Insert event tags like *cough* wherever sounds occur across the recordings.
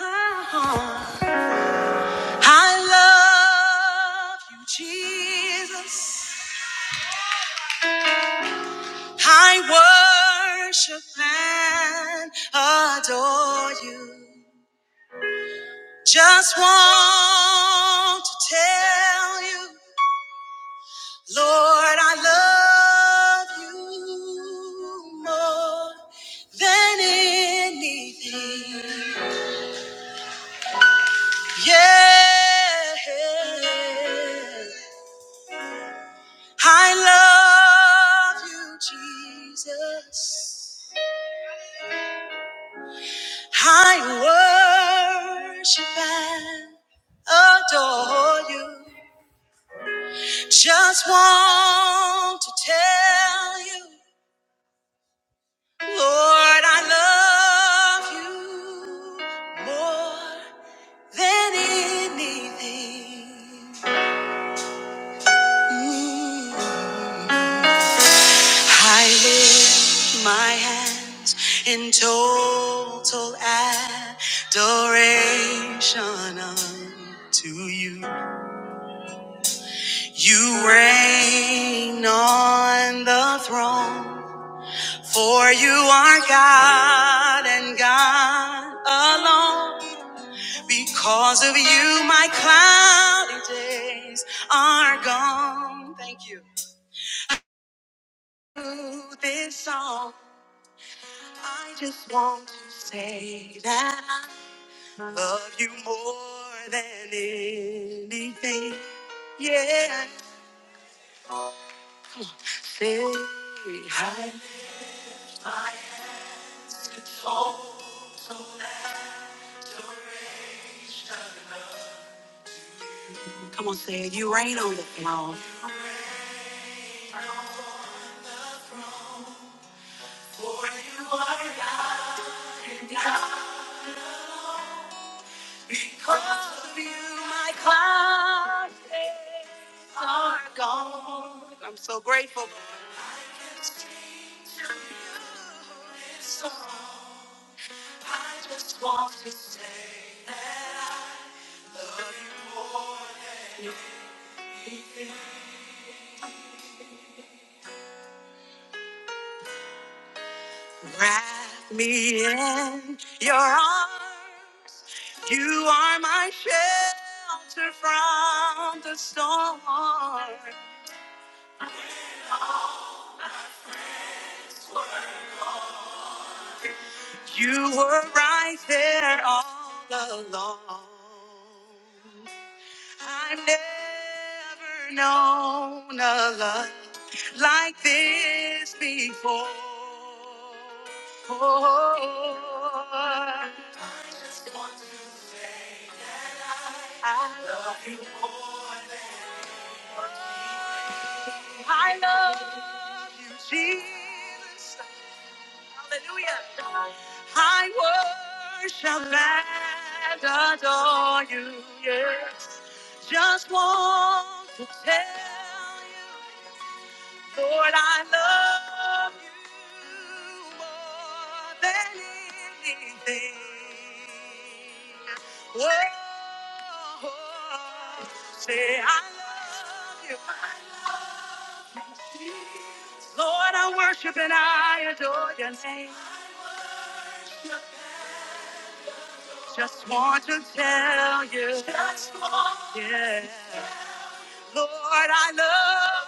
I love you, Jesus. I worship and adore you. Just want to tell you, Lord, I love you more than anything. Yeah. I love you, Jesus. I worship and adore you. Just want to tell you, Lord, I love you more than anything. Mm. I lift my hands in total adoration unto you. You reign on the throne, for you are God and God alone. Because of you, my cloudy days are gone. Thank you. This song. I just want to say that I love you more than anything. Yeah. Say hi. Come on, say it. You reign on the throne. Because of you, my clouds are gone. I'm so grateful. I can sing to you this song. I just want to say. that Wrap me in your arms. You are my shelter from the storm. You were right there all along. I've never known a love like this before. I love you more than I love you, Jesus. Hallelujah. I worship and adore you. Yeah. Just want to tell you. Lord, I love you more than anything. Whoa, say I love you. I love you, Jesus. Lord, I worship and I adore your name. Just want to tell you, Just want yeah. Lord, I love,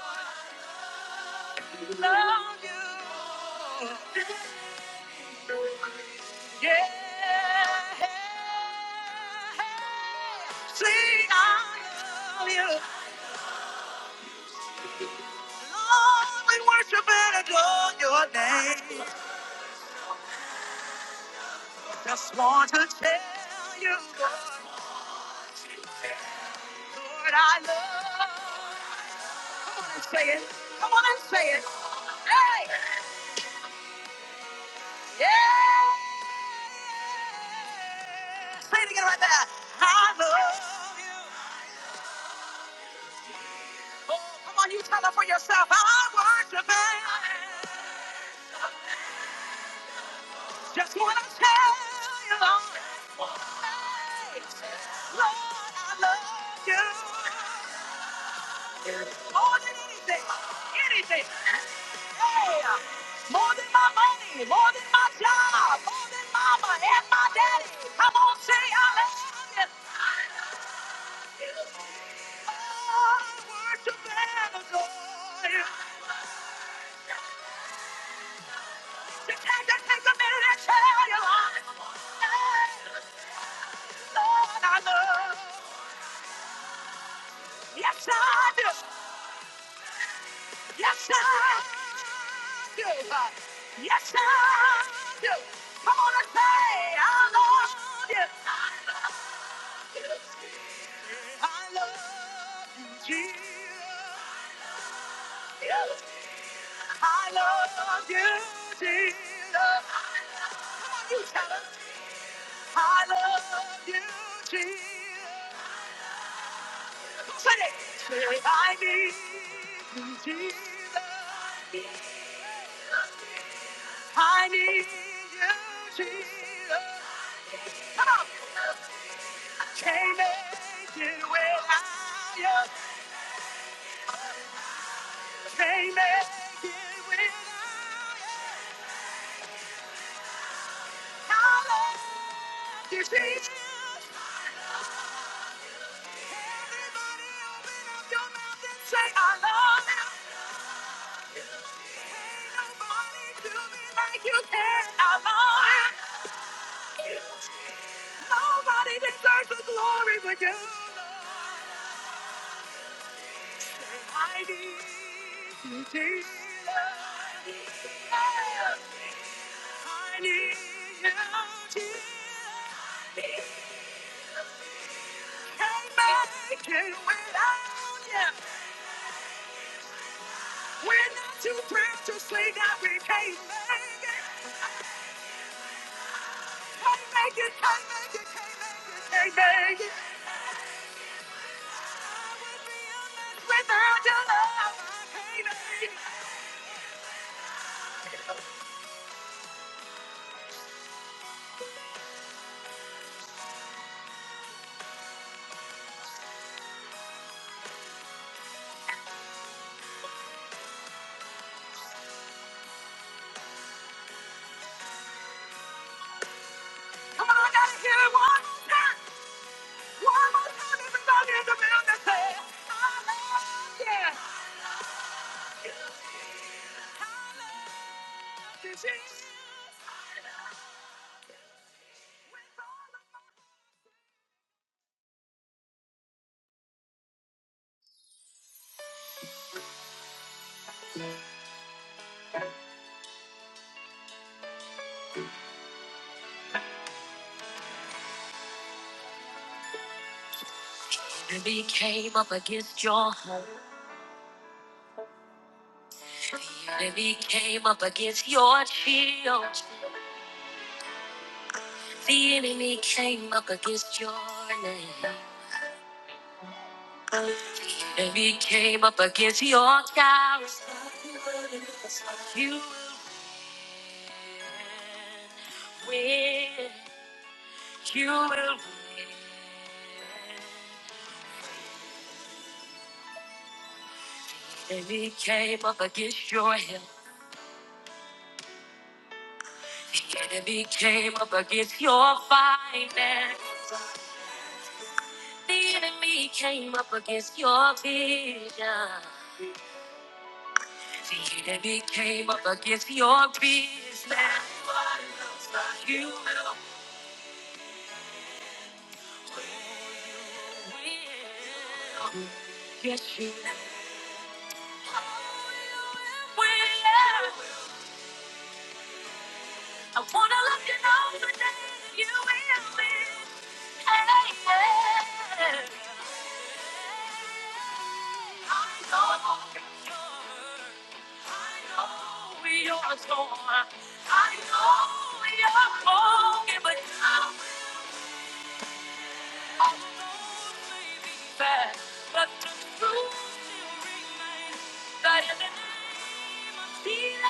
love you. Yeah. Sing, I love you. Lord, we worship and adore your name. Just want to tell you, Lord, Lord, I love. Come on and say it. Come on and say it. Hey! Yeah! Say it again right there. I love you. Oh, come on, you tell her for yourself. I worship him. Just want to tell you, Lord. hey, Lord, I love you. More than anything. Anything. Yeah. More than my money. More than my job. More than mama and my daddy. Come on, say I love you. Yes, I do. Yes, I do. Yes, I do. Come on and say, I love you. I love you, Jesus. I love you, Jesus. Come on, you tell 'em. I love you, Jesus. Say it. Say I need you, Jesus. I need you, Jesus. Come on. Can't make it without you. Can't make it without you. I love you, Jesus. Everybody open up your mouth and say, I love you. You can alone. Nobody deserves the glory but you. Lord. I need you, Jesus. I need you, Jesus. Can't make it without you. We're not too proud to say that we can't make it. Can't make it, can't make it, can't make it, can't make it. Without your love, I Come on, I gotta hear it one more time. One more time, everybody in the building say, I love you. I love you, Jesus. And he came up against your heart. And he came up against your shield. The enemy came up against your name. And he came up against your character. You will win. You will win. The enemy came up against your health. The enemy came up against your finance. The enemy came up against your vision. The enemy came up against your business. Nobody knows but You will win. Yes, you will. Oh, you will win. I wanna let you know the day that you will be. Hey, yeah. I know you're torn. I know you're torn. I know you're broken, but I will always be there. But the truth still remains that in the name of Jesus.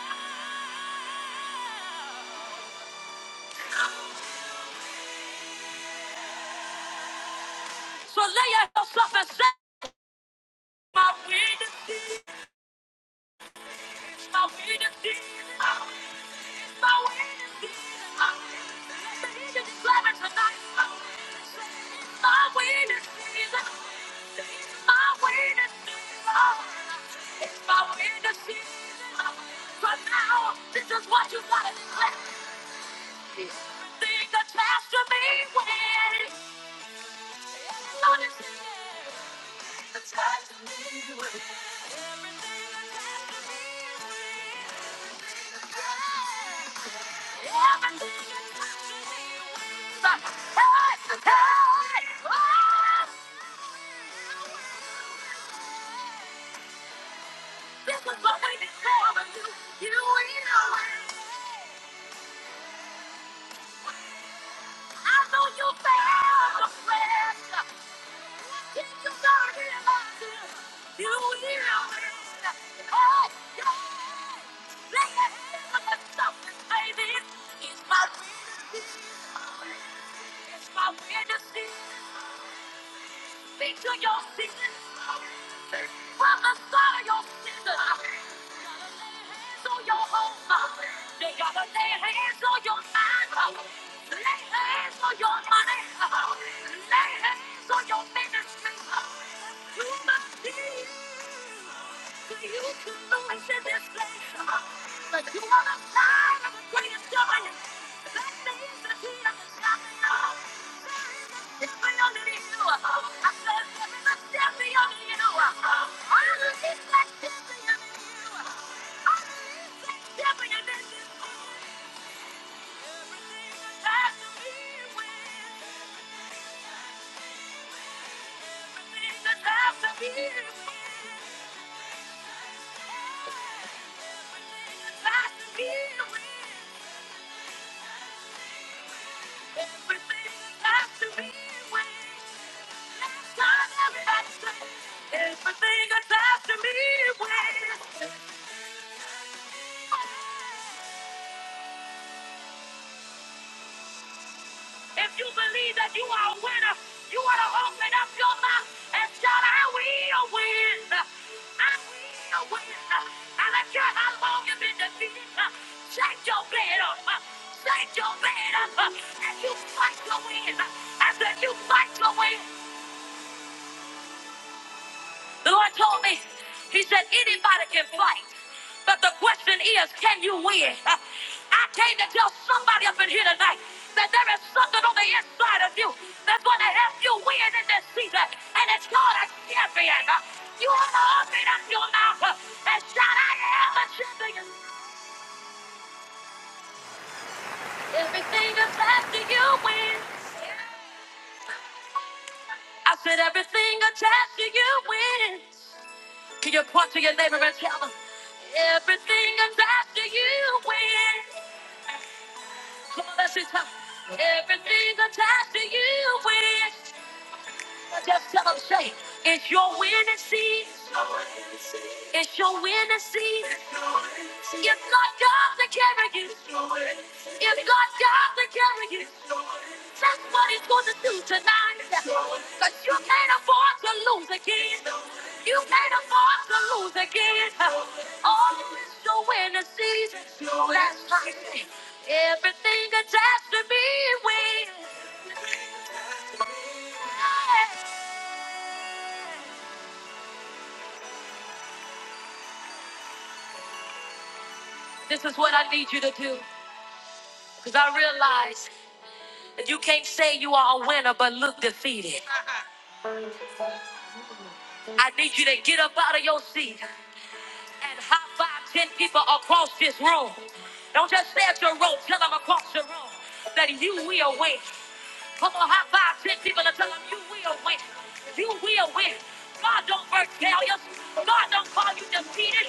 So lay yourself and say, My witness, my witness, my witness, my witness. my witness. Listen, you can declare it tonight. My witness, my witness, it's my witness. From now, this is what you gotta declare. Everything attached to me, when it's attached to me, when This is what we deserve you. You know, what? you know. what? I know you failed, friend. Your sin, from the side of your sin hands on your home. They gotta lay hands on your mind. Lay hands on your money. Lay hands on your ministry. You must be so you can noise in this place. But you are the sign of the greatest giant. That means that he has got me up. Everything attached to me, wait. If you believe that you are a winner, you want to open up your mouth and shout, I will win. I will win. I don't care how long you've been defeated. Shake your bed up. Shake your bed up. And you fight your win. I said, you fight your win. The Lord told me, He said, anybody can fight, but the question is, can you win? I came to tell somebody up in here tonight that there is something on the inside of you that's going to help you win in this season, and it's called a champion. You ought to open up your mouth and shout, I am a champion. Everything attached to you wins. I said, everything attached to you wins. Can you point to your neighbor and tell them everything attached to you wins? Come on, let's just tell 'em, everything attached to you wins. Just tell them, say it's your winning season. It's your winning season. If God comes to carry you, if God comes to carry you. That's what he's gonna do tonight. Cause you can't afford to lose again. You can't afford to lose again. Oh, it's your winning season. That's right. Everything attached to me wins. This is what I need you to do. Cause I realize that you can't say you are a winner but look defeated. I need you to get up out of your seat. and high five ten people across this room. Don't just stay at your room, tell them across the room that you will win. Come on, high five ten people and tell them you will win. You will win. God don't work failures. God don't call you defeated.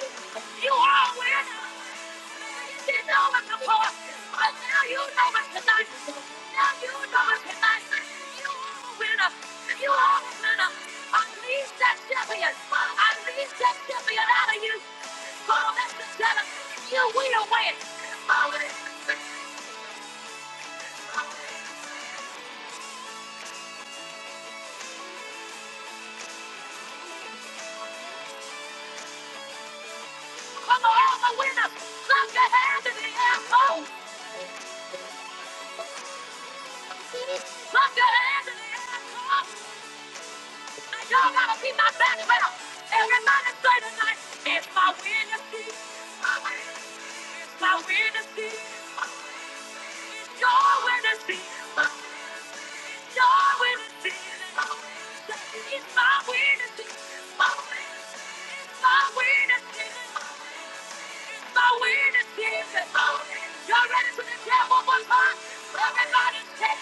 You are a winner. You know what to pour. But now you know what to do. Now you know what to do. You are a winner. You are a winner. Unleash that champion. Unleash that champion out of you. Call that together. You will win. Come on, all the winners. Clap your hands in the air. Go. Clap your hands in the air. Come on. Now y'all gotta be my background. Everybody say tonight, it's my winning season. My winning My witness is your witness is your witness is it's my witness is my witness is my witness is my witness is Y'all ready to declare one more time? Everybody say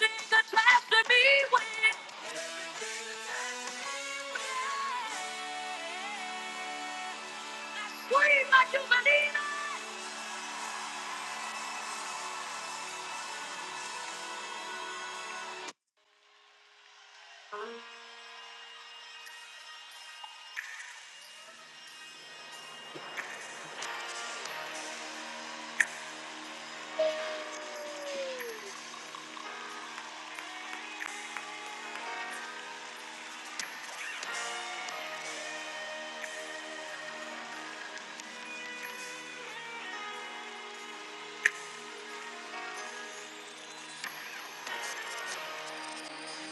this is a test to be with. Scream like you believe.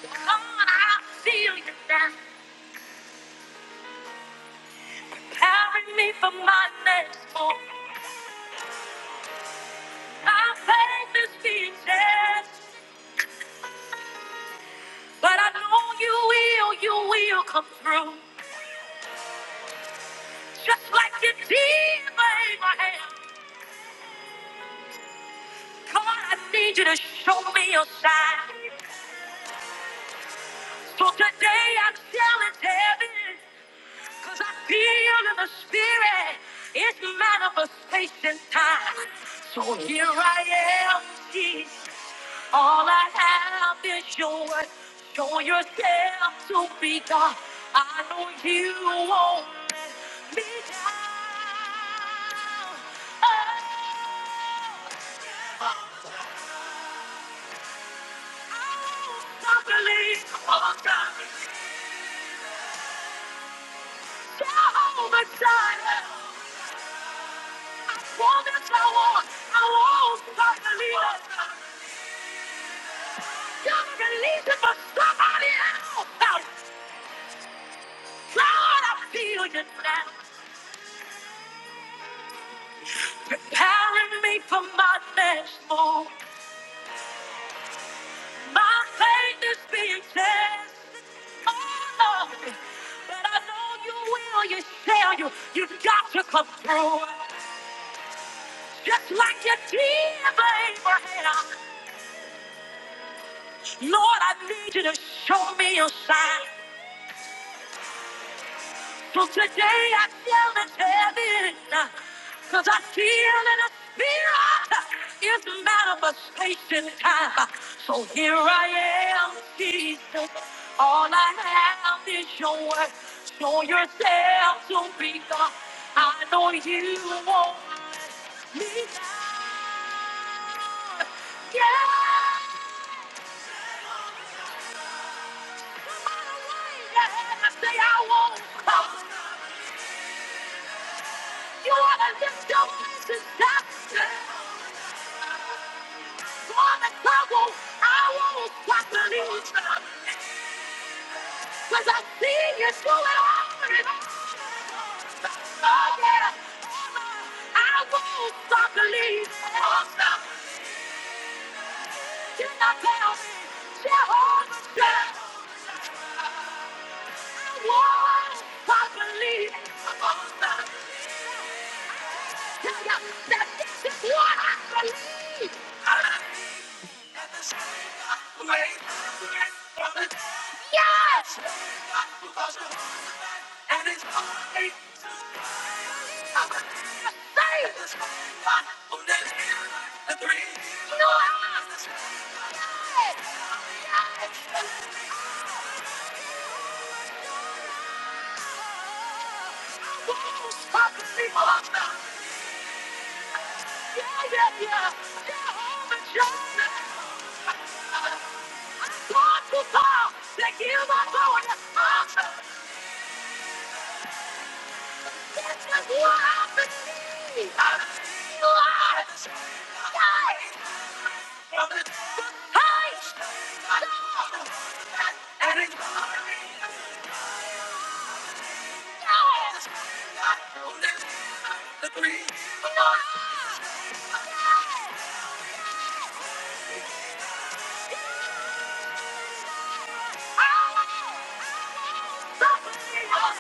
Come on, I feel you now. Carry me for my next move. My faith is speechless. But I know you will, you will come through. Just like you did for Abraham. God, I need you to show me your sign. So today I challenge heaven. Cause I feel in the spirit. It's manifestation time. So here I am, Jesus. All I have is your word. Show yourself to be God. I know you won't let me down. Oh, I won't believe. Oh, God. Jehovah Jireh, promise I want. I won't stop believing. You're the reason for somebody else. God, I feel you now. preparing me for my next move. My faith is being tested, oh Lord. But I know you will, you shall, you, you got to come through. Just like you did for Abraham. Lord, I need you to show me your sign. From today I feel the heaven, cause I feel in the spirit it is a manifestation time. So here I am, Jesus. All I have is your word. Show yourself to be God. I know you won't want me now. Yeah. Say I won't come. You wanna lift your voice and shout. I won't, I won't stop believing. I see you through it all. And I I won't stop believing. Oh, stop. Can I tell me? Jehovah's God, I won't stop believing. Oh, stop. Tell ya that this is what I believe. Yes! And it's only the same.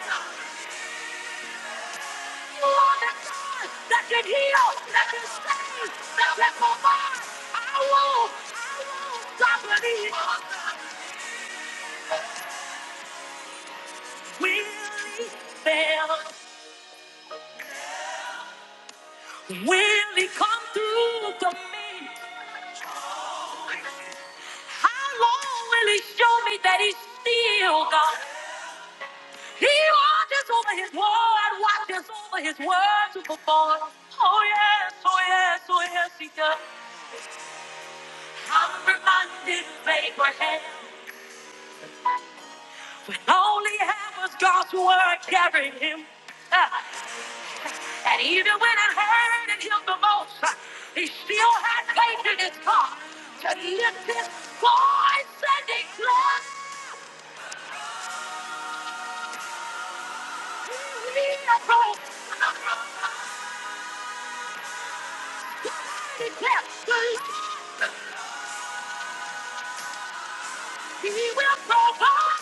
Hey! that can heal, that can save, that can provide. I won't, I won't stop believing. Will he fail? Will he come through for me? How long will he show me that he's still God? He watches over his word, watches over his word to perform. Oh yes, oh yes, oh yes, he does. I'm reminded of Abraham. All he had was God's word carrying him. *laughs* Uh, and even when it hurted him the most, uh, he still had faith in his God to lift his voice and declare, He will provide. Declare, He will provide.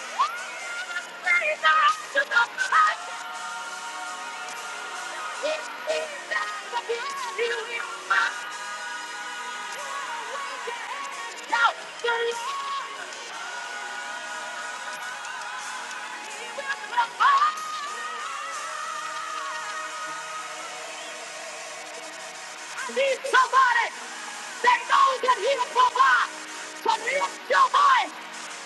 Everything out to the fight. He is that the best He will fight. Shout, the Lord, He will provide. I need somebody that knows that he will provide. So lift your voice,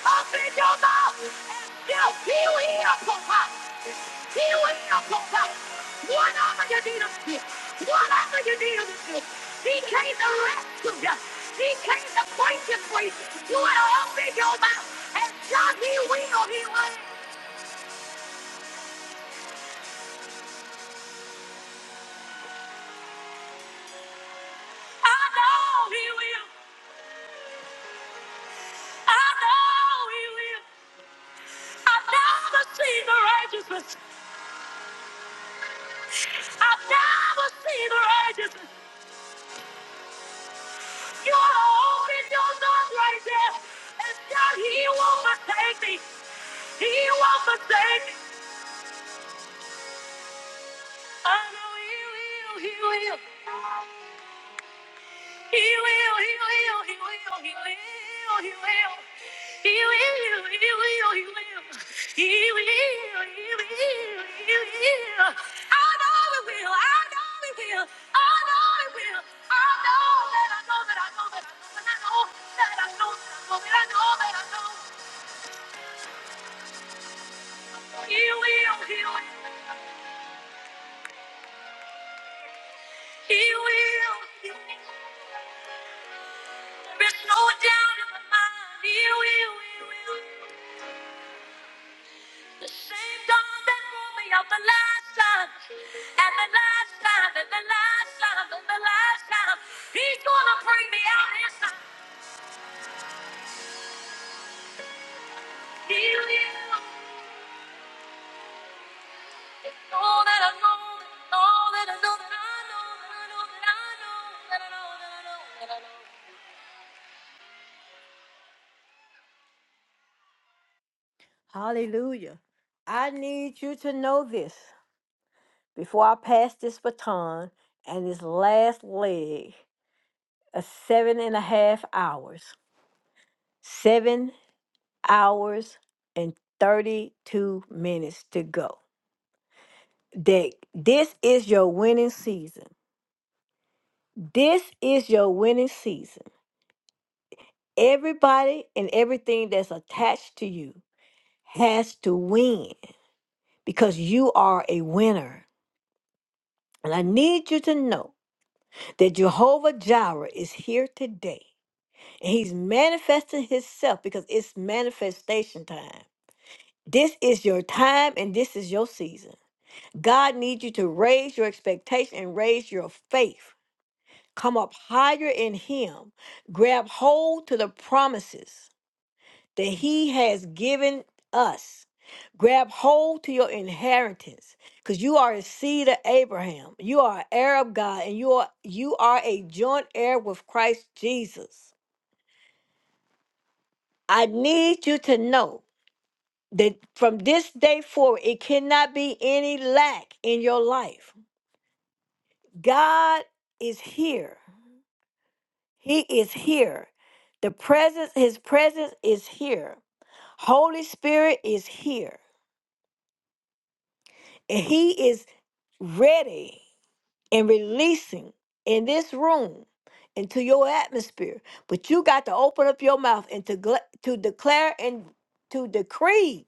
open your mouth, and still he will provide. He will provide. What other you need him to? What other you need him to? do, He came to rescue you. He came to break you free. You will open your mouth and shout, he will, he will. I know he will. I know he will. I know the seed of righteousness. I've never seen the righteous. You are holding your arms right there. And God, He won't forsake me. He won't forsake me. I know He will. He will. He will, he will, he will, he will, he will. He will, he will, he will. He will, he will, he will. I know he will, I know he will, I know he will. I know that I know that I know that I know that I know that I know that I know that I know He will, he will, he will, he will. There's no doubt in my mind. He will, he will. The same God that brought me up the last time, and the last time, and the last time, and the last time, He's gonna bring me out this time. Heal you. All that I know, all that I know, that I know, that I know, that I know, that I know, that I know, that I know. Hallelujah. I need you to know this before I pass this baton and this last leg of seven and a half hours. Seven hours and 32 minutes to go. That this is your winning season. This is your winning season. Everybody and everything that's attached to you has to win because you are a winner. And I need you to know that Jehovah Jireh is here today. And he's manifesting himself because it's manifestation time. This is your time and this is your season. God needs you to raise your expectation and raise your faith. Come up higher in Him. Grab hold to the promises that He has given us. Grab hold to your inheritance because you are a seed of Abraham. You are an heir of God and you are you are a joint heir with Christ Jesus. I need you to know that from this day forward it cannot be any lack in your life. God is here. He is here. The presence, his presence is here. Holy Spirit is here. And he is ready and releasing in this room into your atmosphere. But you got to open up your mouth and to, gla- to declare and to decree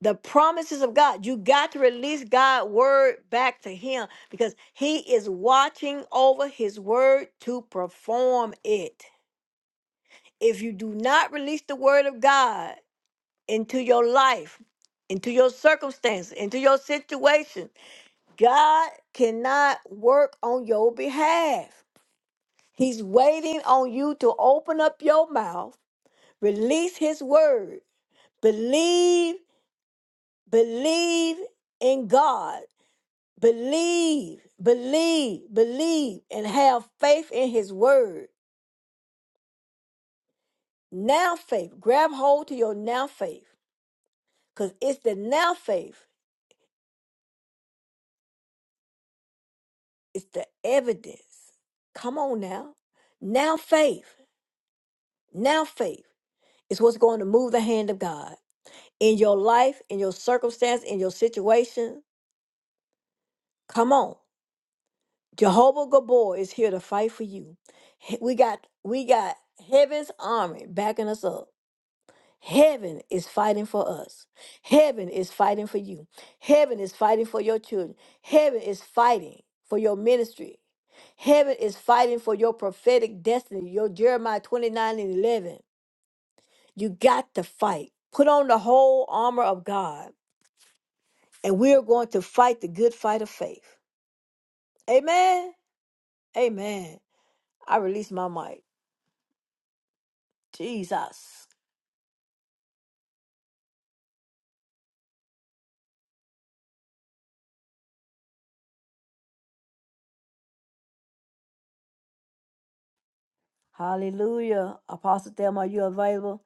the promises of God. You got to release God's word back to him because he is watching over his word to perform it. if you do not release the word of God into your life, into your circumstances, into your situation, God cannot work on your behalf. He's waiting on you to open up your mouth, release his word. Believe, believe in God. Believe, believe, believe, and have faith in his word. Now faith. Grab hold to your now faith because it's the now faith It's the evidence. Come on now. Now faith. Now faith is what's going to move the hand of God in your life, in your circumstance, in your situation. Come on. Jehovah Gabor is here to fight for you. He- We got we got heaven's army backing us up. Heaven is fighting for us. Heaven is fighting for you. Heaven is fighting for your children. Heaven is fighting for your ministry. Heaven is fighting for your prophetic destiny, your Jeremiah 29 and 11. You got to fight. Put on the whole armor of God, and we are going to fight the good fight of faith. Amen. Amen. I release my mic. Jesus. Hallelujah. Apostle Thelma, are you available?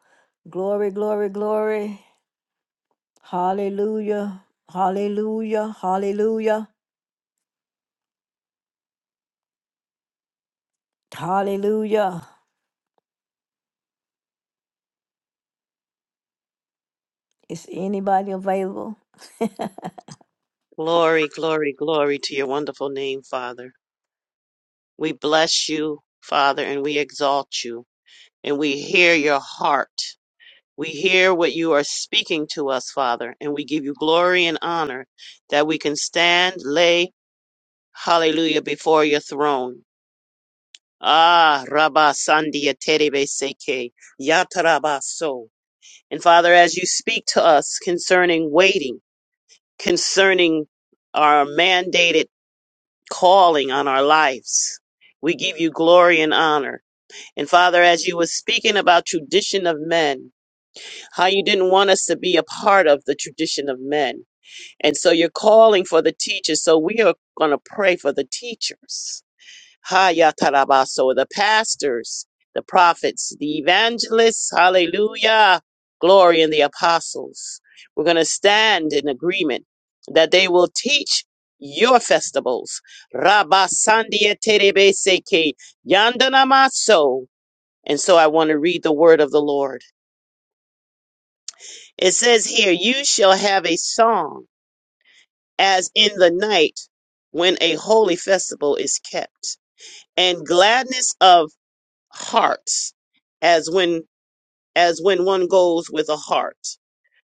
Glory, glory, glory. Hallelujah. Hallelujah. Hallelujah. Hallelujah. Is anybody available? Glory, glory, glory to your wonderful name, Father. We bless you, Father, and we exalt you, and we hear your heart. We hear what you are speaking to us, Father, and we give you glory and honor that we can stand, lay, hallelujah, before your throne. Ah, Rabba Sandia Terebe Seke, Yataraba So. And Father, as you speak to us concerning waiting, concerning our mandated calling on our lives. We give you glory and honor. And Father, as you were speaking about tradition of men, how you didn't want us to be a part of the tradition of men. And so you're calling for the teachers. So we are going to pray for the teachers Hayatarabaso, the pastors, the prophets, the evangelists, hallelujah, glory, and the apostles. We're going to stand in agreement that they will teach your festivals. Rabasandia terebeseke, yandanamaso. And so I want to read the word of the Lord. It says here, you shall have a song as in the night when a holy festival is kept and gladness of hearts as when as when one goes with a heart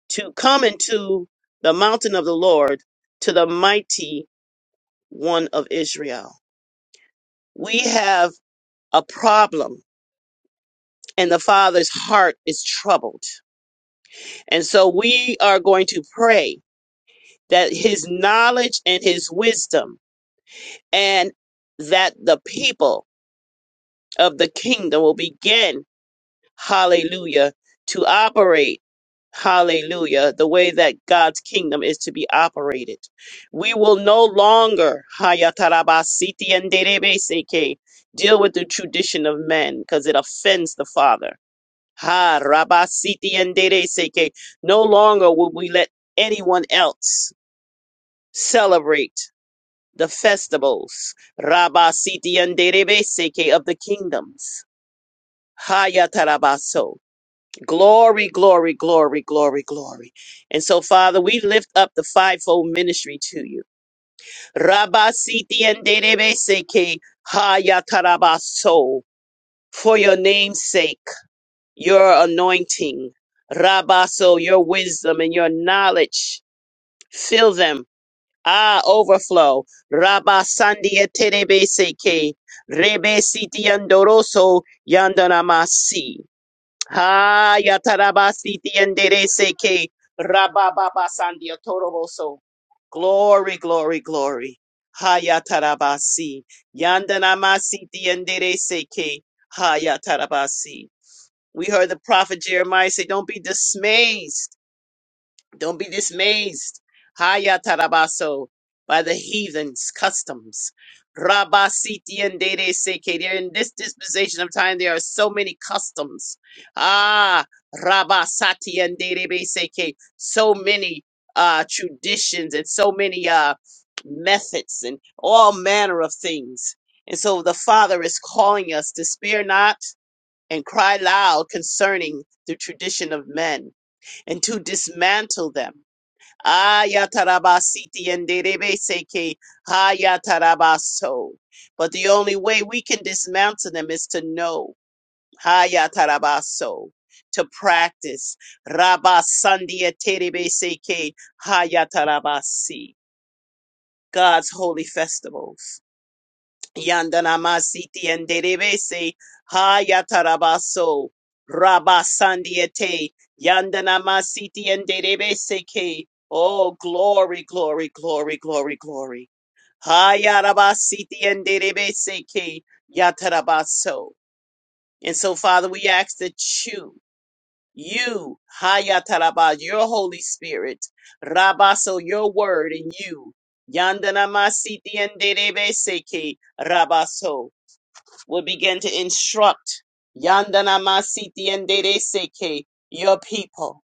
to come into the mountain of the lord to the mighty one of israel we have a problem and the father's heart is troubled and so we are going to pray that his knowledge and his wisdom and that the people of the kingdom will begin hallelujah, to operate hallelujah, the way that God's kingdom is to be operated. We will no longer hayatarabasiti and derebeseke, deal with the tradition of men because it offends the Father. Ha rabasiti and derebeseke. No longer will we let anyone else celebrate the festivals rabasiti and derebeseke of the kingdoms. Hayatarabaso Glory, glory, glory, glory, glory. And so, Father, we lift up the fivefold ministry to you. Rabba siti and seke haya tarabaso. For your name's sake, your anointing, Rabaso, your wisdom and your knowledge, fill them. Ah, overflow. Rabba sandia terebe seke. Rebe siti andoroso yandanamasi. Ha yatarabasiti endereseke rabababasandia toroboso. Glory, glory, glory. Ha yatarabasi yandanamasiti endereseke ha yatarabasi. We heard the prophet Jeremiah say, "Don't be dismayed. Don't be dismayed, Haya Tarabaso, by the heathens' customs. rabasiti Siti and Dede Seke. There in this dispensation of time, there are so many customs. Ah, rabasati Sati and Dede Be Seke. So many uh, traditions and so many uh, methods and all manner of things. And so the Father is calling us to spare not and cry loud concerning the tradition of men and to dismantle them Ayatarabasiti and Derebeseke Hayatarabaso. But the only way we can dismantle them is to know Hayatarabaso, to practice Rabasandia Terebeseke Hayatarabasi, God's holy festivals. Yandana Masiti and Derebese Hayatarabaso Rabasandiete Yandana Masiti and Derebese Ke Oh glory, glory, glory, glory, glory. Hayarabasiti and Derebese Ke Yatarabaso. And so Father, we ask that you you, Hayatarabas, your Holy Spirit, Rabaso, your word in you. Yandana Masiti and Derebese Ke Rabaso will begin to instruct Yandana Masiti and Dede Seke, your people,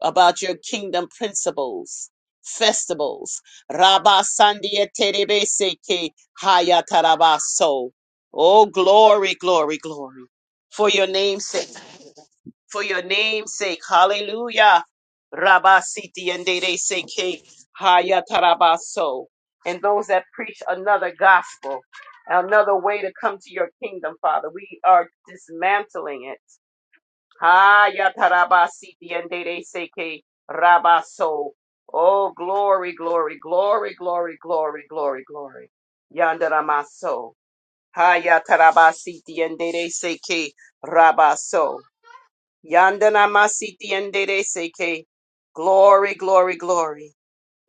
about your kingdom principles, festivals. Rabba Sandia Terebe Seke Hayatarabaso. Oh, glory, glory, glory. For your name's sake for your name's sake. Hallelujah. Rabba Siti and Dede Seke Haya Tarabaso. And those that preach another gospel, another way to come to your kingdom, Father, we are dismantling it. Haya Taraba Siti and Dede Seke Rabaso. Oh, glory, glory, glory, glory, glory, glory, glory. Yandaramaso. Haya Taraba Siti and Dede Seke Rabaso. Yandana masiti endere seke. Glory, glory, glory.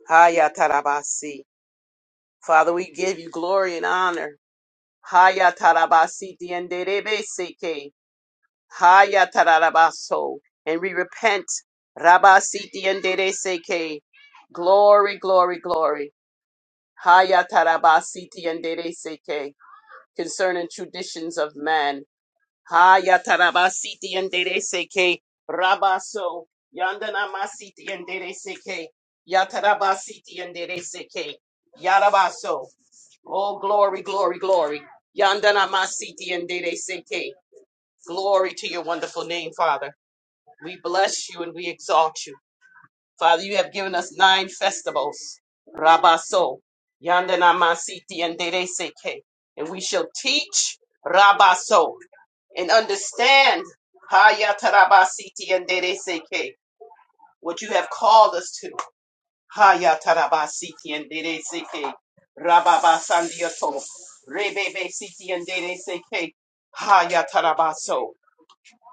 Haya tarabasi. Father, we give you glory and honor. Haya tarabasi tienderebe seke. Haya tarabaso, And we repent. Rabasi tiendere seke. Glory, glory, glory. Haya tarabasi tiendere seke. Concerning traditions of man. Haya tarabasiti endere seke rabaso yandana masiti endere seke yatarabasiti endere seke yarabaso. Oh glory, glory, glory. Yandana masiti endere seke. Glory to your wonderful name, Father. We bless you and we exalt you. Father, you have given us nine festivals. Rabaso. Yandana masiti endere seke. And we shall teach Rabaso and understand Haya Tarabasiti and dere Seke, what you have called us to. Haya Tarabasiti and dere Seke, Rababa Sandioto, Rebebe Siti and dere Seke, Haya Tarabaso,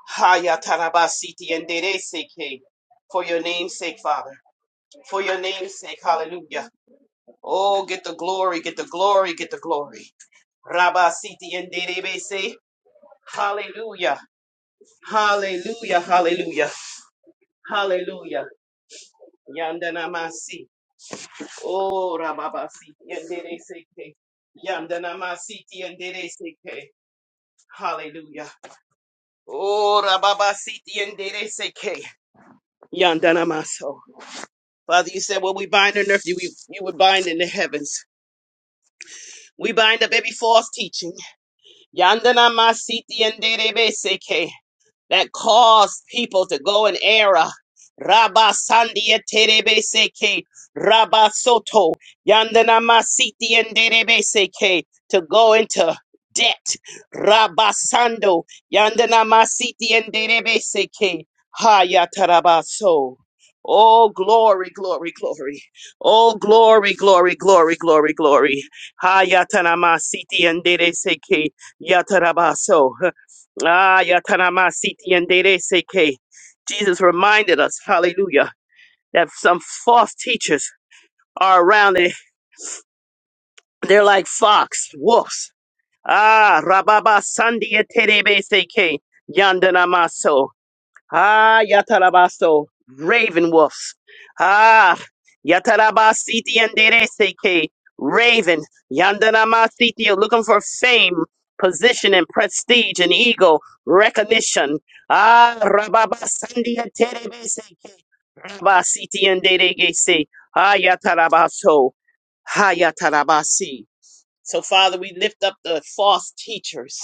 Haya Tarabasiti and dere Seke. For your name's sake, Father. For your name's sake, hallelujah. Oh, get the glory, get the glory, get the glory. Rabba Siti and Dede Seke, Hallelujah. Hallelujah, hallelujah. Hallelujah. Yandanamasi. Oh, Rababasi. Yandereseke. Yandanamasiti yandereseke. Hallelujah. Oh, Rababasiti yandereseke. Yandanamaso. Father, you said what we bind on earth, you, you would bind in the heavens. We bind up every false teaching. Yandanamasiti yandereseke. that cause people to go in error. Rabba Sandia Terebe Seke, Rabba Soto, Yandana Masiti and Derebe Seke, to go into debt. Rabba Sando, Yandana Masiti and Derebe Seke, Haya Tarabaso. Oh, glory, glory, glory. Oh, glory, glory, glory, glory, glory. Hayatana Masiti and Dere Seke, Yatarabaso. Ah, Yatanamasiti and Dede Seke. Jesus reminded us, hallelujah, that some false teachers are around. They, They're like fox, wolves. Ah, Rababa Sandia Terebe Seke. Yandanamaso. Ah, Yatarabaso, raven wolves. Ah, Yatarabasiti and Dereseke, raven. Yandanamasiti, you're looking for fame, position, and prestige, and ego, recognition. Ah, Rababasandi and Terebeseke, Rabasiti and Deregese. Ah, Yatarabaso, Ha Yatarabasi. So, Father, we lift up the false teachers.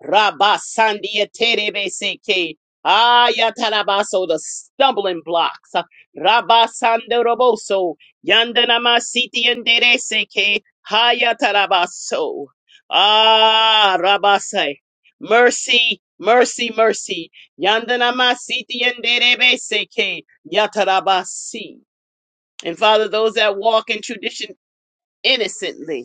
Rabba Sandia Terebeseke. Ayatarabaso, the stumbling blocks. Rabba Sandoroboso. Yandanama Siti and Dereseke. Hayatarabaso. Ah, Rabase. Mercy, mercy, mercy. Yandanama Siti and Derebeseke. Yatarabasi. And Father, those that walk in tradition innocently.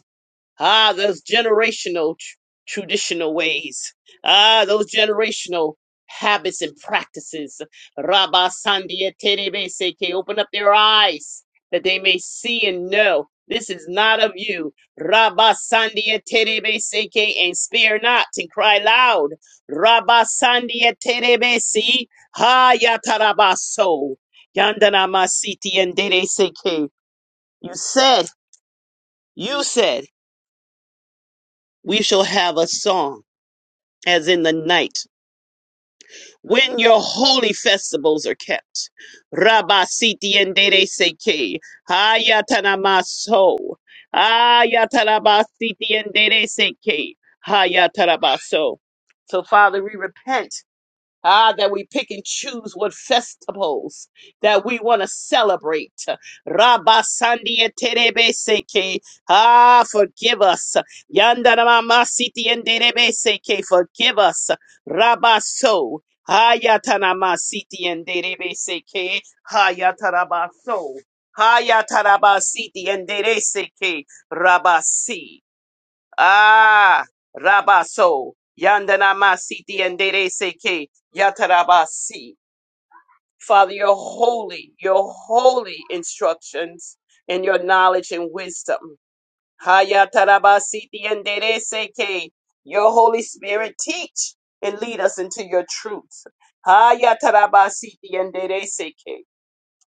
Ah, those generational tr- traditional ways. Ah, those generational habits and practices. Rabba Sandia Terebe Seke, open up their eyes that they may see and know this is not of you. Rabba Sandia Terebe Seke, and spare not and cry loud. Rabba Sandia Terebe Si, Ha Yatarabaso, Yandana Masiti and Dere Seke. You said, you said we shall have a song as in the night when your holy festivals are kept. Rabba siti endere seke hayatanamaso hayatarabasiti endere seke hayatarabaso. So Father, we repent Ah, that we pick and choose what festivals that we want to celebrate. Rabba Sandia Terebeseke. Ah, forgive us. Yandarama Siti and Derebeseke. Forgive us. Rabba So. Hayatanama Siti and Derebeseke. Hayataraba So. Hayataraba Siti and Derebeseke. Rabba Si. Ah, Rabaso, Yandanamasiti and Dere seke Yatarabasi. Father, your holy, your holy instructions and your knowledge and wisdom. Hayatarabasiti and Dere seke. your Holy Spirit teach and lead us into your truth. Hayatarabasiti and Dereseke.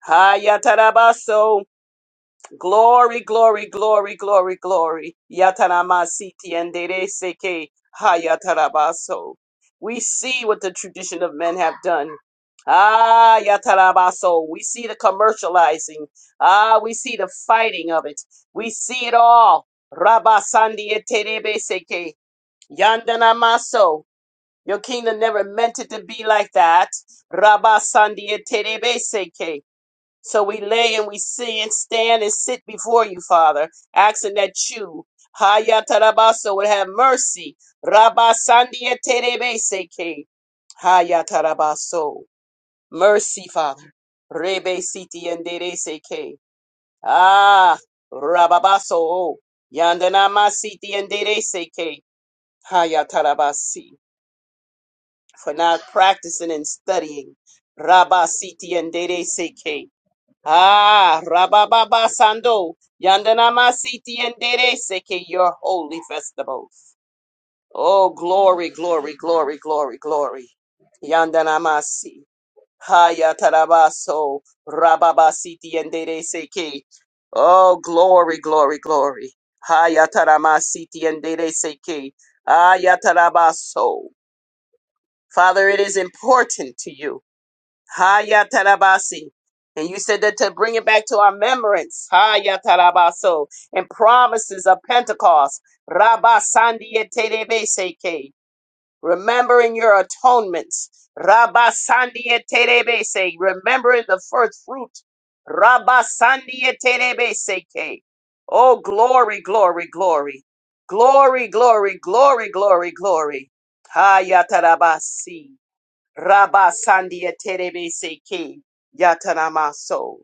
Hayatarabaso. Glory, glory, glory, glory, glory. Yatanamasiti and Dereseke Hayatarabaso. We see what the tradition of men have done. Ah, Yatarabaso. We see the commercializing. Ah, we see the fighting of it. We see it all. Rabasandi Eterebe seke Yandanamaso. Your kingdom never meant it to be like that. Rabasandi Eterebe seke. So we lay and we see and stand and sit before you, Father, asking that you, Hayatarabaso, would have mercy. Rabba Sandia Terebeseke. Hayatarabaso. Mercy, Father. Rebe Siti and Dereseke. Ah, Rababaso. oh. Yandanama Siti and Dereseke. Hayatarabasi. For not practicing and studying. Rabba Siti and Dereseke. Ah, Rababa Sando, Yandanama Siti and Dere Seke, your holy festivals. Oh, glory, glory, glory, glory, glory. Yandanamasi, Haya Tarabaso, Rababa Siti and Dere Seke. Oh, glory, glory, glory. Haya Taramasiti and Dere Seke. Aya Tarabaso. Father, it is important to you. Haya tarabasi. And you said that to bring it back to our remembrance. Haya tarabaso. And promises of Pentecost. Rabba sandia terebeseke. Remembering your atonements. Rabba sandia terebese. Remembering the first fruit. Rabba sandia terebeseke. Oh, glory, glory, glory. Glory, glory, glory, glory, glory. Haya tarabasi. Rabba Sandia Terebe Seke Yatanamaso,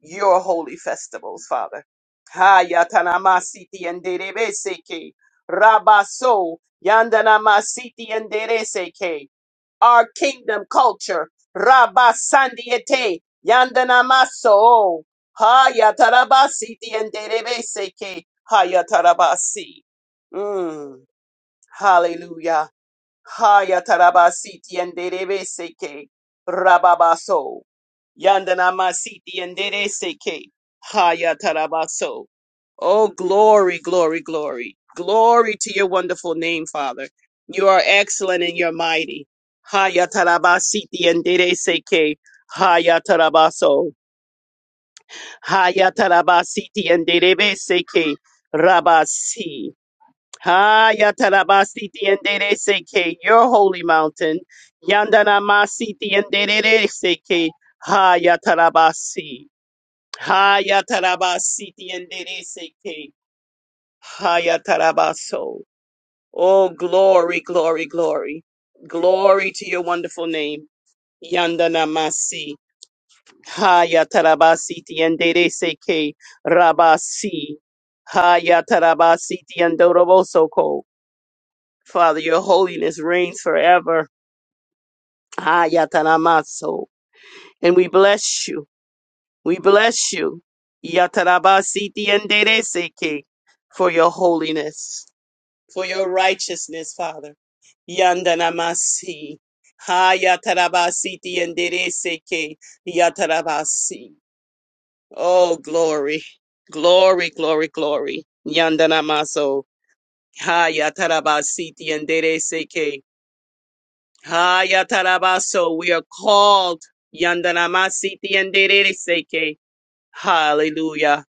your holy festivals, Father. Ha Yatanamasiti and Derebe Seke Rabba So Yandanamasiti and Dere Seke, our kingdom culture. Rabba Sandiete Yandanamaso. Ha Yatarabasiti and Derebe Seke Ha Yatarabasi. Mm, hallelujah. Haya tarabasiti andere seke rababaso. Yandana masiti andere seke. Haya tarabaso. Oh, glory, glory, glory. Glory to your wonderful name, Father. You are excellent and you're mighty. Haya tarabasiti andere seke. Haya tarabaso. Haya tarabasiti andere seke. Rabasi. Hayatarabasiti and Dere Seke, your holy mountain. Yandanamasiti and Dere Seke, Hayatarabasi. Hayatarabasiti and Dere Seke, Hayatarabaso. Oh, glory, glory, glory. Glory to your wonderful name. Yandanamasi. Hayatarabasiti and Dere Seke, Rabasi. Hayatarabasiti and Dorobosoko. Father, your holiness reigns forever. Ah, Yataramaso. And we bless you. We bless you. Yatarabasiti and Dereseke for your holiness, for your righteousness, Father. Yandanamasi. Ha Yatarabasiti and Dereseke Yatarabasi. Oh, glory. Glory, glory, glory. Yandanamaso. Ha Yatarabasiti and Dereseke. Hayatarabaso, we are called. Yandanamasiti and Seke. Hallelujah.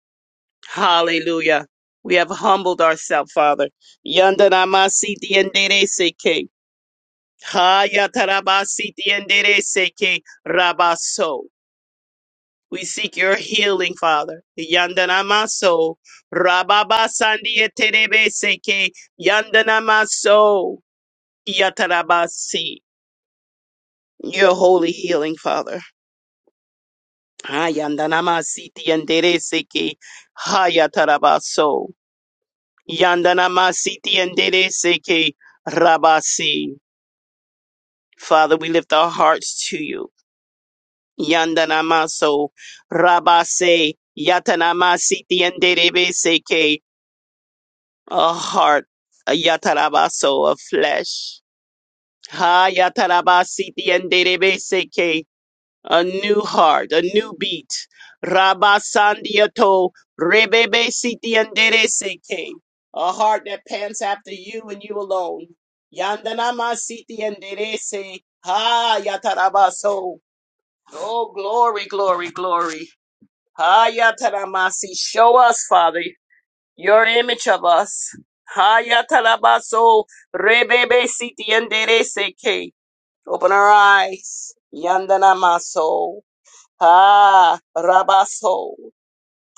Hallelujah. We have humbled ourselves, Father. Yandanamasiti and Seke. Hayatarabasiti and Seke. Rabaso. We seek your healing, Father. Yandanamaso. Rababasandi eterebe seke. Yandanamaso. Yatarabasi. Your holy healing, Father. Yandanama siti enderece que hayatarabaso. Yandanama siti enderece que rabasi. Father, we lift our hearts to you. Yandanamaso rabase yatanama siti enderece que a heart, a yatarabaso, a flesh. Hayatarabasiti enderece a new heart, a new beat. Rabba Sandiato, Rebebe Siti Andere Seke. A heart that pants after you and you alone. Yandanama Siti Andere Se. Ha Yatarabaso. Oh, glory, glory, glory. Ha Yataramasi. Show us, Father, your image of us. Ha Yatarabaso. Rebebe Siti Andere Seke. Open our eyes. Yandanamaso. Ah, Rabaso,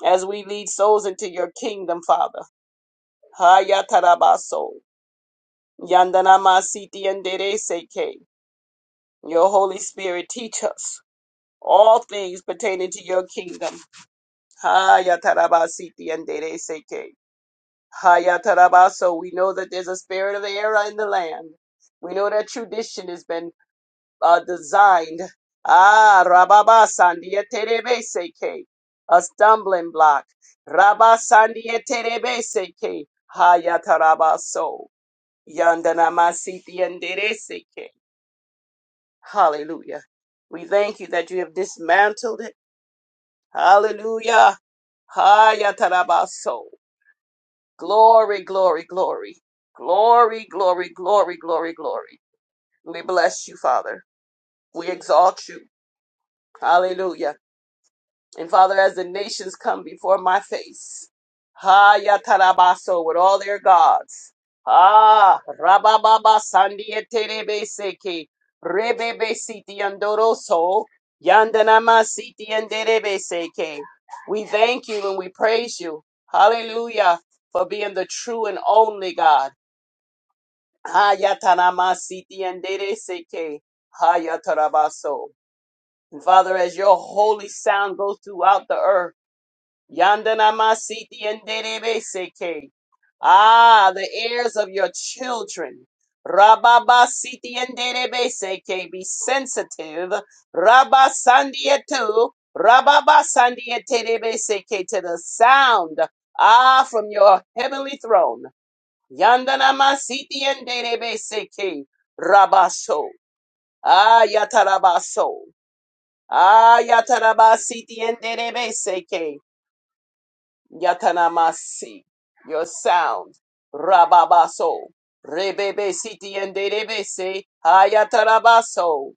as we lead souls into your kingdom, Father. Hayatarabaso, Yandanamasiti andere Seke. Your Holy Spirit, teach us all things pertaining to your kingdom. Hayatarabasiti and Seke. Hayatarabaso, we know that there's a spirit of error in the land. We know that tradition has been uh, designed. Ah, Rababa Sandieterebe Seke, a stumbling block. Rabba Sandieterebe Seke, Hayatarabaso, Yandanamasiti and Seke. Hallelujah. We thank you that you have dismantled it. Hallelujah. Hayatarabaso. Glory, glory, glory. Glory, glory, glory, glory, glory. We bless you, Father. We exalt you. Hallelujah. And Father, as the nations come before my face, ha yatarabaso with all their gods. Ah, rabababa sandieterebe seke, rebebe siti andoroso, yandanama siti anderebe seke. We thank you and we praise you. Hallelujah for being the true and only God. Ha yatanama siti andere seke, ha yatarabaso. And Father, as your holy sound goes throughout the earth. Yandana masiti yenderebe seke. Ah, the heirs of your children. Rababa siti yenderebe seke. Be sensitive. Rabba sandietu. Rababa sandieterebe seke to the sound. Ah, from your heavenly throne. Yandana masiti yenderebe seke. Rabaso. Ah, yatarabaso. Ah, yatarabasiti yenderebe seke. Yatanamasi, your sound, Rababaso, Rebebe Siti and Dedebese, Hayatarabaso.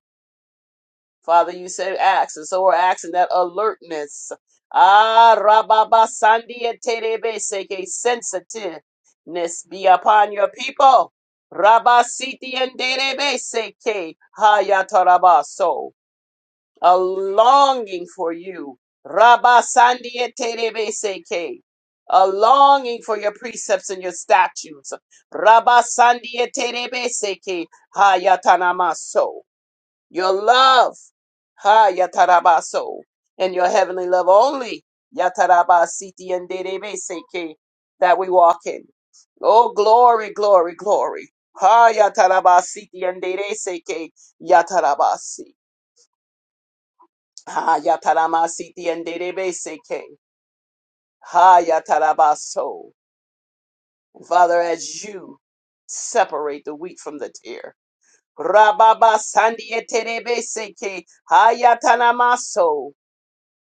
Father, you said acts, and so we're asking that alertness. Ah, Rababasandi and Terebese, que sensitiveness be upon your people. Rabasiti and Dedebese, que Hayatarabaso a longing for you. Rabba Sandia Terebe Seke. A longing for your precepts and your statutes. Rabba Sandia Terebe Seke. Hayatanamaso. Your love. Hayatarabaso. And your heavenly love only. Yataraba Siti and Derebe Seke. That we walk in. Oh, glory, glory, glory. Ha yatarabasiti and seke yatarabasi. Hayataramasiti and Derebeseke. Hayatarabaso. Father, as you separate the wheat from the tear. Rababa Sandieterebeseke. Hayatanamaso.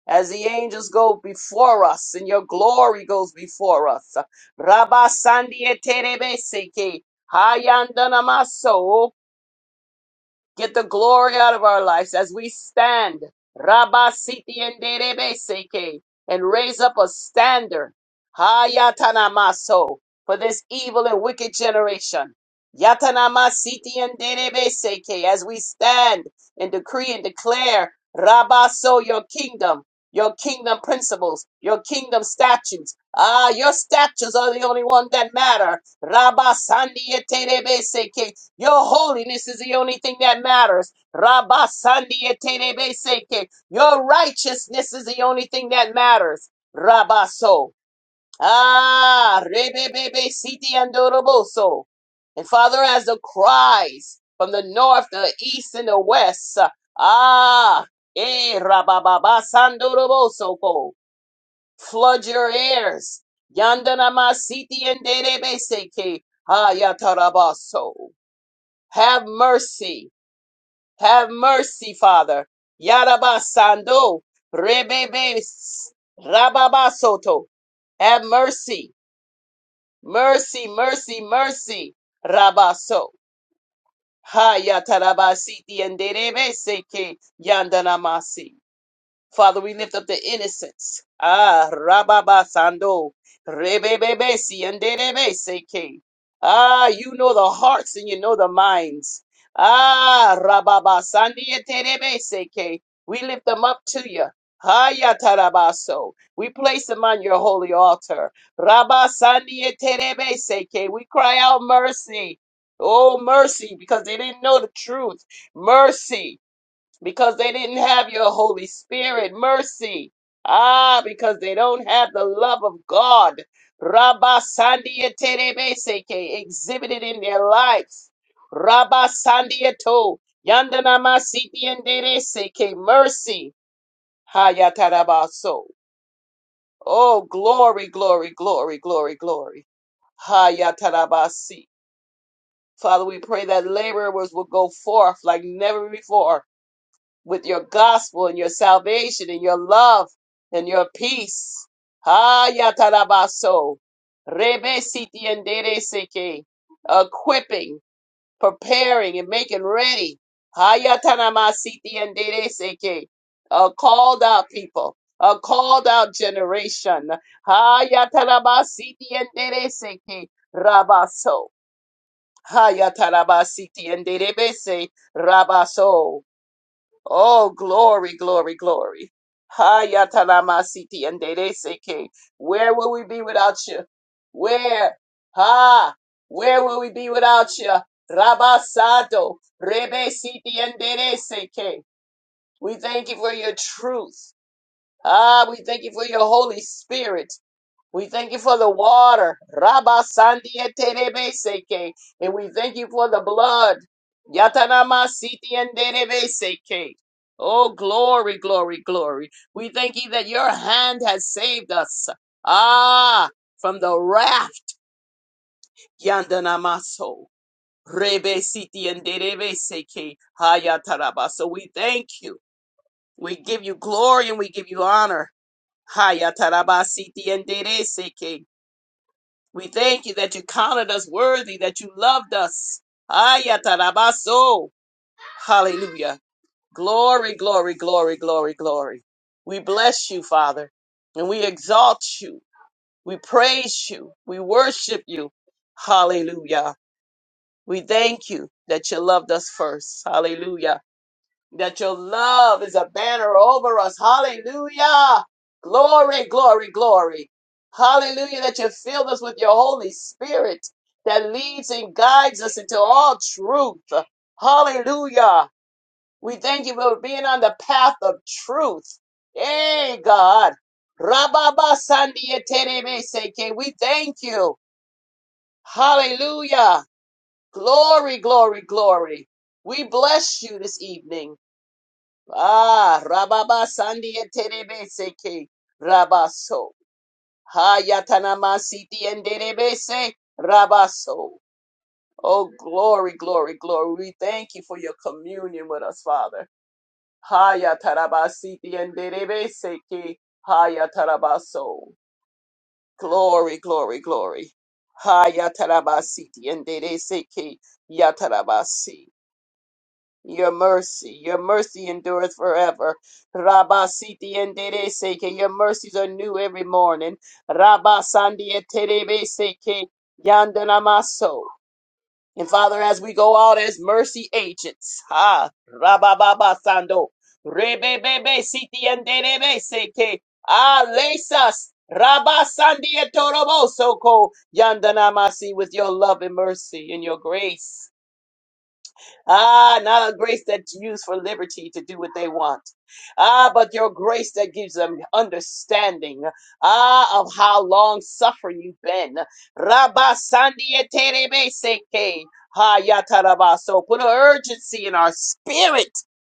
As the angels go before us and your glory goes before us. Rabba Sandieterebeseke. Hayandanamaso. Get the glory out of our lives as we stand. Rabba siti and derebe seke, and raise up a standard. Hayatanamaso for this evil and wicked generation. Yatanama siti and derebe seke as we stand and decree and declare Rabba so your kingdom, your kingdom principles, your kingdom statutes. Ah, your statutes are the only one that matter. Rabba sandi eterebe seke your holiness is the only thing that matters. Rabasandietebeseke. Your righteousness is the only thing that matters. Rabaso. Ah, rebebebe siti andoroboso. And Father, as the cries from the north, the east, and the west, ah, eh, rabababa sandoroboso ko. Flood your ears. Yandana masiti and derebeseke. Ah, yatarabaso. Have mercy. Have mercy, Father. Yarabasando. Rebebe. Rababasoto. Have mercy. Mercy, mercy, mercy. Rabaso. Hayatarabasiti and Derebe Seke Yandanamasi. Father, we lift up the innocents. Ah, Rababa Sando, Rebebebesi, and Derebeseke. Ah, you know the hearts and you know the minds. Ah, Rababa Sandi, and Terebeseke. We lift them up to you. Haya Tarabaso. We place them on your holy altar. Rabba Sandi, and Terebeseke. We cry out mercy. Oh, mercy, because they didn't know the truth. Mercy because they didn't have your Holy Spirit mercy. Ah, because they don't have the love of God. Rabba Sandia Terebeseke exhibited in their lives. Rabba Sandia To Yandana Masiti and Dereseke mercy. Hayatarabaso. Oh, glory, glory, glory, glory, glory. Hayatarabasi. Father, we pray that laborers will go forth like never before with your gospel and your salvation and your love and your peace. ha Hayatarabaso. Rebe siti endere seke. Equipping, preparing, and making ready. ha Hayatanama siti endere seke. A called out people, a called out generation. ha Hayatanaba siti endere seke. Rabaso. ha Hayatanaba siti endere bese. Rabaso. Oh, glory, glory, glory. Hayatalamasiti and Dedeseke. Where will we be without you? Where? Ha! Where will we be without you? Rabasado, Rebesiti and Dedeseke. We thank you for your truth. Ah, we thank you for your Holy Spirit. We thank you for the water. Rabba Sandia Terebe Seke. And we thank you for the blood. Yatanama Siti and Derebe Seke. Oh, glory, glory, glory. We thank you that your hand has saved us. Ah, from the raft. Yandanamaso. Rebe Siti and Derebe Seke. Hayataraba. So we thank you. We give you glory and we give you honor. Hayataraba Siti and Derebe Seke. We thank you that you counted us worthy, that you loved us. Ayatarabaso. Hallelujah. Glory, glory, glory, glory, glory. We bless you, Father, and we exalt you. We praise you. We worship you. Hallelujah. We thank you that you loved us first. Hallelujah that your love is a banner over us. Hallelujah. Glory, glory, glory. Hallelujah, that you filled us with your Holy Spirit that leads and guides us into all truth. Hallelujah. We thank you for being on the path of truth. Hey, God. Rababa Sandia Terebe Seke. We thank you. Hallelujah. Glory, glory, glory. We bless you this evening. Ah, Rababa Sandia Terebeseke, Rabaso. Hayatanama Siti and Derebese, Rabaso. Oh, glory, glory, glory. We thank you for your communion with us, Father. Hayataraba Siti and Derebeseke, Hayatarabaso. Glory, glory, glory. Hayataraba Siti and Derebeseke, Yatarabasi. Your mercy, your mercy endureth forever. Rabba siti endere seke, your mercies are new every morning. Rabba sandia terebe seke, yandana maso. And Father, as we go out as mercy agents, ha, rabba baba sando, rebe siti endere seke, ah, lace us. Rabba sandia torobo soko, yandana masi with your love and mercy and your grace. Ah, not a grace that's used for liberty to do what they want. Ah, but your grace that gives them understanding. Ah, of how long suffering you've been. Rabba Sandieterebe Seke. Ha Yatarabaso. Put an urgency in our spirit.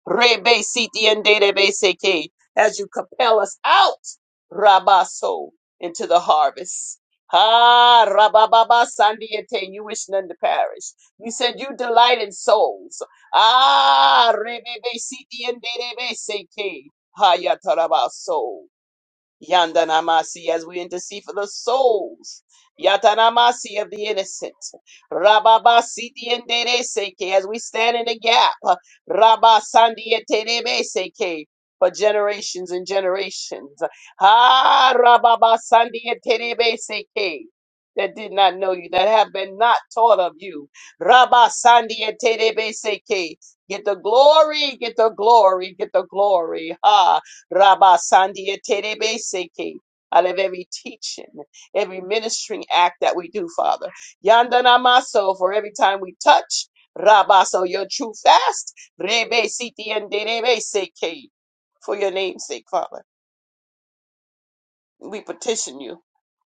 Rebe Siti and Derebe Seke. As you compel us out, Rabaso, into the harvest. Ah, Rabababa Sandiete. You wish none to perish. You said you delight in souls. Ah, rebebe siti and rebebe seke. Hayatarabaso. Yandanamasi as we intercede for the souls. Yatanamasi of the innocent. Rababasi seke as we stand in the gap. seke for generations and generations. Ah seke that did not know you, that have been not taught of you. Rabba seke Get the glory, get the glory, get the glory. Ha. Rabba Sandia Terebe Seke. Out of every teaching, every ministering act that we do, Father. Yandana Maso, for every time we touch. Rabba, so your true fast. Rebe Siti and Derebe Seke. For your name's sake, Father. We petition you.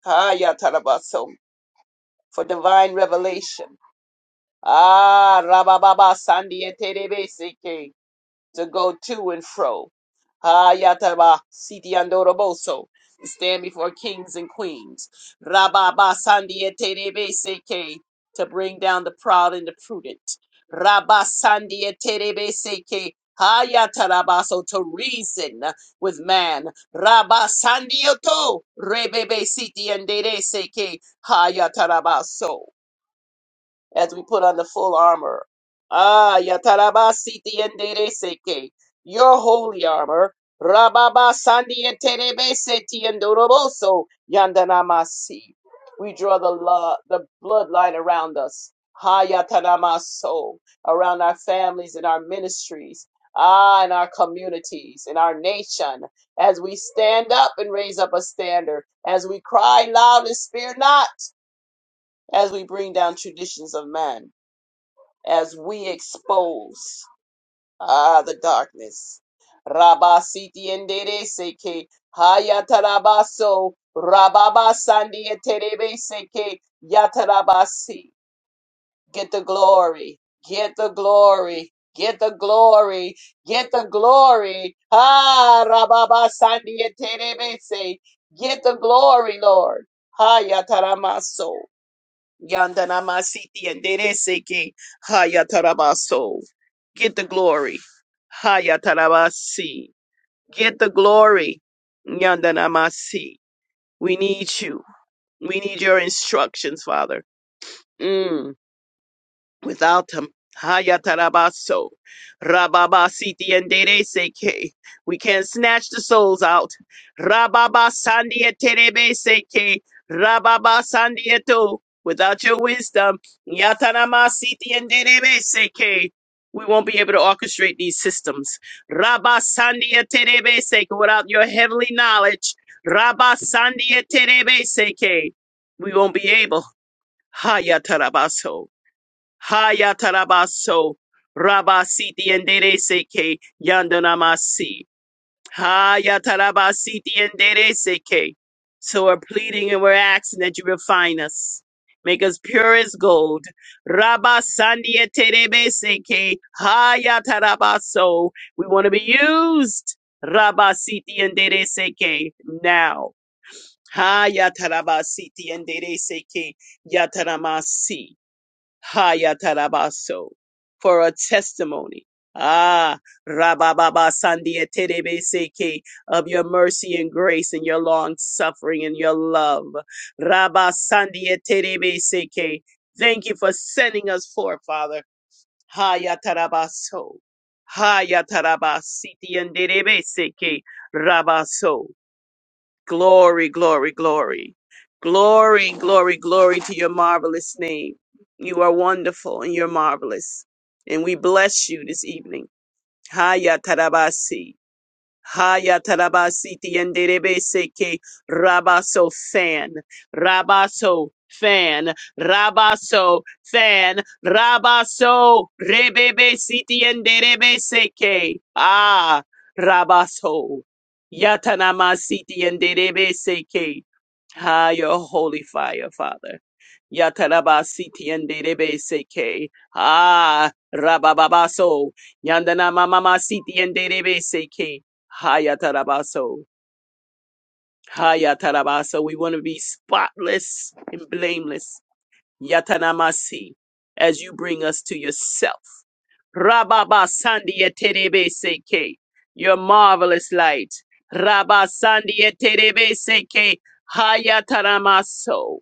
Ah, Yatarabaso. For divine revelation. Ah, Rabba Baba Sandia Terebe Seke. to go to and fro. Hayataba Siti Andoroboso. Stand before kings and queens. Rababa Sandiete Rebeseke. To bring down the proud and the prudent. Rabba Sandiete Rebeseke. Hayatarabaso to reason with man. Rabba Sandioto Rebebe Siti and Dereseke Hayatarabaso as we put on the full armor. Ah, yatarabasiti endereseke, your holy armor. Rababa sandi enterebeseti endoroboso yandanamasi. We draw the lo- the bloodline around us. Ha yatanamaso, around our families and our ministries. Ah, in our communities, in our nation, as we stand up and raise up a standard, as we cry loud and spare not, as we bring down traditions of man as we expose ah the darkness. Rabasiti endere seke hayatarabaso rababasandi eterebe seke yatarabasi. Get the glory, get the glory, get the glory, get the glory. Ah rababasandi eterebe se. Get the glory, Lord. Hayataramaso. Yandana masiti and dereseke hayatarabaso. Get the glory. Hayatarabasi. Get the glory. Yandana masi. We need you. We need your instructions, Father. Mm. Without him, Hayatarabaso, Rababasiti and Dereseke, we can't snatch the souls out. Rababasandia Terebeseke, Rababasandieto, without your wisdom, Yatanamasiti and Derebeseke. We won't be able to orchestrate these systems. Rabasandia Terebeseke, without your heavenly knowledge, Rabasandia Terebeseke, we won't be able. Hayatarabaso. Hayatarabaso Rabasiti and Dereseke Yandanamasi. Hayatarabasiti and Dere seke. So we're pleading and we're asking that you refine us. Make us pure as gold. Rabasandia Terebeseke Hayatarabaso. We want to be used. Rabasiti and Dere seke now. Hayatarabasiti and Dere seke Yataramasi. Hayatarabaso for a testimony. Ah, Rabababa Sandia Terebeseke of your mercy and grace and your long suffering and your love. Rabba Sandia Terebeseke. Thank you for sending us forth, Father. Hayatarabaso. Hayatarabasiti and Terebeseke. Rabaso. Glory, glory, glory. Glory, glory, glory to your marvelous name. You are wonderful and you're marvelous. And we bless you this evening. Haya Tarabasi. Hayatarabasiti and seke, Rabaso fan. Rabaso fan. Rabaso fan. Rabaso Rebebesiti and seke. Ah Rabaso. Yatanamasiti and seke. Ah, your holy fire, Father. Yatarabasiti and seke. Ah Rabababaso. Yandana Mama Siti and seke. Hayatarabaso. Hayatarabaso. We want to be spotless and blameless. Yatanamasi. As you bring us to yourself. Rababa Sandia Terebe Seke. Your marvelous light. Rabba Sandia Terebe Seke. Hayataramaso.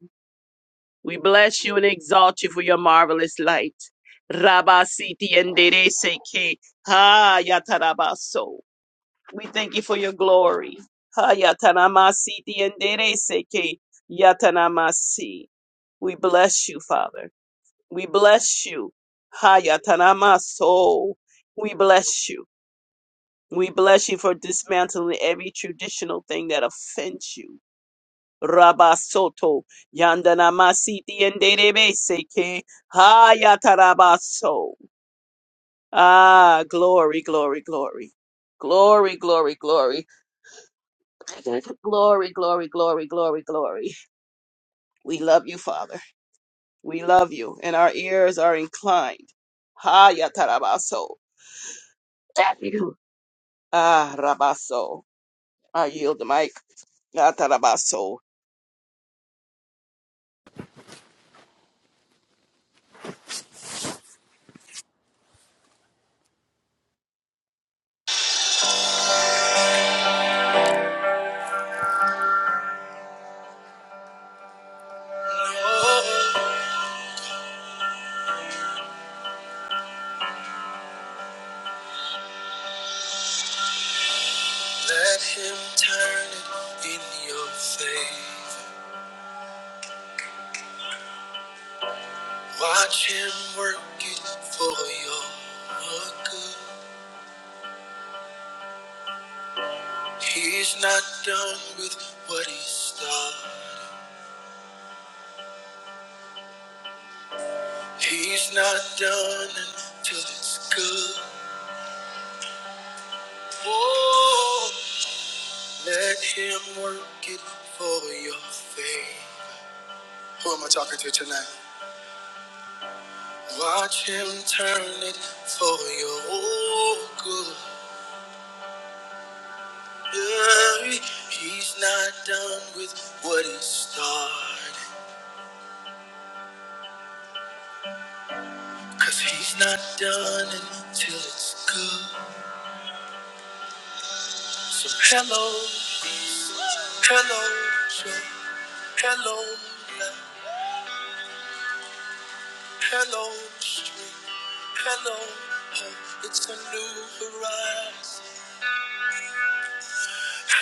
We bless you and exalt you for your marvelous light. Rabasiti Siti and Dere Seke. Hayatarabaso. We thank you for your glory. Ha yatanamasi tiendereseke yatanamasi. We bless you, Father. We bless you. Ha yatanamaso. We bless you. We bless you for dismantling every traditional thing that offends you. Rabasoto yandanamasi tiendereseke ha yatarabaso. Ah, glory, glory, glory. Glory, glory, glory. *laughs* Glory, glory, glory, glory, glory. We love you, Father. We love you, and our ears are inclined. Ha yatarabaso. Thank you. Ah, rabaso. I yield the mic. Yatarabaso. Let him turn it in your favor. Watch him work it for your good. He's not done with what he started. He's not done until it's good. Whoa. Let him work it for your favor. Who am I talking to tonight? Watch him turn it for your good. worry, he's not done with what he started. Cause he's not done until it's good. So hello, hello, joy, hello, love, hello, strength, hello, hope. It's a new horizon.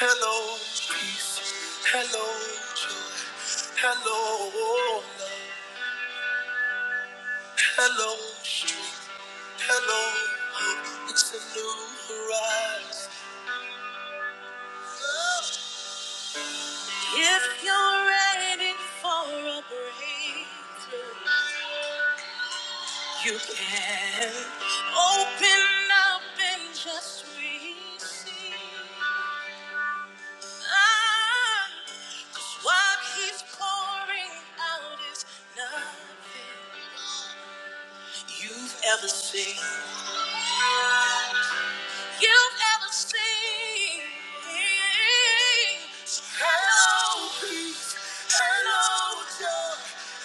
Hello, peace, hello, joy, hello, love. Hello, strength, Hello, hope. It's a new horizon. If you're ready for a breakthrough, you can open up and just receive. Ah, what he's pouring out is nothing you've ever seen. you've ever seen. So hello, peace. Hello, joy.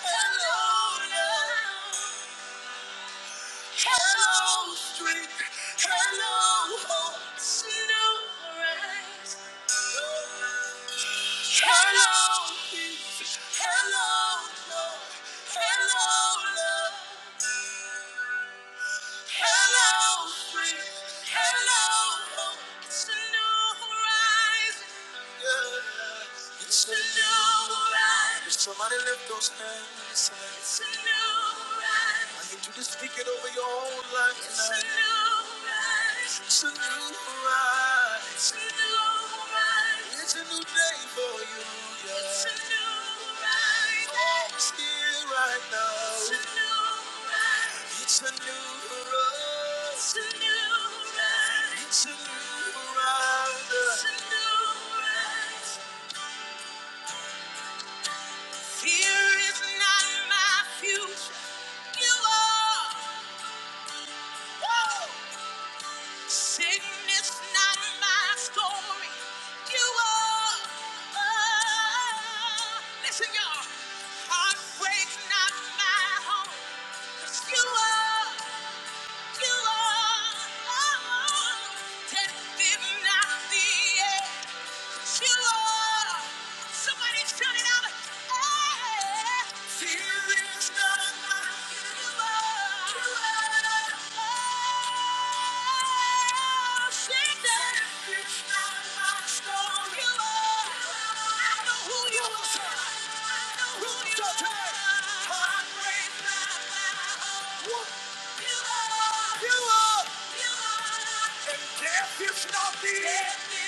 Hello, love. Hello, strength. Hello, hope. It's new horizons. Hello, peace. Hello, joy. Hello, love. Hello, spring. Hello, hope. It's a new horizon. Yeah. It's a new horizon. Can Somebody lift those hands. It's a new horizon. I need you to speak it over your whole life It's tonight. a new horizon. It's a new horizon. It's a new horizon. It's a new day for you. Yeah. It's a new horizon. Hope's here right now. It's a new horizon. It's a new horizon. It's a new horizon. It's a new horizon. It's a new horizon. Fear is not my future. You are. Woo! Sickness not my story. You are. Oh. Listen, y'all. Heartbreak's not my home. 'Cause you are. You are, oh, death did not the end. Somebody shout it out. Hey, fear is not it's a brand new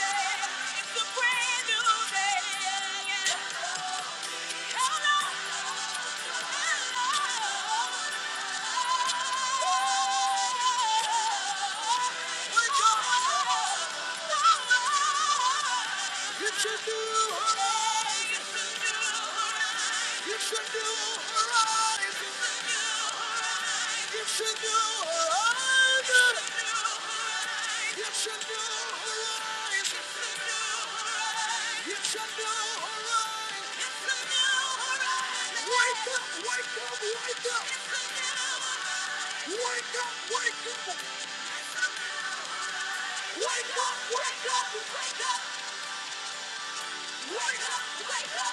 day. It's a brand new day. Oh, Wake up! Wake up! Wake up! Wake up! Wake up!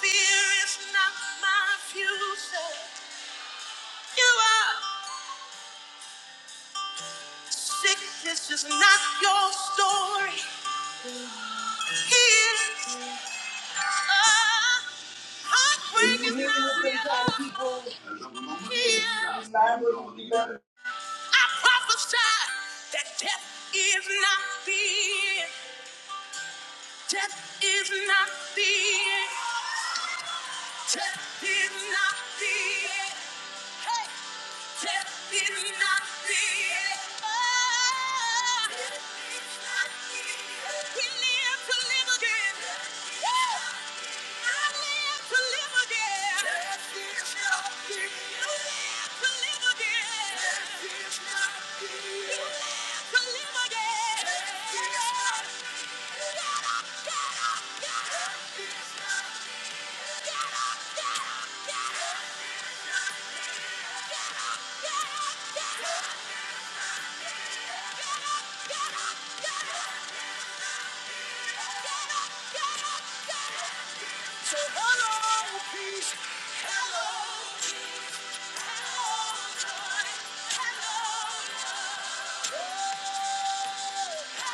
Fear is not my future. You are. Sickness is not your story. Healing, uh, When heartbreak you is hanging with not them your kind of people, home. you, you Healing, liable to be better. I prophesy that death is not the end. Death is not the end. Death is not the end. Hey. Death is not the end. Oh. Death is not the end. We live to live again. Woo. I live to live again. Death is not the end. You live to live again. Death is not the end. You live to live again. Death is not the end. Get up, get up, get up, get up, get up, get up. So hello, peace. Hello, hello, joy. Hello, love. Hello,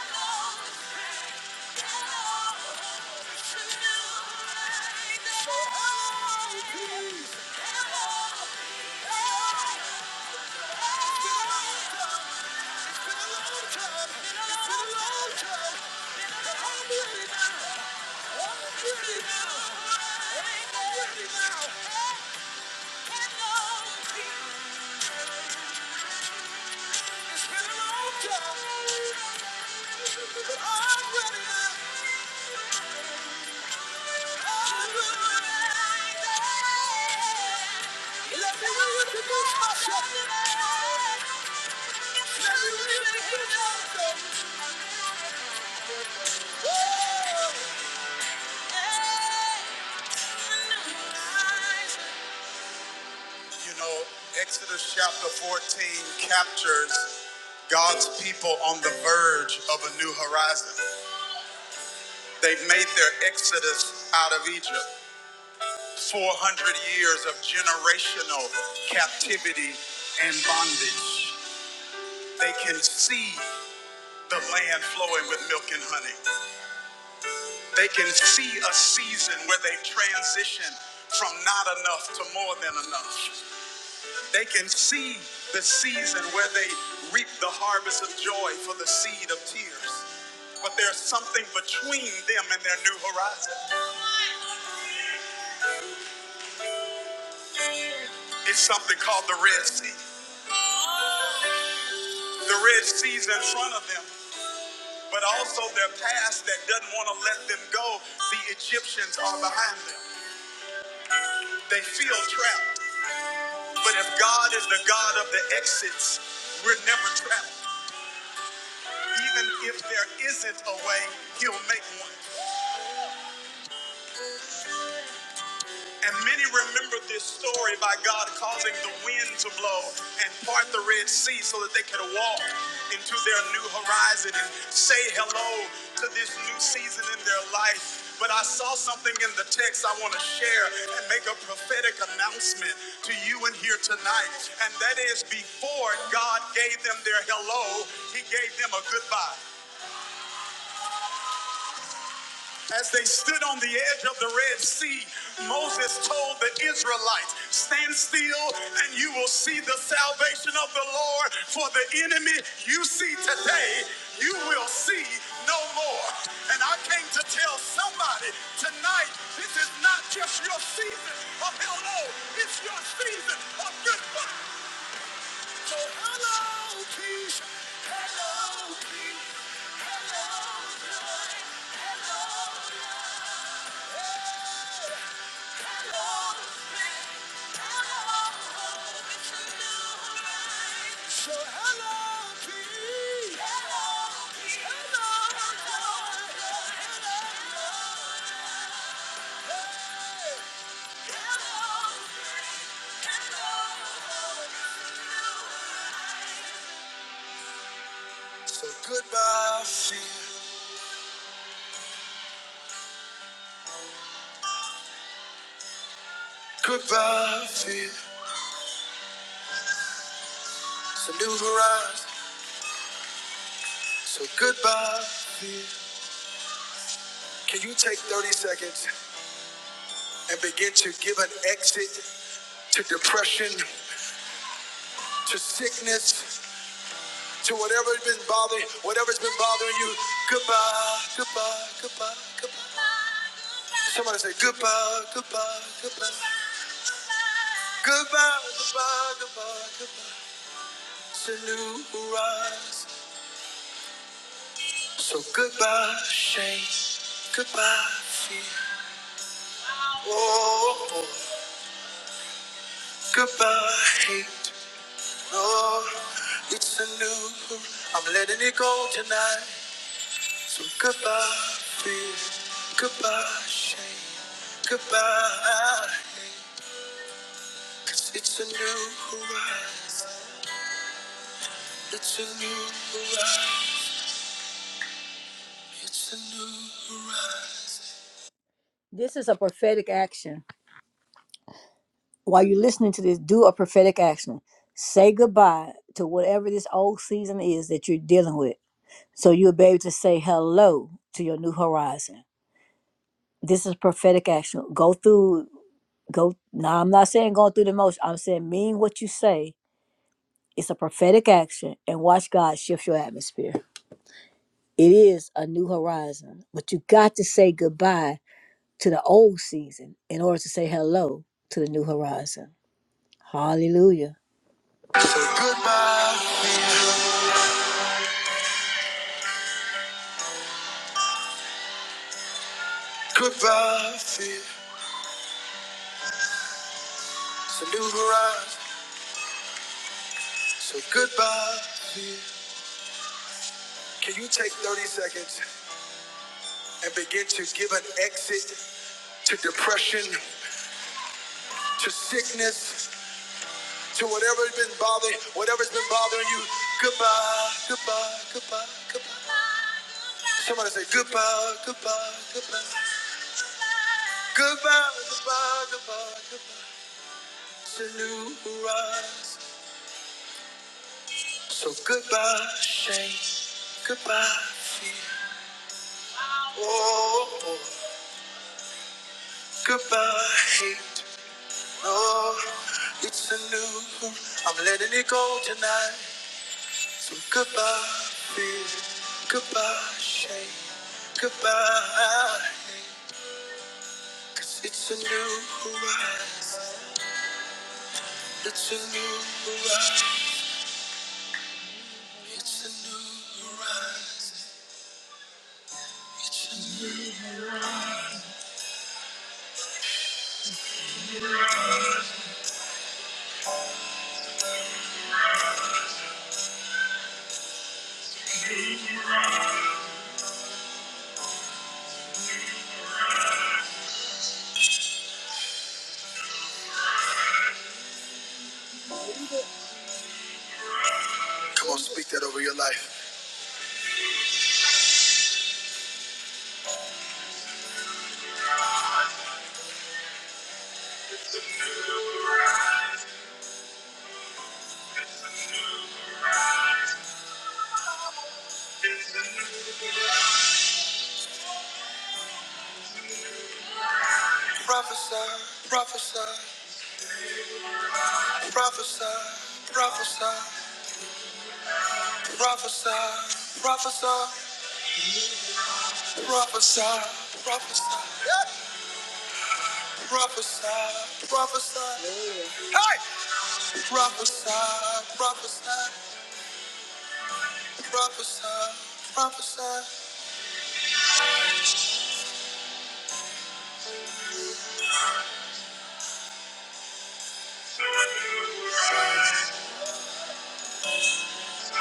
hello, tonight. So hello, peace. Hello, hello. Thank you. It's been a long time, but I'm ready now. I'm ready. Let me know what you want, my son. Let me know what you want, son. Whoa. Hey, I know lies. You know, Exodus chapter 14 captures God's people on the verge of a new horizon. They've made their exodus out of Egypt, 400 years of generational captivity and bondage. They can see the land flowing with milk and honey. They can see a season where they transition from not enough to more than enough. They can see the season where they reap the harvest of joy for the seed of tears. But there's something between them and their new horizon. It's something called the Red Sea. The Red Sea's in front of them, but also their past that doesn't want to let them go. The Egyptians are behind them. They feel trapped. But if God is the God of the exits, we're never trapped. Even if there isn't a way, He'll make one. And many remember this story by God causing the wind to blow and part the Red Sea so that they could walk into their new horizon and say hello to this new season in their life. But I saw something in the text I want to share and make a prophetic announcement to you in here tonight. And that is before God gave them their hello, He gave them a goodbye. As they stood on the edge of the Red Sea, Moses told the Israelites, Stand still, and you will see the salvation of the Lord. For the enemy you see today, you will see no more. And I came to tell somebody tonight this is not just your season of hell no, it's your season of goodbye. So, hello, peace. Hello, peace. Hello, joy. Hello, So hello, peace. Hello, peace. Hello, hello, hello. hello, hello. So goodbye, fear. Goodbye, fear. it's a new horizon. So goodbye, fear. Can you take 30 seconds and begin to give an exit to depression, to sickness, to whatever's been bothering, whatever's been bothering you. Goodbye, goodbye, goodbye, goodbye. Somebody say goodbye, goodbye, goodbye, goodbye, goodbye, goodbye, goodbye. It's a new rise. So goodbye, shame. Goodbye, fear. Oh, oh. goodbye, hate. Oh, it's a new. I'm letting it go tonight. So goodbye fear, goodbye shame, goodbye hate. Cause it's a new horizon, it's a new horizon, it's a new horizon. This is a prophetic action. While you're listening to this, do a prophetic action. Say goodbye to whatever this old season is that you're dealing with. So you'll be able to say hello to your new horizon. This is prophetic action. Go through go now i'm not saying going through the motion i'm saying mean what you say it's a prophetic action and watch god shift your atmosphere it is a new horizon but you got to say goodbye to the old season in order to say hello to the new horizon hallelujah Goodbye, fear. It's a new horizon. So goodbye, fear. Can you take 30 seconds and begin to give an exit to depression, to sickness? to whatever's been bothering, whatever's been bothering you. Goodbye, goodbye, goodbye, goodbye. Somebody say goodbye, goodbye, goodbye, goodbye, goodbye, goodbye, goodbye. It's a new rise. So goodbye, shame. Goodbye, fear. Oh, oh. goodbye, hate. Oh, it's a new. I'm letting it go tonight. So goodbye, fear. Goodbye, shame. Goodbye. Cause it's a new horizon. It's a new horizon. It's a new horizon. Come on, speak that over your life. Prophesy, prophesy, prophesy, prophesy, prophesy, prophesy, prophesy, prophesy. Prophesy, prophesy, prophesy, prophesy, prophesy, prophesy. So,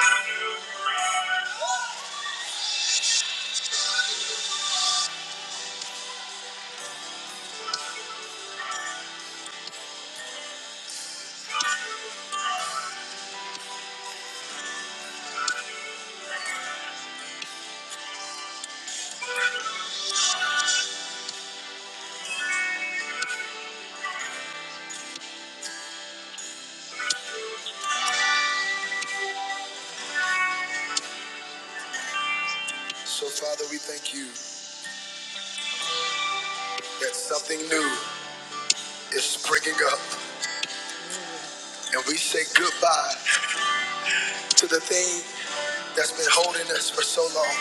Father, we thank you that something new is springing up, and we say goodbye to the thing that's been holding us for so long.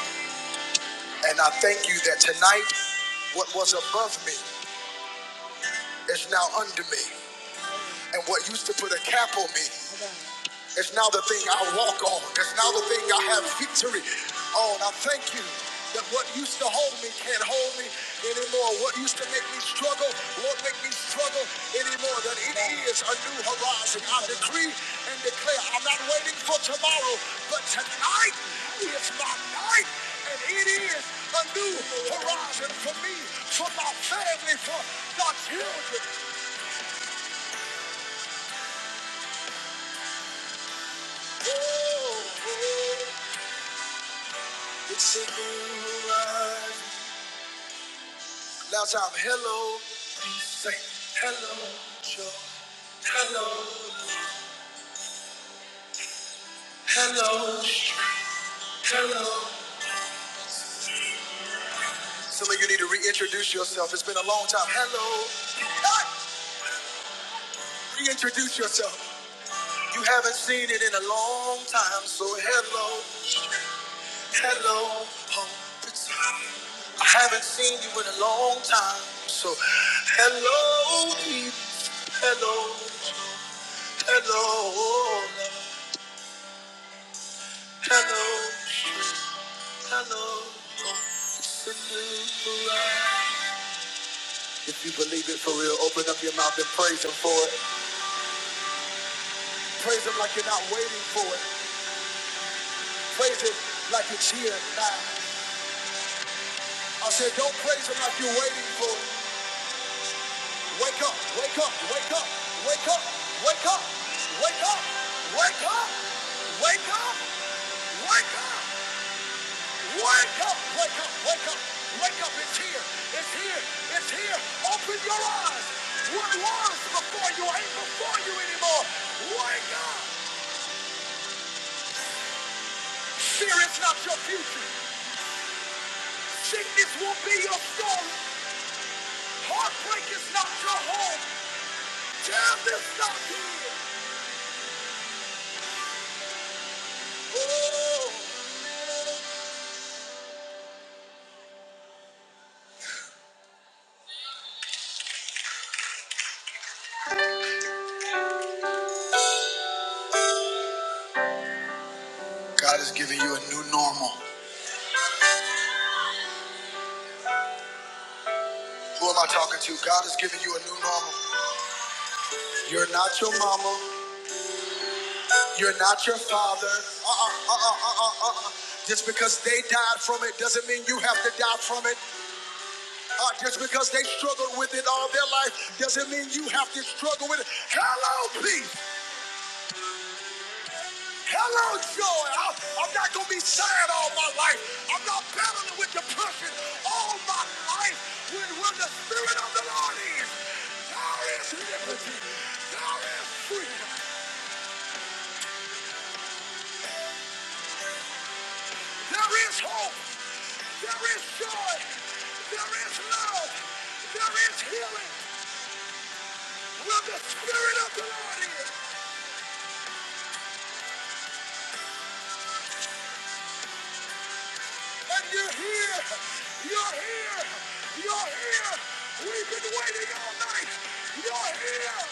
And I thank you that tonight, what was above me is now under me. And what used to put a cap on me it's now the thing I walk on. It's now the thing I have victory on. I thank you that what used to hold me can't hold me anymore. What used to make me struggle won't make me struggle anymore. That it is a new horizon. I decree and declare I'm not waiting for tomorrow, but tonight is my night. And it is a new horizon for me, for my family, for my children. Some of you need to reintroduce yourself. It's been a long time. Hello. Reintroduce yourself. You haven't seen it in a long time, so hello, hello, home. I haven't seen you in a long time, so hello, deep, hello, hello, hello, hello. It's a new life. If you believe it for real, open up your mouth and praise Him for it. Praise Him like you're not waiting for it. Praise Him like it's here now. I said, don't praise him like you're waiting for. him. Wake up, wake up, wake up, wake up, wake up, wake up, wake up, wake up, wake up, wake up, wake up, wake up, wake up. It's here, it's here, it's here. Open your eyes. What was before you ain't before you anymore. Wake up. Fear is not your future. Sickness won't be your story. Heartbreak is not your home. Death is not here. Oh. You're not your father. Uh-uh, uh-uh, uh-uh, uh-uh. Just because they died from it doesn't mean you have to die from it. Uh, because they struggled with it all their life doesn't mean you have to struggle with it. Hello, peace. Yo, I'm not going to be sad all my life. I'm not battling with depression all my life. When, when the Spirit of the Lord is, there is liberty. There is freedom. There is hope. There is joy. There is love. There is healing. Where the Spirit of the Lord is. And you're here. You're here. You're here. We've been waiting all night. You're here.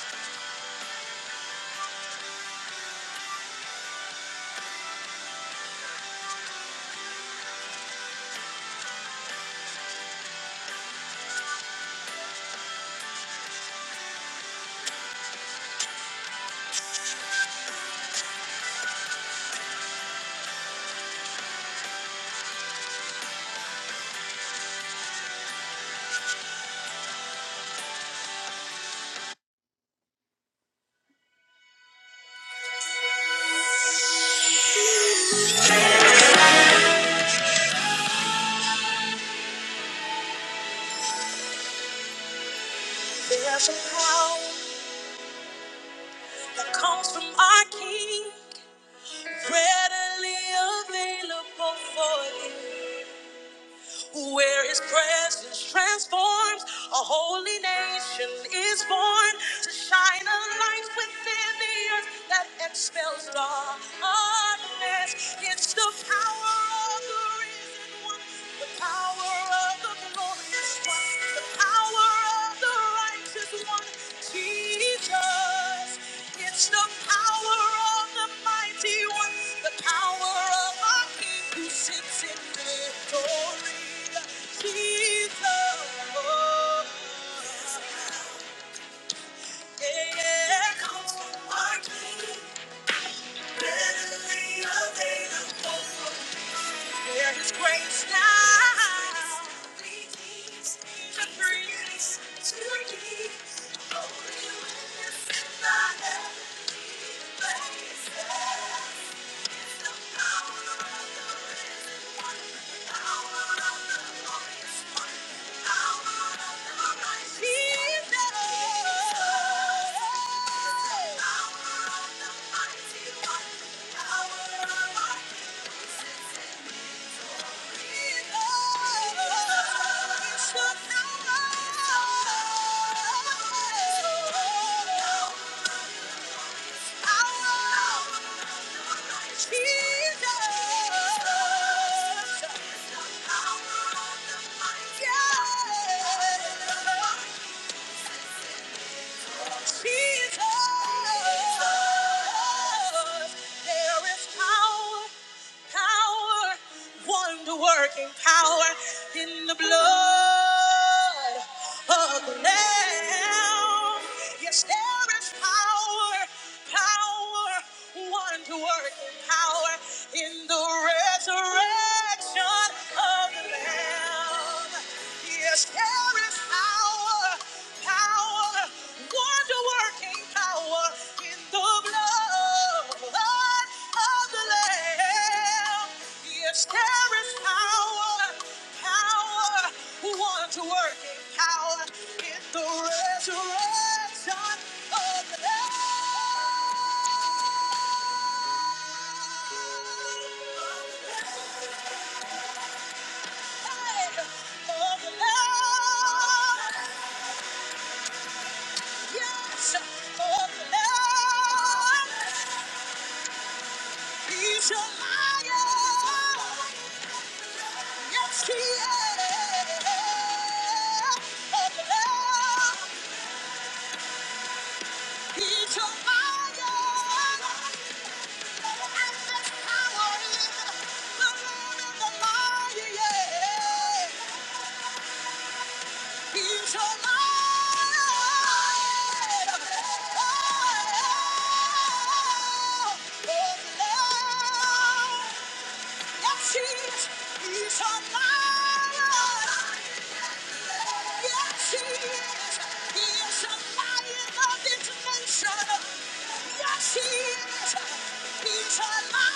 There's a power that comes from our King. Readily available for you. where his presence transforms. A holy nation is born to shine a light within the earth that expels darkness. It's the power of the risen one, the power of the glorious one. The power of the righteous one, Jesus. It's the power of the mighty one, the power of our King who sits in victory. Jesus. Yeah. Comes from our King, readily available. There is grace now. To breathe. To breathe. Jesus. Jesus, there is power, power, wonder-working power in the blood of the Lamb. Yes, there is power, power, wonder-working power in the resurrection of the Lamb. Yes. There is power, power, wonder working power in the blood of the Lamb. Yes, there is power, power, wonder working power in the resurrection of the Lamb. Hey, Of the Lamb. Yes, oh Lord, he's a liar. Yes, he is. Oh Lord, he's a liar. And there's power in the Lord of the liar. yeah. He's alive. Oh, oh, oh, oh. Yes, he is. He's on my life. Yes, he is. He is a lion of information. Yes, he is. He's a lion.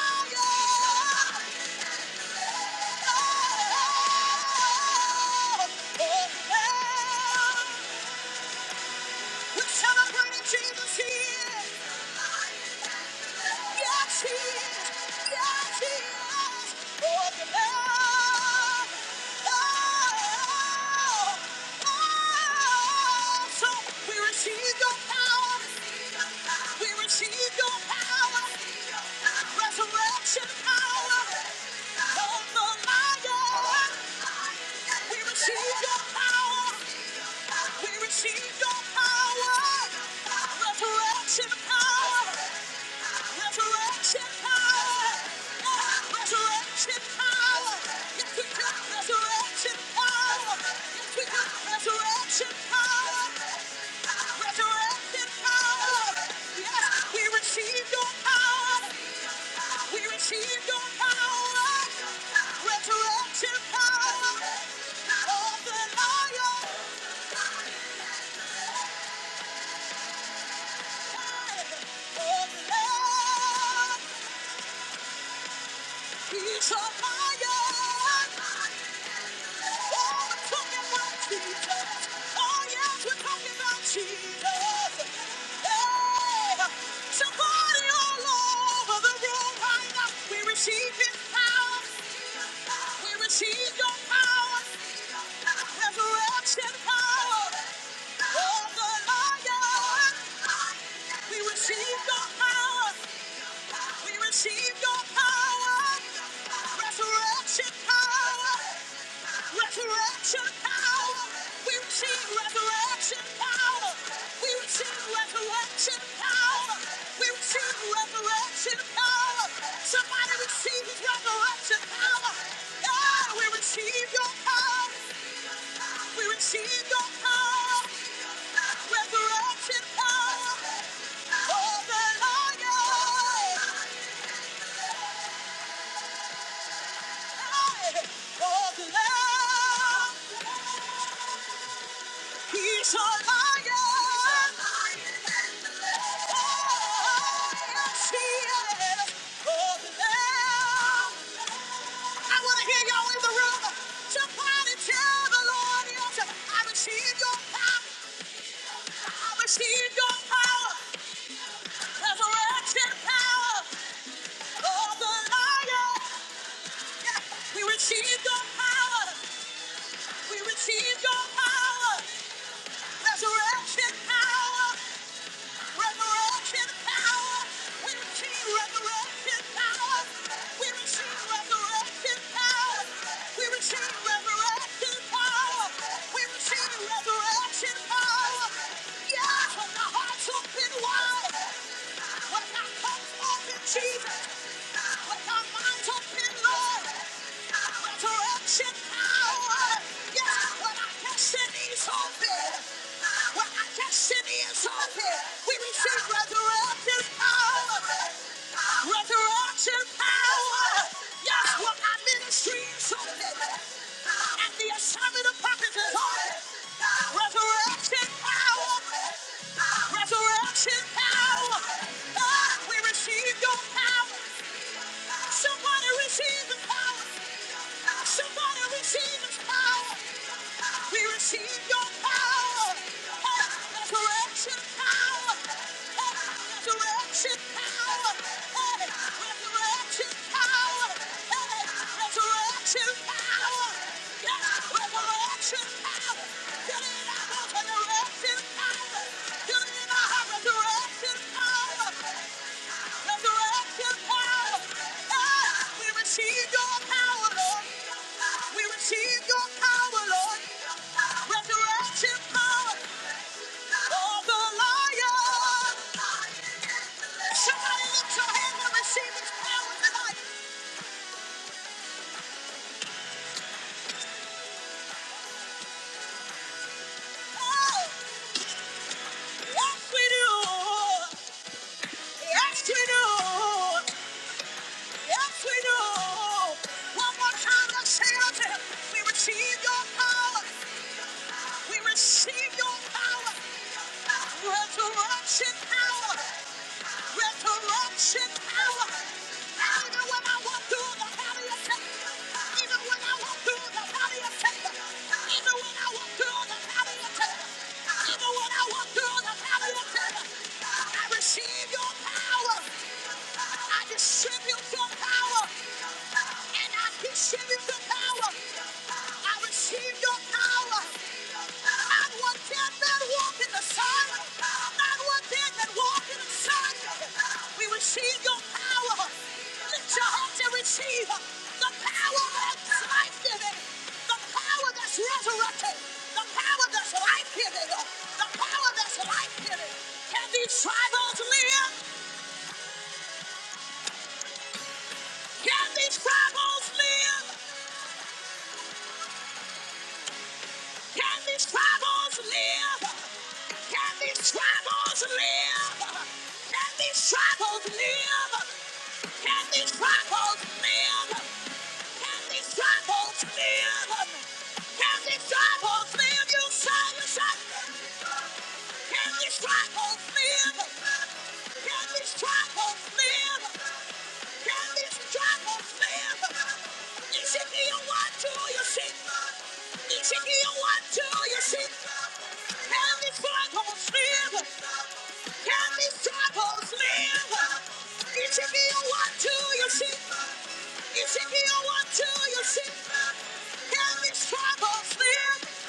We're celebrating Jesus here. Yes, he is. Yes, he is. Oh, the Lamb. Oh, oh. So we receive your power. We receive your power. Resurrection power. Come the lion. We receive your power. We receive your power. Outside of the love. He's a lion. Oh, we're talking about Jesus. Oh, yes, we're talking about Jesus. Hey, somebody all over the room right now. We receive His power. We receive Your power. Resurrection power. Oh, the lion. We receive Your power. We receive your Resurrection power! Resurrection power! We receive resurrection power! We receive resurrection power! We receive resurrection power! Somebody receive his resurrection power! God, we receive your power! We receive your power! Resurrection power! Oh, the Lord! He's a lion. I want to hear y'all in the room. Somebody tell the Lord, yes, I receive your power. I receive your power. Resurrection power of the lion. Yeah, We receive your power. We receive your power. Resurrection power! Resurrection power! We receive resurrection power! We receive resurrection power! We receive resurrection power! We receive resurrection power! Yes, when the hearts open wide, when our cups open, Jesus, when our minds open, Lord, resurrection power! receive your power. Somebody receive the power. Somebody receive his power. We receive your power. Resurrection power. Resurrection power. Resurrection power. Resurrection power. Yes, resurrection power. Somebody lift your hand and receive his power tonight. Oh, yes we do. Yes we do. Yes, we do. One more time, let's say it out there. We receive your power. We receive your power. Resurrection power. Resurrection power. Even when I walk through the valley of death. Even when I walk through the valley of death. Even when I walk through the valley of death. Even when I walk through the valley of death. I receive your power. I distribute your power I receive your power. I receive your power. Not one dead man walk in the sun. Not one dead man walk in the sun. We receive your power. Lift your heart and receive the power that's life giving. The power that's resurrected. The power that's life giving. The power that's life giving. Can these tribals live? Can these tribals live? Can these troubles live? Can these troubles live? Can these troubles live? Can these troubles live? Can these troubles live? Can these troubles live? You say, you say. Can these troubles live? Can these troubles live? Can these troubles live? Is it the only? One, two, you sing. Ezekiel, one, two, you sing. Heavy struggles live. Can Heavy struggles live. Ezekiel, one, two, you sing. Ezekiel, one, two, you sing. Heavy struggles live.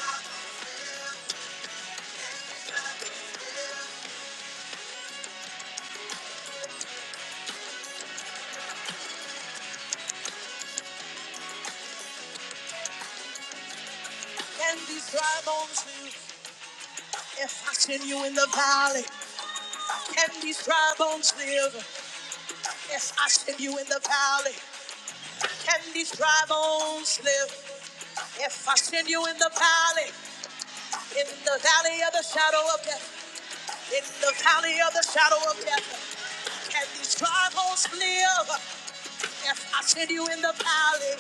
Can these dry bones live? If I send you in the valley, can these dry bones live? If I send you in the valley, can these dry bones live? If I send you in the valley, in the valley of the shadow of death, in the valley of the shadow of death, can these dry bones live? If I send you in the valley,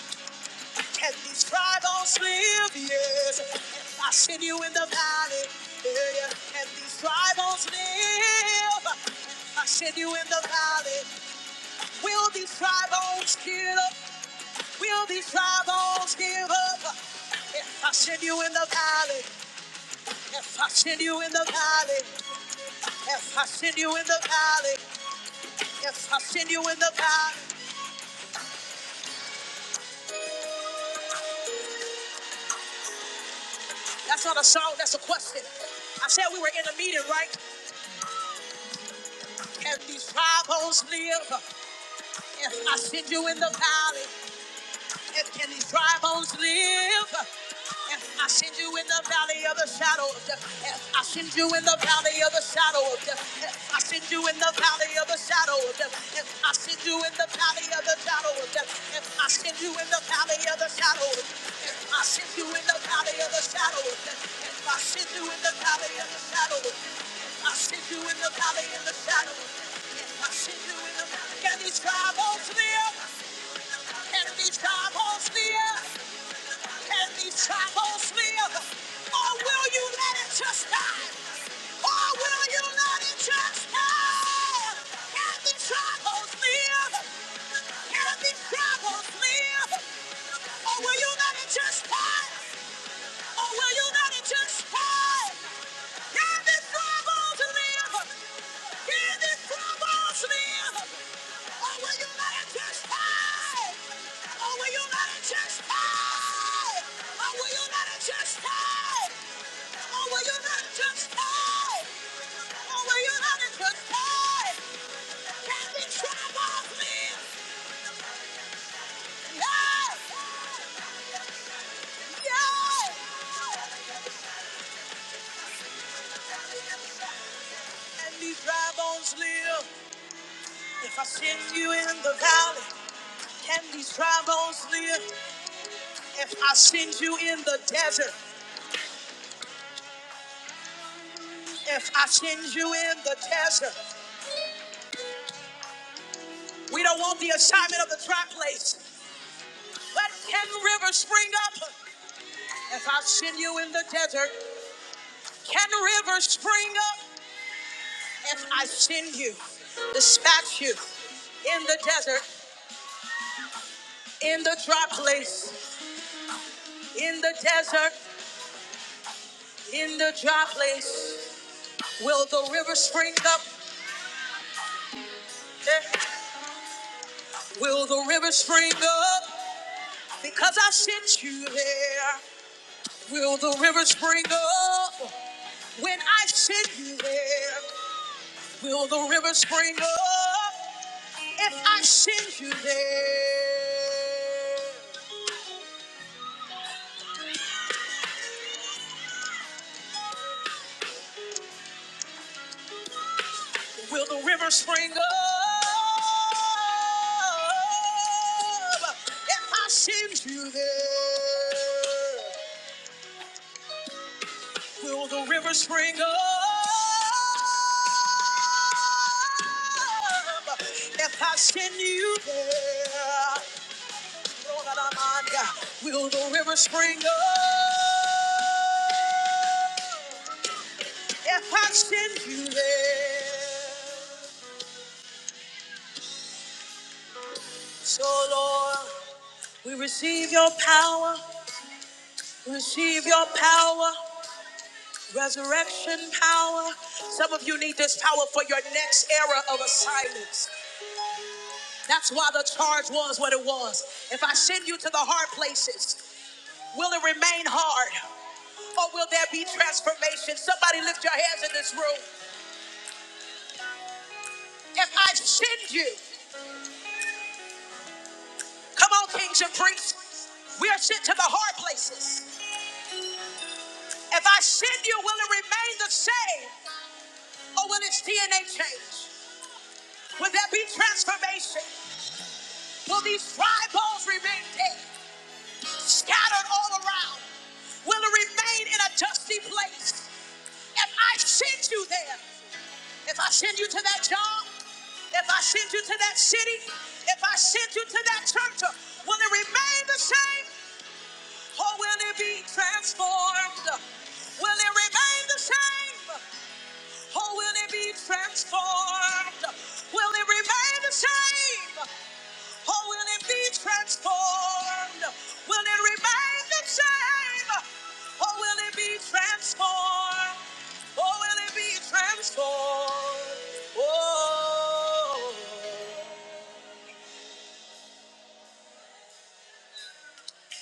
can these dry bones live? Yes. If I send you in the valley, yeah, yeah, can these dry bones live? If I send you in the valley, will these dry bones give up? Will these dry bones give up? If I send you in the valley, If I send you in the valley, if I send you in the valley, if I send you in the valley. That's not a song, that's a question. I said we were in a meeting, right? And these dry bones live. If I send you in the valley, And can these dry bones live? And I send you in the valley of the shadow of death. And I send you in the valley of the shadow of death. And I send you in the valley of the shadow of death. And I send you in the valley of the shadow of death. And I send you in the valley of the shadow of death. And I send you in the valley of the shadow of death. And I send you in the valley of the shadow of death. And I send you in the valley of the shadow of death. And I send you in the valley. Can these dry bones live? Every time on steel, every time on steel. Or will you let it just die? Or will you let it just die? Every time on steel, every time on steel. Or will you let it just die? Or will you let it just fall? Give this trouble to live. Give this trouble to live. Or will you let it just fall? Or will you let it just fall? Or will you let it just fall? Or will you let it just fall? Or will you let it just fall? Can this trouble live? Yes. Yes. If I send you in the valley, can these trust lift? If you in the desert, we don't want the assignment of the dry place, but can rivers spring up? If I send you in the desert, can rivers spring up? If I send you, dispatch you in the desert, in the dry place, in the desert, in the dry place, will the river spring up? Eh, Will the river spring up? Because I sent you there, will the river spring up? When I send you there, will the river spring up? If I send you there, will the river spring up? If I send you there. Will the river spring up? If I send you there, Lord, I'm on. will the river spring up? If I send you there, so Lord, we receive your power, we receive your power, resurrection power. Some of you need this power for your next era of assignments. That's why the charge was what it was. If I send you to the hard places, will it remain hard? Or will there be transformation? Somebody lift your hands in this room. If I send you, come on, kings and priests, we are sent to the hard places. If I send you, will it remain the same? Or will its DNA change? Will there be transformation? Will these dry bones remain dead? scattered all around, will it remain in a dusty place? If I send you there, if I send you to that job, if I send you to that city, if I send you to that church, will it remain the same? or will it be transformed? Will it remain the same? Or will it be transformed? Will it remain the same? Or will it be transformed? Will it remain the same? Or will it be transformed? Or will it be transformed? Oh.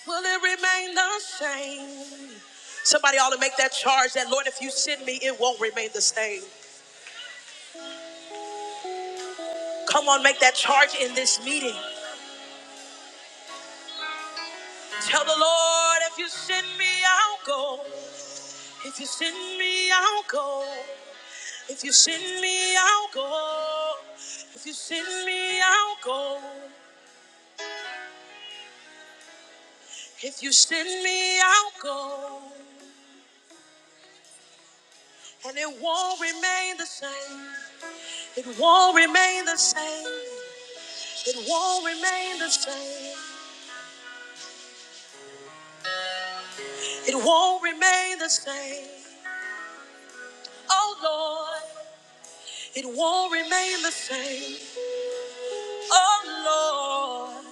Will it remain the same? Somebody ought to make that charge that, Lord, if you send me, it won't remain the same. Come on, make that charge in this meeting. Tell the Lord, if you send me, I'll go. If you send me, I'll go. If you send me, I'll go. If you send me, I'll go. If you send me, I'll go. And it won't remain the same. It won't remain the same. It won't remain the same. It won't remain the same. Oh Lord, it won't remain the same. Oh Lord,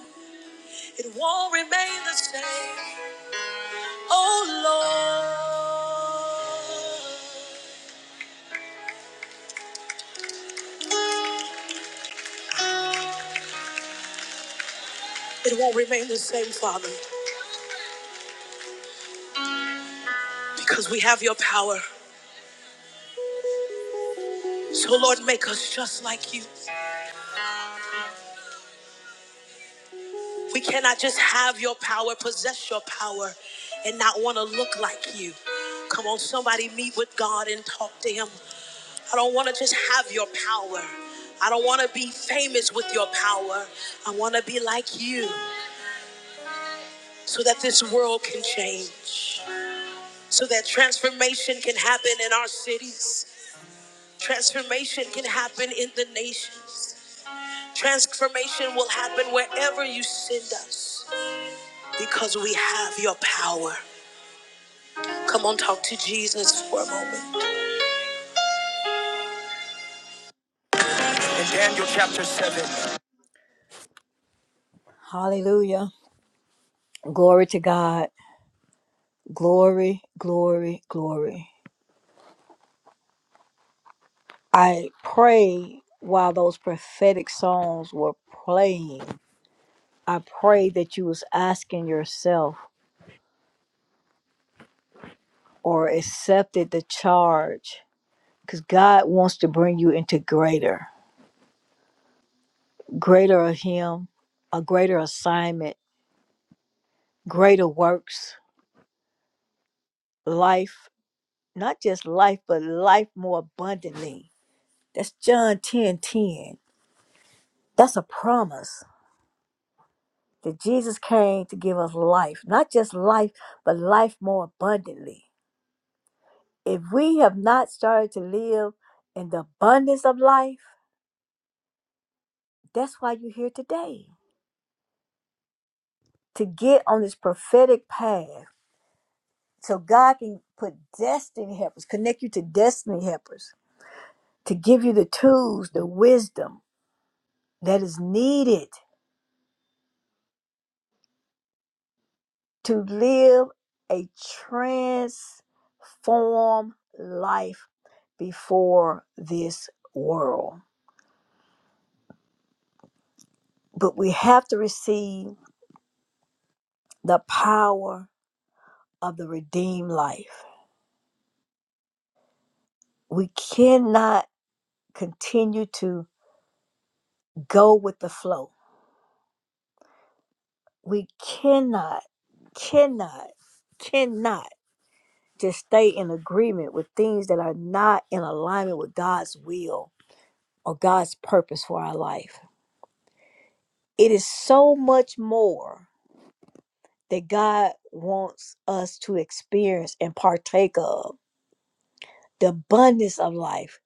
it won't remain the same. Oh Lord, it won't remain the same, Father, because we have your power. So Lord, make us just like you. We cannot just have your power, possess your power, and not want to look like you. Come on, somebody meet with God and talk to Him. I don't want to just have your power. I don't want to be famous with your power. I want to be like you so that this world can change, so that transformation can happen in our cities. Transformation can happen in the nations. Transformation will happen wherever you send us because we have your power. Come on, talk to Jesus for a moment. Hallelujah. Glory to God. Glory, glory, glory. I pray while those prophetic songs were playing, I pray that you was asking yourself or accepted the charge because God wants to bring you into greater, greater of Him, a greater assignment, greater works, life, not just life, but life more abundantly. That's John 10 10. That's a promise that Jesus came to give us life, not just life, but life more abundantly. If we have not started to live in the abundance of life, that's why you're here today, to get on this prophetic path So God can put destiny helpers, connect you to destiny helpers to give you the tools, the wisdom that is needed to live a transformed life before this world. But we have to receive the power of the redeemed life. We cannot continue to go with the flow. We cannot, cannot, cannot Just stay in agreement with things that are not in alignment with God's will or God's purpose for our life. It is so much more that God wants us to experience and partake of the abundance of life,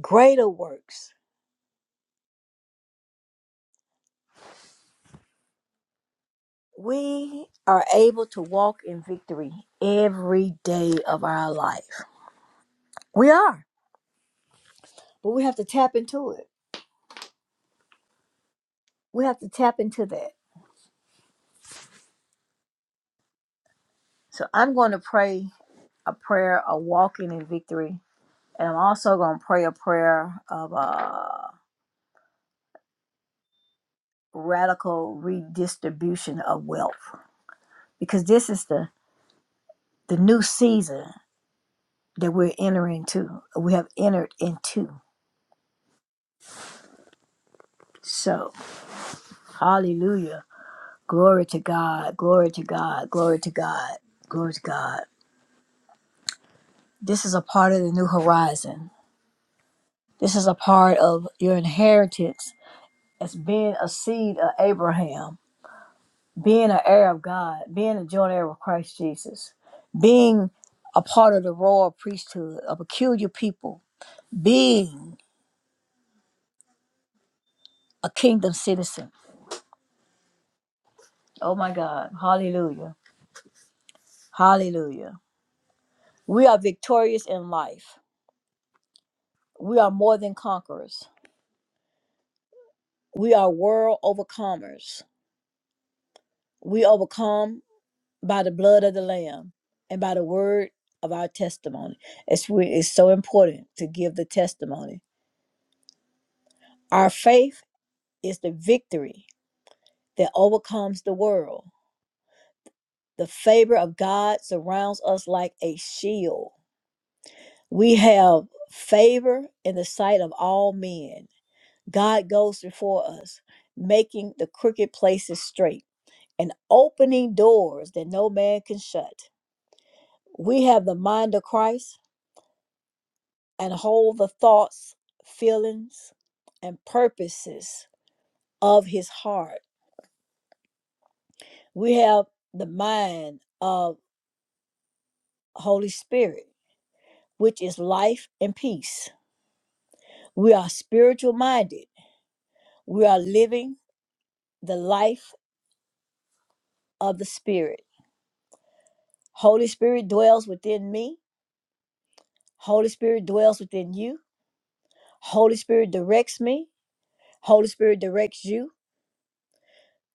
greater works. We are able to walk in victory every day of our life. We are, but we have to tap into it. We have to tap into that. So I'm going to pray a prayer of walking in victory And I'm also going to pray a prayer of uh, radical redistribution of wealth because this is the, the new season that we're entering into, we have entered into. So, hallelujah. Glory to God, glory to God, glory to God, glory to God. This is a part of the new horizon. This is a part of your inheritance as being a seed of Abraham being an heir of God, being a joint heir with Christ Jesus, being a part of the royal priesthood, a peculiar people, being a kingdom citizen. Oh my God. Hallelujah. Hallelujah. We are victorious in life. We are more than conquerors. We are world overcomers. We overcome by the blood of the Lamb and by the word of our testimony. It's, re- it's so important to give the testimony. Our faith is the victory that overcomes the world. The favor of God surrounds us like a shield. We have favor in the sight of all men. God goes before us, making the crooked places straight and opening doors that no man can shut. We have the mind of Christ and hold the thoughts, feelings, and purposes of his heart. We have the mind of Holy Spirit which is life and peace. We are spiritual minded. We are living the life of the Spirit. Holy Spirit dwells within me. Holy Spirit dwells within you. Holy Spirit directs me. Holy Spirit directs you.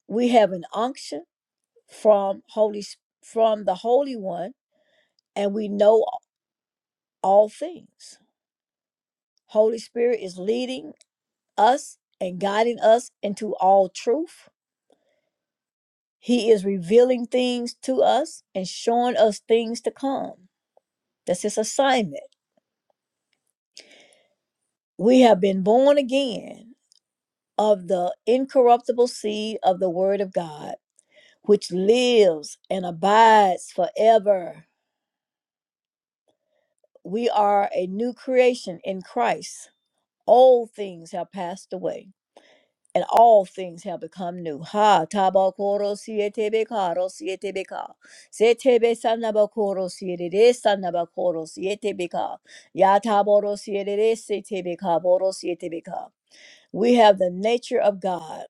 We have an unction from Holy from the Holy One and we know all things. Holy Spirit is leading us and guiding us into all truth. He is revealing things to us and showing us things to come. That's his assignment. We have been born again of the incorruptible seed of the Word of God, which lives and abides forever. We are a new creation in Christ. All things have passed away. and all things have become new. Ha tabakoro sietebe karo sietebe ka. Setebe sanabakoro sietebe sanabakoro sietebe ka. Ya taboro sietebe setebe ka boro sietebe ka. We have the nature of God.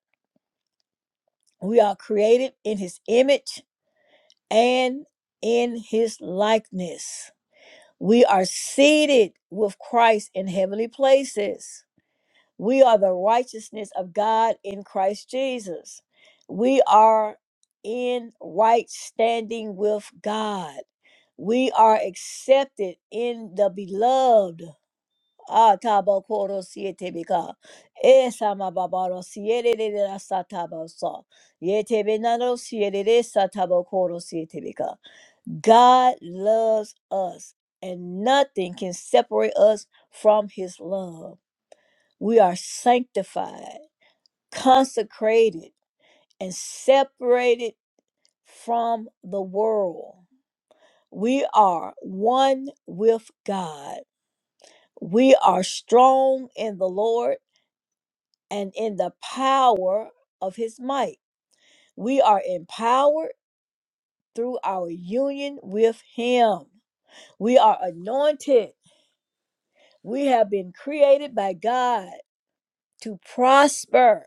We are created in his image and in his likeness. We are seated with Christ in heavenly places. We are the righteousness of God in Christ Jesus. We are in right standing with God. We are accepted in the beloved. Ah, tabo koro siete bika. Esa ma babaro siete de la satabo so. Yete benano siete de satabo koro siete bika. God loves us, and nothing can separate us from his love. We are sanctified consecrated and separated from the world. We are one with God. We are strong in the Lord and in the power of his might. We are empowered through our union with him. We are anointed. We have been created by God to prosper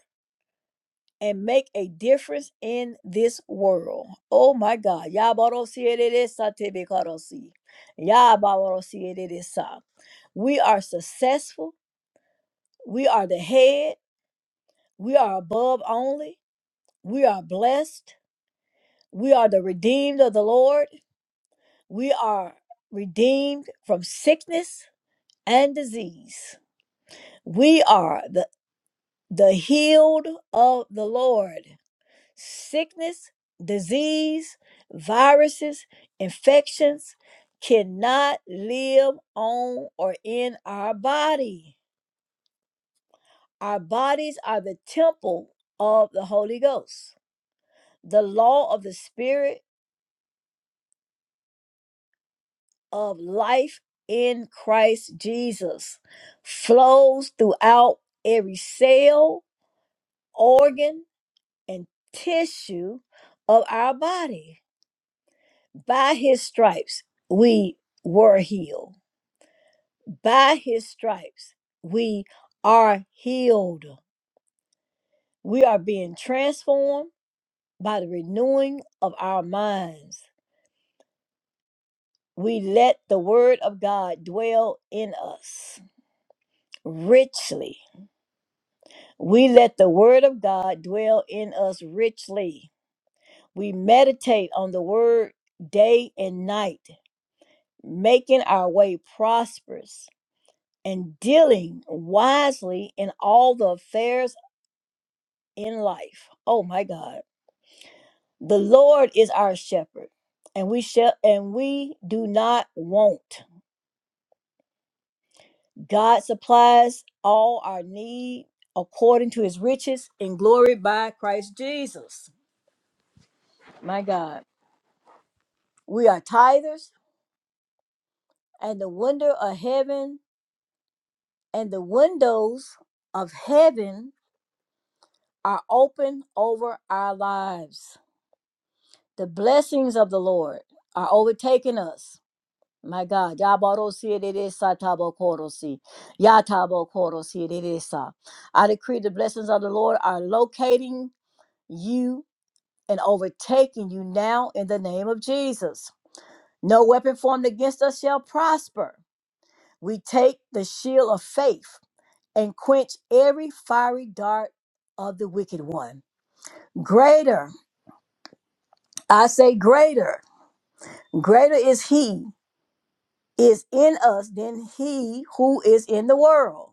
and make a difference in this world. Oh my God. Yabarosiereresa tebekarosi. Yabarosiereresa. We are successful. We are the head. We are above only. We are blessed. We are the redeemed of the Lord. We are redeemed from sickness and disease. We are the, the healed of the Lord. Sickness, disease, viruses, infections cannot live on or in our body. Our bodies are the temple of the Holy Ghost, the law of the Spirit of life in Christ Jesus flows throughout every cell, organ, and tissue of our body. By his stripes, we were healed. By his stripes, we are healed. We are being transformed by the renewing of our minds. We let the word of God dwell in us richly. We let the word of God dwell in us richly. We meditate on the word day and night, making our way prosperous and dealing wisely in all the affairs in life. Oh my God. The Lord is our shepherd, and we shall and we do not want. God supplies all our need according to his riches in glory by Christ Jesus. My God. We are tithers, and the window of heaven and the windows of heaven are open over our lives. The blessings of the Lord are overtaking us My God, Yabarosi Reresa Tabokorosi, Yatabokorosi Reresa. I decree the blessings of the Lord are locating you and overtaking you now in the name of Jesus. No weapon formed against us shall prosper. We take the shield of faith and quench every fiery dart of the wicked one. Greater, I say greater, greater is he is in us than he who is in the world.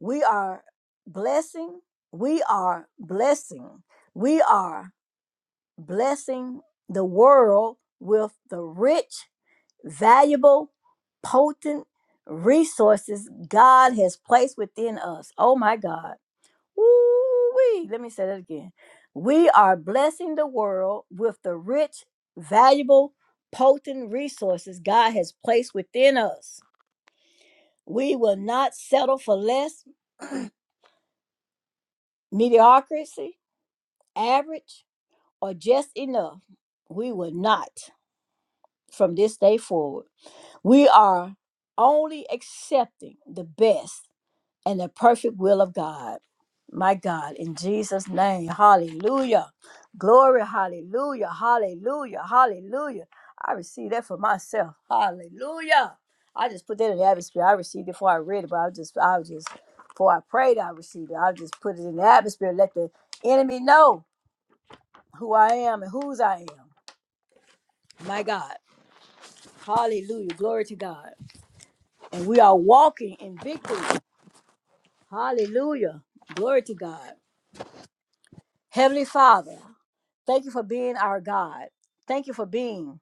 We are blessing, we are blessing, we are blessing the world with the rich, valuable, potent resources God has placed within us. Oh my God. Woo-wee. Let me say that again. We are blessing the world with the rich, valuable, potent resources God has placed within us. We will not settle for less, mediocrity, average, or just enough. We will not from this day forward. We are only accepting the best and the perfect will of God. My God, in Jesus' name, hallelujah. Glory, hallelujah, hallelujah, hallelujah. I received that for myself. Hallelujah. I just put that in the atmosphere. I received it before I read it, but I was just, I was just, before I prayed, I received it. I just put it in the atmosphere, let the enemy know who I am and whose I am. My God. Hallelujah. Glory to God. And we are walking in victory. Hallelujah. Glory to God. Heavenly Father. Thank you for being our God. Thank you for being.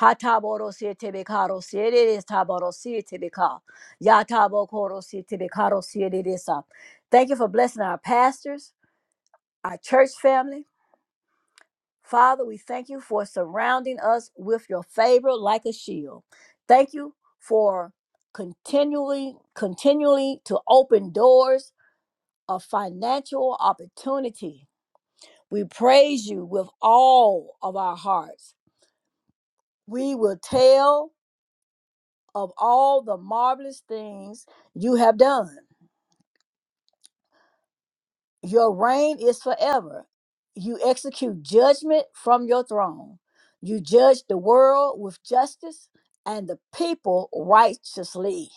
Hataborosietebekarosiererestaborosietebeka. Yatabokorosietebekarosiereresa. Thank you for blessing our pastors, our church family. Father, we thank you for surrounding us with your favor like a shield. Thank you for continually, continually to open doors of financial opportunity. We praise you with all of our hearts. We will tell of all the marvelous things you have done. Your reign is forever. You execute judgment from your throne. You judge the world with justice and the people righteously.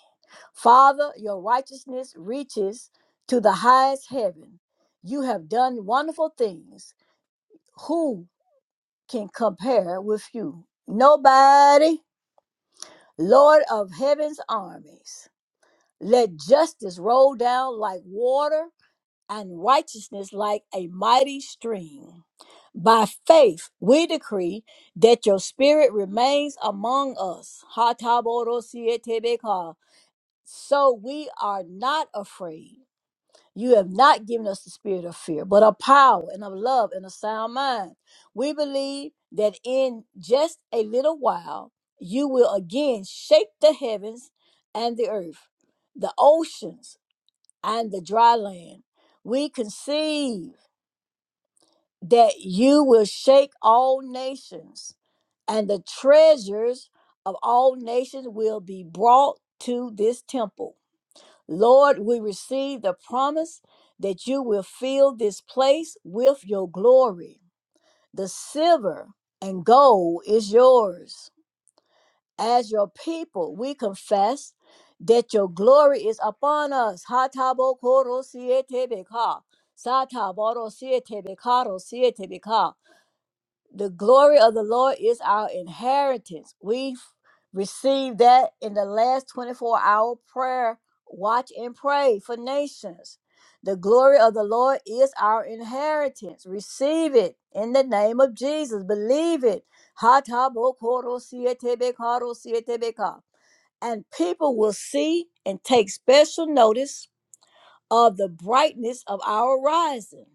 Father, your righteousness reaches to the highest heaven. You have done wonderful things. Who can compare with you? Nobody. Lord of heaven's armies. Let justice roll down like water and righteousness like a mighty stream. By faith, we decree that your spirit remains among us. Hataborosietebeka. So we are not afraid. You have not given us the spirit of fear, but of power and of love and a sound mind. We believe that in just a little while, you will again shake the heavens and the earth, the oceans and the dry land. We conceive that you will shake all nations, and the treasures of all nations will be brought to this temple. Lord, we receive the promise that you will fill this place with your glory. The silver and gold is yours as your people, we confess that your glory is upon us. Hatabokoro sietebeka, sataborosietebeka, rosietebeka. The glory of the Lord is our inheritance. We f- received that in the last 24 hour prayer. Watch and pray for nations. The glory of the Lord is our inheritance. Receive it in the name of Jesus. Believe it. hatabokoro sietebekaro ka, ro si e te be ka. And people will see and take special notice of the brightness of our rising.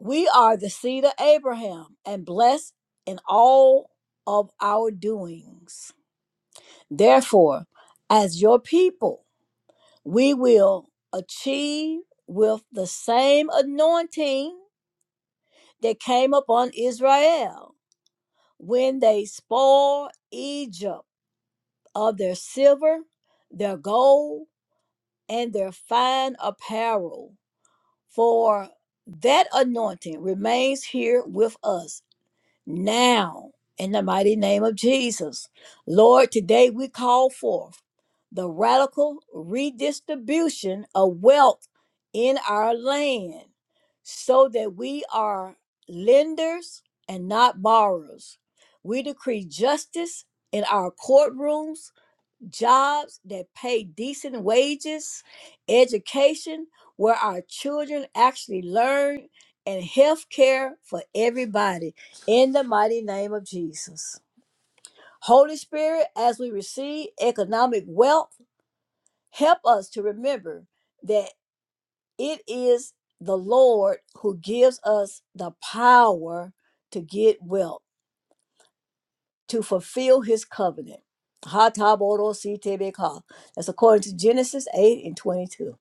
We are the seed of Abraham and blessed in all of our doings. Therefore, as your people, we will achieve with the same anointing that came upon Israel when they spoiled Egypt of their silver, their gold, and their fine apparel. For that anointing remains here with us now in the mighty name of Jesus. Lord, today we call forth the radical redistribution of wealth in our land so that we are lenders and not borrowers. We decree justice in our courtrooms jobs that pay decent wages, education where our children actually learn, and health care for everybody in the mighty name of Jesus. Holy Spirit, as we receive economic wealth, help us to remember that it is the Lord who gives us the power to get wealth. to fulfill his covenant. Ha-ta-bo-ro-si-te-be-ka. That's according to Genesis 8 and 22.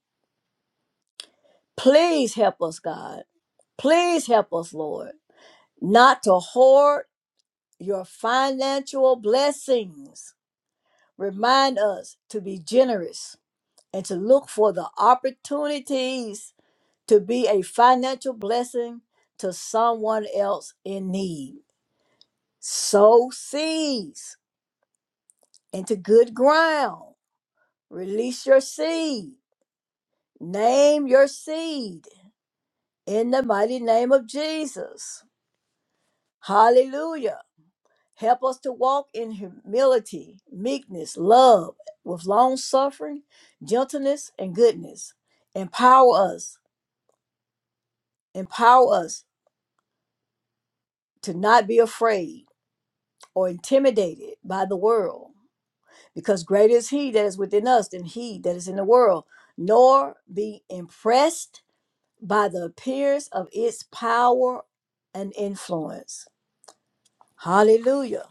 Please help us, God. Please help us, Lord, not to hoard your financial blessings. Remind us to be generous and to look for the opportunities to be a financial blessing to someone else in need. Sow seeds into good ground Release your seed. Name your seed in the mighty name of Jesus. Hallelujah. Help us to walk in humility, meekness, love, with long suffering, gentleness, and goodness. Empower us. Empower us to not be afraid or intimidated by the world, because greater is He that is within us than He that is in the world. Nor be impressed by the appearance of its power and influence. Hallelujah.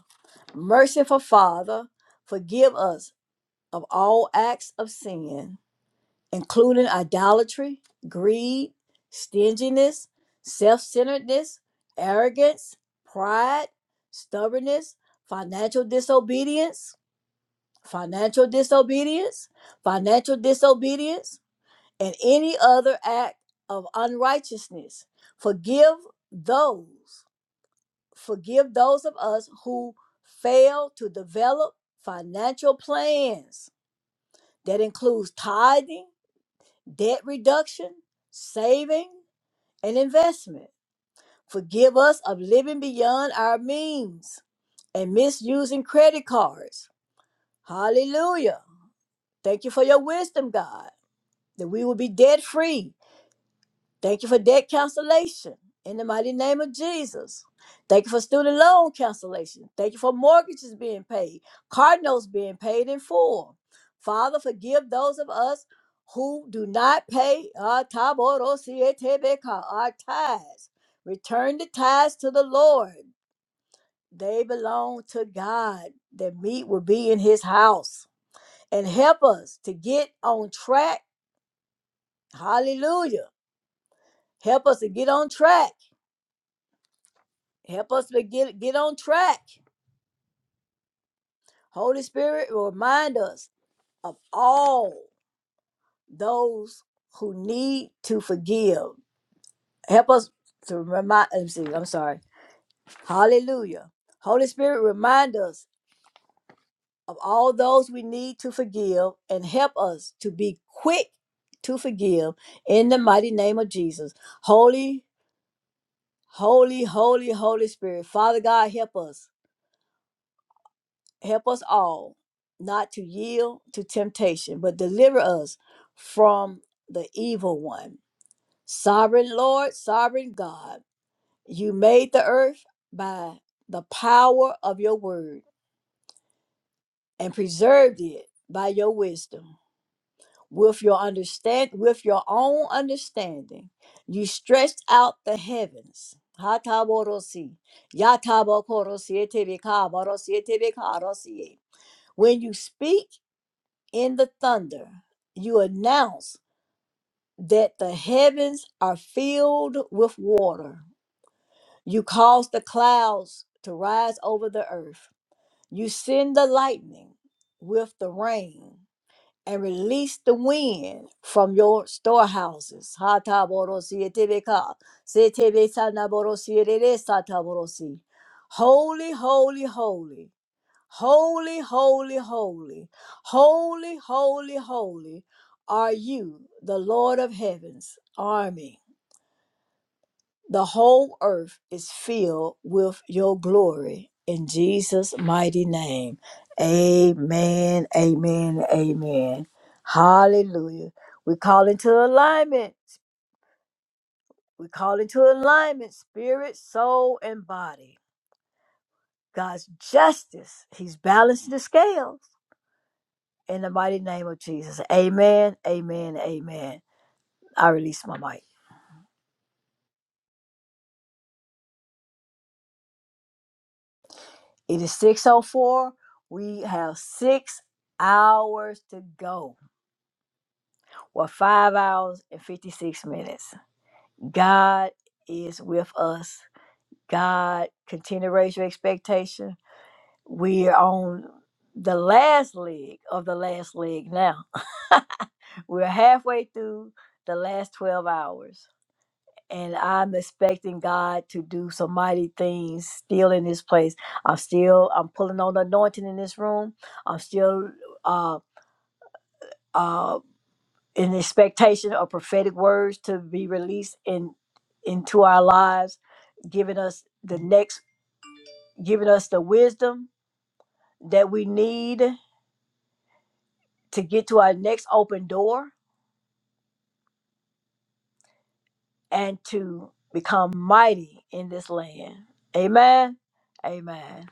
Merciful Father, forgive us of all acts of sin, including idolatry, greed, stinginess, self centeredness, arrogance, pride, stubbornness, financial disobedience, financial disobedience, financial disobedience and any other act of unrighteousness. Forgive those, forgive those of us who fail to develop financial plans that includes tithing, debt reduction, saving, and investment. Forgive us of living beyond our means and misusing credit cards. Hallelujah. Thank you for your wisdom, God, that we will be debt free Thank you for debt cancellation in the mighty name of Jesus. Thank you for student loan cancellation. Thank you for mortgages being paid, car notes being paid in full. Father, forgive those of us who do not pay our taborosietebeka, our tithes. Return the tithes to the Lord. They belong to God. The meat will be in his house. And help us to get on track. Hallelujah. Help us to get on track Help us to get get on track. Holy Spirit, remind us of all those who need to forgive. Help us to remind. Let me see. I'm sorry. Hallelujah. Holy Spirit, remind us of all those we need to forgive, and help us to be quick to forgive. In the mighty name of Jesus, Holy, Holy, Holy, Holy Spirit, Father God, help us. Help us all not to yield to temptation, but deliver us from the evil one. Sovereign Lord, sovereign God, you made the earth by the power of your word and preserved it by your wisdom. With your understand with your own understanding, you stretched out the heavens. Hataborosi, yatabokorosi, etebekabarosi, etebekarosi. When you speak, in the thunder, you announce that the heavens are filled with water. You cause the clouds to rise over the earth. You send the lightning with the rain and release the wind from your storehouses. Hataborosi etebeka, setebe sanaborosierere sataborosi. Holy, holy, holy Holy, holy, holy, holy, holy, holy are you, the Lord of heaven's army. The whole earth is filled with your glory. In Jesus' mighty name. Amen, amen, amen. Hallelujah. We call into alignment. We call into alignment spirit, soul, and body. God's justice. He's balancing the scales. In the mighty name of Jesus. Amen. Amen. Amen. I release my mic. It is 604. We have six hours to go. Well, five hours and 56 minutes. God is with us. God continue to raise your expectation. We are on the last leg of the last leg now. *laughs* We're halfway through the last 12 hours. and I'm expecting God to do some mighty things still in this place. I'm still I'm pulling on the anointing in this room. I'm still uh uh in expectation of prophetic words to be released in into our lives, giving us the next giving us the wisdom that we need to get to our next open door and to become mighty in this land. Amen. Amen.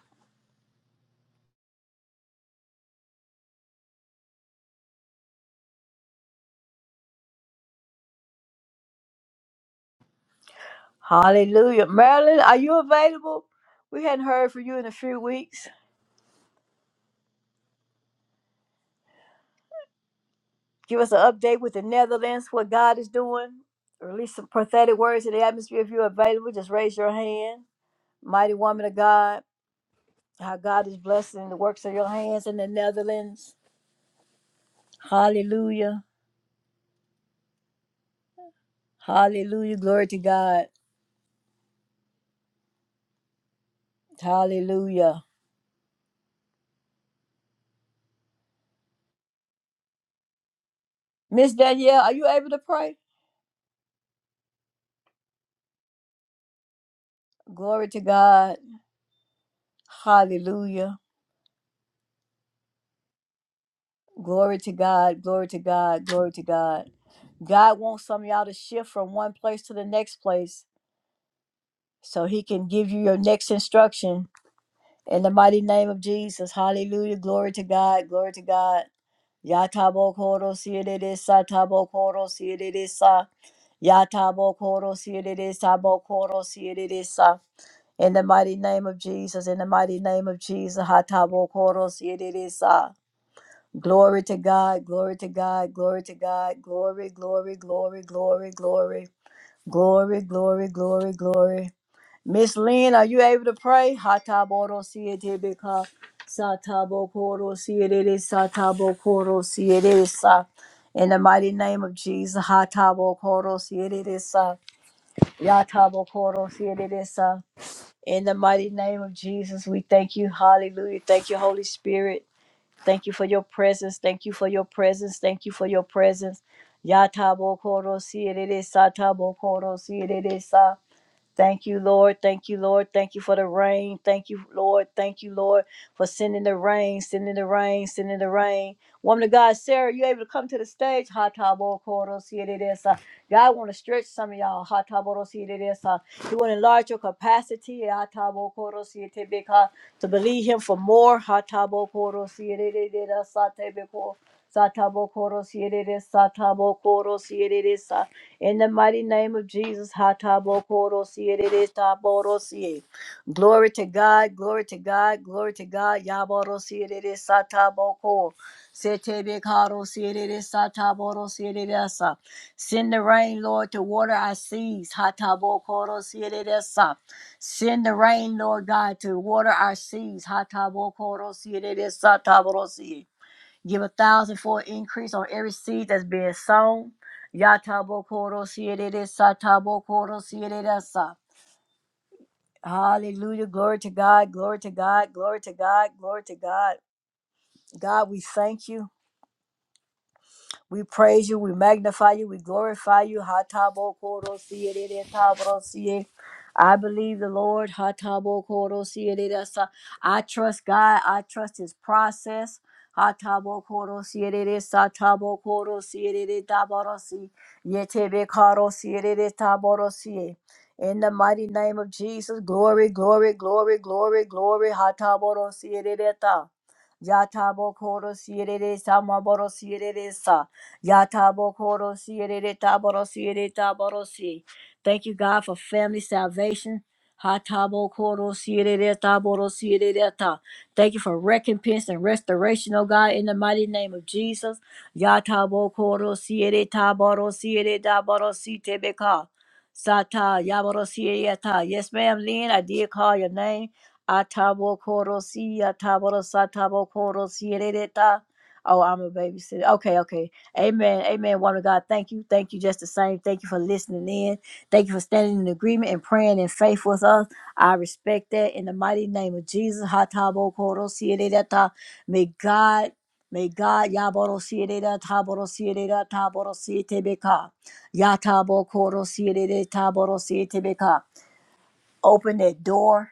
Hallelujah. Marilyn, are you available? We hadn't heard from you in a few weeks. Give us an update with the Netherlands, what God is doing. Release some prophetic words in the atmosphere. If you're available, just raise your hand. Mighty woman of God, how God is blessing the works of your hands in the Netherlands. Hallelujah. Hallelujah. Glory to God. Hallelujah. Miss Danielle, are you able to pray? Glory to God. Hallelujah. Glory to God, glory to God, glory to God. God wants some of y'all to shift from one place to the next place so he can give you your next instruction. In the mighty name of Jesus, hallelujah, glory to God, glory to God. Yatabo koro siededesa, tabo koro siededesa. Yatabo koro siededesa, bo koro siededesa. In the mighty name of Jesus, in the mighty name of Jesus, hatabo koro siededesa. Glory to God, glory to God, glory to God, glory, glory, glory, glory, glory, glory, glory, glory, glory. Miss Lynn, are you able to pray? Hataboro siete beka satabo koro siete satabo koro siete sa. In the mighty name of Jesus, hatabo koro siete sa yatabo koro siete sa. In the mighty name of Jesus, we thank you. Hallelujah. Thank you, Holy Spirit. Thank you for your presence. Thank you for your presence. Thank you for your presence. Yatabo koro si erere sa tabo koro si erere sa. Thank you, Lord. Thank you, Lord. Thank you for the rain. Thank you, Lord. Thank you, Lord, for sending the rain, sending the rain, sending the rain. Woman of God, Sarah, you able to come to the stage? Ha ta bo ko ro si de de sa. God want to stretch some of y'all. Ha ta bo ro si de de sa. He want to enlarge your capacity. Ha ta bo ko ro si te be ka. To believe Him for more. Ha ta bo ko ro si de de de da sa te be ko. Satabokoro sierere satabokoro sierere sa. In the mighty name of Jesus, hatabokoro sierere taboro sie. Glory to God, glory to God, glory to God. Yaboro sierere sataboko. Setebe karo sierere sataboro sierere sa. Send the rain, Lord, to water our seas. Hatabokoro sierere sa. Send the rain, Lord God, to water our seas. Hatabokoro sierere sataboro sie. Give a thousandfold increase on every seed that's being sown. Yatabo koro siedede sa tabo koro siedede sa. Hallelujah. Glory to God. Glory to God. Glory to God. Glory to God. God, we thank you. We praise you, we magnify you, we glorify you. Hatabo koro siye de de tabro siye. I believe the Lord. Hatabo koro siye de de sa. I trust God. I trust His process. Hatabo koro siye de de sa tabo koro siye de de taboro si. Yetebe karo siye de de taboro siye. In the mighty name of Jesus, glory, glory, glory, glory, glory. Hataboro siye de de ta. Yatabo koro sierere sama boro sierere sa. Yatabo koro sierere taboro sierere taboro si. Thank you, God, for family salvation. Hatabo koro sierere taboro sierere ta. Thank you for recompense and restoration, oh God, in the mighty name of Jesus. Yatabo koro sierere taboro sierere taboro si tebeka. Sata Yaborosieta. Yes, ma'am, Lynn. I did call your name. Atabo Korosia Taboro Satabo Korosieta. Oh, I'm a babysitter. Okay, okay. Amen. Amen. Woman of God, thank you. Thank you just the same. Thank you for listening in. Thank you for standing in agreement and praying in faith with us. I respect that in the mighty name of Jesus. Hatabo koro siedeta. May God, may God, Yaboro siedeta, Taboro siedeta, Taboro sietebeka. Yatabo koro siedeta, Taboro sietebeka. Open that door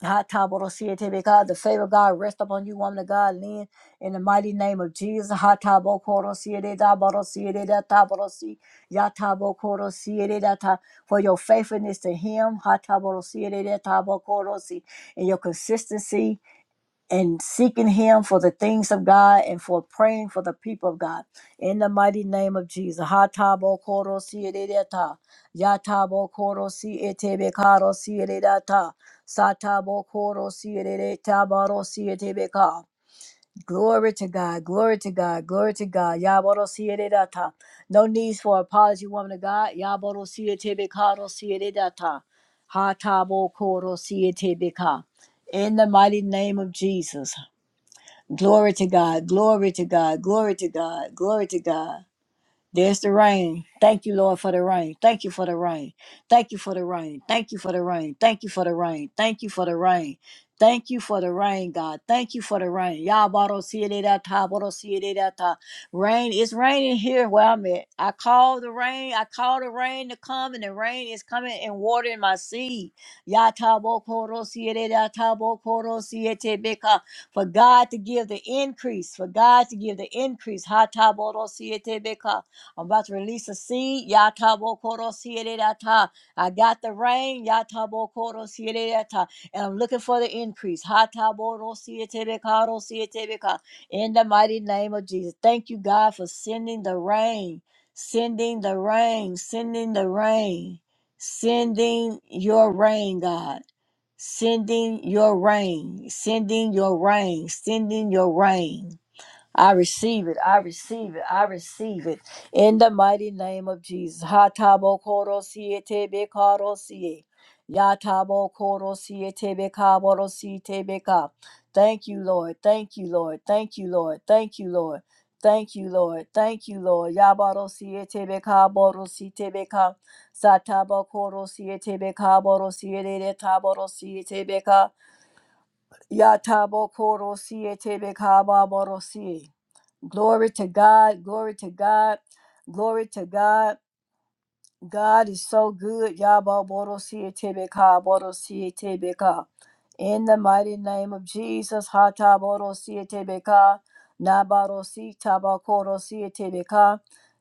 Ha ta bo do si e te be God, the favor of God rest upon you, woman of God, Lynn, in the mighty name of Jesus. Ha ta bo ko do si e de da bo do si e de da ta bo do si. Ya ta bo ko do si e de da ta. For your faithfulness to Him, ha ta bo do si e de da ta bo ko do si. and your consistency and seeking him for the things of God and for praying for the people of God. In the mighty name of Jesus. Hatabo koro sierereta. Yatabo koro sietebe karo sierereta. Satabo koro sierereta baro sietebe ka. Glory to God, glory to God, glory to God. Yaboro sierereta. No needs for apology, woman of God. Yaboro sietebe karo sierereta. Hatabo koro sietebe ka. In the mighty name of Jesus. Glory to God. Glory to God. Glory to God. Glory to God. There's the rain. Thank you, Lord, for the rain. Thank you for the rain. Thank you for the rain. Thank you for the rain. Thank you for the rain. Thank you for the rain. Thank you for the rain, God. Thank you for the rain. Yabarosieredata, Rain. It's raining here where I'm at. I call the rain. I call the rain to come, and the rain is coming and watering my seed. tabo koro sierera tabo koro siete beka For God to give the increase. For God to give the increase. Hataboro siete beka. I'm about to release a seed. Yatabokorosyedata. I got the rain. Yatabokorosyedata. And I'm looking for the increase. Hataborosyetebekarosyetebeka. In the mighty name of Jesus. Thank you, God, for sending the rain. Sending the rain. Sending the rain. Sending your rain, God sending your rain, sending your rain, sending your rain. I receive it. I receive it. I receive it. In the mighty name of Jesus. Hatabo koro siye tebe karo siye. Yatabo koro siye tebe kaboro siye tebe ka. Thank you, Lord. Thank you, Lord. Thank you, Lord. Thank you, Lord. Thank you, Lord. Thank you, Lord. Yabaro siye tebe kaboro siye tebe ka. Satabo koro siye tebe kaboro siye tebe taboro siye tebe ka. Yatabo koro siye tebe kaboro siye. Glory to God. Glory to God. Glory to God. God is so good. Yababorosiyetebeka. In the mighty name of Jesus. Hataborosiyetebeka. Nabarositabakorosiyetebeka.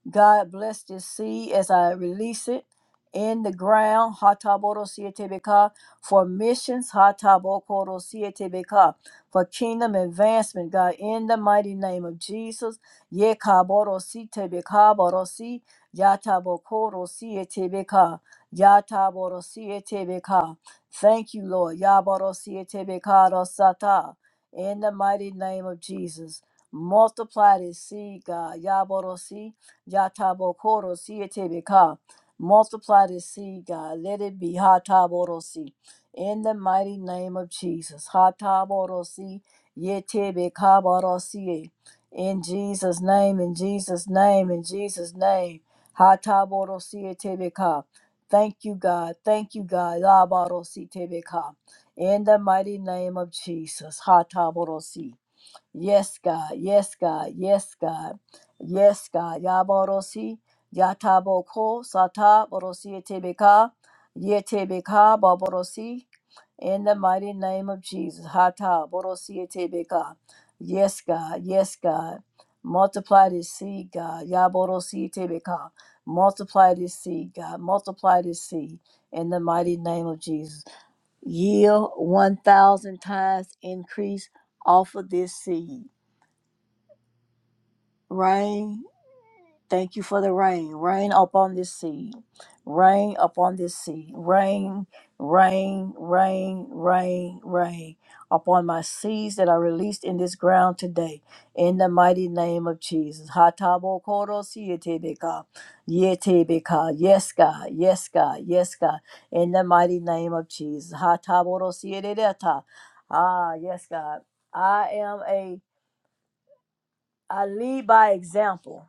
God bless this seed as I release it in the ground, Hataborosietebeka, for missions, Hatabokorosietebeka, for kingdom advancement, God, in the mighty name of Jesus. yekaboro Yekaborositebeka, Borosi, Yatabokorosietebeka, Yataborosietebeka. Thank you, Lord. Yaboro Yaborosietebeka, Rosata, in the mighty name of Jesus. Multiply this seed, God. Yaborosi, Yatabokoro, Sietebeka. Multiply this seed, God. Let it be Hataborosi. In the mighty name of Jesus. Hataborosi. Yetebe Kabarosi. In Jesus' name, in Jesus' name, in Jesus' name. Hataborosi Tebe Ka. Thank you, God. Thank you, God. Labarosi Tebe Ka. In the mighty name of Jesus. Hataborosi. Yes, God. Yes, God. Yes, God. Yes, God. Yaborosi, Yataboko, Sata, Borosi, Tebeka, Yetebeka, Baborosi. In the mighty name of Jesus. Hata, Borosi, Tebeka. Yes, God. Yes, God. Multiply this seed, God. Yaborosi, Tebeka. Multiply this seed, God. Multiply this seed. In the mighty name of Jesus. Yield 1,000 times increase off of this seed. Rain, thank you for the rain. Rain upon this seed. Rain upon this seed. Rain, rain, rain, rain, rain upon my seeds that are released in this ground today. In the mighty name of Jesus. Hatabo koro sietebeka. Yetebeka. Yes, God. Yes, God. Yes, God. In the mighty name of Jesus. Hataboro sieteta. Ah, yes, God. I am a I lead by example.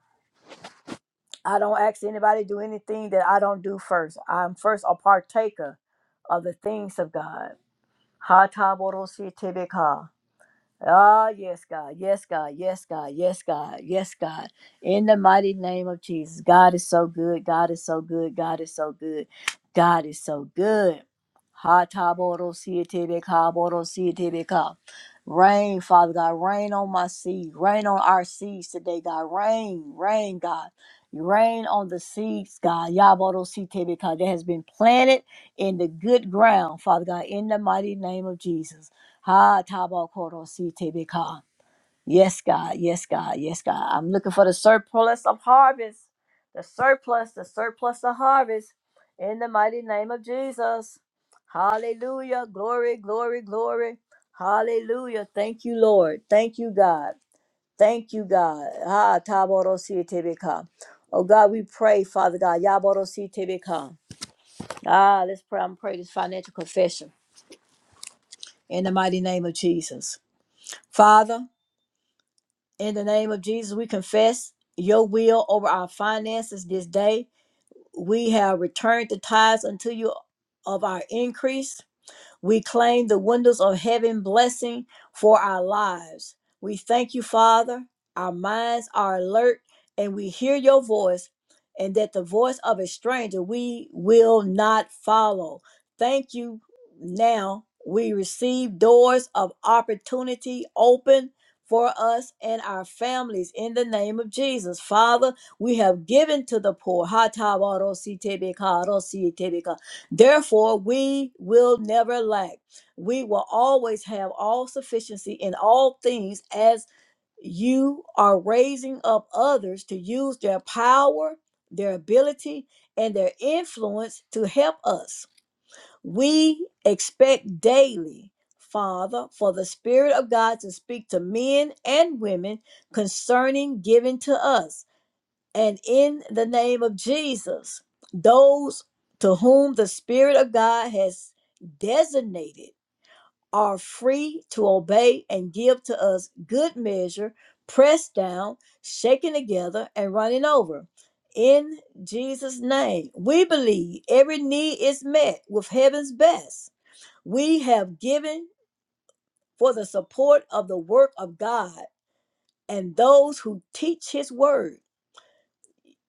I don't ask anybody to do anything that I don't do first. I'm first a partaker of the things of God. Ha ta bo ro si te be ka. Ah, yes, God. Yes, God. Yes, God. Yes, God. Yes, God. In the mighty name of Jesus. God is so good. God is so good. God is so good. God is so good. Ha ta bo ro si te be ka bo ro si te be ka. Rain, Father God. Rain on my seed. Rain on our seeds today, God. Rain, rain, God. Rain on the seeds, God. Ya bo ro si te be ka. That has been planted in the good ground, Father God, in the mighty name of Jesus. Ha tabakoro si tebeka. Yes, God. Yes, God. Yes, God. I'm looking for the surplus of harvest. The surplus, the surplus of harvest. In the mighty name of Jesus. Hallelujah. Glory, glory, glory. Hallelujah. Thank you, Lord. Thank you, God. Thank you, God. Ha taboro si tebeka. Oh God, we pray, Father God. Yaboro si tebeka. Ah, let's pray. I'm praying this financial confession in the mighty name of Jesus. Father, In the name of Jesus, we confess your will over our finances this day. We have returned the tithes unto you of our increase. We claim the windows of heaven blessing for our lives. We thank you, Father. Our minds are alert and we hear your voice, and that the voice of a stranger we will not follow. Thank you. Now we receive doors of opportunity open for us and our families in the name of Jesus. Father, we have given to the poor. Ha ta ba ro si te be ka, ro si te be ka. Therefore, we will never lack. We will always have all sufficiency in all things as you are raising up others to use their power, their ability, and their influence to help us. We expect daily, Father, for the Spirit of God to speak to men and women concerning giving to us and in the name of Jesus, those to whom the Spirit of God has designated are free to obey and give to us good measure, pressed down, shaken together, and running over. In Jesus' name, we believe every need is met with heaven's best. We have given for the support of the work of God and those who teach His word.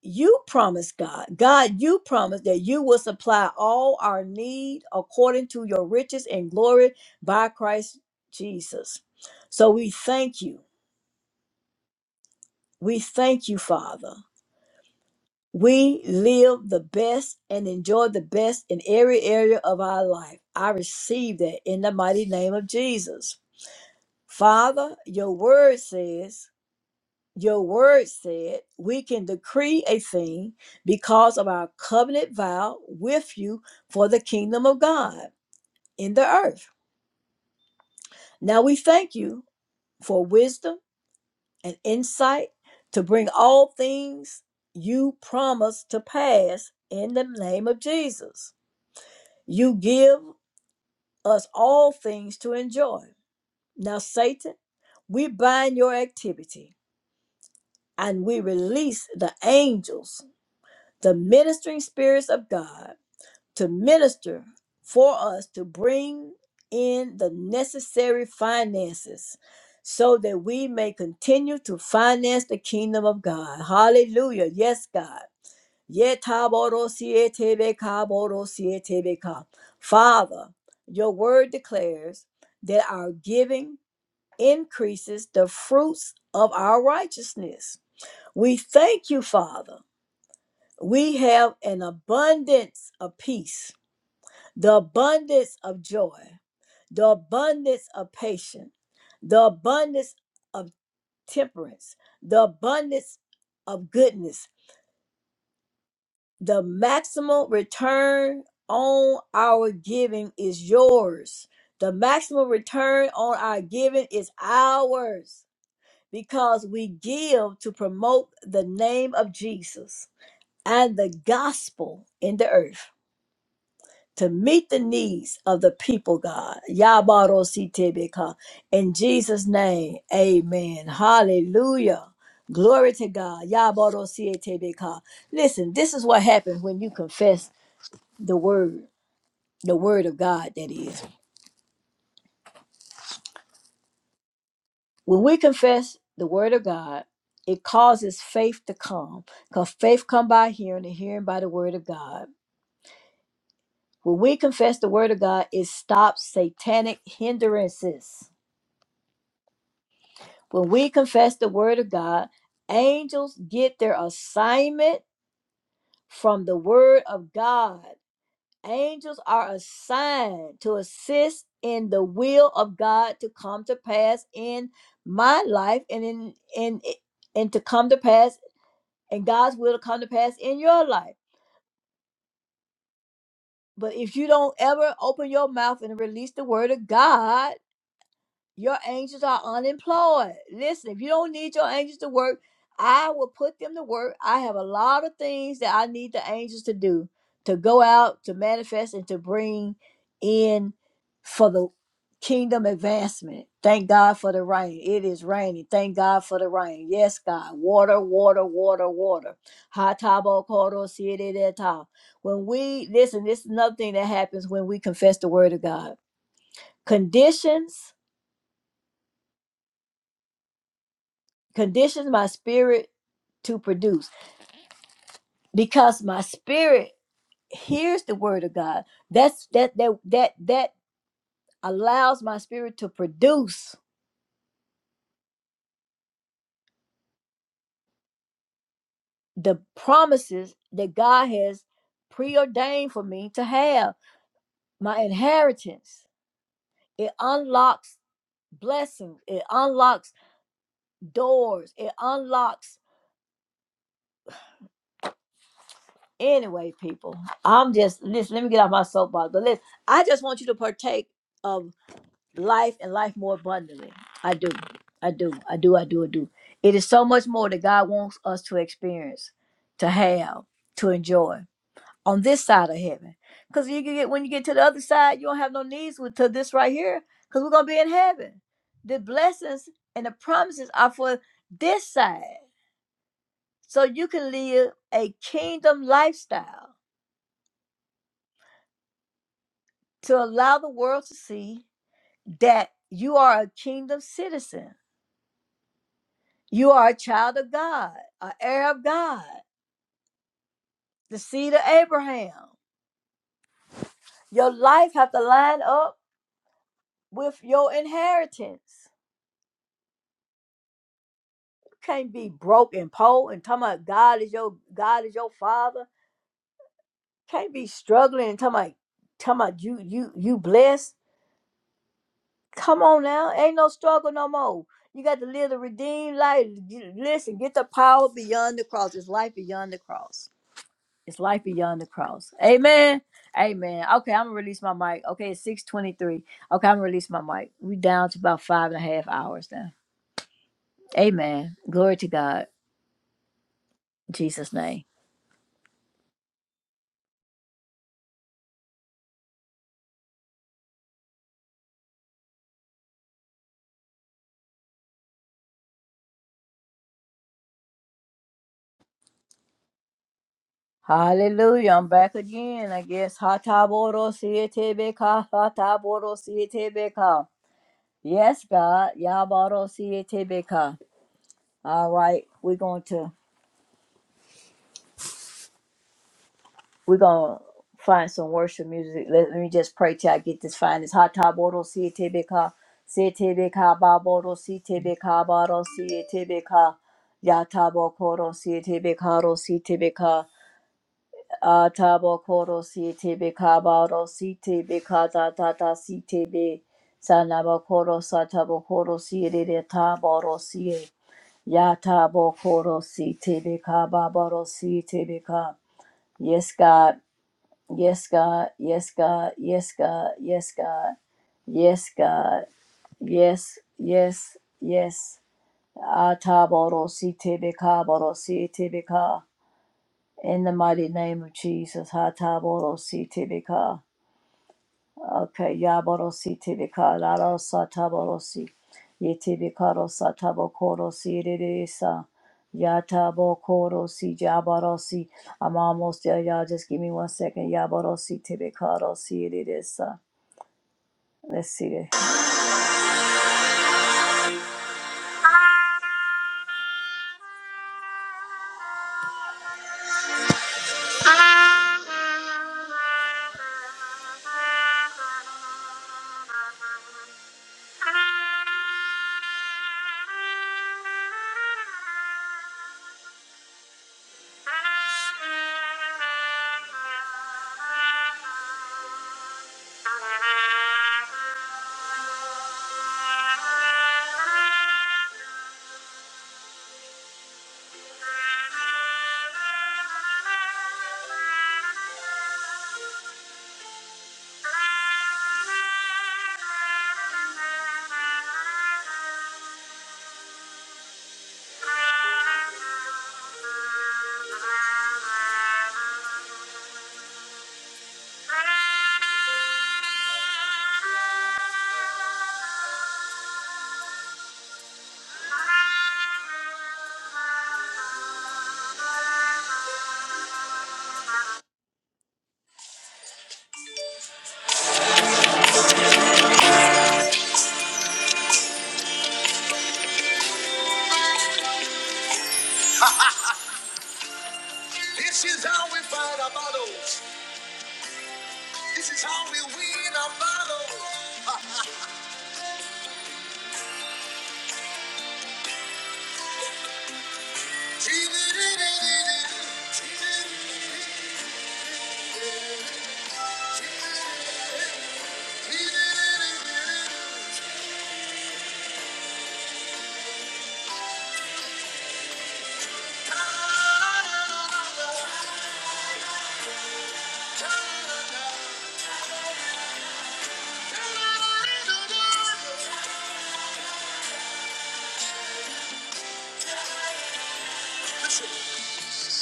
you promised God, God, you promised that you will supply all our need according to your riches and glory by Christ Jesus. So we thank you. We thank you, Father. We live the best and enjoy the best in every area of our life. I receive that in the mighty name of Jesus. Father, your word says, Your word said we can decree a thing because of our covenant vow with you for the kingdom of God in the earth. Now we thank you for wisdom and insight to bring all things you promise to pass in the name of Jesus. You give us all things to enjoy. Now, Satan, we bind your activity and we release the angels the ministering spirits of God to minister for us to bring in the necessary finances so that we may continue to finance the kingdom of God. Hallelujah. Yes, God. Yetaborosietebekaborosietebeka. Father, your word declares that our giving increases the fruits of our righteousness. We thank you, Father we have an abundance of peace, the abundance of joy, the abundance of patience, the abundance of temperance, the abundance of goodness. The maximum return on our giving is yours. The maximum return on our giving is ours because we give to promote the name of Jesus and the gospel in the earth. to meet the needs of the people, God. Yabarositebeka. In Jesus' name, amen. Hallelujah. Glory to God. Yabarosietebeka. Listen, this is what happens when you confess the word, the word of God, that is. When we confess the word of God, it causes faith to come because faith come by hearing and hearing by the word of God. When we confess the word of God, it stops satanic hindrances When we confess the word of God, angels get their assignment from the word of God. Angels are assigned to assist in the will of God to come to pass in my life and in in and to come to pass and God's will to come to pass in your life. But if you don't ever open your mouth and release the word of God, Your angels are unemployed. Listen, if you don't need your angels to work, I will put them to work. I have a lot of things that I need the angels to do to go out, to manifest, and to bring in for the kingdom advancement. Thank God for the rain. It is raining. Thank God for the rain. Yes, God. Water, water, water, water. Ha tabo koro siete de ta. When we listen, this is another thing that happens when we confess the word of God. Conditions conditions my spirit to produce because my spirit hears the word of god that's that that that that allows my spirit to produce the promises that god has preordained for me to have my inheritance it unlocks blessings it unlocks doors it unlocks anyway people i'm just listen let me get off my soapbox but listen i just want you to partake of. life and life more abundantly. I do. I do. I do. I do. I do. It is so much more that God wants us to experience, to have, to enjoy on this side of heaven. Because you can get when you get to the other side, you don't have no needs with to this right here. Because we're gonna be in heaven. The blessings and the promises are for this side. So you can live a kingdom lifestyle to allow the world to see that you are a kingdom citizen You are a child of God, an heir of God, the seed of Abraham. Your life have to line up with your inheritance. You can't be broke and poor and talking about God is your God is your father. Can't be struggling and talking about talking about you you you blessed. Come on now, ain't no struggle no more. You got to live the redeemed life. You- Listen, get the power beyond the cross. It's life beyond the cross. It's life beyond the cross. Amen. Amen. Okay, I'm gonna release my mic. Okay, it's 623. Okay, I'm gonna release my mic. We down to about five and a half hours now. Amen. Glory to God. In Jesus' name. Hallelujah. I'm back again, I guess. Hataboro sietebeka. Hataboro sietebeka. Yes, God. Yaboro sietebeka. All right, we're going to We're gonna find some worship music. Let, let me just pray till I get this find this hot top bottle see it tebeka. See tebeka bottle see tebeka bottle see Ya tabo koro see ka ro see tebeka. tabo koro see tebeka bottle see ka, ta ta ta see tebe. Sanabo koro satabo koro see it tabo see it. Yatabo koro see tebeka bottle see ka. Yes, God. Yes, God. Yes, God. Yes, God. Yes, God. Yes, God. Yes, yes, yes. Ataboro si tibika boro si tibika. In the mighty name of Jesus. Ataboro si tibika. Okay, Yaborosi Tibika, Laro Sataborosi, Yetibikaro Satabokorosi Ririsa, Yatabokorosi Jaborosi. I'm almost there, y'all. Just give me one second. Yaborosi Tibikarosi Ririsa. Let's see *laughs* it.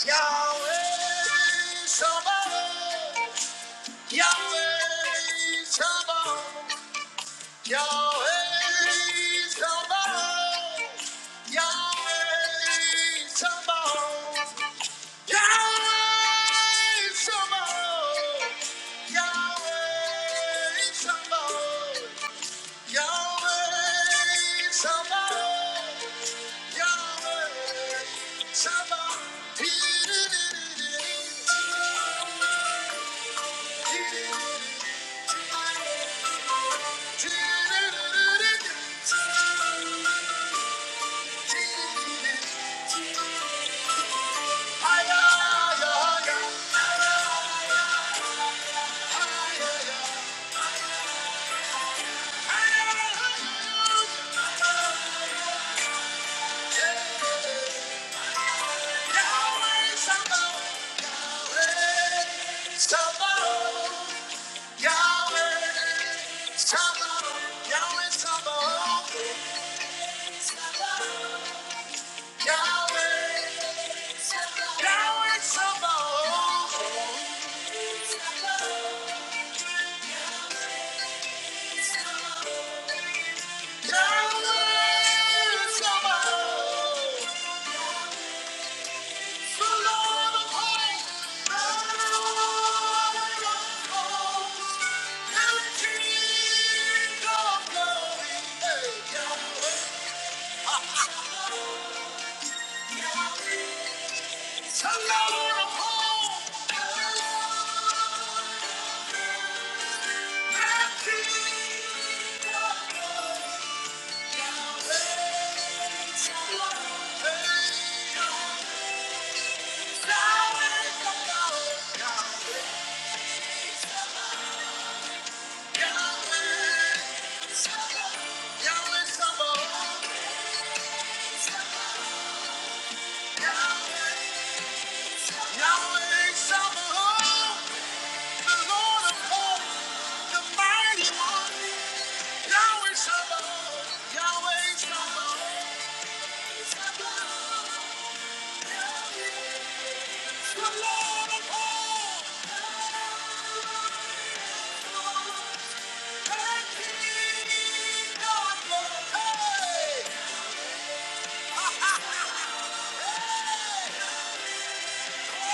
Yahweh, somebody. Yahweh Shalom, Yahweh Shalom, Yahweh Shalom, Yahweh Shalom, Yahweh Shalom, Yahweh Shalom, Yahweh Shalom. Yahweh, Yahweh, Sabaoth. Thank you. Yahweh Sabaoth, Yahweh Sabaoth. Yahweh Sabaoth, the Lord of hosts, the mighty one. Yahweh Sabaoth, Yahweh Sabaoth, the Lord of hosts. And he doth it. Hey! *laughs* Yeah.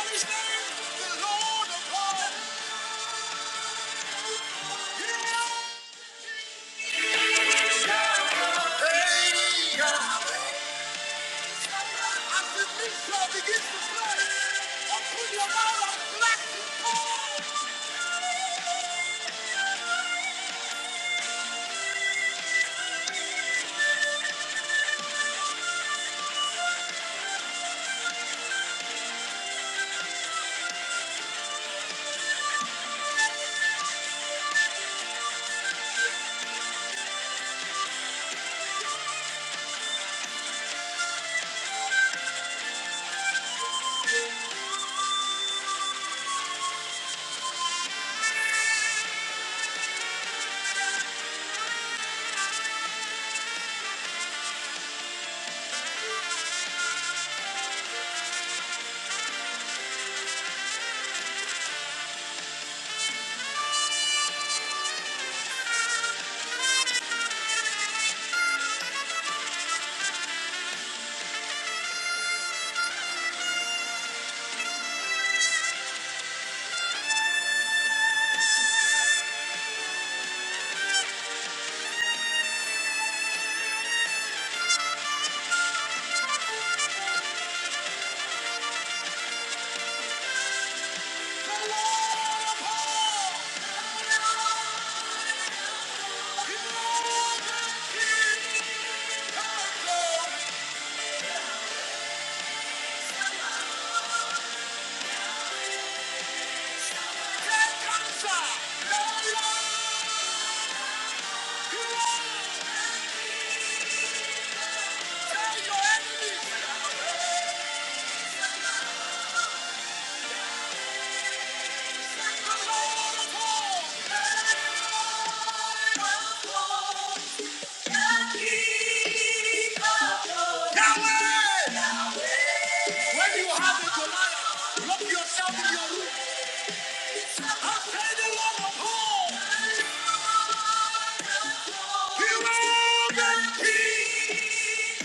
Tell your enemy! When you have it tonight, lock yourself in your room. I say the Lord of hosts, He will make peace.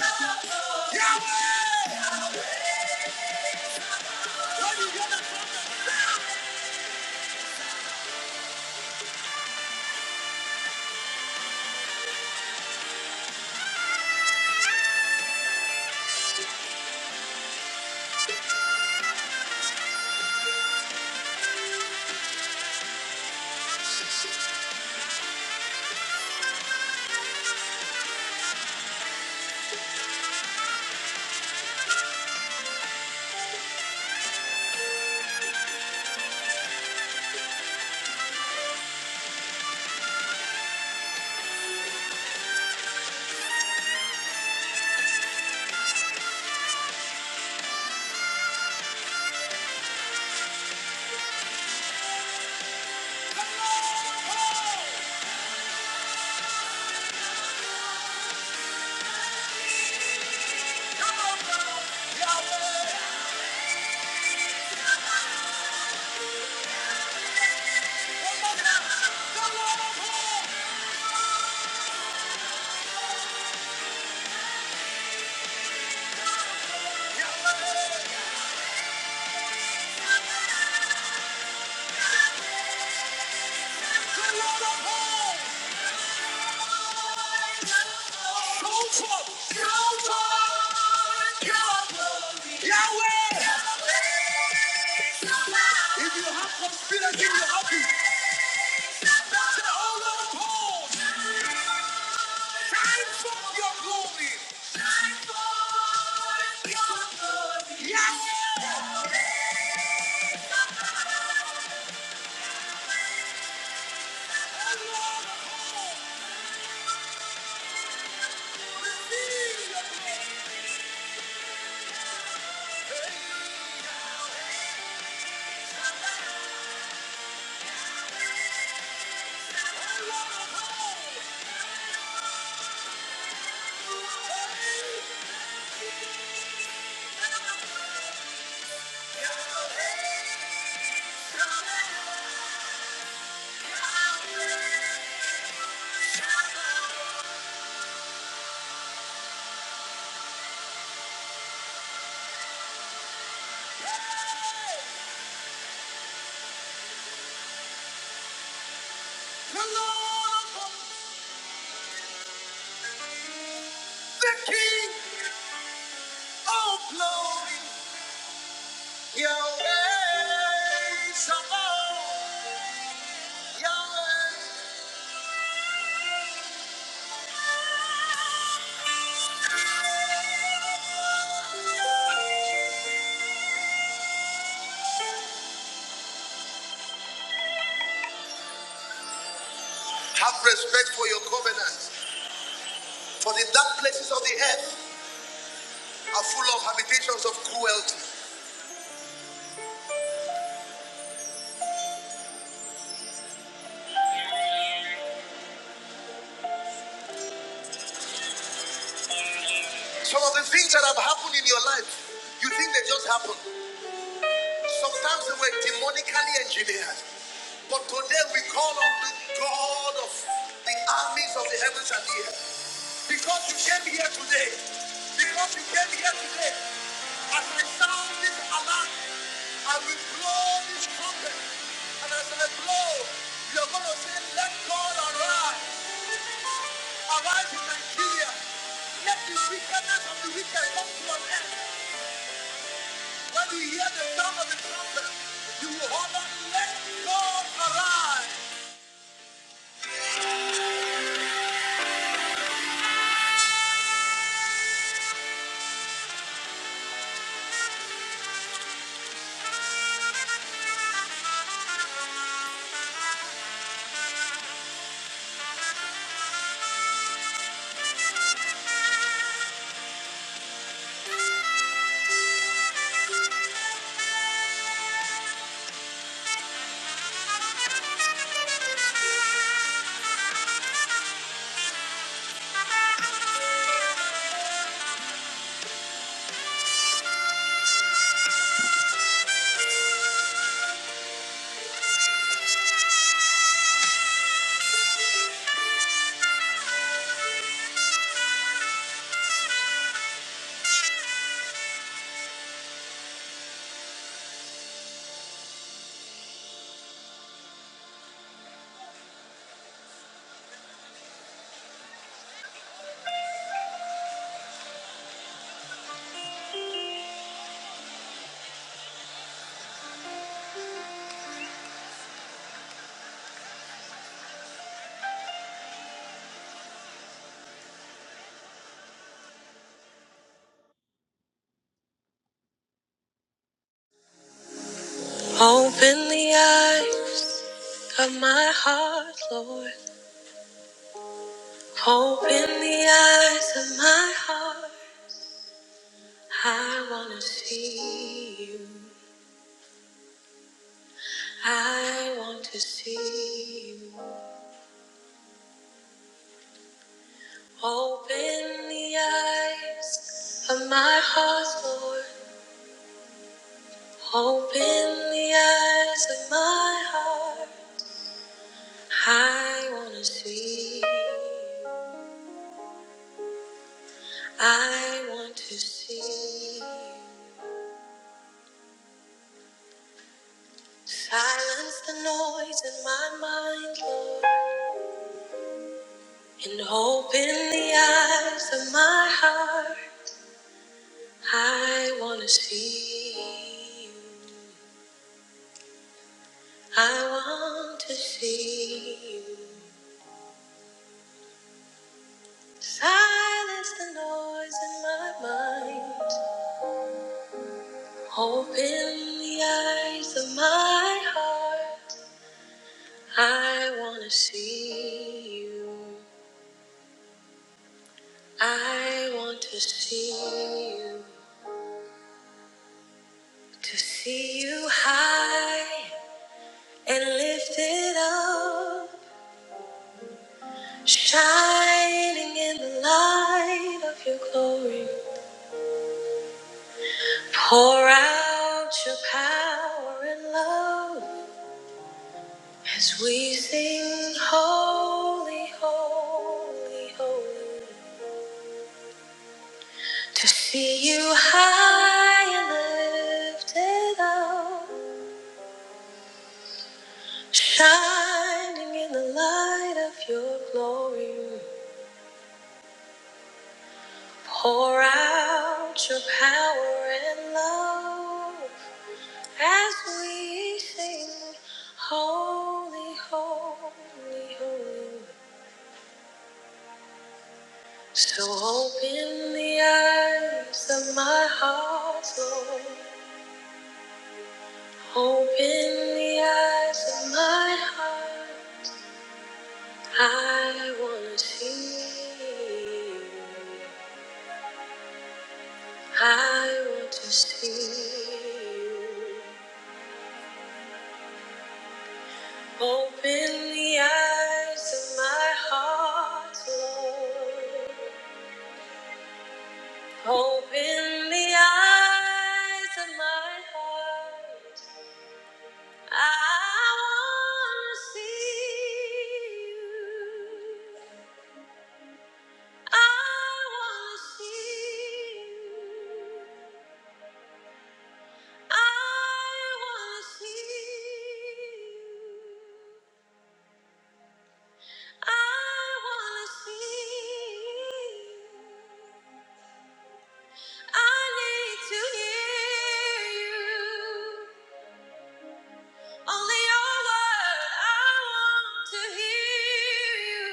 Yahweh, yeah. If you have confidence in your hobby, say, Oh Lord, hold, shine forth your glory. Shine forth your glory. Yahweh. Hey! The Lord of hosts, the King of glory, Yahweh Sabaoth, Yahweh. Have respect for your covenants, for the dark places of the earth are full of habitations of cruelty. Some of the things that have happened in your life, you think they just happened. Sometimes we were demonically engineered, but today we call on the God of the armies of the heavens and the earth. Because you came here today, today, now I this trumpet, and as I blow, you're going to God arise, arise in Nigeria. Let the wickedness of the wicked come to an end. When you hear the sound of the trumpet, you will holler, let God arise. My heart. I want to see you. I want to see you. Open the eyes of my heart, Lord. Open the eyes of my heart. I want to see. I want to see. Silence the noise in my mind Lord, and open the eyes of my heart. I want to see you. I want to see you silence the noise in my mind. Open the eyes of my heart. I want to see you. I want to see you. To see you high and lifted up, shining in the light of your glory. Pour out your power and love. As we sing holy, holy, holy, to see you high and lift so open the eyes of my heart. I wanna see you. I wanna see you. I wanna see you. I wanna see you. I need to hear you. Only your word. I want to hear you.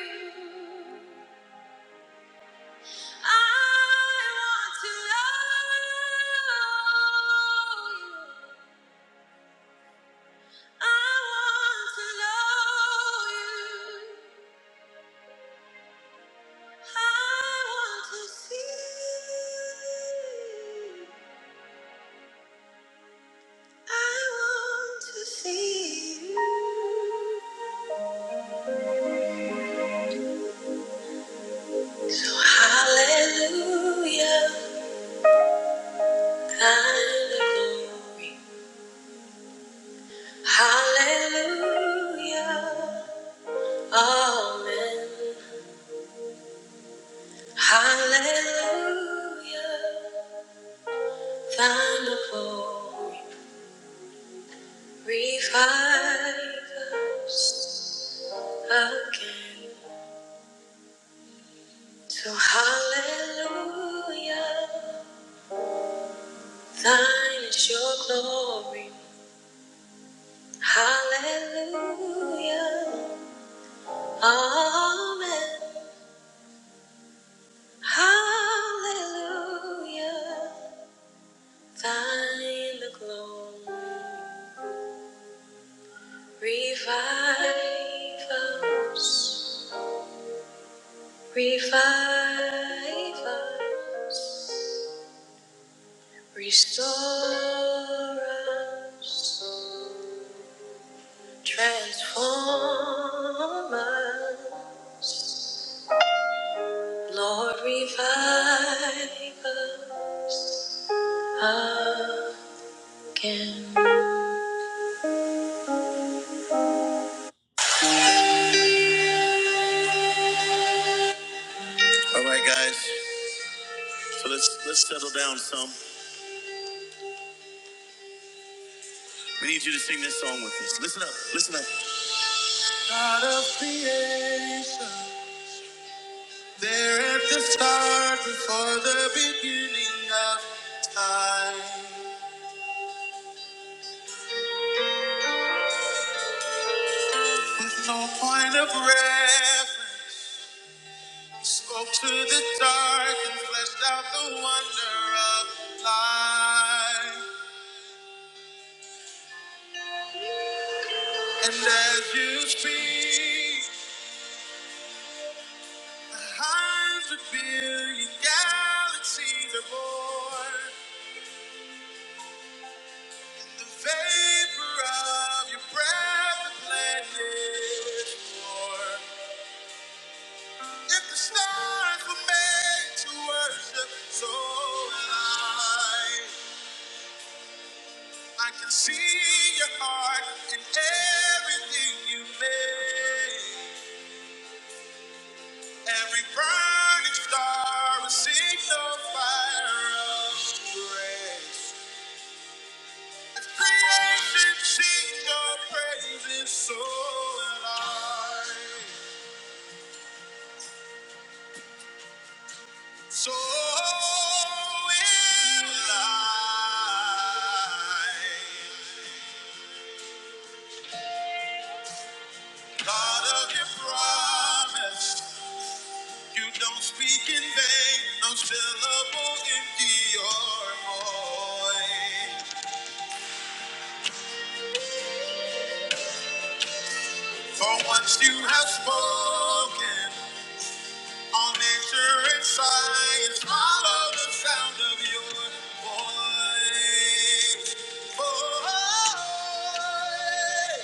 I want to know you. I want to know you. I want to see. I want to see you. So hallelujah, kind of glory. Hallelujah, amen. Hallelujah, thine the glory. Revive us again. So hallelujah, thine is your glory. Hallelujah. Amen. Hallelujah. Thine the glory. Revive us. Revive us. Restore us. Transform us. Lord, revive us again. God of creation, there at the start, before the beginning of time, with no point of reference, spoke to the dark and fleshed out the wonder of life. And as you speak, a hundred billion galaxies are born. The vapor of your breath, the planet. If the stars were made to worship, so will I. I can see your heart in everything you made. Every burning star will sing the fire of grace. Creation sing your praises, so will I. So will I. God of your promise, you don't speak in vain, no syllable empty your voice. For once you have spoken, all nature and science follow the sound of your voice.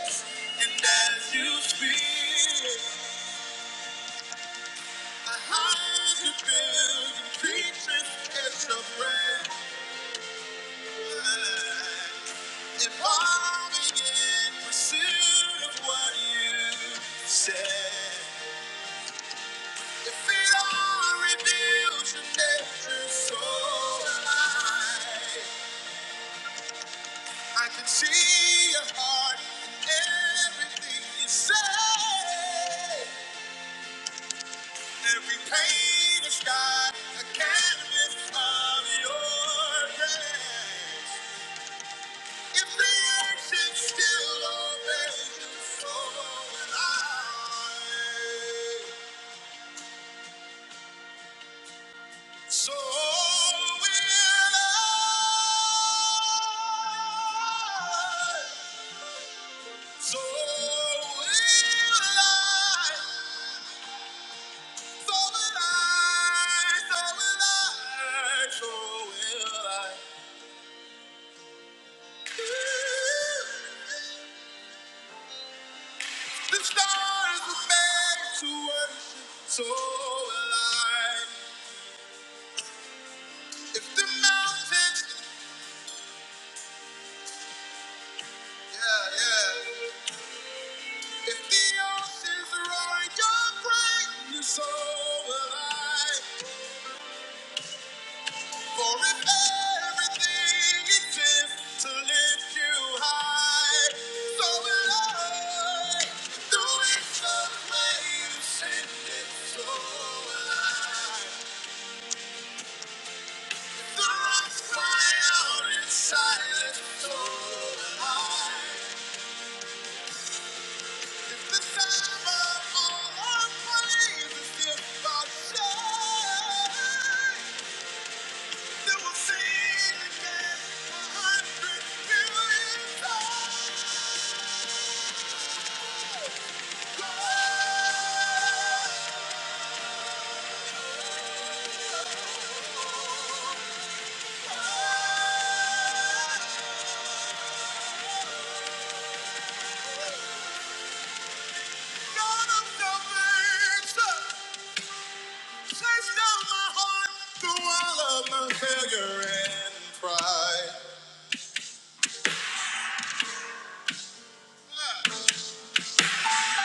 Voice. And as you speak, the high building creatures catch a breath. Evolving in pursuit of what you said. If it all reveals your nature so high, I can see your heart in everything you say. Every pain is not a canvas of your grace. If reaction still obeys you, so will I. So will I. So will I. So will I. So will I. So will I. The stars were made to worship. So will I. If the mountains, yeah, yeah. If the oceans roar your praise, so will I. For if everything exists to lift you high, so will I. Through its amazing, so will I. Through its fire and silence, so will If the time of all our praise is if I say, then will sing again a hundred million times.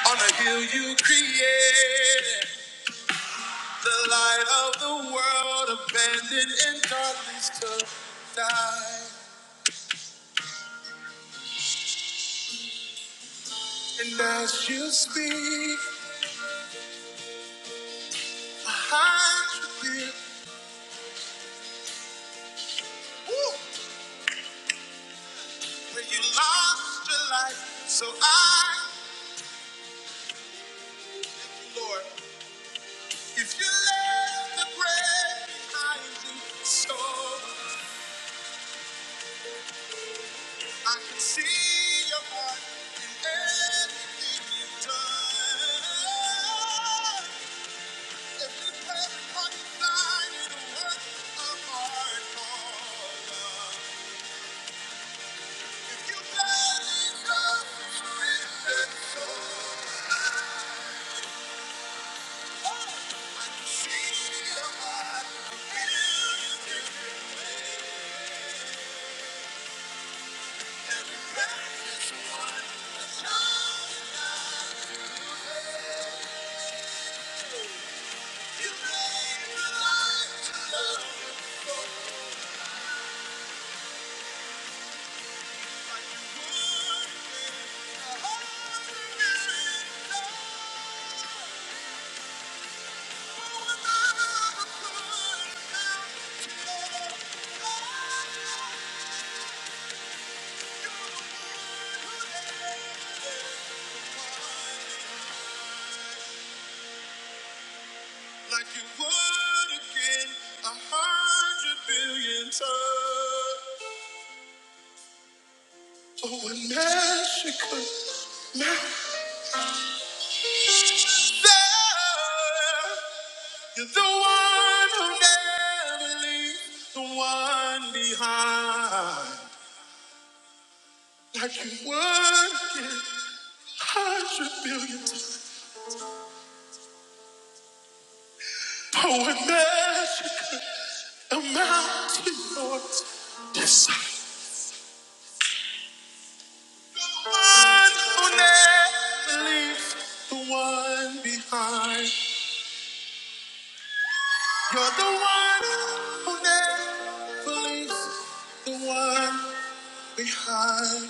On a hill you created the light of the world, abandoned in darkness to die. And as you speak, behind you dear, woo, where you lost your life. So I, Lord, if you left the grave behind you, so I can see your heart in everything you've done. Every path on your line is a work of art for love. If you let the see your heart, you made the light to love. Like you would Make a heart in love. No one ever could have. kept love. You're the one who never A hundred billion times. Oh, in Mexico. There, you're the one who never leaves the one behind. Like you work it a hundred billion times. Oh, in Mexico. A mountain north this side. The one who never leaves the one behind. You're the one who never leaves, the one behind.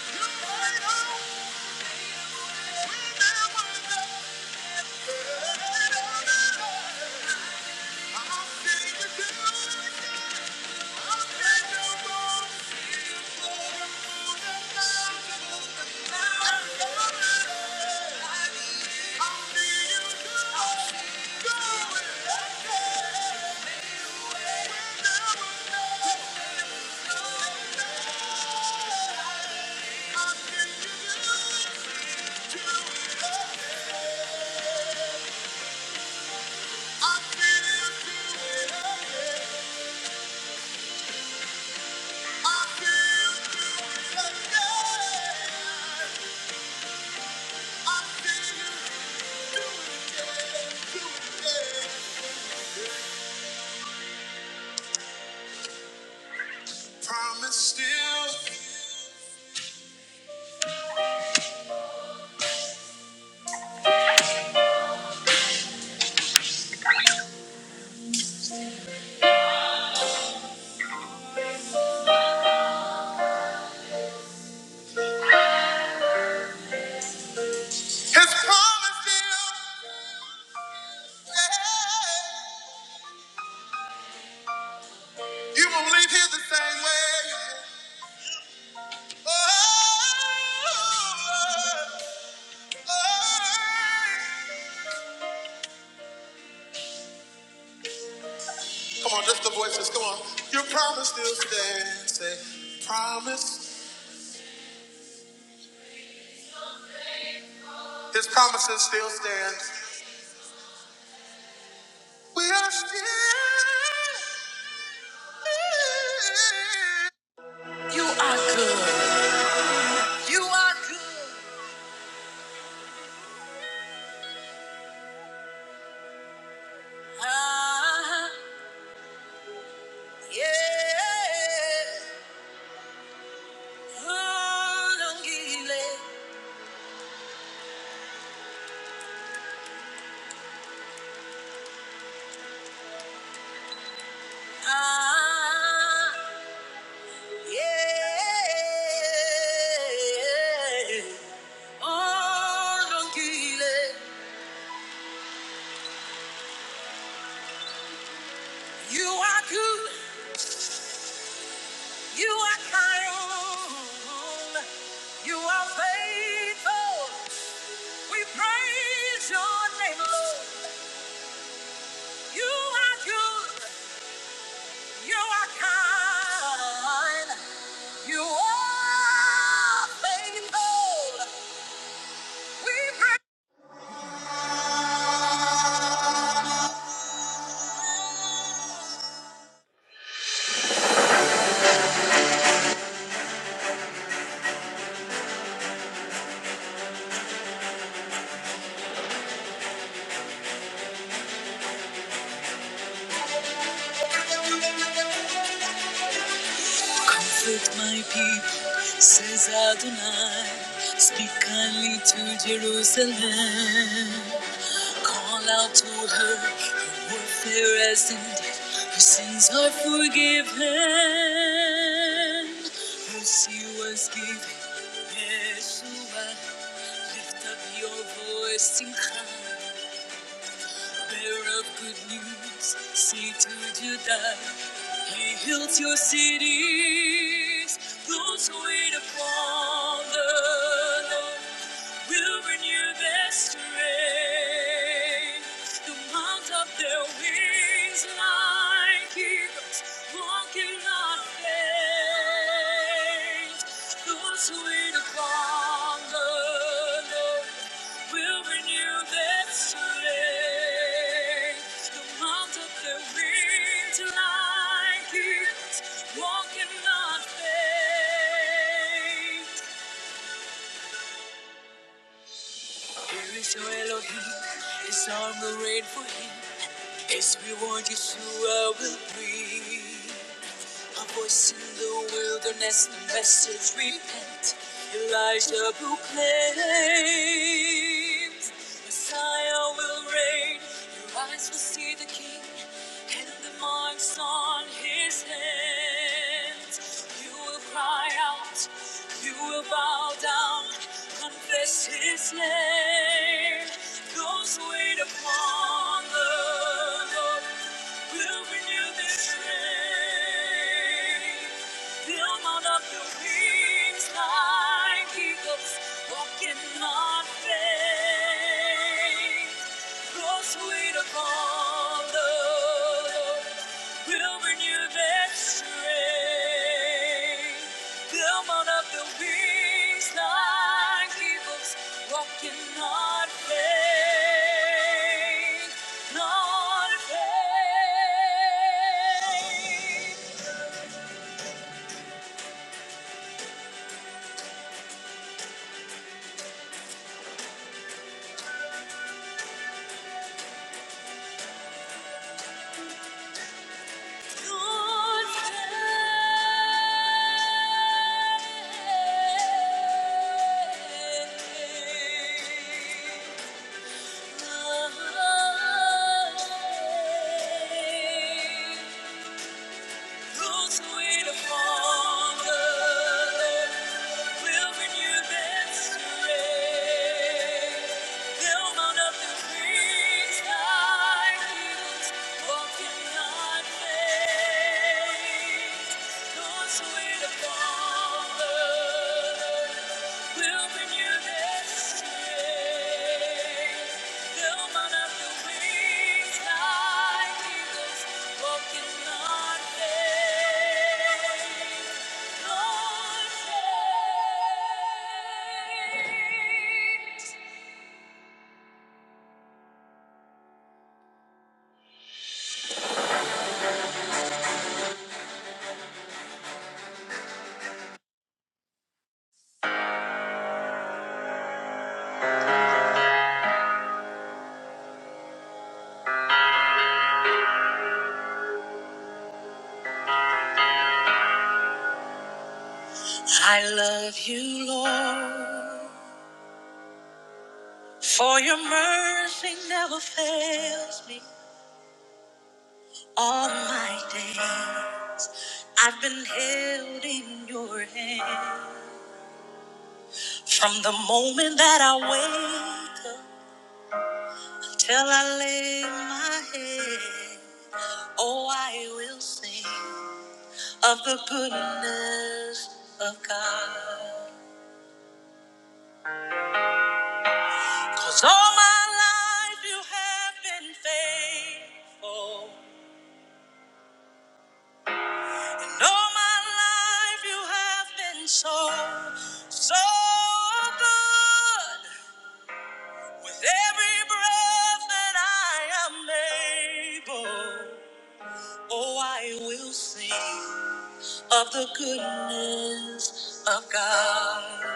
You made a way I never knew. I'm a thing to do. Yeah. Promise still, his promise still. Yeah. You won't leave here the same way. Oh, Oh, oh. Come on, just the voices. Come on, your promise still stands. Say, promise. His promises still stand. We are still. You are good. Ah, yeah. Oh, don't give it. Ah, yeah. Oh, don't give it. You are good. You are kind. You are faithful. We praise your name, Lord. You are good, you are kind, you are faithful. We praise my people, says Adonai. Speak kindly to Jerusalem. Call out to her, her warfare has ended, her sins are forgiven. Mercy was given, Yeshua, lift up your voice in Simcha bearer of good news, say to Judah, He heals your cities. Those who wait upon the Lord will renew their strength. They'll mount up their wings like eagles, walking on faith. Those who wait upon the Lord will renew their strength. Come out of the wings like eagles, walking on faith. Here is your Elohim, a song arranged for him. His reward is who I will breathe. A voice in the wilderness, the message repent. Elijah proclaims Messiah will reign, your eyes will see the King, and the marks on his hands. You will cry out, you will bow down, confess his name. Those who wait upon the Lord We'll renew this strength. Build on up the wings like eagles, walking on faith. Grow sweet upon the Build on up the wings like eagles, walking on faith. On faith. Thank you. Those who wait will renew their strength. They'll up with wings like eagles, walking on faith. Those who wait upon the I love you, Lord, for your mercy never fails me. All my days I've been held in your hand. From the moment that I wake up till I lay my head, oh, I will sing of the goodness of God. Cause all my life you have been faithful. And all my life you have been so, so good. With every breath that I am able, oh, I will sing. of the goodness of God.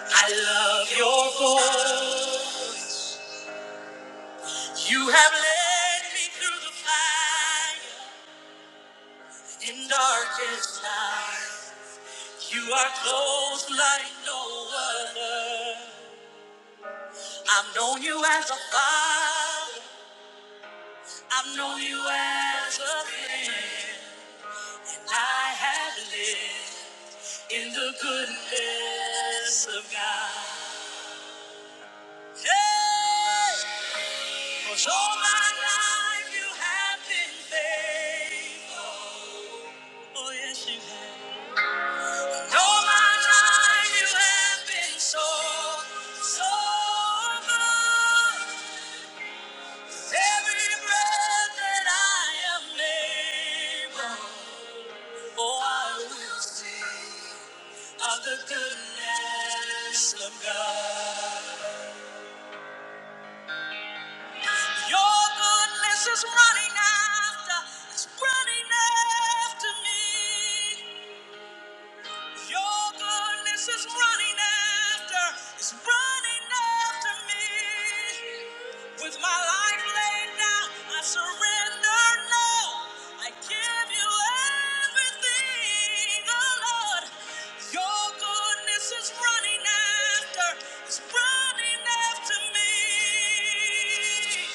I love your voice. You have led me through the fire in darkest night. You are close like no other. I've known you as a father. I've known you as a friend. I have lived in the goodness of God. Yeah. 'Cause all my life you have been faithful. Oh, yes, you have. And all my life you have been so, so good. Every breath that I am able, oh, I will sing of the goodness of God. Your goodness is running after, it's running after me. Your goodness is running after, is running after me. With my life laid down, I surrender now. I give you everything, oh Lord. Your goodness is running after, is running after me.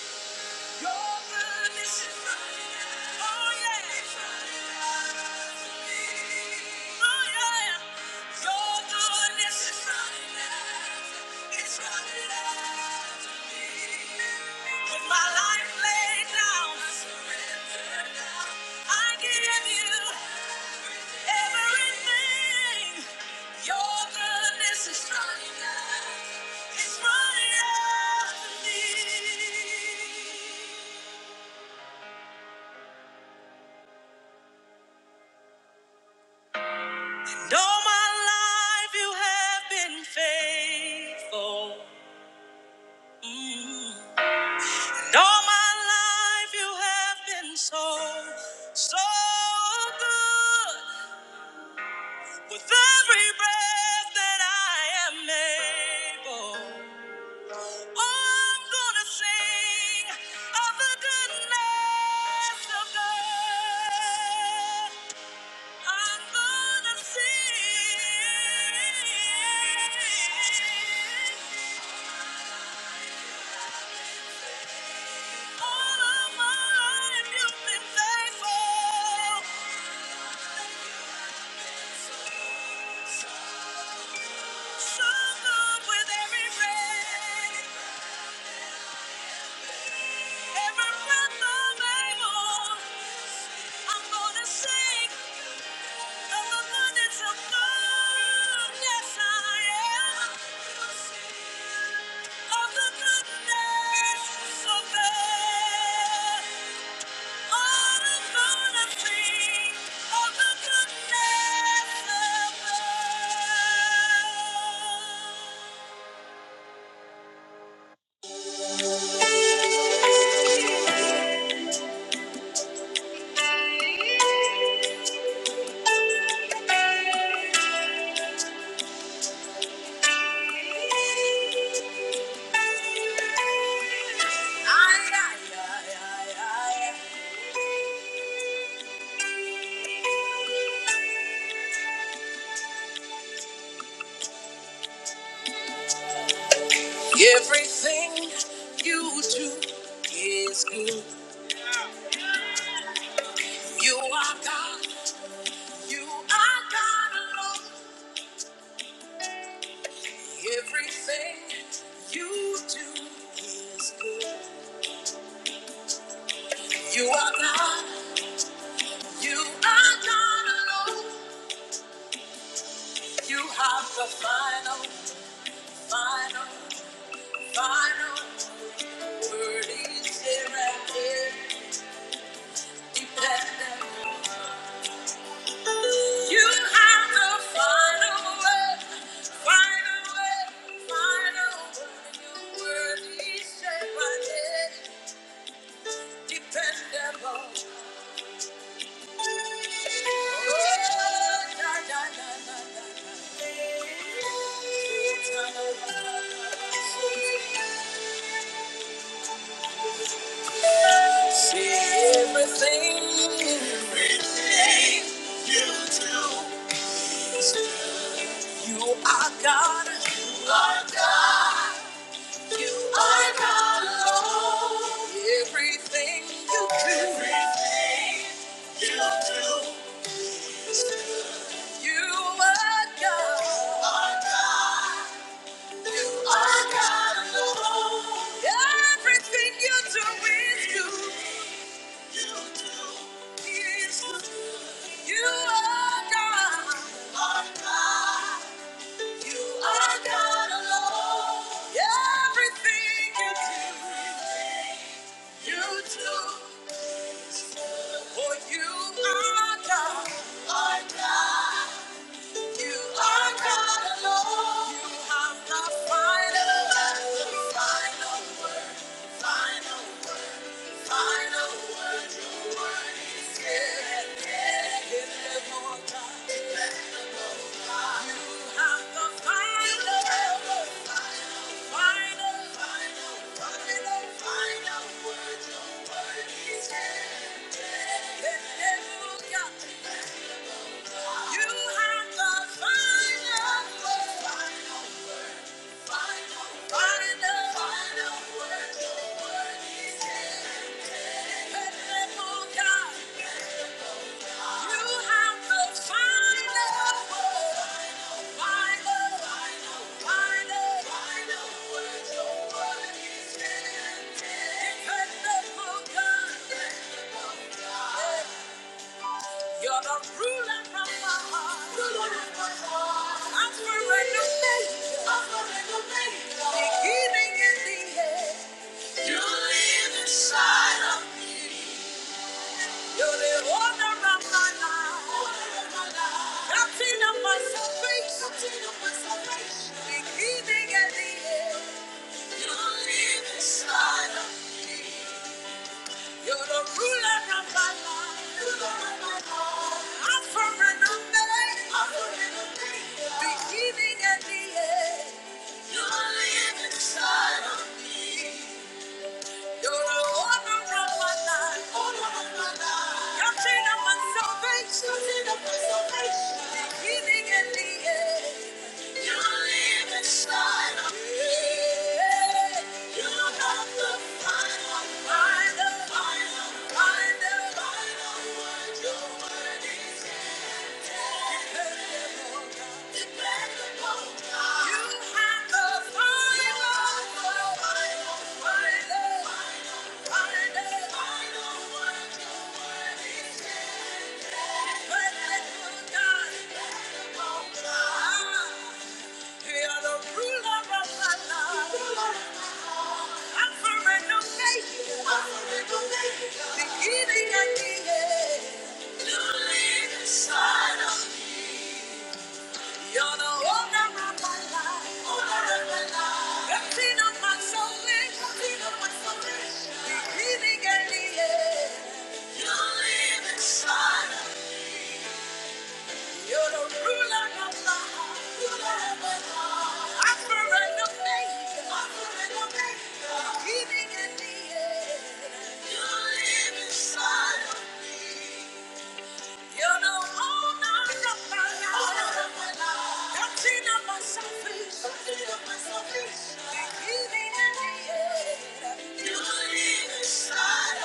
Your goodness is running out. Oh, yeah. Oh, yeah. Your goodness is running out. It's running out to me. And All my life you have been faithful. And all my life you have been so, so good. With every breath that I am able, oh, I'm gonna sing of the goodness of God. I'm gonna sing. All of my life you've been faithful. So good with every breath, every breath I'm able. I'm gonna sing of the goodness of God. Yes, I am. Of the goodness of God. Ay, ay, ay, ay, ay. Everything you do is good. You are God. You are God alone. Everything you do is good. You are God. You are God alone. You have the final, final, final word. Is here and here. Dependent. You have the final word, final word, final word. You're worthy, say my name. Oh, na, na, na, na, na. See everything. You are God. You are God alone. Everything you do. Everything you do. You are God. You are God. alone. Everything you do is You You are God. You are God. alone. Everything you do, you For you are God. Are God. You are God alone. You have the final, the final word, final word, final word. Your word is good. You have the final, you have Hallelujah. Yeah. You're the ruler of my heart. Ruler of my heart. I'm surrender major. I'm surrender major. Beginning and the end. You live inside of me. You're the owner of my life. Owner of my life. Captain of my salvation. Captain of my salvation. Beginning and the end. You live inside of me. You're the ruler of my life. Ruler of my life. I surrender me. I surrender me. Beginning and the end. You live inside of me. You're the owner of my life. Owner of my life. Captain of my salvation. Captain of my salvation. Beginning and the end. You live inside of me. Yeah. You are the final, final, final, final, final word. Your word is dependable, dependable God. You have the final, final, final, final, final, final word. Your word is dependable, God. Dependable God. Inside of me. You're the ruler of my heart. Ruler of my heart. I surrender faith. I surrender faith. Giving and the end. You live inside of me. You know, oh no, no, no, no. I've seen of You're healing in the air. inside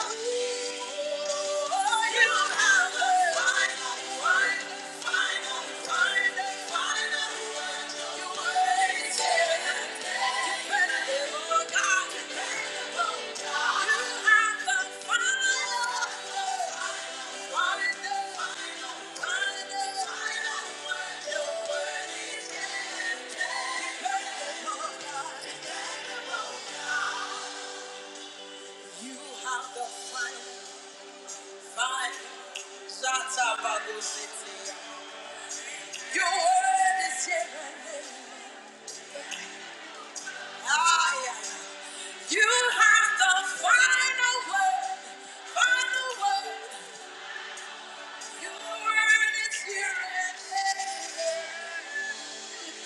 Oh, you have a final, final, final, final, final word. You waited. You better live, oh God. You better live, oh You have a final, final you have the final final word. word. word Your word is here and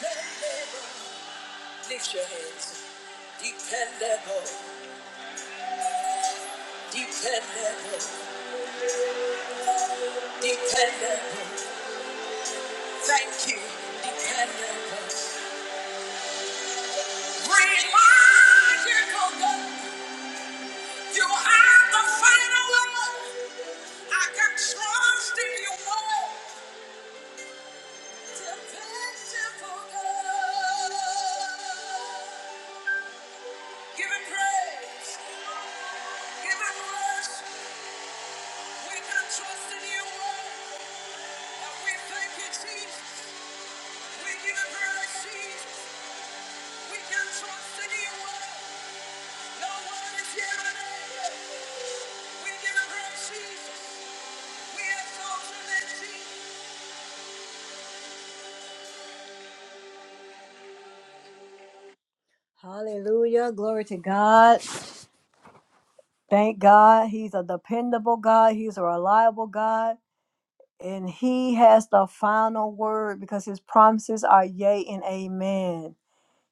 here. Lift your hands. Dependable, dependable, dependable. Thank you, dependable. Reliable, God. You are the final word. I can trust in your word. Till God. Give him praise. Give him worship. We can trust in your word. And we thank you, Jesus. We give him praise, Jesus. We can trust in your word. No word is here and We give him praise, Jesus. We exalt your name, Jesus. Hallelujah. Glory to God. Thank God. He's a dependable God. He's a reliable God. And He has the final word because His promises are yea and amen.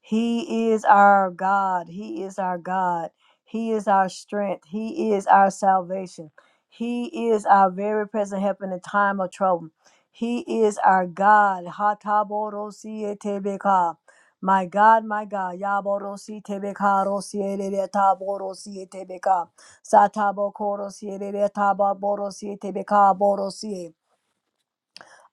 He is our God. He is our God. He is our strength. He is our salvation. He is our very present help in the time of trouble. He is our God. Hataborosietebeka. My God, my God. Yaborositebeka, rosierereataborosietebeka. Satabokorosierereataborosietebeka, borosie.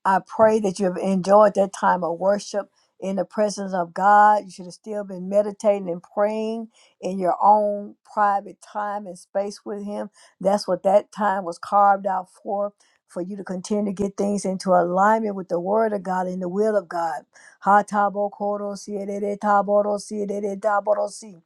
I pray that you have enjoyed that time of worship in the presence of God. You should have still been meditating and praying in your own private time and space with Him. That's what that time was carved out for, for you to continue to get things into alignment with the Word of God and the will of God. Ha tabo koro si edede taboro si edede taboro si.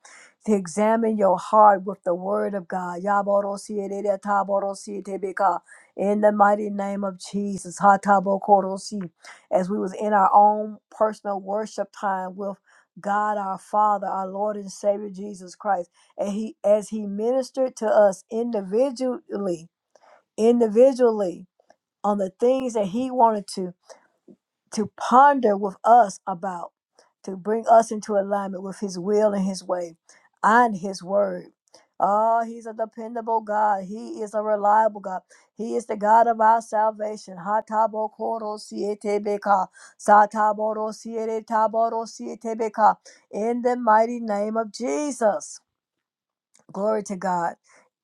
To examine your heart with the Word of God. Yaboro si edede taboro si tebeka. In the mighty name of Jesus, Hatabokorosi, as we was in our own personal worship time with God our Father, our Lord and Savior Jesus Christ, and He as He ministered to us individually, individually on the things that He wanted to to ponder with us about, to bring us into alignment with His will and His way and His word. Oh, He's a dependable God. He is a reliable God. He is the God of our salvation. Hatabo koro sietebeka, sataboro sieretaboro sietebeka. In the mighty name of Jesus. Glory to God.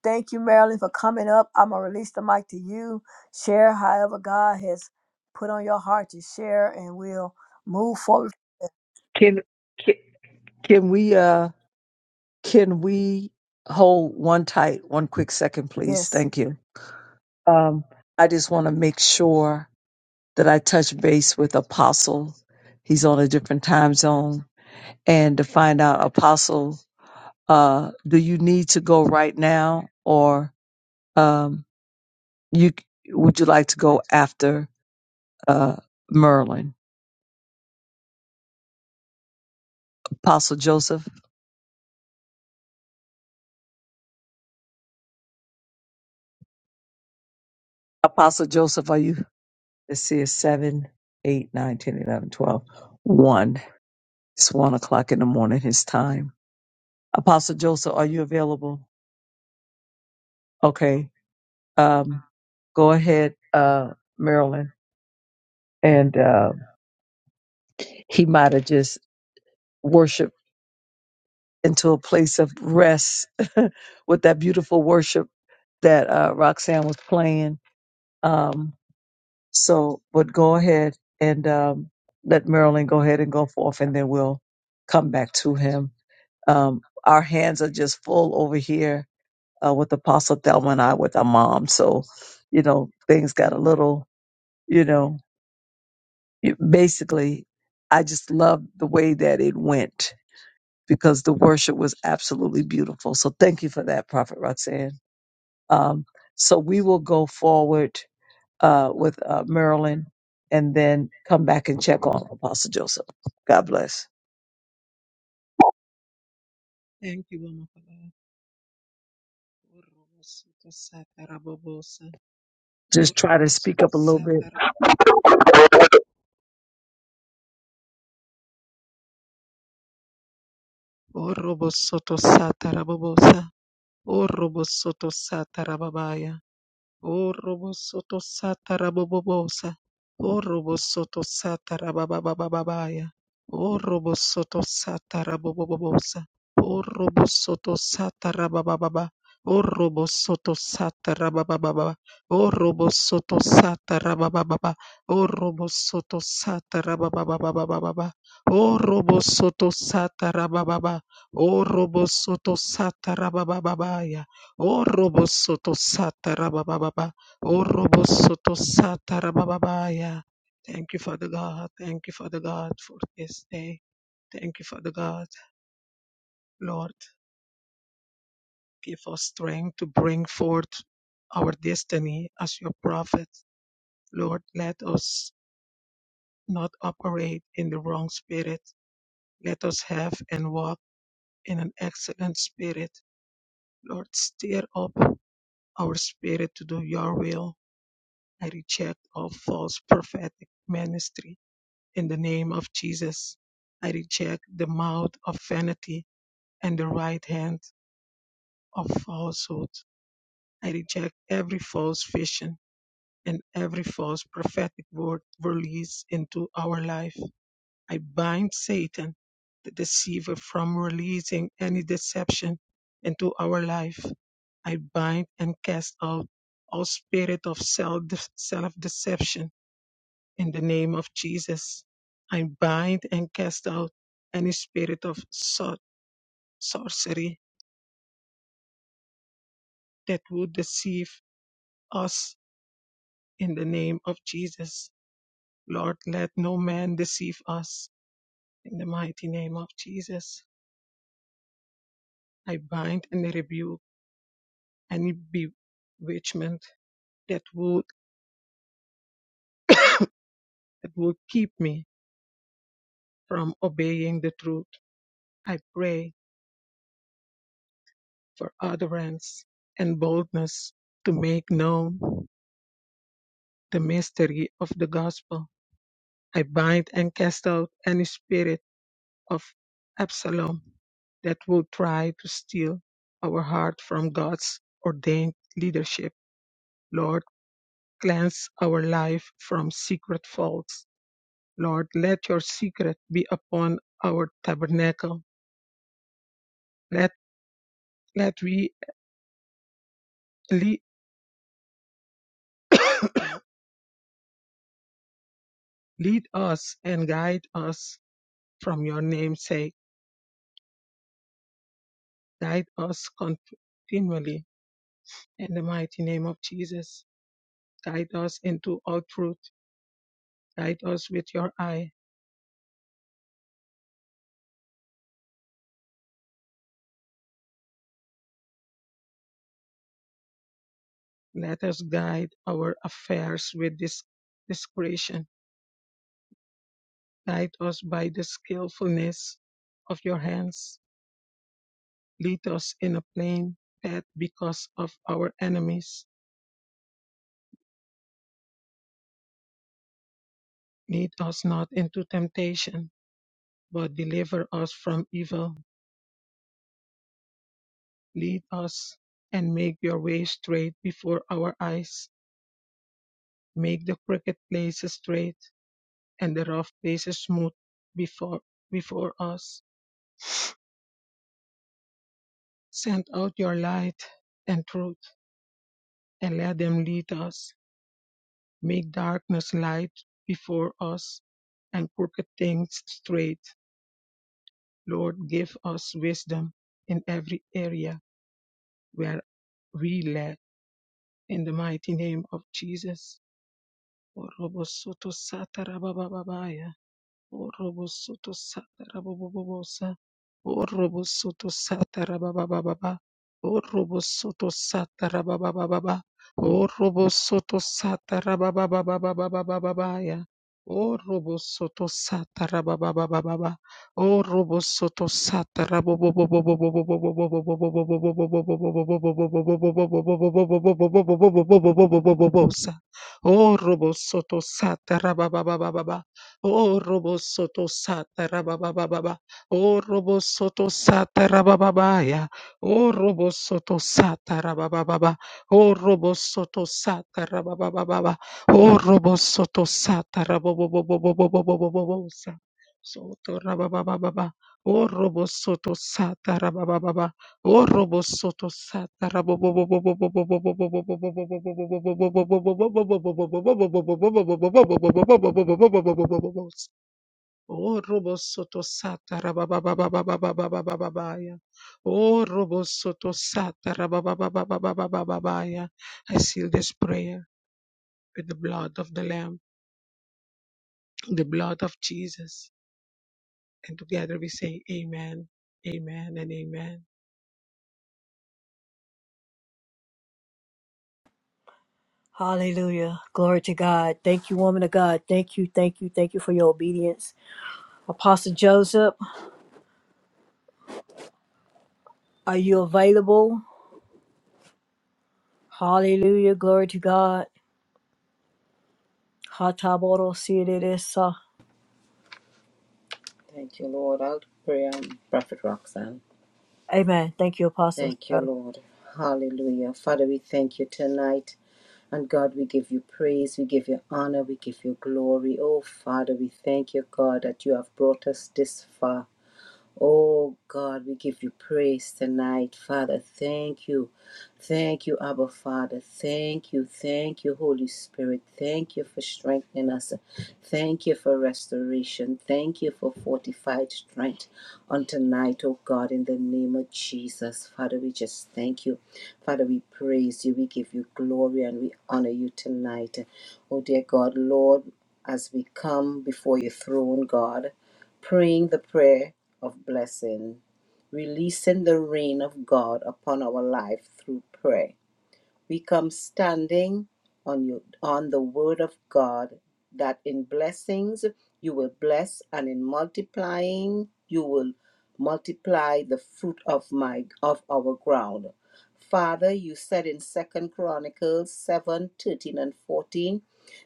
Thank you, Marilyn, for coming up. I'm going to release the mic to you. Share however God has put on your heart to share, and we'll move forward. Can can, can we uh can we hold one tight one quick second, Yes. please? Thank you. Um, I just want to make sure that I touch base with Apostle. He's on a different time zone, and to find out, Apostle, uh, do you need to go right now, or um, you would you like to go after uh Merlin? Apostle Joseph, Apostle Joseph, are you? Let's see, it's 7, eight, nine, ten, eleven, twelve, 1. It's 1 o'clock in the morning, his time. Apostle Joseph, are you available? Okay. Um, go ahead, uh, Marilyn. And uh, he might have just worshiped into a place of rest *laughs* with that beautiful worship that uh, Roxanne was playing. Um, so, but go ahead and um, let Marilyn go ahead and go forth, and then we'll come back to him Um, our hands are just full over here uh, with Apostle Thelma and I with our mom. So, you know, things got a little, you know, you- basically, I just love the way that it went because the worship was absolutely beautiful. So thank you for that, Prophet Roxanne. Um, so we will go forward uh, with uh, Marilyn and then come back and check on Apostle Joseph. God bless. Thank you, Mama Papa. Orobosoto satarabobosa. Just try to speak Orobosoto up a little bit. satara. Orobosoto satarabobosa. Orobosoto satarababaya. Orobosoto satarabobobosa. Orobosoto satarabababababaya. Orobosoto satarabobobobosa. Orobosoto satarabababa. Orobosoto satarabababa. Orobosoto satarabababa. Orobosoto satarabababababa. Orobosoto satarabababa. Orobosoto satarababababaya. O robo soto sata rabababa. O robo soto baba. rabababaya. Thank you, Father God. Thank you, Father God, for this day. Thank you, Father God. Lord, give us strength to bring forth our destiny as your prophet. Lord, let us not operate in the wrong spirit. Let us have and walk in an excellent spirit. Lord, stir up our spirit to do your will. I reject all false prophetic ministry in the name of Jesus. I reject the mouth of vanity and the right hand of falsehood. I reject every false vision and every false prophetic word released into our life. I bind Satan, the deceiver, from releasing any deception into our life. I bind and cast out all spirit of self deception In the name of Jesus, I bind and cast out any spirit of sor- sorcery that would deceive us in the name of Jesus. Lord, let no man deceive us in the mighty name of Jesus. I bind and rebuke any bewitchment that would that would keep me from obeying the truth. I pray for utterance and boldness to make known the mystery of the gospel I bind and cast out any spirit of Absalom that would try to steal our heart from God's ordained leadership. Lord, cleanse our life from secret faults. Lord, let your secret be upon our tabernacle. Let, let we lead, *coughs* lead us and guide us from your name's sake. Guide us continually in the mighty name of Jesus. Guide us into all truth Guide us with your eye. Let us guide our affairs with dis- discretion. Guide us by the skillfulness of your hands. Lead us in a plain path because of our enemies. Lead us not into temptation, but deliver us from evil. Lead us and make your way straight before our eyes. Make the crooked places straight and the rough places smooth before, before us Send out your light and truth, and let them lead us. Make darkness light before us, and crooked things straight. Lord, give us wisdom in every area where we lack. In the mighty name of Jesus. Oh, Robo Soto Sata Rabababa. Oh, Robo Soto Sata Rabababaya. Oh, Robo Soto Sata Rabababa. Oh, Robo Soto Sata Rabababa. Oh, Robo Soto Sata Rababababosa. Soto Rabababa. Oh, Robo Soto Sata Rabababa. I seal this prayer with the blood of the Lamb, the blood of Jesus. And together we say, Amen, Amen, and Amen. Hallelujah. Glory to God. Thank you, woman of God. Thank you, thank you, thank you for your obedience. Apostle Joseph, are you available? Hallelujah. Glory to God. Hataboro sireresa. Thank you, Lord. I'll pray. i Prophet Roxanne. Amen. Thank you, Apostle. Thank you, Shirley. Lord. Hallelujah. Father, we thank you tonight. And God, we give you praise, we give you honor, we give you glory. Oh, Father, we thank you, God, that you have brought us this far. Oh God, we give you praise tonight, Father. Thank you. Thank you, Abba Father. Thank you. Thank you, Holy Spirit. Thank you for strengthening us. Thank you for restoration. Thank you for fortified strength on tonight, oh God, in the name of Jesus. Father, we just thank you. Father, we praise you. We give you glory and we honor you tonight. Oh dear God, Lord, as we come before your throne, God, praying the prayer of blessing, releasing the rain of God upon our life through prayer. We come standing on you on the word of God that in blessings you will bless and in multiplying you will multiply the fruit of my of our ground. Father, you said in Second Chronicles 7 13 and 14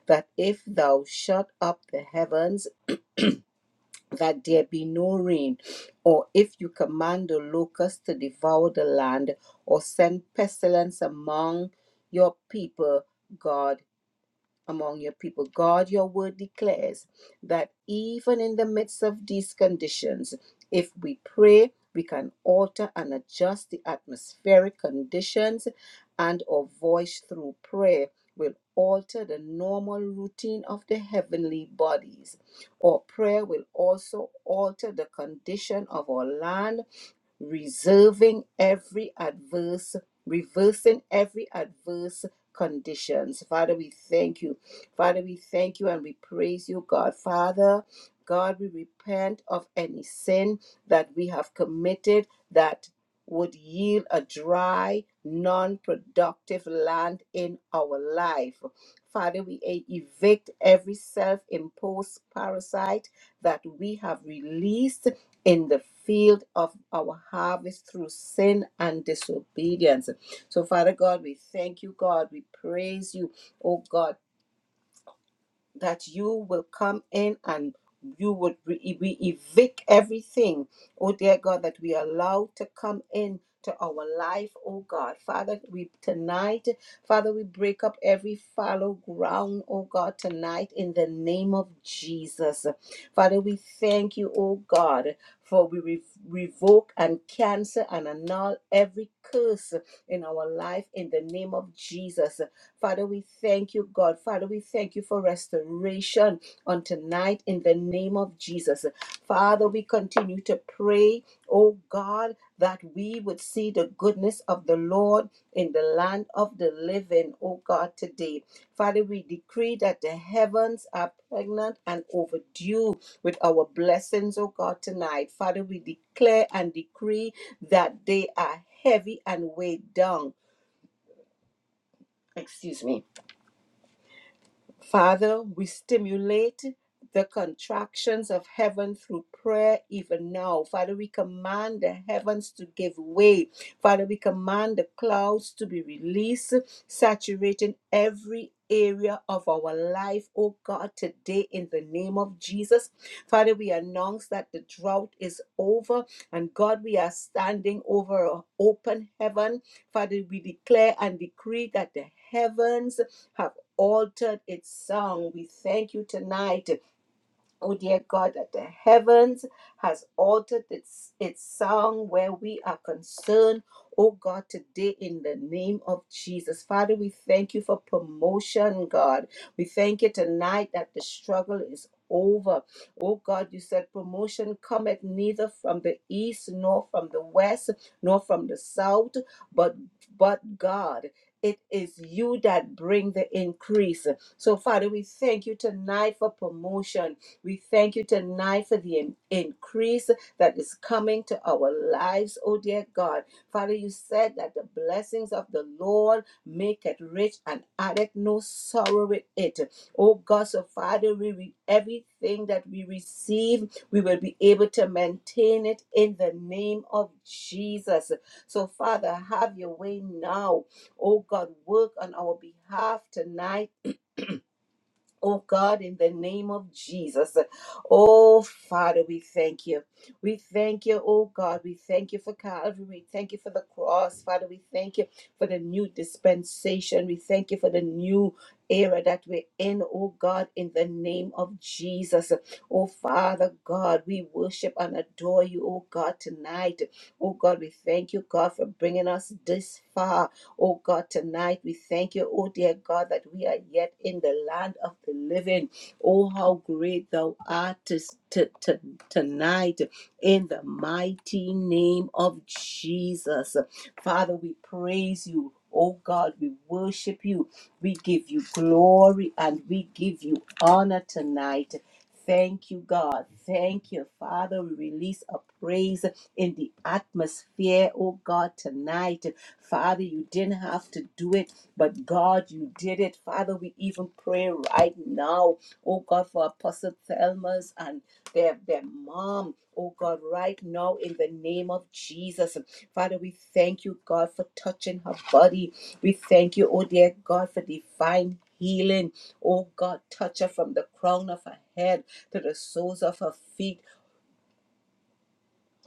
that if thou shut up the heavens that there be no rain, or if you command the locust to devour the land, or send pestilence among your people, God among your people. God, your word declares that even in the midst of these conditions, if we pray, we can alter and adjust the atmospheric conditions, and our voice through prayer will alter the normal routine of the heavenly bodies. Our prayer will also alter the condition of our land reserving every adverse, reversing every adverse conditions. Father, we thank you. Father, we thank you and we praise you, God. Father, God, we repent of any sin that we have committed that would yield a dry, non productive land in our life. Father, we e- evict every self imposed parasite that we have released in the field of our harvest through sin and disobedience. So, Father God, we thank you, God. We praise you, oh God that you will come in and you would re- we evict everything, oh dear God, that we allow to come in to our life, oh God. Father, we tonight, Father, we break up every fallow ground, oh God, tonight in the name of Jesus. Father, we thank you, oh God, for we re- revoke and cancel and annul every curse in our life in the name of Jesus. Father, we thank you, God. Father, we thank you for restoration on tonight in the name of Jesus. Father, we continue to pray, oh God, that we would see the goodness of the Lord in the land of the living, oh God, today. Father, we decree that the heavens are pregnant and overdue with our blessings, oh God, tonight. Father, we declare and decree that they are heavy and weighed down excuse me Father, we stimulate the contractions of heaven through prayer even now. Father, we command the heavens to give way. Father, we command the clouds to be released, saturating every area of our life, oh God, today in the name of Jesus. Father, we announce that the drought is over and God, we are standing over an open heaven. Father, we declare and decree that the heavens have altered its song. We thank you tonight. Oh dear God, that the heavens has altered its its song where we are concerned. Oh God, today in the name of Jesus. Father, we thank you for promotion, God. We thank you tonight that the struggle is over. Oh God, you said promotion cometh neither from the east nor from the west nor from the south, but but God, it is you that bring the increase. So Father, we thank you tonight for promotion. We thank you tonight for the in- increase that is coming to our lives, oh dear God. Father, you said that the blessings of the Lord make it rich and addeth no sorrow with it. Oh God, so Father, we re- everything that we receive, we will be able to maintain it in the name of Jesus. So Father, have your way now. Oh God, work on our behalf tonight Oh God, in the name of Jesus. Oh Father, we thank you. We thank you, oh God. We thank you for Calvary. We thank you for the cross, Father. We thank you for the new dispensation. We thank you for the new era that we're in, oh God, in the name of Jesus. Oh Father God, we worship and adore you, oh God, tonight. Oh God, we thank you, God, for bringing us this far. Oh God, tonight we thank you, oh dear God, that we are yet in the land of the living. Oh, how great thou art this- to, to, tonight in the mighty name of Jesus. Father, we praise you. Oh God, we worship you. We give you glory and we give you honor tonight. Thank you, God. Thank you, Father. We release a praise in the atmosphere, oh God, tonight. Father, you didn't have to do it, but God, you did it. Father, we even pray right now, oh God, for Apostle Thelma's and their, their mom, oh God, right now in the name of Jesus. Father, we thank you, God, for touching her body. We thank you, oh dear God, for divine healing. Oh God, touch her from the crown of her head to the soles of her feet.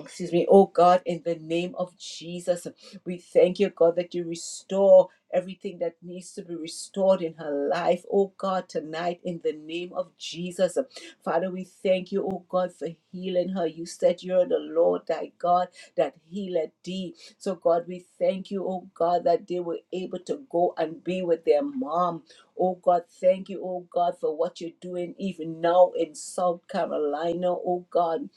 Excuse me, oh God, in the name of Jesus, we thank you, God, that you restore everything that needs to be restored in her life, oh God, tonight, in the name of Jesus. Father, we thank you, oh God, for healing her. You said you're the Lord thy God that healeth thee. So, God, we thank you, oh God, that they were able to go and be with their mom. Oh God, thank you, oh God, for what you're doing even now in South Carolina, oh God.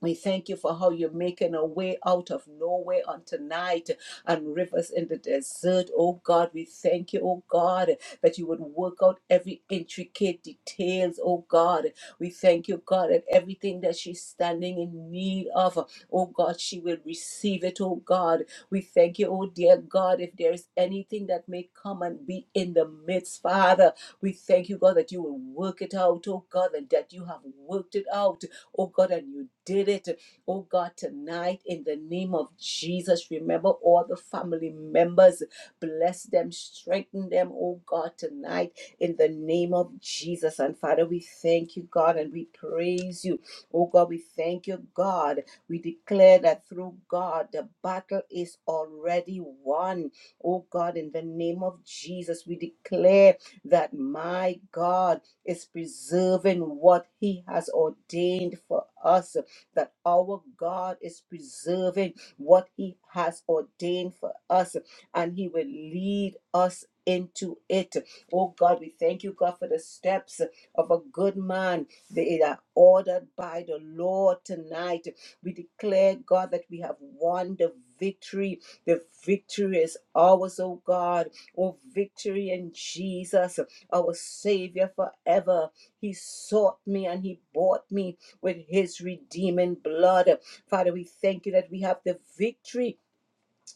We thank you for how you're making a way out of nowhere on tonight and rivers in the desert. Oh God, we thank you, oh God, that you would work out every intricate details, oh God. We thank you, God, that everything that she's standing in need of, oh God, she will receive it, oh God. We thank you, oh dear God, if there is anything that may come and be in the midst, Father. We thank you, God, that you will work it out, oh God, and that you have worked it out oh God, and you did it, oh God, tonight in the name of Jesus. Remember all the family members, bless them, strengthen them, oh God, tonight in the name of Jesus. And Father, we thank you, God, and we praise you, oh God, we thank you, God. We declare that through God, the battle is already won, oh God, in the name of Jesus. We declare that, my God is preserving what He has ordained for us, that our God is preserving what He has ordained for us, and He will lead us into it. Oh God, we thank you, God, for the steps of a good man. They are ordered by the Lord tonight. We declare, God, that we have won the victory. The victory is ours, oh God. Oh, victory in Jesus our Savior forever. He sought me and He bought me with His redeeming blood. Father, we thank you that we have the victory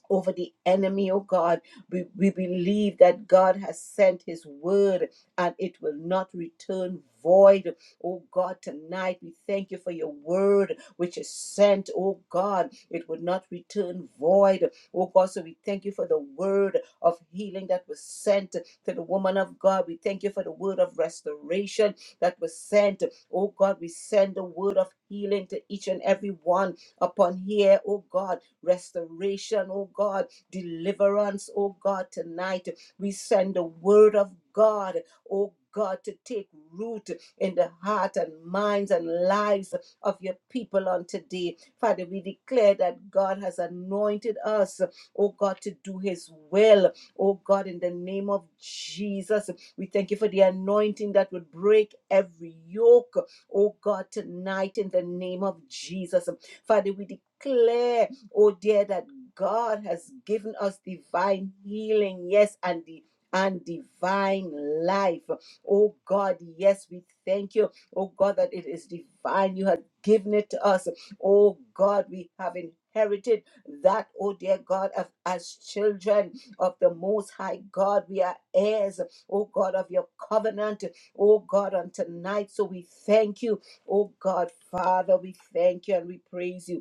over the enemy, oh God. We, we believe that God has sent his word and it will not return void. Oh God, tonight we thank you for your word which is sent, oh God. It would not return void. Oh God, so we thank you for the word of healing that was sent to the woman of God. We thank you for the word of restoration that was sent. Oh God, we send the word of healing to each and every one upon here, oh God restoration, oh God, deliverance, oh God, tonight. We send the word of God, oh God, to take root in the heart and minds and lives of your people on today. Father, we declare that God has anointed us, oh God, to do his will. Oh God, in the name of Jesus, we thank you for the anointing that would break every yoke, oh God, tonight in the name of Jesus. Father, we declare oh dear that god has given us divine healing yes and the and divine life oh god yes we thank you oh god that it is divine you have given it to us oh god we have inherited that oh dear god of, as children of the most high god we are heirs oh god of your covenant oh god on tonight so we thank you oh god father we thank you and we praise you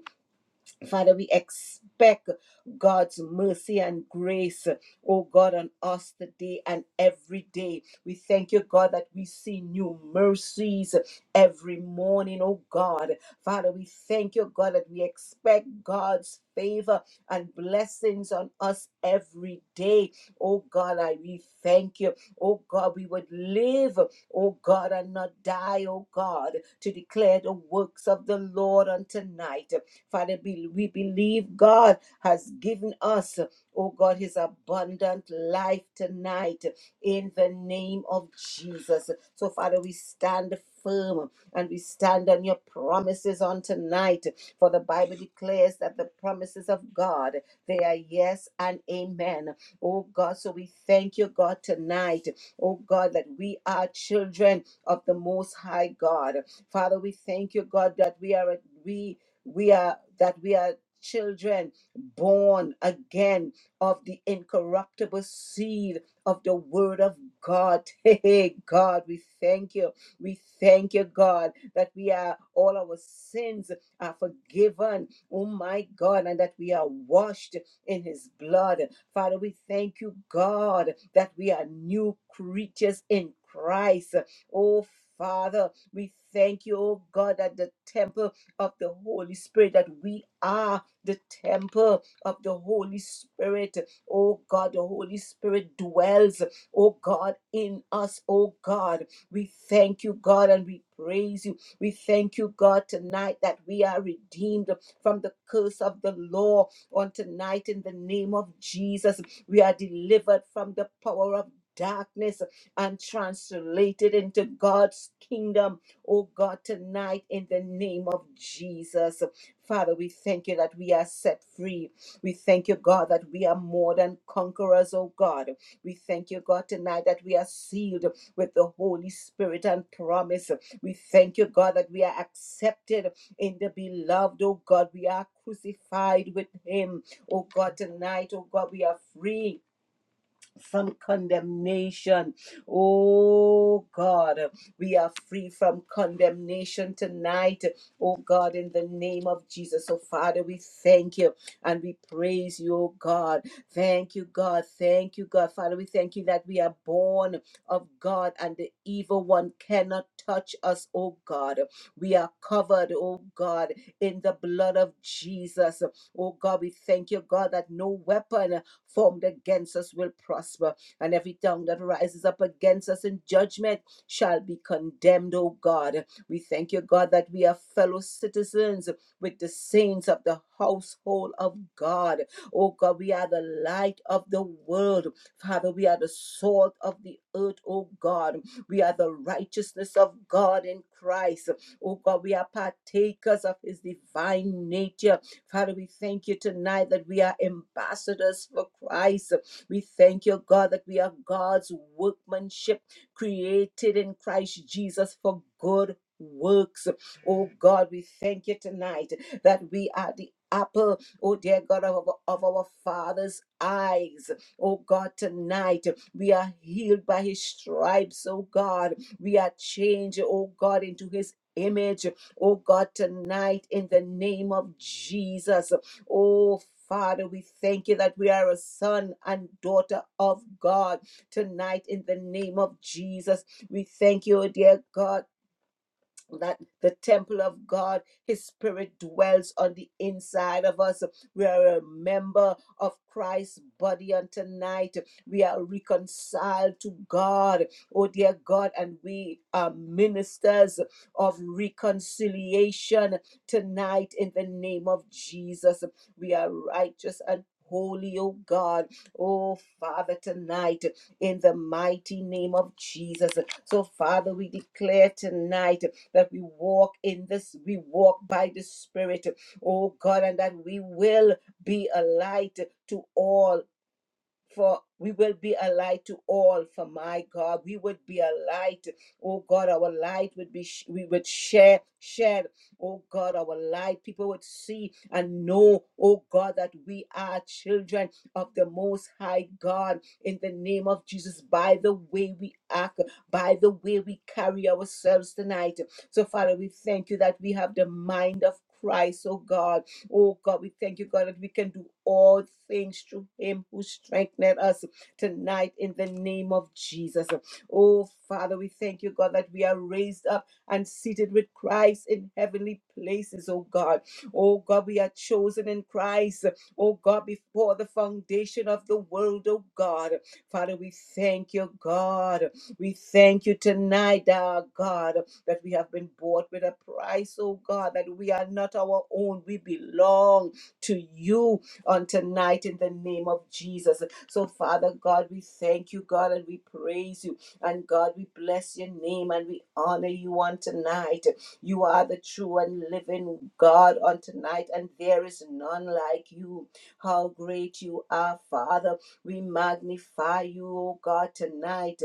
Father, we expect God's mercy and grace, oh God, on us today and every day. We thank you, God, that we see new mercies every morning, oh God. Father, we thank you, God, that we expect God's favor and blessings on us every day. Oh God, I we thank you. Oh God, we would live, oh God, and not die, oh God, to declare the works of the Lord on tonight. Father, be- we believe God has given us, oh God, his abundant life tonight in the name of Jesus. So, Father, we stand firm and we stand on your promises on tonight. For the Bible declares that the promises of God, they are yes and amen. Oh God, so we thank you, God, tonight. Oh God, that we are children of the Most High God. Father, we thank you, God, that we are we we are that we are children born again of the incorruptible seed of the word of God. *laughs* Hey, God, we thank you. We thank you, God, that we are all our sins are forgiven. Oh my God, and that we are washed in his blood. Father, we thank you, God, that we are new creatures in Christ. Oh Father, we thank you, oh God, that the temple of the Holy Spirit, that we are the temple of the Holy Spirit. Oh God, the Holy Spirit dwells, oh God, in us, oh God. We thank you, God, and we praise you. We thank you, God, tonight that we are redeemed from the curse of the law on tonight in the name of Jesus. We are delivered from the power of darkness and translated into God's kingdom oh God, tonight in the name of Jesus. Father, we thank you that we are set free. We thank you, God, that we are more than conquerors, oh God. We thank you, God, tonight that we are sealed with the Holy Spirit and promise. We thank you, God, that we are accepted in the beloved, oh God. We are crucified with Him, oh God, tonight, oh God, we are free from condemnation. Oh God, we are free from condemnation tonight. Oh God, in the name of Jesus. Oh Father, we thank you and we praise you, oh God. Thank you, God. Thank you, God. Father, we thank you that we are born of God and the evil one cannot touch us, oh God. We are covered, oh God, in the blood of Jesus. Oh God, we thank you, God, that no weapon formed against us will prosper, and every tongue that rises up against us in judgment shall be condemned, O God. We thank you, God, that we are fellow citizens with the saints of the household of God. Oh God, we are the light of the world. Father, we are the salt of the earth, oh God. We are the righteousness of God in Christ. Oh God, we are partakers of his divine nature. Father, we thank you tonight that we are ambassadors for Christ. We thank you, God, that we are God's workmanship created in Christ Jesus for good works. Oh God, we thank you tonight that we are the apple, oh dear God, of, our- of our Father's eyes. Oh God, tonight we are healed by His stripes, oh God. We are changed, oh God, into His image. Oh God, tonight in the name of Jesus. Oh Father, we thank you that we are a son and daughter of God tonight in the name of Jesus. We thank you, oh dear God that the temple of God, His Spirit dwells on the inside of us. We are a member of Christ's body on tonight. We are reconciled to God, oh dear God, and we are ministers of reconciliation tonight in the name of Jesus. We are righteous and Holy, oh God, oh Father, tonight in the mighty name of Jesus. So, Father, we declare tonight that we walk in this, we walk by the Spirit, oh God, and that we will be a light to all for we will be a light to all for my god we would be a light oh god our light would be sh- we would share shed oh god our light people would see and know oh god that we are children of the most high god in the name of jesus by the way we act by the way we carry ourselves tonight so father we thank you that we have the mind of christ oh god Oh God, we thank you, God, that we can do all things through Him who strengthened us tonight in the name of Jesus. Oh Father, we thank you, God, that we are raised up and seated with Christ in heavenly places, oh God. Oh God, we are chosen in Christ, oh God, before the foundation of the world, oh God. Father, we thank you, God. We thank you tonight, our God that we have been bought with a price, oh God, that we are not our own. We belong to you on tonight in the name of Jesus. So, Father God, we thank you, God, and we praise you. And God, we bless your name and we honor you on tonight. You are the true and living God on tonight, and there is none like you. How great you are, Father. We magnify you, O God, tonight.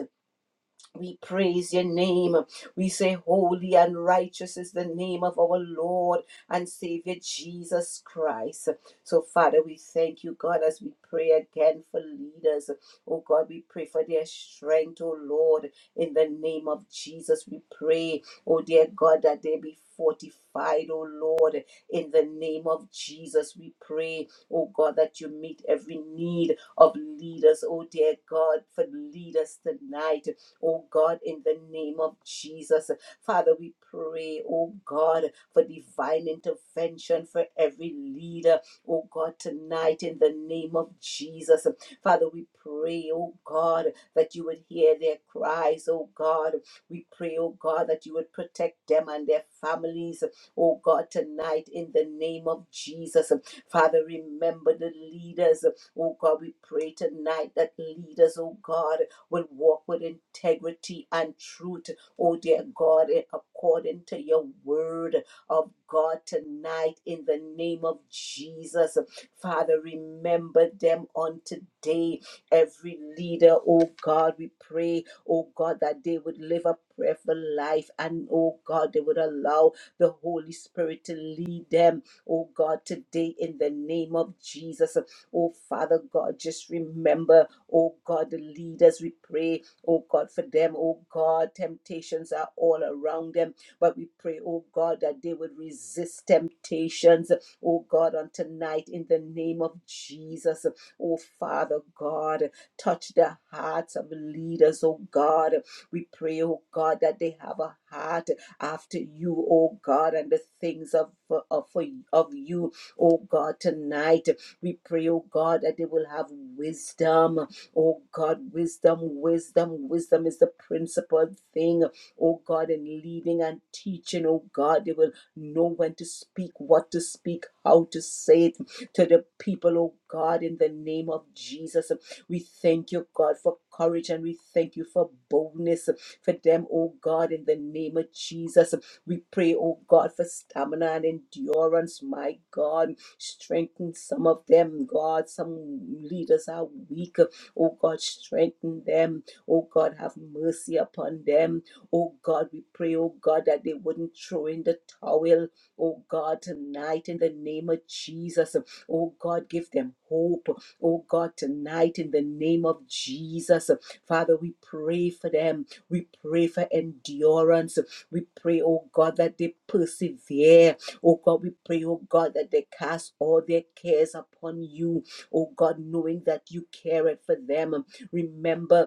We praise your name. We say, Holy and righteous is the name of our Lord and Savior Jesus Christ. So, Father, we thank you, God, as we pray again for leaders. Oh, God, we pray for their strength, oh, Lord, in the name of Jesus. We pray, oh, dear God, that they be fortified, oh, Lord, in the name of Jesus. We pray, oh, God, that you meet every need of leaders, oh, dear God, for leaders tonight oh God, in the name of Jesus. Father, we pray, oh God, for divine intervention for every leader, oh God, tonight in the name of Jesus. Father, we pray, oh God, that you would hear their cries, oh God. We pray, oh God, that you would protect them and their families, oh God, tonight in the name of Jesus. Father, remember the leaders, oh God. We pray tonight that leaders, oh God, will walk with integrity and truth, oh dear God, in- according to your word of God tonight in the name of Jesus. Father, remember them on today. Every leader, oh God, we pray, oh God, that they would live a prayerful life and oh God, they would allow the Holy Spirit to lead them, oh God, today in the name of Jesus. Oh Father God, just remember. Oh God, the leaders, we pray, oh God, for them. Oh God, temptations are all around them. But we pray, oh God, that they would resist temptations, oh God, on tonight in the name of Jesus. Oh Father God, touch the hearts of leaders, oh God. We pray, oh God, that they have a heart after you, oh God, and the things of, of, of you, oh God, tonight. We pray, oh God, that they will have wisdom, Oh God, wisdom, wisdom, wisdom is the principal thing. Oh God, in leading and teaching, oh God, they will know when to speak, what to speak, how to say it to the people, oh God, in the name of Jesus. We thank you, God, for courage and we thank you for boldness for them, oh God, in the name of Jesus. We pray, oh God, for stamina and endurance, my God. Strengthen some of them, God. Some leaders are weak. Oh God, strengthen them. Oh God, have mercy upon them. Oh God, we pray, oh God, that they wouldn't throw in the towel. Oh God, tonight in the name of Jesus. Oh God, give them hope. Oh God, tonight in the name of Jesus. Father, we pray for them. We pray for endurance. We pray, oh God, that they persevere. Oh God, we pray, oh God, that they cast all their cares upon you oh God, knowing that you cared for them. Remember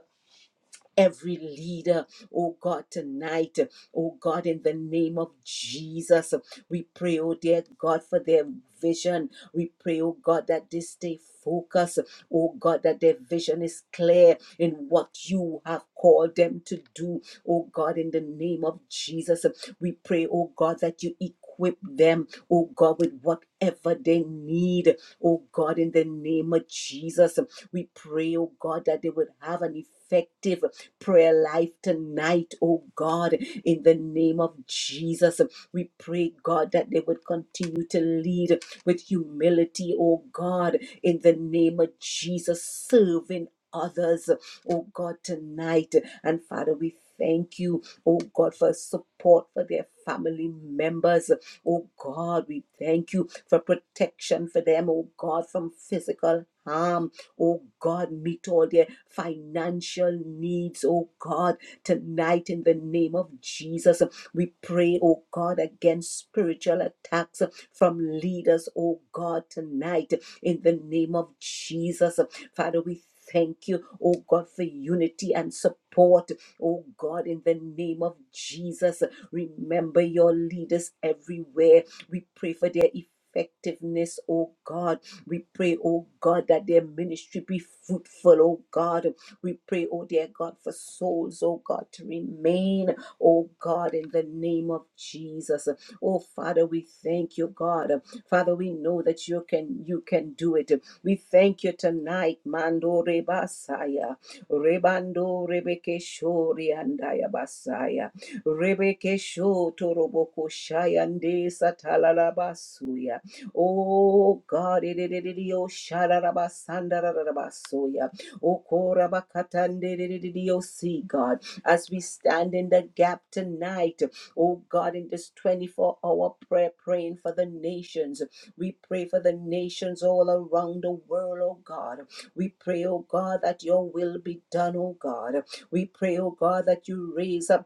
every leader, oh God, tonight, oh God, in the name of Jesus, we pray, oh dear God, for their vision. We pray, oh God, that they stay focused, oh God, that their vision is clear in what you have called them to do, oh God, in the name of Jesus. We pray, oh God, that you equip them, oh God, with whatever they need, oh God, in the name of Jesus. We pray, oh God, that they would have an effective prayer life tonight, oh God, in the name of Jesus. We pray, God, that they would continue to lead with humility, oh God, in the name of Jesus, serving others, oh God, tonight. And Father, we thank you, oh God, for support for their family members. Oh God, we thank you for protection for them, oh God, from physical harm. Oh God, meet all their financial needs, oh God, tonight in the name of Jesus. We pray, oh God, against spiritual attacks from leaders, oh God, tonight in the name of Jesus. Father, we thank you, oh God, for unity and support, oh God, in the name of Jesus. Remember your leaders everywhere. We pray for their effectiveness, oh God we pray, oh God, that their ministry be fruitful, oh God. We pray, oh dear God, for souls, oh God, to remain, oh God, in the name of Jesus. Oh Father, we thank you, God. Father, we know that you can you can do it. We thank you tonight, Mando Rebasaya, Rebando Rebeke Shori and Basaya, Rebeke Shotoroboko Shayande Satalalabasuya. Oh God, Dio Shadaraba Sandarabasoya. Oh Korabakatande see God. As we stand in the gap tonight, oh God, in this 24 hour prayer, praying for the nations. We pray for the nations all around the world, oh God. We pray, oh God, that your will be done, oh God. We pray, oh God, that you raise up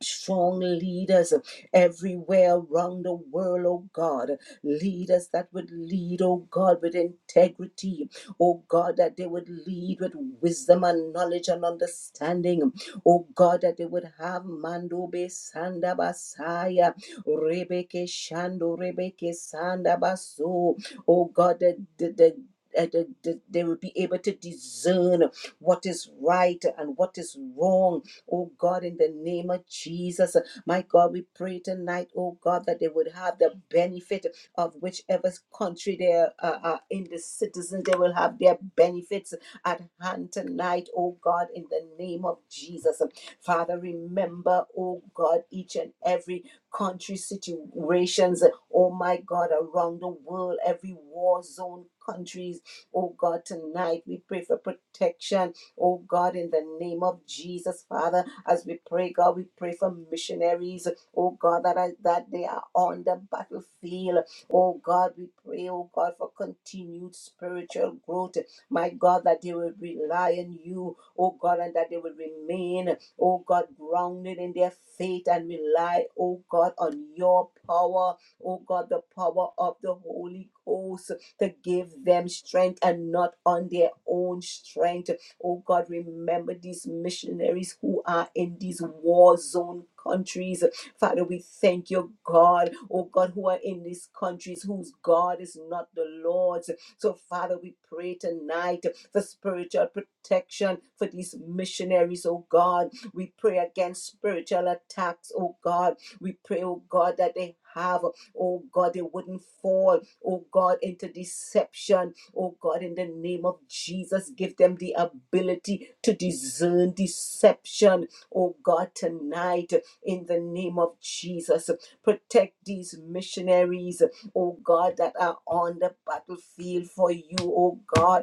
strong leaders everywhere around the world, oh God. Leaders that would lead, oh God, with integrity, oh God, that they would lead with wisdom and knowledge and understanding, oh God, that they would have Mando be Sanda Basaya, Rebeke Shando, Rebeke Sanda Baso, oh God, that the, the uh, that- that they will be able to discern what is right and what is wrong Oh God, in the name of Jesus, my God, we pray tonight, oh God, that they would have the benefit of whichever country they are uh, uh, in the citizens, they will have their benefits at hand tonight, oh God, in the name of Jesus. Father, remember, oh God, each and every country situations, oh my God, around the world, every war zone countries, oh God, tonight we pray for protection Oh God, in the name of Jesus, Father, as we pray, God, we pray for missionaries. Oh God, that, are, that they are on the battlefield. Oh God, we pray, oh God, for continued spiritual growth. My God, that they will rely on you. Oh God, and that they will remain, oh God, grounded in their faith and rely, oh God, on your power. Oh God, the power of the Holy Ghost to give them strength and not on their own strength. Oh God, remember these missionaries who are in these war zone countries. Father, we thank you, God. Oh God, who are in these countries whose God is not the Lord's. So, Father, we pray tonight for spiritual protection for these missionaries, oh God. We pray against spiritual attacks, oh God. We pray, oh God, that they have, oh God, they wouldn't fall, oh God, into deception, Oh God, in the name of Jesus, give them the ability to discern deception. Oh God, tonight, in the name of Jesus, protect these missionaries. Oh God, that are on the battlefield for you. Oh God,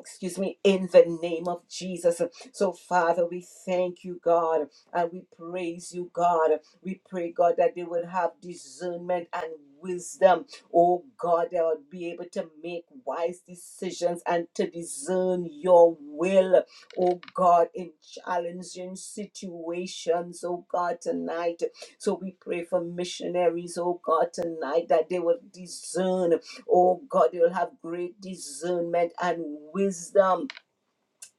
excuse me, in the name of Jesus. So, Father, we thank you, God, and we praise you, God. We pray, God, that they would have discernment and wisdom. Oh, God, they would be able to make wise decisions and to discern your will. Oh, God, in challenging situations, oh, God, tonight. So, we pray for missionaries, oh, God, tonight, that they would discern Oh God, you'll have great discernment and wisdom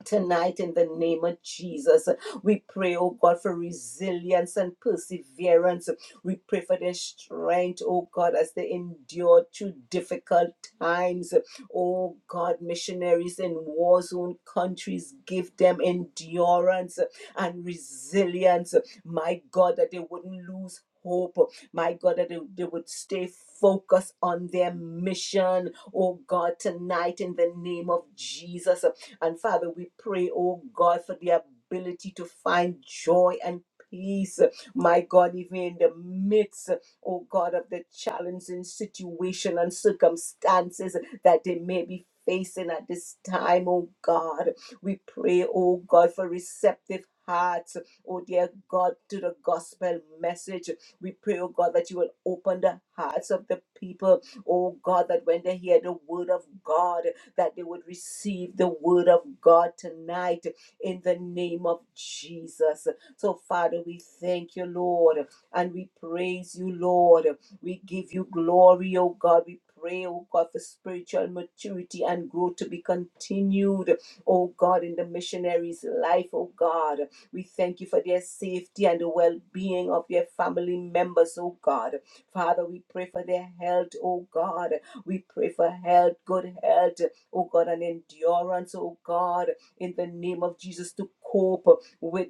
Tonight, in the name of Jesus, we pray, oh God, for resilience and perseverance. We pray for their strength, oh God, as they endure through difficult times. Oh God, missionaries in war zone countries, give them endurance and resilience. My God, that they wouldn't lose hope. My God, that they, they would stay focused on their mission. Oh God, tonight in the name of Jesus. And Father, we pray, oh God, for the ability to find joy and peace, my God, even in the midst, oh God, of the challenging situation and circumstances that they may be facing at this time, oh God. We pray, oh God, for receptive hearts, oh dear God, to the gospel message. We pray, oh God, that you will open the hearts of the people, oh God, that when they hear the word of God, that they would receive the word of God tonight in the name of Jesus. So, Father, we thank you, Lord, and we praise you, Lord. We give you glory, oh God. We pray, oh God, for spiritual maturity and growth to be continued, oh God, in the missionaries' life, oh God. We thank you for their safety and the well being of their family members, oh God. Father, we pray for their health, oh God. We pray for health, good health oh God, an endurance, oh God, in the name of Jesus to cope with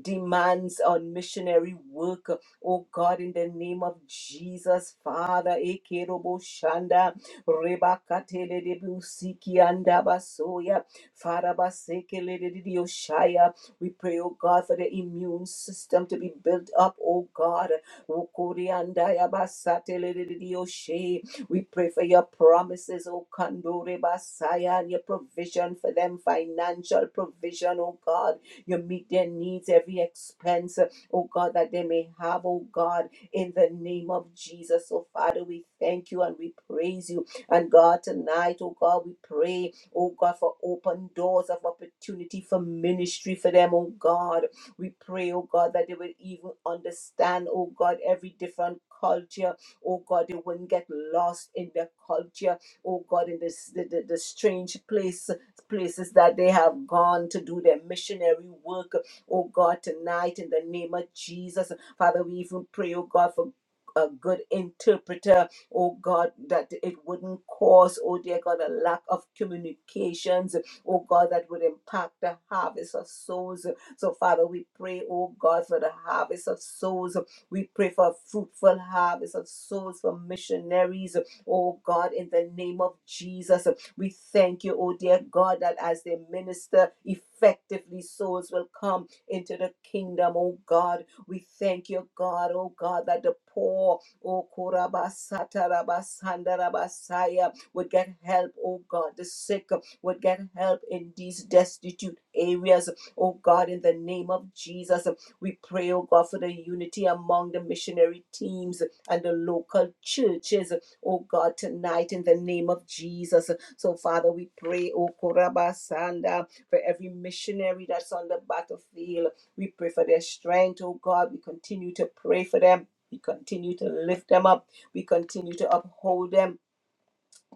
demands on missionary work. Oh God, in the name of Jesus, Father, Ekerobo Shanda, Rebakatele de Busiki and Abasoya, Father Basekele de Dioshaya. We pray, oh God, for the immune system to be built up, oh God. Wokori and Ayabasatele de Dioshe. We pray for your promises, oh Kandore Basaya, and your provision for them, financial provision, oh God. You meet their needs, every expense, oh God, that they may have, oh God, in the name of Jesus. So, Father, we thank you and we praise you. And God, tonight, oh God, we pray, oh God, for open doors of opportunity for ministry for them, oh God. We pray, oh God, that they will even understand, oh God, every different culture. Oh God, they wouldn't get lost in their culture. Oh God, in this the, the, the strange place places that they have gone to do their missionary work. Oh God, tonight in the name of Jesus, Father, we even pray, oh God, for a good interpreter, oh God, that it wouldn't cause, oh dear God, a lack of communications, oh God, that would impact the harvest of souls. So, Father, we pray, oh God, for the harvest of souls. We pray for a fruitful harvest of souls for missionaries, oh God, in the name of Jesus. We thank you, oh dear God, that as they minister effectively, souls will come into the kingdom, oh God. We thank you, God, oh God, that the poor, oh Kurabasatarabasandarabasaya, would get help, oh God. The sick would get help in these destitute areas, oh God, in the name of Jesus. We pray, oh God, for the unity among the missionary teams and the local churches, oh God, tonight in the name of Jesus. So, Father, we pray, O Korabasanda, for every missionary that's on the battlefield. We pray for their strength, O God. We continue to pray for them. We continue to lift them up. We continue to uphold them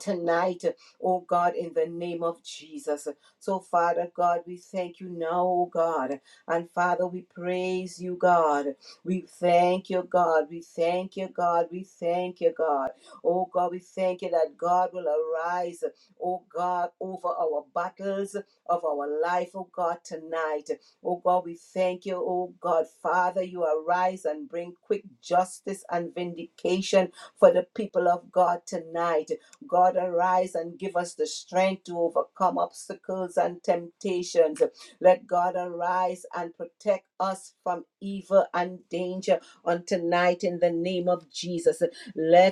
tonight, oh God, in the name of Jesus. So, Father God, we thank you now, oh God. And Father, we praise you, God. We thank you, God. We thank you, God. We thank you, God. Oh God, we thank you that God will arise, oh God, over our battles of our life, oh God, tonight. Oh God, we thank you, oh God. Father, you arise and bring quick justice and vindication for the people of God tonight. God, arise and give us the strength to overcome obstacles and temptations. Let God arise and protect us from evil and danger on tonight in the name of Jesus. Let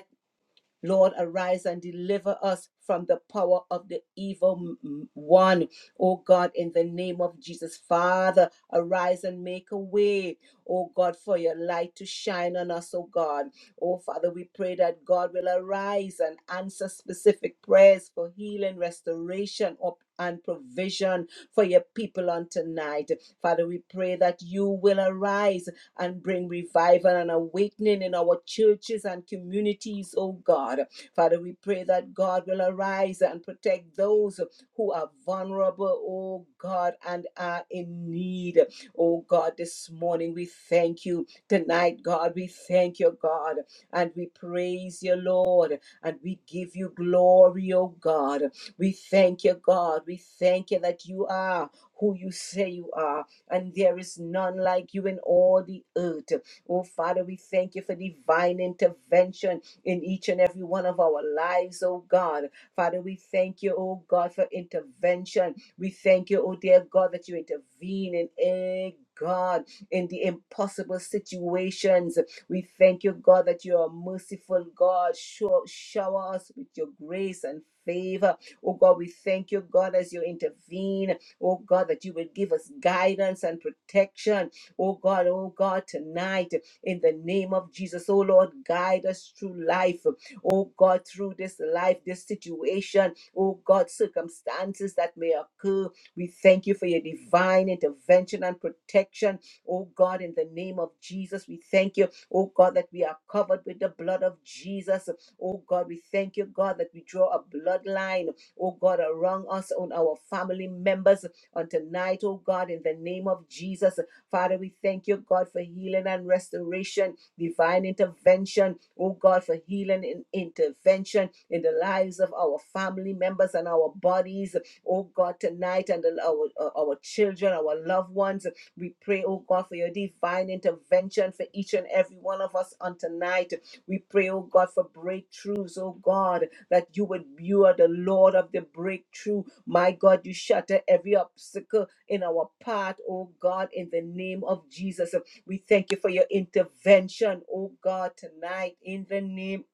Lord, arise and deliver us from the power of the evil m- one. Oh God, in the name of Jesus, Father, arise and make a way. Oh God, for your light to shine on us, oh God. Oh Father, we pray that God will arise and answer specific prayers for healing, restoration, op- and provision for your people on tonight. Father, we pray that you will arise and bring revival and awakening in our churches and communities, oh God. Father, we pray that God will arise and protect those who are vulnerable, oh God, and are in need. Oh God, this morning we thank you. Tonight, God, we thank you, God, and we praise you, Lord, and we give you glory, oh God. We thank you, God. We thank you that you are who you say you are and there is none like you in all the earth. Oh, Father, we thank you for divine intervention in each and every one of our lives, oh God. Father, we thank you, oh God, for intervention. We thank you, oh dear God, that you intervene in every God, in the impossible situations. We thank you, God, that you are merciful, God. Show, shower us with your grace and favor. Oh God, we thank you, God, as you intervene Oh God, that you would give us guidance and protection. Oh God, oh God, tonight in the name of Jesus. Oh Lord, guide us through life. Oh God, through this life, this situation. Oh God, circumstances that may occur. We thank you for your divine intervention and protection. Oh God, in the name of Jesus, we thank you. Oh God, that we are covered with the blood of Jesus. Oh God, we thank you, God, that we draw a bloodline. Oh God, around us on our family members on tonight, oh God, in the name of Jesus. Father, we thank you, God, for healing and restoration, divine intervention, oh God, for healing and intervention in the lives of our family members and our bodies, oh God, tonight, and the- our, our children, our loved ones. We pray, oh God, for your divine intervention for each and every one of us on tonight. We pray, oh God, for breakthroughs, oh God that you would you are the Lord of the breakthrough. My God, you shatter every obstacle in our path, oh God, in the name of Jesus. We thank you for your intervention, oh God, tonight in the name,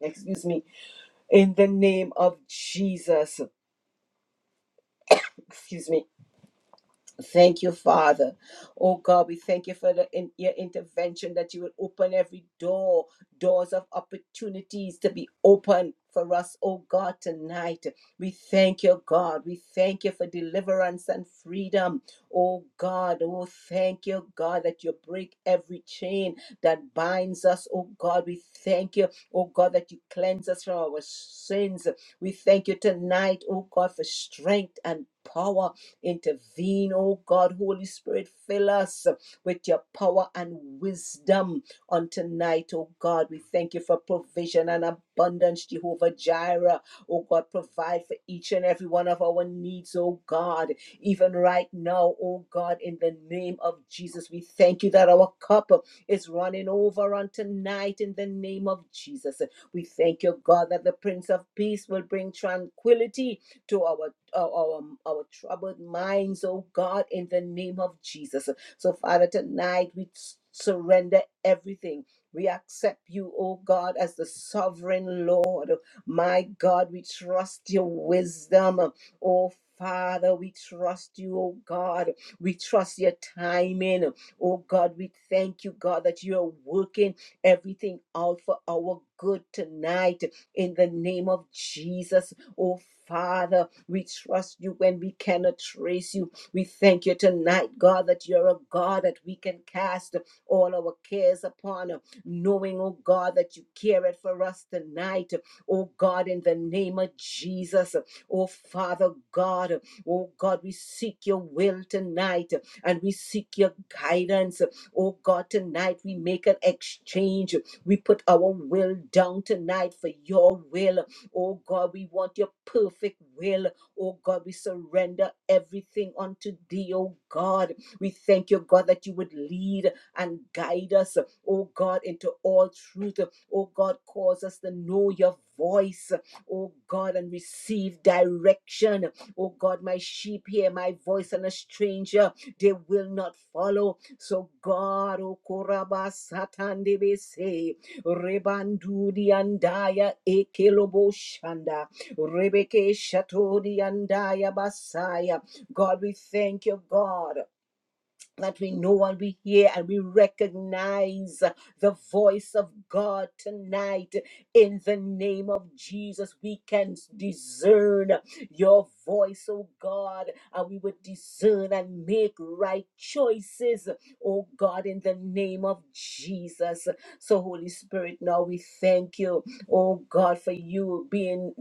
excuse me, in the name of Jesus. Excuse me. Thank you, Father. Oh God, we thank you for the in, your intervention that you will open every door, doors of opportunities to be open for us, oh God, tonight. We thank you, God. We thank you for deliverance and freedom, oh God. Oh, thank you, God, that you break every chain that binds us, oh God. We thank you, oh God, that you cleanse us from our sins. We thank you tonight, oh God, for strength and power. Intervene, oh God, Holy Spirit, fill us with your power and wisdom on tonight, oh God. We thank you for provision and abundance, Jehovah Jireh. Oh God, provide for each and every one of our needs, oh God. Even right now, oh God, in the name of Jesus, we thank you that our cup is running over on tonight in the name of Jesus. We thank you, God, that the Prince of Peace will bring tranquility to our our, our, um, our troubled minds, oh God, in the name of Jesus. So, Father, tonight we surrender everything. We accept you, oh God, as the sovereign Lord. My God, we trust your wisdom. Oh Father, we trust you, oh God. We trust your timing. Oh God, we thank you, God, that you are working everything out for our good tonight in the name of Jesus. Oh Father. We trust you when we cannot trace you. We thank you tonight, God, that you're a God that we can cast all our cares upon, knowing, oh God, that you care it for us tonight. Oh God, in the name of Jesus, oh Father God, oh God, we seek your will tonight and we seek your guidance. Oh God, tonight we make an exchange. We put our will down tonight for your will. Oh God, we want your perfect will. Oh God, we surrender everything unto thee, oh God. We thank you, God, that you would lead and guide us, oh God, into all truth. Oh God, cause us to know your voice, oh God, and receive direction. Oh God, my sheep hear my voice, and a stranger they will not follow. So God, oh Koraba Satan, they say, Rebandudi andaya ekelobo Shanda. Rebeke Shatodi and Basaya. God, we thank you, God that we know and we hear and we recognize the voice of God tonight in the name of Jesus. We can discern your voice, oh God, and we would discern and make right choices, oh God, in the name of Jesus. So, Holy Spirit, now we thank you, oh God, for you being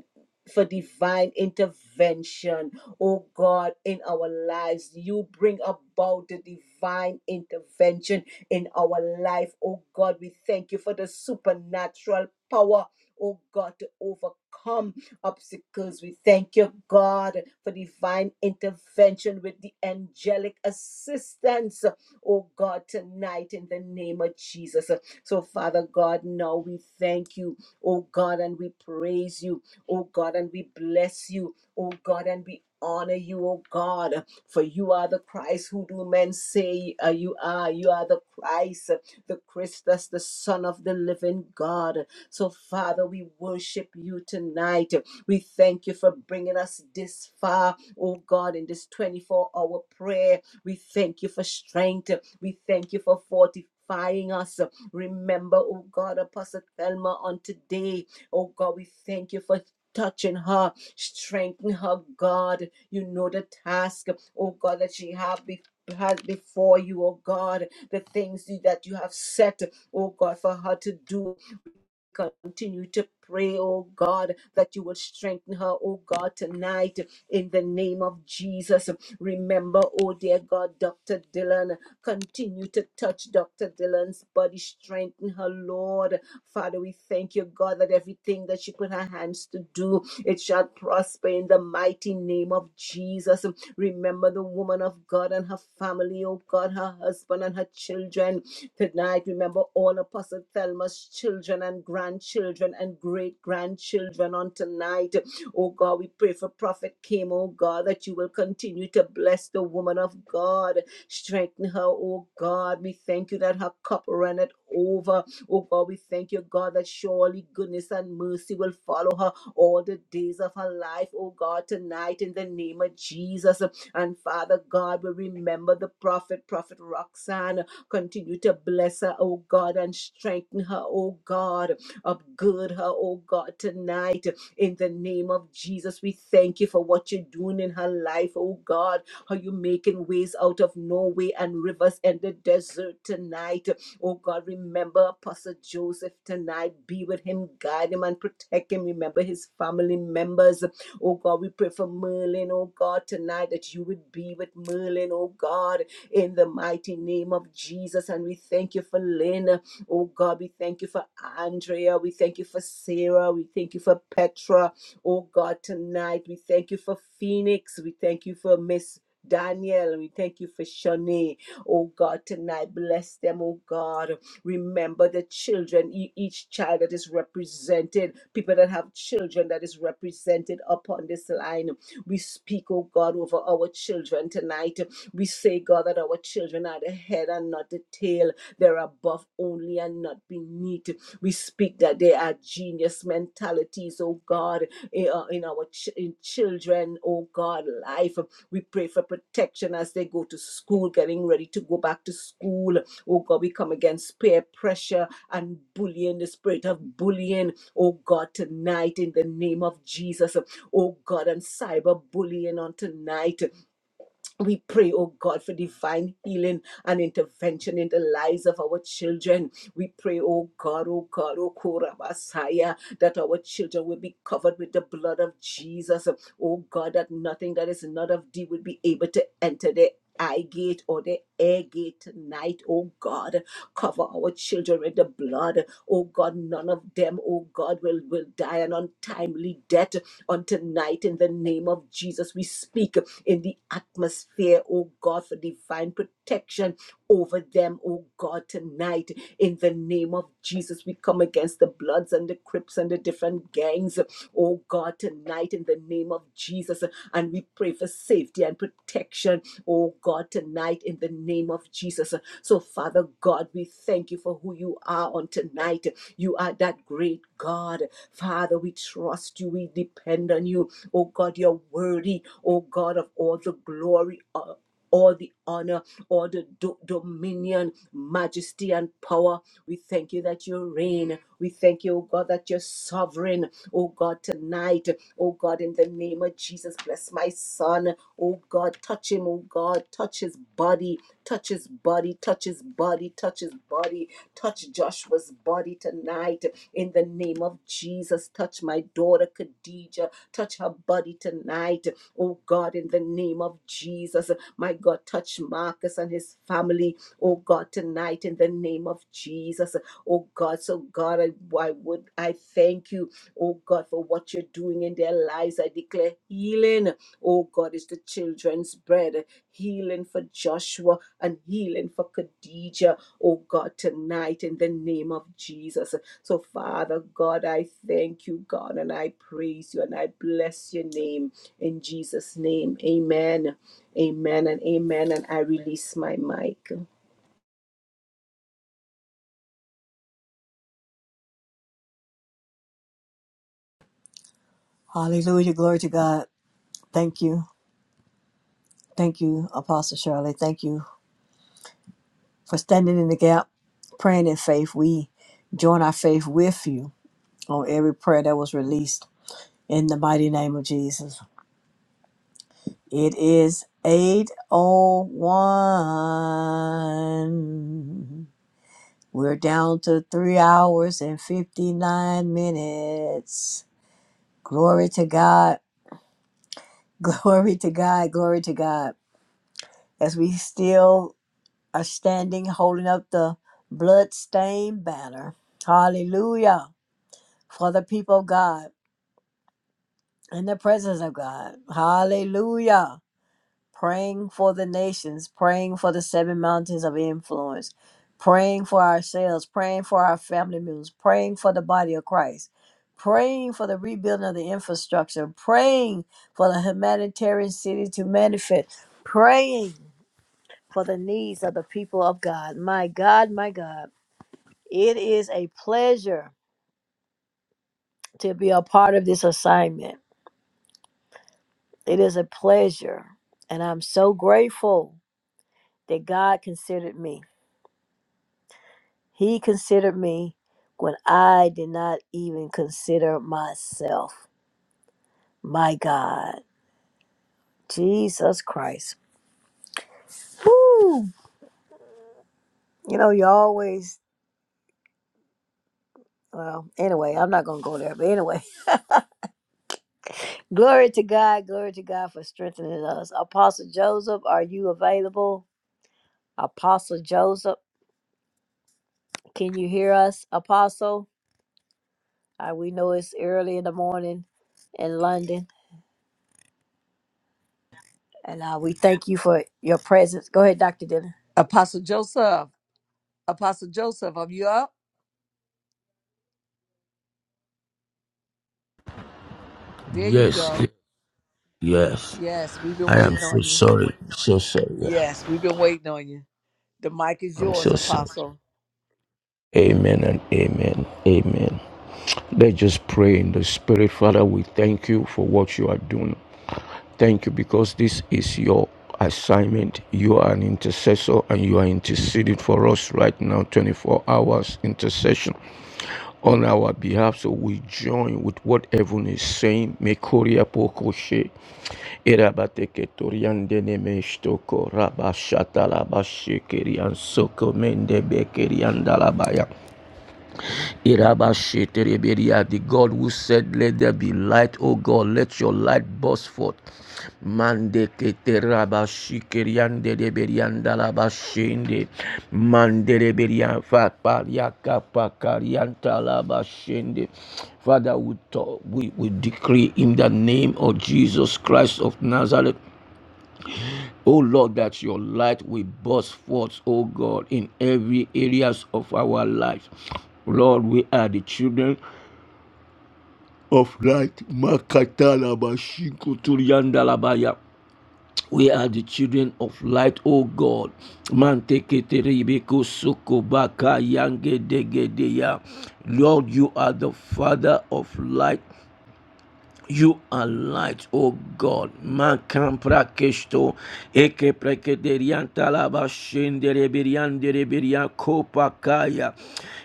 for divine intervention oh God, in our lives. You bring about the divine intervention in our life, oh God. We thank you for the supernatural power. Oh God, to overcome obstacles. We thank you, God, for divine intervention with the angelic assistance. Oh God, tonight in the name of Jesus. So, Father God, now we thank you, oh God, and we praise you, oh God, and we bless you, oh God, and we honor you, O God, for you are the Christ who do men say uh, you are. You are the Christ, uh, the Christus, the Son of the living God. So, Father, we worship you tonight. We thank you for bringing us this far, oh God, in this 24 hour prayer. We thank you for strength. We thank you for fortifying us. Remember, oh God, Apostle Thelma on today. Oh God, we thank you for touching her, strengthen her, God. You know the task, oh God, that she have be- has before you, oh God, the things that you have set, oh God, for her to do continue to pray, oh God, that you will strengthen her, oh God, tonight in the name of Jesus. Remember, oh dear God, Dr. Dylan, continue to touch Dr. Dylan's body, strengthen her, Lord. Father, we thank you, God, that everything that she put her hands to do, it shall prosper in the mighty name of Jesus. Remember the woman of God and her family, oh God, her husband and her children. Tonight, remember all Apostle Thelma's children and grandchildren and great grandchildren on tonight. Oh God, we pray for Prophet Kim, oh God, that you will continue to bless the woman of God. Strengthen her, oh God. We thank you that her cup runneth over. Oh God, we thank you, God, that surely goodness and mercy will follow her all the days of her life, oh God, tonight in the name of Jesus. And Father God, we remember the prophet, Prophet Roxanne. Continue to bless her, oh God, and strengthen her, oh God. Upgird her, oh God, tonight. In the name of Jesus, we thank you for what you're doing in her life, oh God. How you making ways out of no way and rivers and the desert tonight. Oh God, remember Apostle Joseph tonight. Be with him, guide him, and protect him. Remember his family members. Oh God, we pray for Merlin, oh God, tonight that you would be with Merlin, oh God in the mighty name of Jesus. And we thank you for Lynn. Oh God, we thank you for Andrea. We thank you for Sarah. We thank you for Petra. Oh God, tonight we thank you for Phoenix. We thank you for Miss. Daniel, we thank you for Shani. Oh God, tonight bless them, oh God. Remember the children, e- each child that is represented, people that have children that is represented upon this line. We speak, oh God, over our children tonight. We say, God, that our children are the head and not the tail. They're above only and not beneath. We speak that they are genius mentalities, oh God, in uh, in our ch- in children, oh God, life. We pray for protection as they go to school, getting ready to go back to school. Oh God, we come against peer pressure and bullying, the spirit of bullying, oh God, tonight in the name of Jesus. Oh God, and cyberbullying on tonight we pray, oh God, for divine healing and intervention in the lives of our children. We pray, oh God, oh God, oh Korabasaya, that our children will be covered with the blood of Jesus. Oh God, that nothing that is not of thee will be able to enter the eye gate or the air gate tonight, oh God. Cover our children with the blood. Oh God, none of them, oh God, will, will die an untimely death on tonight in the name of Jesus. We speak in the atmosphere, oh God, for divine protection over them, oh God, tonight. In the name of Jesus, we come against the Bloods and the Crips and the different gangs, oh God, tonight, in the name of Jesus. And we pray for safety and protection, oh God, tonight, in the name of Jesus. So, Father God, we thank you for who you are on tonight. You are that great God. Father, we trust you, we depend on you. Oh God, you're worthy, oh God, of all the glory, uh, all the honor, all the do- dominion, majesty, and power. We thank you that you reign. We thank you, oh God, that you're sovereign. Oh God, tonight, oh God, in the name of Jesus, bless my son. Oh God, touch him, oh God, touch his body, touch his body, touch his body, touch his body, touch Joshua's body tonight. In the name of Jesus, touch my daughter, Khadijah. Touch her body tonight, oh God, in the name of Jesus. My God, touch Marcus and his family, oh God, tonight, in the name of Jesus. Oh God, so God, I, I would, I thank you, oh God, for what you're doing in their lives. I declare healing, oh God, is the children's bread, healing for Joshua and healing for Khadijah, oh God, tonight, in the name of Jesus. So, Father God, I thank you, God, and I praise you and I bless your name in Jesus' name. Amen. Amen and amen. And I release my mic. Hallelujah. Glory to God. Thank you. Thank you, Apostle Shirley. Thank you for standing in the gap, praying in faith. We join our faith with you on every prayer that was released in the mighty name of Jesus. It is 801. We're down to 3 hours and 59 minutes. Glory to God. *laughs* Glory to God. Glory to God. As we still are standing holding up the blood-stained banner. Hallelujah for the people of God. in the presence of God. Hallelujah. Praying for the nations, praying for the seven mountains of influence, praying for ourselves, praying for our family members, praying for the body of Christ, praying for the rebuilding of the infrastructure, praying for the humanitarian city to manifest, praying for the needs of the people of God. My God, my God, it is a pleasure to be a part of this assignment. It is a pleasure. And I'm so grateful that God considered me. He considered me when I did not even consider myself. My God, Jesus Christ. Woo. You know, you always, well, anyway, I'm not going to go there, but anyway. *laughs* Glory to God. Glory to God for strengthening us. Apostle Joseph, are you available? Apostle Joseph, can you hear us, Apostle? Uh, we know it's early in the morning in London, and uh, we thank you for your presence. Go ahead, Dr. Dillon. Apostle Joseph, Apostle Joseph, are you up? There you Yes, yes, go. yes. Yes, we've been I am waiting so on you. sorry. So sorry. Yeah. Yes, we've been waiting on you. The mic is I'm yours, so sorry. Apostle. Amen and amen. Amen. Let's just pray in the Spirit. Father, we thank you for what you are doing. Thank you because this is your assignment. You are an intercessor and you are interceding for us right now, 24 hours intercession. on our behalf. So we join with what heaven is saying. Mekoria pokoshe. Erabateketorian denemestoko rabashatalabashekerian sokomende bekerian dalabaya. Irabashetereberia, The God who said, Let there be light, Oh God, let your light burst forth. Mande keterabashikeriande deberianda labashende. Mande deberia faparia kapakarianta labashende. Father, we, talk, we, we decree in the name of Jesus Christ of Nazareth. O Lord, that your light will burst forth, O God, in every areas of our life. Lord, we are the children of light. We are the children of light, O God. Manteketerebeko sokobaka yangedegedeya. Lord, you are the Father of light. You are light, O God. Makan prakesto, eke prekederia talaba shendere birian dere biria kopa kaya,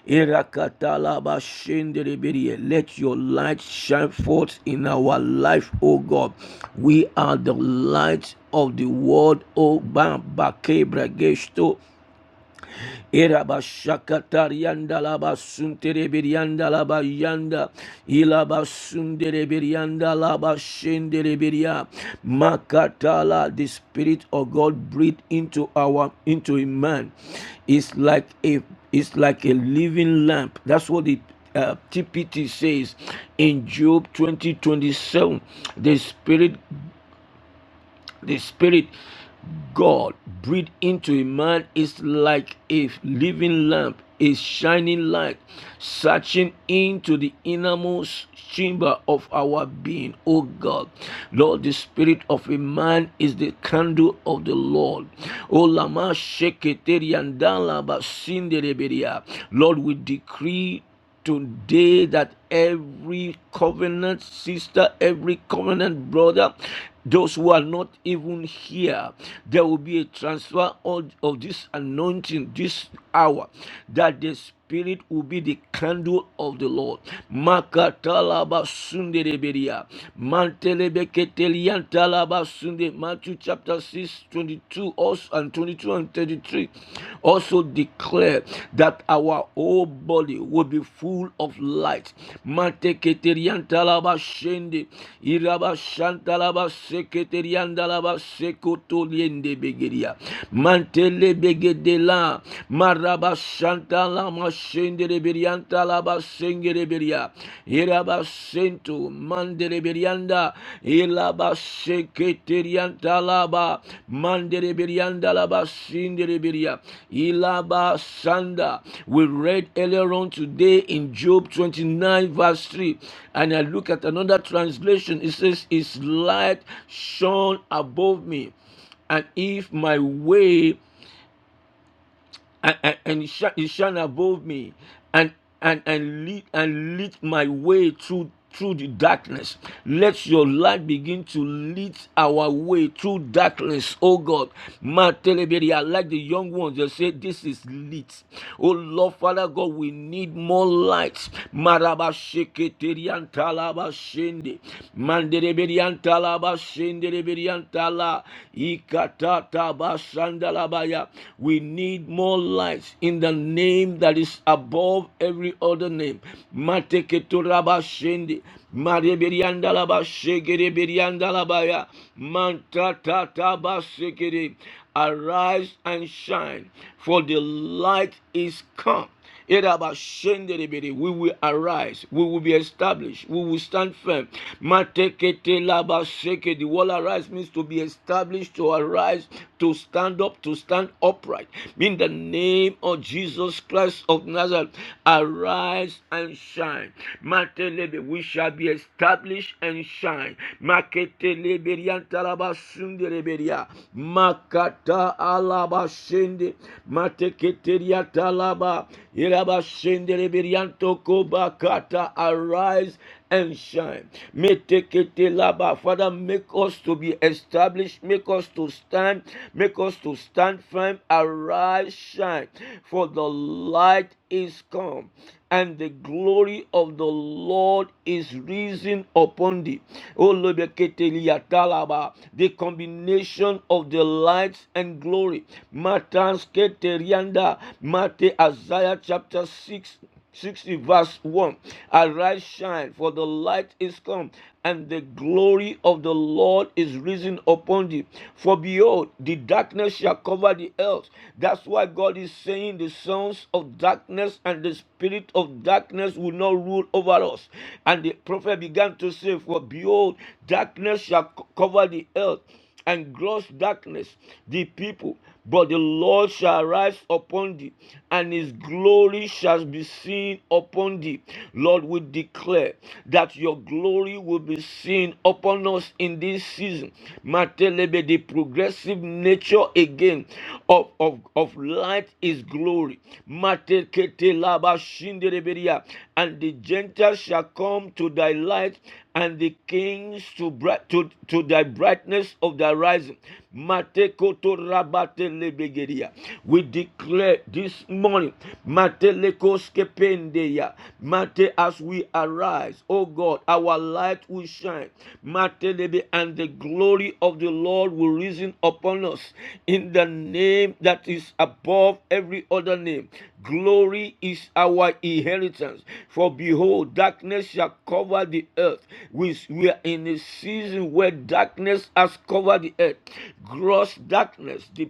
irakatalaba shendere birie. Let your light shine forth in our life, O God. We are the light of the world, O Bamba Kebragesto. Iraba shakatar yanda laba suntere bir yanda laba yanda ilaba sundere bir laba şendere bir makatala the spirit of God breathed into our into a man it's like a it's like a living lamp that's what it uh, TPT says in Job 20:27. the spirit the spirit God breathed into a man is like a living lamp, a shining light, searching into the innermost chamber of our being. O God, Lord, the spirit of a man is the candle of the Lord. O Lama Sheketeriandala Basindereberia. Lord, we decree today that every covenant sister, every covenant brother, those who are not even here, there will be a transfer of, of this anointing this hour that the Spirit will be the candle of the Lord. Makatalaba sundereberia. mantelebeketelia talaba sunde. Matthew chapter 6 22 also, and 22 and 33 also declare that our whole body will be full of light. Mateketeriantalaba shende, irabashantalaba seketeriandalaba sekotoliende begeria. Mantele begedela, marabashantalama shende reberiantalaba senge reberia. Irabasentu mandeleberianda ilabasekerianta laba mandeleberianda laba sindeleberia ilabasanda. We read earlier on today in Job 29 verse 3 and I look at another translation. It says, His light shone above me and if my way and, and, and sh- you shine above me and and and lead and lead my way through through the darkness let your light begin to lead our way through darkness oh god man telebere i like the young ones they say this is lit oh lord father god we need more light maraba sheketerian talaba shende mandereberian talaba shendereberian tala ikata Sandalabaya. We need more lights in the name that is above every other name. Mateketuraba Shendi. Mareberiandalaba Shegereberiandalabaya. Mantatataba Shekere. Arise and shine, for the light is come Erabashenderebere, We will arise. We will be established. We will stand firm. Mateketelabaseke, The word arise means to be established, to arise, to stand up, to stand upright. In the name of Jesus Christ of Nazareth, arise and shine. Matelebe, We shall be established and shine. Makateleberiantalabasundereberia. Makata alabashende. Mateketeriatala Laba, Iraba Shendere Birianto Koba Kata, arise and shine. Metekete Laba, Father, make us to be established, make us to stand, make us to stand firm, arise, shine, for the light is come, and the glory of the Lord is risen upon thee. O Lebekete Liatalaba, the combination of the lights and glory. Matans keterianda Matthew, Isaiah chapter 6, 60, verse 1 arise shine for the light is come and the glory of the lord is risen upon thee for behold the darkness shall cover the earth that's why god is saying the sons of darkness and the spirit of darkness will not rule over us and the prophet began to say for behold darkness shall co- cover the earth and gross darkness the people. But the Lord shall rise upon thee, and his glory shall be seen upon thee. Lord, we declare that your glory will be seen upon us in this season. Matelebe, the progressive nature again of, of, of light is glory. And the Gentiles shall come to thy light, and the kings to, bright, to, to thy brightness of thy rising. We declare this morning, as we arise, O God, our light will shine. and the glory of the Lord will risen upon us in the name that is above every other name. Glory is our inheritance. For behold, darkness shall cover the earth. We, we are in a season where darkness has covered the earth. Gross darkness, the,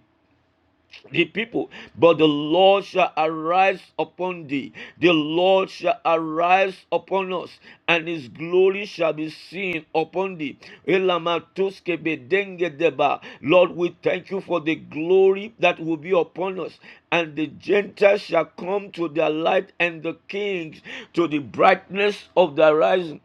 the people. But the Lord shall arise upon thee. The Lord shall arise upon us, and his glory shall be seen upon thee. Elamatoskebedengedeba. Lord, we thank you for the glory that will be upon us and the Gentiles shall come to their light, and the kings to the brightness of the rising.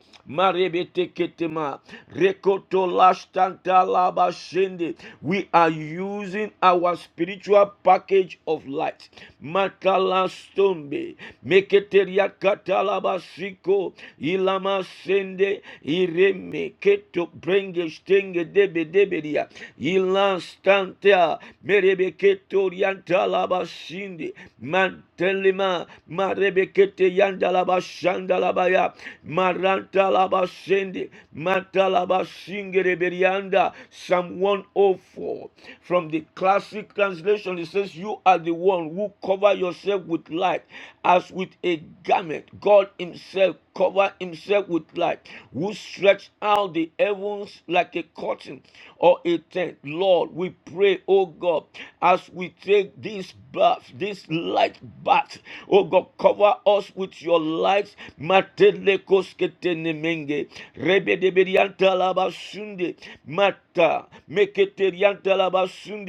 We are using our spiritual package of light. Makalastombe, meketeriakatalabasiko, ilamasende, iremeketo, brengestenge, debedebedia, ilanstantea, Reketorianta laba shindi. Mantelima. Marebekete yanda laba shanda laba ya. Maranta laba shindi. Manta laba shingi Psalm 104. From the classic translation, it says, You are the one who cover yourself with light as with a garment. God Himself cover Himself with light, who stretched out the heavens like a curtain or a tent. Lord, we pray, oh God, as we take this bath, this light bath, oh God, cover us with your light. mata meketerianta laba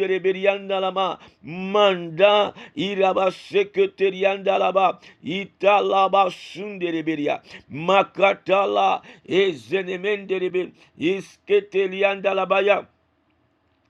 reberianda lama, manda iraba laba, ita reberia, makatala ezenemende rebe, isketelianda labaya.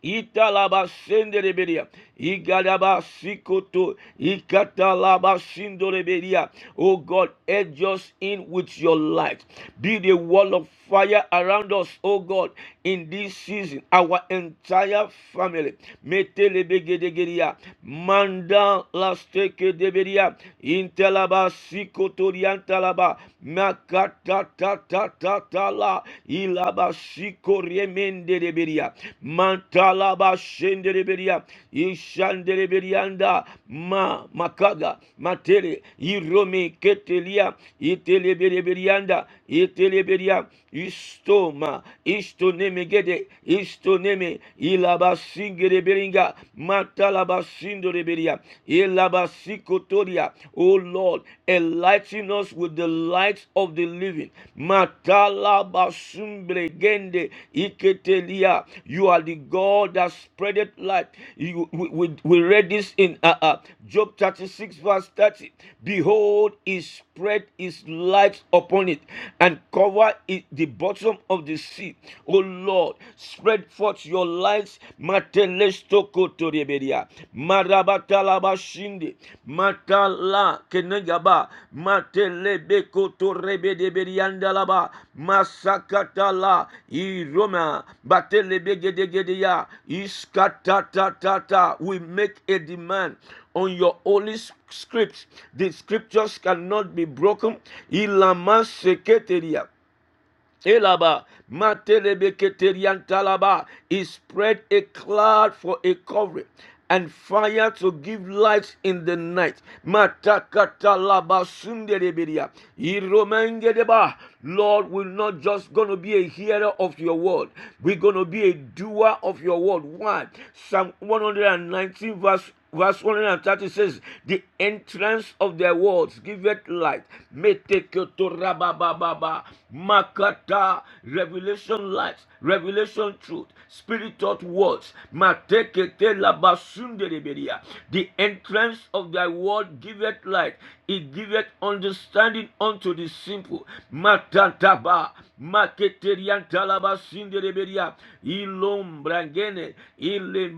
Italaba sendereberia. Igadaba sikoto. Ikatalaba sindoreberia. Oh God, edge us in with your light. Be the wall of fire around us, oh God, in this season. Our entire family. Metelebegedegeria. Manda lasteke deberia. Intalaba sikoto riantalaba. Makata ta ta la ilaba shiko remende de mantala ba shende de ishande de ma makaga matere irome ketelia itele berianda itele beria istoma istoneme gede istoneme ilabasingere beringa matalabasindore beria ilabasikotoria oh lord enlighten us with the light of the living matalabasunbregende iketelia you are the god that spreadeth light you, we, we, we read this in uh, uh, job 36 verse 30 behold he spread his light upon it and cover wherever is the bottom of the sea. O Lord, spread forth your lights. Matelestokotorebedia. Marabatalabashinde. Matala kenegaba. Matelebekotorebedebediandalaba. Masakatala. Iroma. Batelebegedegedea. Iskatatatata. We make a demand on your holy scripts. The scriptures cannot be broken. Ilama seketeria. Elaba, Matelebeketeriantalaba. He spread a cloud for a covering and fire to give light in the night. Matakatalaba sunderebedia. Iromengedeba. Lord, we're not just going to be a hearer of your word. We're going to be a doer of your word. Why? Psalm 119 verse Verse 130 says, The entrance of their words giveth light. Meteketorabababa. Makata revelation light, revelation truth, spirit taught words. Mateketelabasundelebedia. The entrance of thy word giveth light, it giveth understanding unto the simple. Matantaba, Maketeriantalabasindeleberia. Ilom ombrangene ile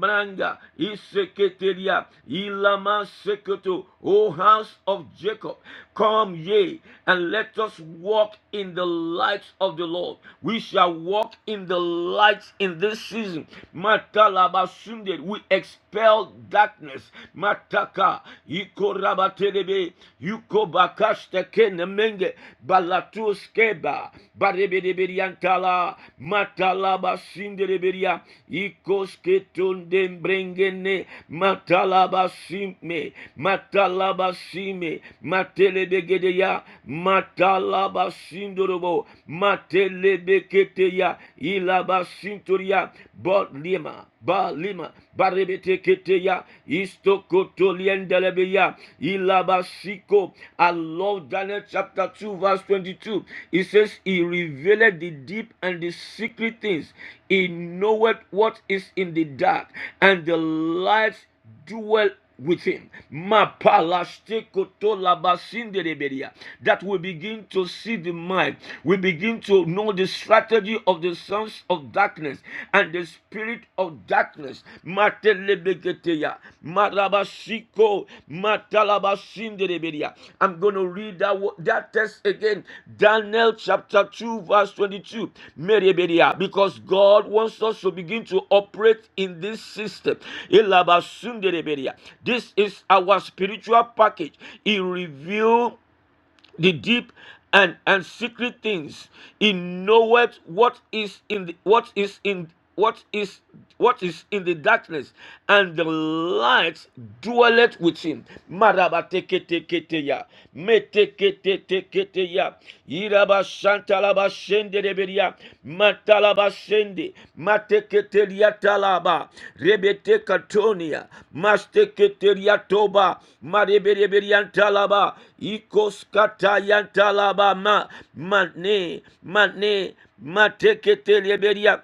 iseketeria ilama seketo O house of Jacob come ye and let us walk in the light of the Lord we shall walk in the light in this season matalabasunde we expel darkness mataka ikorabaterebe yukobakashtekene menge balatuskeba barebedeberiantala matalaba sindereberia ikosketondembrengene matalaba sime matalaba sime matelebegedeya matalaba sindorobo matelebeketeya ilaba sintoria bolima balima barebeteketeya Stokotoliendelebeya, Ilabasiko. I love Daniel chapter 2, verse 22. It says, He revealed the deep and the secret things. He knoweth what is in the dark, and the light dwell with him. Mapalastikotolambasinderebedia. That we begin to see the mind. We begin to know the strategy of the sons of darkness and the spirit of darkness. Matelebeketeya. Marabasiko. matala I'm going to read that, that text again. Daniel chapter 2, verse 22. Mereberia. Because God wants us to begin to operate in this system. This is our spiritual package. He revealed the deep and and secret things he knoweth what is in the, what is in what is what is in the darkness and the light dwelleth with him maraba teke matalaba shende reberia matalaba shende mateketeria talaba rebete katonia masteketeria toba marebereberia talaba ikoskata yantalaba ma mane mane mateketeria beria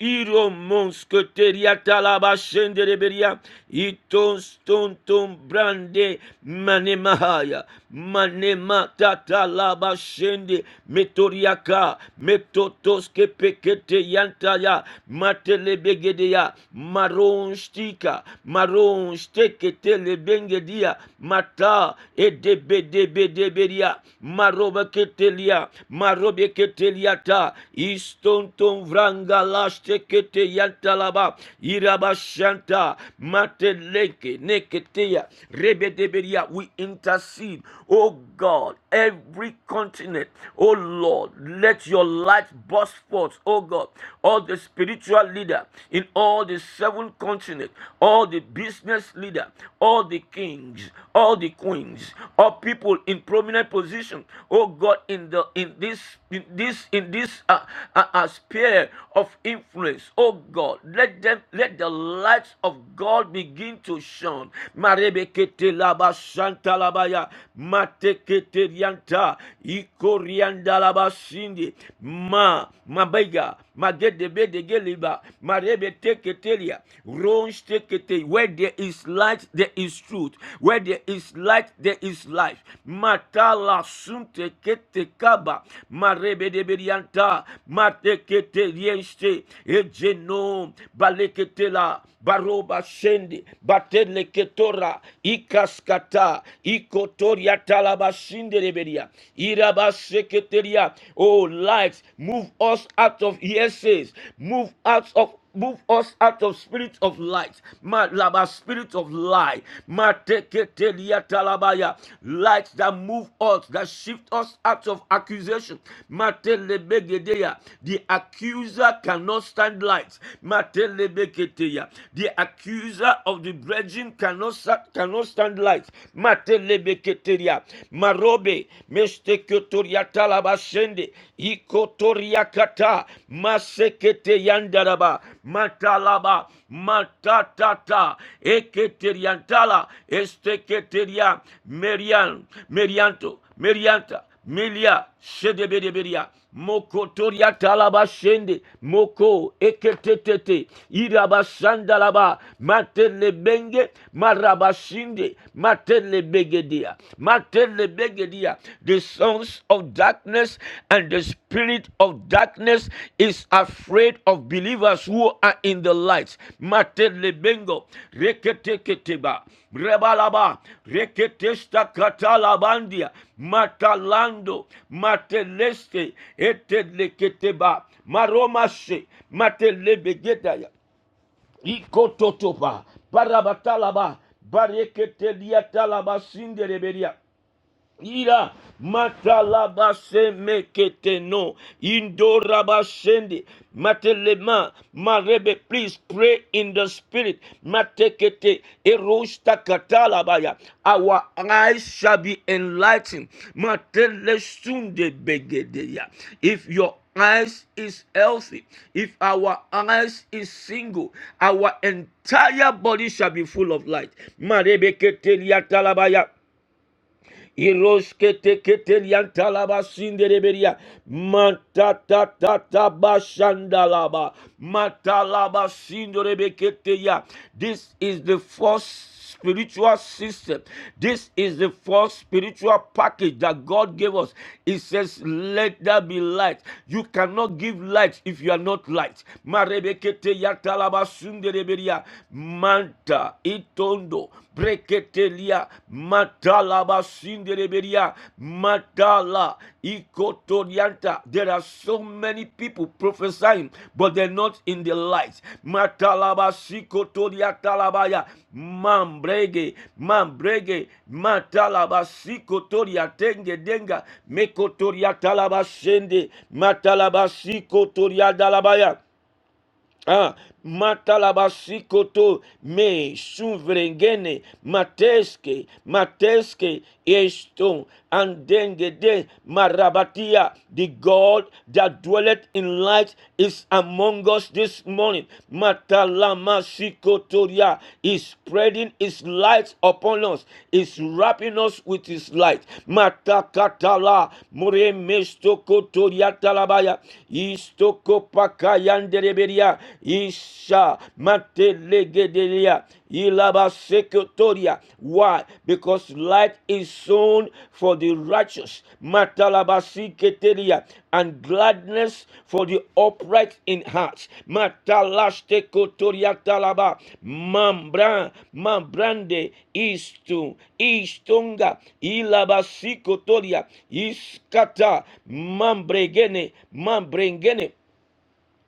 Iro monsketeria talaba shendereberia. Iton ston ton brande manemahaya. Manema tatalaba shende metoriaka. Metotoske pekete yantaya. Matelebegedeya. Maronstika. Maronsteketelebengedia. Mata edebedebederia. Marobaketelia marobe keteliata istonton vranga lashte kete yantalaba irabashanta mateleke neketeya rebedeberia we intercede oh god every continent oh lord let your light burst forth oh god all the spiritual leader in all the seven continents all the business leader all the kings all the queens or people in prominent position oh god in the in this in this in this uh, uh, uh, sphere of influence oh god let them let the lights of god begin to shine marebekete laba shanta labaya matekete rianta ikorianda laba shindi ma mabega magedebe degeliba marebeteketelia where there is light, there is truth. Where there is light, there is life. Matala sunte kete kaba. marebe Marebedeberianta. Matekete rienste. Ejeno. Balekete la Baroba shende. Bateleketora. Ikaskata. Ikotoria talabashinde rebedia. Irabaseketeria. Oh, lights, move us out of yeses. Move out of Move us out of spirit of light. malaba laba spirit of lie. Ma teketelia talabaya. Light that move us, that shift us out of accusation. Ma telebegedeya. The accuser cannot stand light. Ma telebeketeya. The accuser of the brethren cannot sa- cannot stand light. Ma telebeketeya. Marobe. Mestekotoria ashende ikotoria kata masekete yandaraba matalaba matatata eketeriantala esteketeria merian merianto merianta milia shedebedeberia Moko toria talaba shende Moko eketetete. Irabashandalaba. Matelebenge. Marabashinde. Matelebegedia. Matelebegedia. The sons of darkness and the spirit of darkness is a afraid of believers who are in the light. Mate lebengo, rekete keteba, rebalaba, rekete stakatalabandia, matalando, mateleste, ete maromashe, mate lebegedaya, barabatalaba, barekete liatalaba sindereberia. Ira matalabase meketeno indorabashende matelema marebe please pray in the spirit matekete erosta katalabaya our eyes shall be enlightened matele sunde begedeya if your eyes is healthy if our eyes is single our entire body shall be full of light marebekete liatalabaya Iroske teketen yantalaba sindereberia. Matatataba shandalaba. Matalaba sinderebeketeya. This is the first spiritual system. This is the first spiritual package that God gave us. It says, Let there be light. You cannot give light if you are not light. Marebekete yatalaba sundereberia. Manta itondo breketelia matala basindereberia matala ikotorianta there are so many people prophesying but they're not in the light matala basikotoriatalabaya mambrege mambrege matala basikotoriatenge denga mekotoriatalabasende matala basikotoliadalabaya Ah, matalabasikoto me suvrengene mateske mateske eston andengede marabatia. The God that dwelleth in light is among us this morning. Matalamasikotoria is spreading His light upon us. Is wrapping us with His light. Matakatala muremestokotoria talabaya istokopakaya yandereberia isha matelegedelia ilaba sekotoria. Why? Because light is sown for the righteous matalabasiketeria and gladness for the upright in heart matalashte talaba mambran mambrande istu istunga ilabasikotoria iskata mambregene mambrengene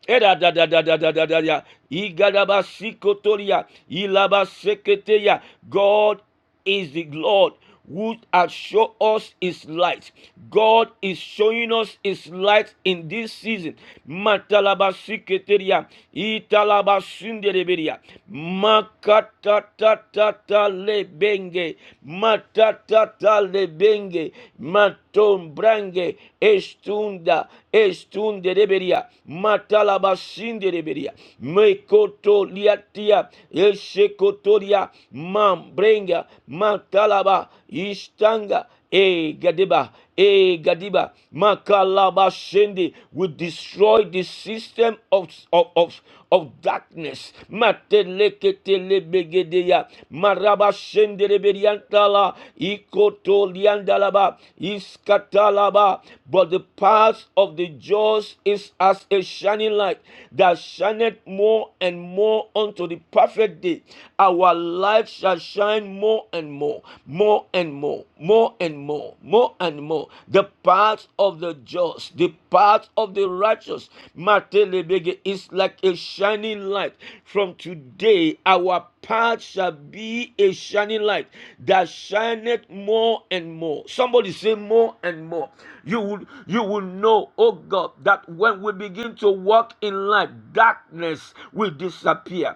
Era da da da da da da da da. Igadaba sikotoria. Ilaba seketeya. God is the Lord who has shown us his light. God is showing us his light in this season. Matalaba siketeria. Italaba sundereberia. Makatatatata lebenge. Matatata lebenge. Mat Tom tombrange estunda estunde reberia matalabashinde reberia mekoto liatia eshekotoria mambrenga matalaba istanga e gadeba Eh, Gadiba, Makalaba Shende will destroy the system of, of, of, of darkness. Mateleketelebegedea, Maraba Shende Reberiantala, Ikotoliandalaba, Iskatalaba. But the path of the just is as a shining light that shineth more and more unto the perfect day. Our light shall shine more and more, more and more, more and more, more and more. The path of the just, the path of the righteous, Matelebege, is like a shining light. From today, our path shall be a shining light that shineth more and more. Somebody say more and more. You will you will know, oh God, that when we begin begin to walk in light, darkness will disappear.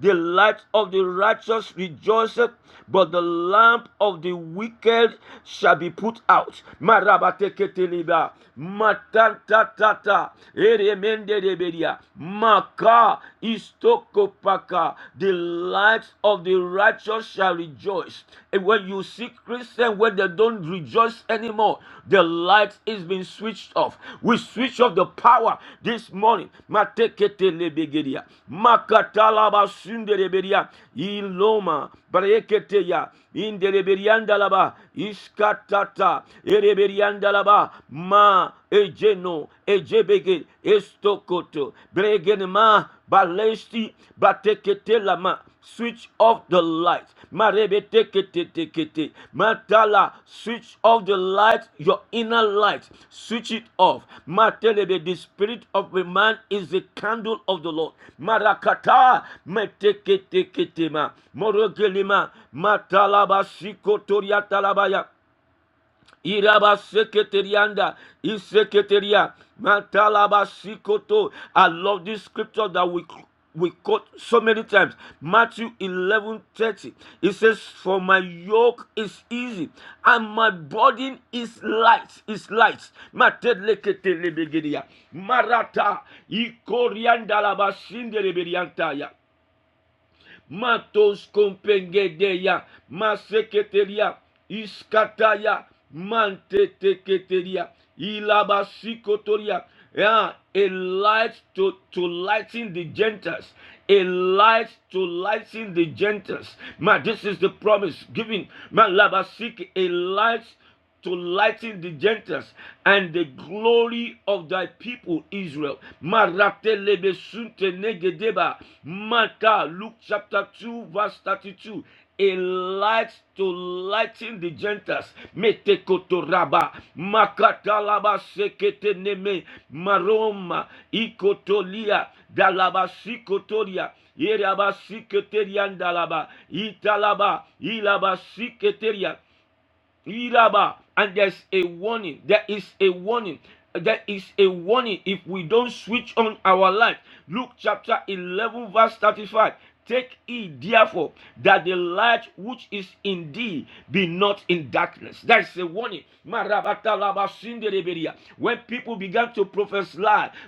The light of the righteous rejoiceth, but the lamp of the wicked shall be put out. The light hearts of the righteous shall rejoice. And when you see Christians when they don't rejoice anymore, the light is being switched off. We switch off the power this morning. Matekete lebegedia, makatalaba sunderebedia, iloma breketeya, indereberiandalaba, iskatata, ereberiandalaba, ma ejeno, ejebege, estokoto, bregenema, Balesti batekete lama. Switch off the light. Marebeteketetekete. Matala, switch off the light, your inner light. Switch it off. Matelebe, the spirit of a man is the candle of the Lord. Marakata, meteketeketema. Morogelima, matalaba, shikotoriatalabaya. Iraba seketerianda, iseketeria, matalaba sikoto. I love this scripture that we we quote so many times. Matthew 11 30. It says, For my yoke is easy and my burden is light. Is light. Mateleketelebegedea, Marata. Ikoriandalaba shindelebediantaya matos kompengedeya, maseketeria, iskataya, manteteketeria, ilabasikotoria. Yeah, a light to, to lighten the Gentiles. A light to lighten the Gentiles. Man, this is the promise given. Man, labasik, a light to lighten the Gentiles and the glory of thy people Israel. Maratelebe Luke chapter 2, verse 32. A light to lighten the Gentiles. Metekotoraba, Makatalaba sekete Maroma, Ikotolia, Dalaba sikotoria, dalaba, Italaba, Ilaba Iraba. And there's a warning. There is a warning. There is a warning if we don't switch on our light. Luke chapter 11, verse 35. Take heed, therefore, that the light which is in thee be not in darkness. That's a warning. Maraba when people began to prophesy,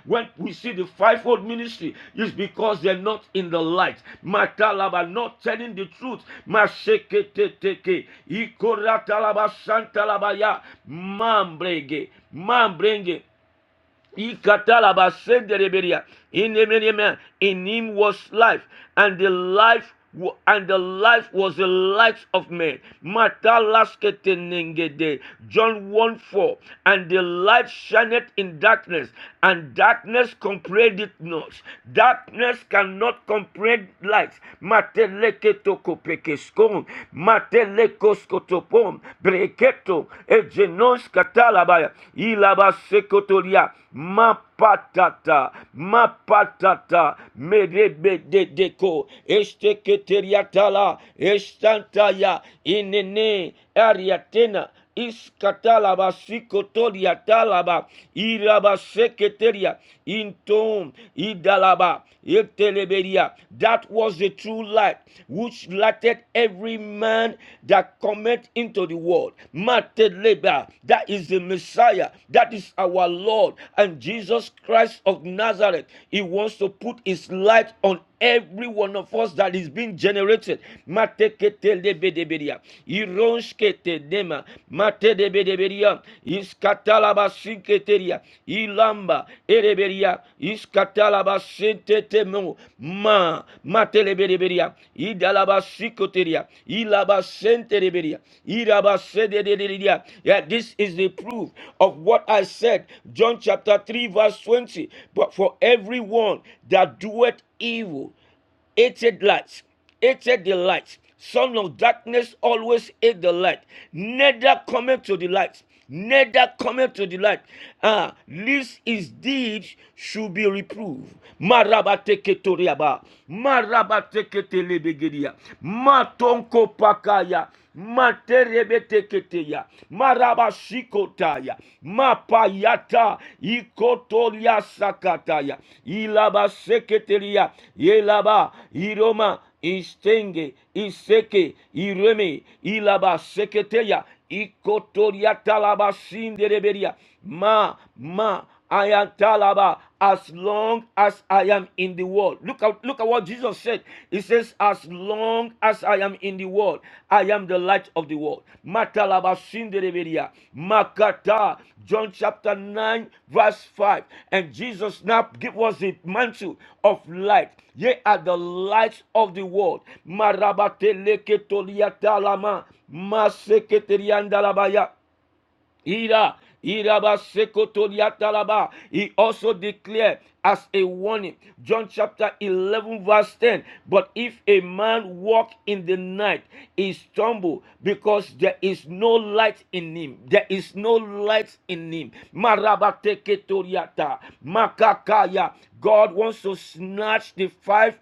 when we see the fivefold ministry, it's because they're not in the light. Matalaba, not telling the truth. Masheketeteke. Ikoratalabashantalabaya. Mambrege. Mambrenge. Ikatalabasendelebedia. In the man, in him was life, and the life and the life was the light of men. Matalasketenengede. John 1 4. And the light shineth in darkness, and darkness comprehend it not. Darkness cannot comprehend light. Mateleketo Zelekos kotopom, breketo, egenos katalabaya, ilabasekotolia, mapatata, mapatata, medebedeko, esteketeriatala, estantaya, inene, ariatena, Iskatalaba sikotoria talaba iraba seketeria intom idalaba eteleberia. That was the true light which lighted every man that cometh into the world. Mateleba, that is the Messiah, that is our Lord and Jesus Christ of Nazareth. He wants to put his light on every one of us that is being generated. Mateketelebedebedea, Ironshketenema, Matedebedebedia, Iskatalabasiketeria, Ilamba, Ereberia, Iskatalabasentetemo, Ma, Matelebedebedia, Idalabasikoteria, Ilabasenterebedia, Irabasedededia. Yeah, this is the proof of what I said. John chapter 3, verse 20. But for everyone that doeth evil, hated light, hated the light. Son of darkness always hate the light, neither cometh to the light, neither cometh to the light. Ah, lest his deeds should be reproved. Marabateketoriaba, marabateketelebegediya, matonko pakaya materebeteketeya marabashikotaya mapayata ikotolia sakataya ilabaseketelia yelaba iroma istenge iseke ireme ilabaseketeya ikotoria talabasindereberia ma ma I am Talaba as long as I am in the world. Look at look at what Jesus said. He says, As long as I am in the world, I am the light of the world. Matalaba Sindereberia. Makata. John chapter 9, verse 5. And Jesus now give us the mantle of light. Ye are the light of the world. Marabateleketoriatalama. Maseketeriandalabaya. Ira, Iraba Sekotoriatalaba. He also declared as a warning, John chapter 11, verse 10. But if a man walk in the night, he stumble because there is no light in him. There is no light in him. Marabateketoriata, Makakaya. God wants to snatch the five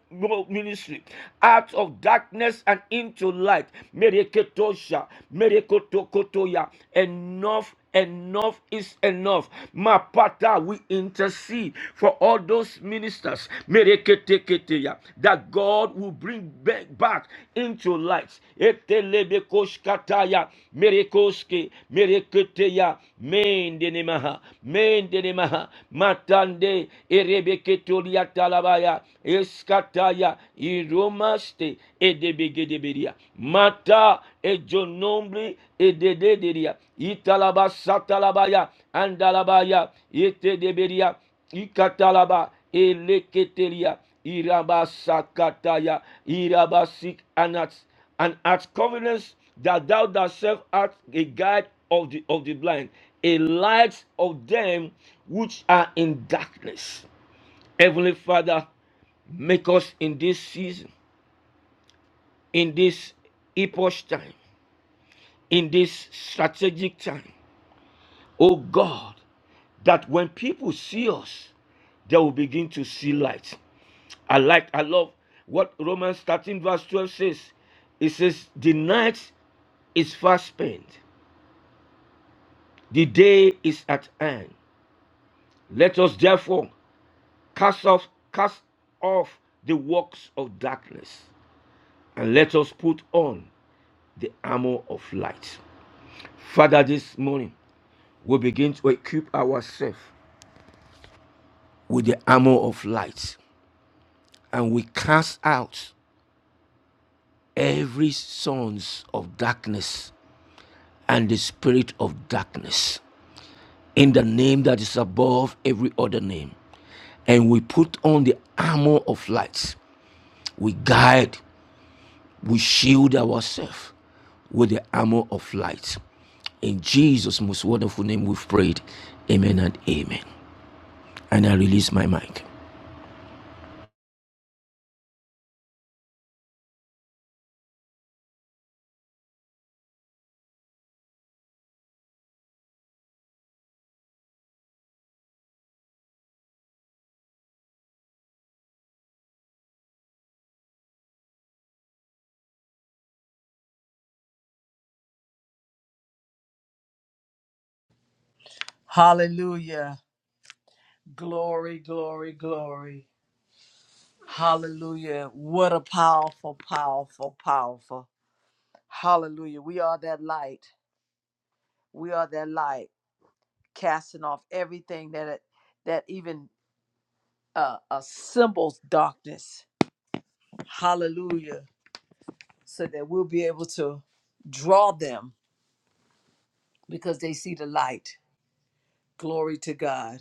ministry out of darkness and into light. May Mereketosha, merekotokotoya. Enough enough is enough. Mapata, we intercede for all those ministers mereketeketeya, that God will bring ba- back into light. Etelebekoshkataya, merekoske, mereketeya, mendenemaha, mendenemaha, matande, erebeketoliatalabaya, eskataya, Iromaste edebegedeberia. Mata ejonombre ededederia. Italaba satalabaya andalabaya etedeberia. Ikatalaba eleketeria. Iraba sakataya. Iraba sik anats. And at covenants that thou thyself art a guide of the of the blind, a light of them which are in darkness. Heavenly Father, make us in this season in this epoch time, in this strategic time. Oh God, that when people see us, they will begin to see light. I like, I love what Romans 13, verse 12 says. It says, The night is fast spent, the day is at hand. Let us therefore cast off, cast off the works of darkness, and let us put on the armor of light. Father, this morning. we begin to equip ourselves with the armor of light and we cast out every sons of darkness and the spirit of darkness in the name that is above every other name and we put on the armor of light we guide we shield ourselves with the armor of light in jesus most wonderful name we've prayed amen and amen and i release my mic Hallelujah. Glory, glory, glory. Hallelujah. What a powerful, powerful, powerful. Hallelujah. We are that light. We are that light, casting off everything that that even uh, a symbol's darkness. Hallelujah. So that we'll be able to draw them because they see the light. Glory to God.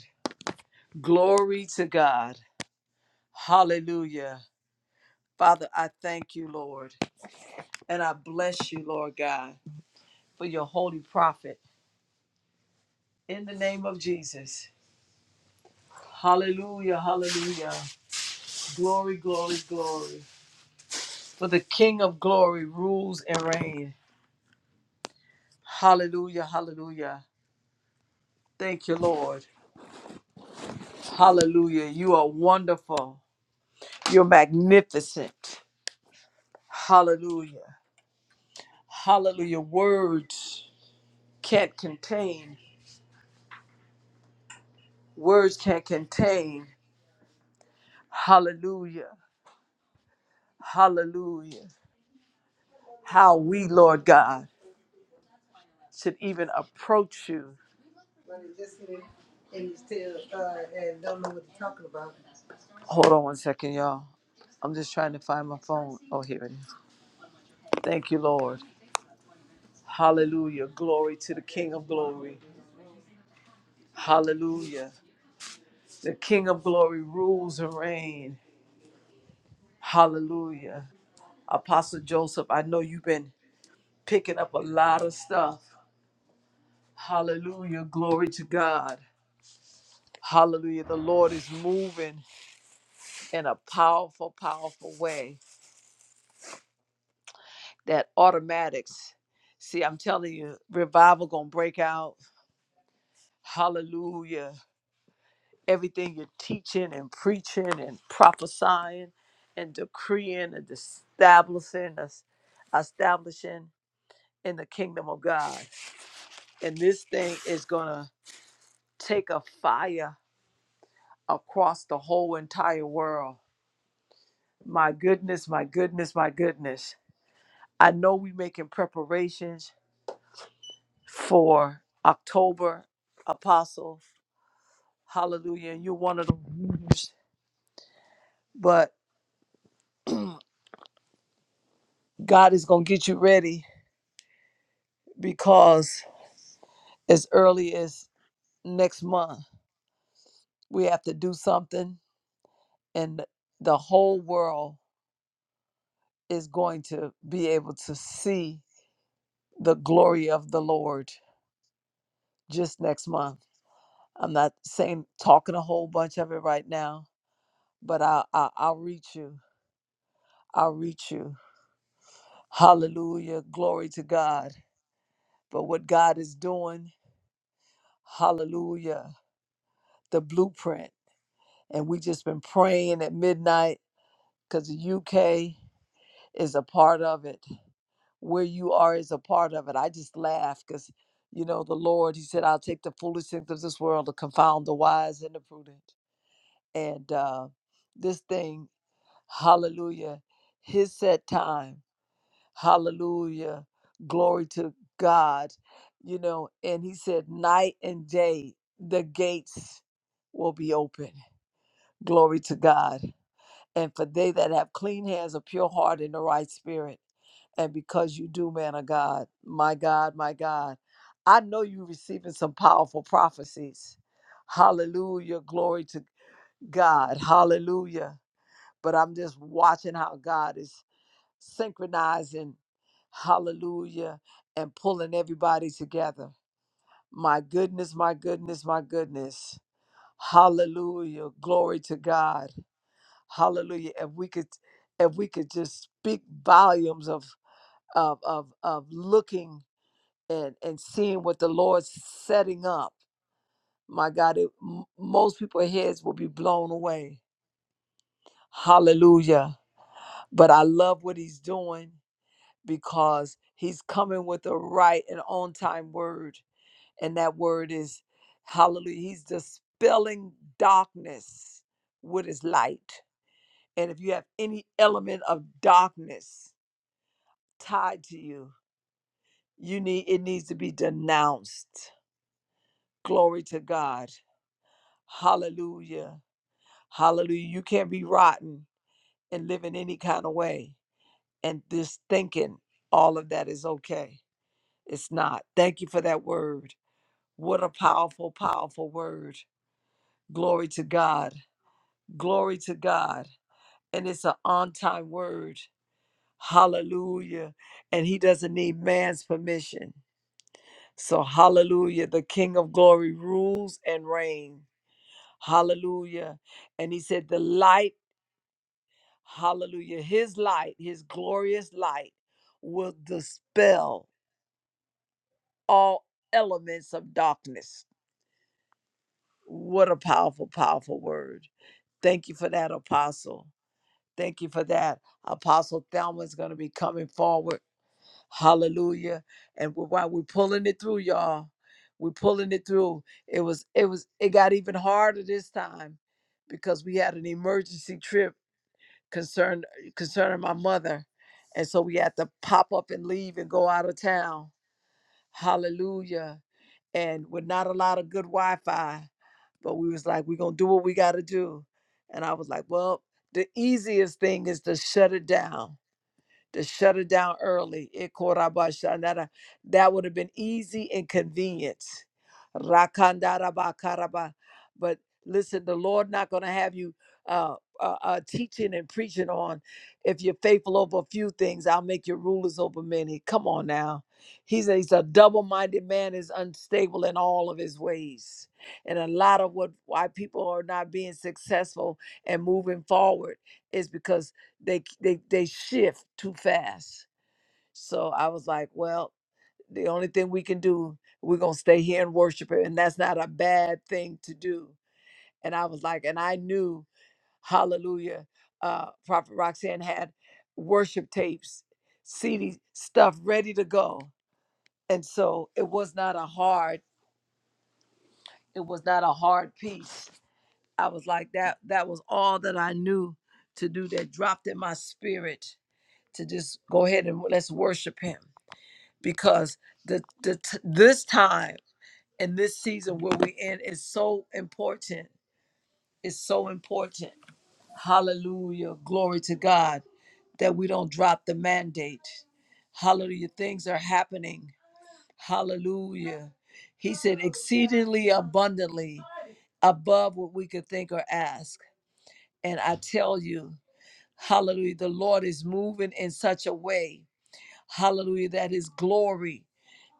Glory to God. Hallelujah. Father, I thank you, Lord. And I bless you, Lord God, for your holy prophet. In the name of Jesus. Hallelujah. Hallelujah. Glory, glory, glory. For the King of glory rules and reigns. Hallelujah. Hallelujah. Thank you, Lord. Hallelujah. You are wonderful. You're magnificent. Hallelujah. Hallelujah. Words can't contain. Words can't contain. Hallelujah. Hallelujah. How we, Lord God, should even approach you. But it just hit it and you still uh, and don't know what you're talking about. Hold on one second, y'all. I'm just trying to find my phone. Oh, here it is. Thank you, Lord. Hallelujah. Glory to the King of glory. Hallelujah. The King of glory rules and reigns. Hallelujah. Apostle Joseph, I know you've been picking up a lot of stuff. Hallelujah. Glory to God. Hallelujah. The Lord is moving in a powerful, powerful way. That automatics. See, I'm telling you, revival gonna break out. Hallelujah. Everything you're teaching and preaching and prophesying and decreeing and establishing, establishing in the kingdom of God. And this thing is going to take a fire across the whole entire world. My goodness, my goodness, my goodness. I know we're making preparations for October, Apostle. Hallelujah. And you're one of the leaders. But God is going to get you ready because as early as next month, we have to do something, and the whole world is going to be able to see the glory of the Lord just next month. I'm not saying talking a whole bunch of it right now, but I, I I'll reach you. I'll reach you. Hallelujah. Glory to God. But what God is doing, hallelujah, the blueprint. And we just been praying at midnight because the UK is a part of it. Where you are is a part of it. I just laugh because you know the Lord, He said, I'll take the foolish things of this world to confound the wise and the prudent. and uh, this thing, hallelujah, his set time, hallelujah, glory to God, you know. And he said, night and day, the gates will be open. Glory to God. And for they that have clean hands, a pure heart, and a right spirit. And because you do, man of God, my God, my God, I know you're receiving some powerful prophecies. Hallelujah. Glory to God. Hallelujah but I'm just watching how God is synchronizing, hallelujah, and pulling everybody together. My goodness, my goodness, my goodness. Hallelujah. Glory to God. Hallelujah. If we could if we could just speak volumes of of of of looking and and seeing what the Lord's setting up. My God, it, m- most people's heads will be blown away. Hallelujah. But I love what he's doing. because he's coming with a right and on time word. And that word is hallelujah. He's dispelling darkness with his light. And if you have any element of darkness tied to you, you need it needs to be denounced. Glory to God. Hallelujah. Hallelujah. You can't be rotten and live in any kind of way and just thinking all of that is okay. It's not. Thank you for that word. What a powerful, powerful word. Glory to God. Glory to God. And it's an on time word. Hallelujah. And he doesn't need man's permission. So, hallelujah. The King of glory rules and reigns. Hallelujah. And he said, The light, hallelujah, his light, his glorious light will dispel all elements of darkness. What a powerful, powerful word. Thank you for that, Apostle. Thank you for that. Apostle Thelma is going to be coming forward. Hallelujah. And we- while we're pulling it through, y'all, we're pulling it through. It was, it was, it got even harder this time because we had an emergency trip concern concerning my mother. And so we had to pop up and leave and go out of town Hallelujah. And with not a lot of good Wi-Fi, but we was like, we're gonna do what we gotta do. And I was like, well, the easiest thing is to shut it down to shut it down early. It korabashanara. That would have been easy and convenient. Rakandarabakaraba. But listen, the Lord not going to have you uh, uh, uh, teaching and preaching on. If you're faithful over a few things, I'll make you rulers over many. Come on now. He's a, he's a double-minded man is unstable in all of his ways. And a lot of what why people are not being successful and moving forward is because they they they shift too fast. So I was like, well, the only thing we can do, we're gonna stay here and worship it, and that's not a bad thing to do. And I was like, and I knew, Hallelujah, uh, Prophet Roxanne had worship tapes, CD stuff ready to go, and so it was not a hard, it was not a hard piece. I was like that. That was all that I knew to do. That dropped in my spirit to just go ahead and let's worship Him because the, the t- this time and this season where we're in is so important. It's so important. Hallelujah. Glory to God that we don't drop the mandate. Hallelujah. Things are happening. Hallelujah. He said, exceedingly abundantly above what we could think or ask. And I tell you, hallelujah, the Lord is moving in such a way, hallelujah, that his glory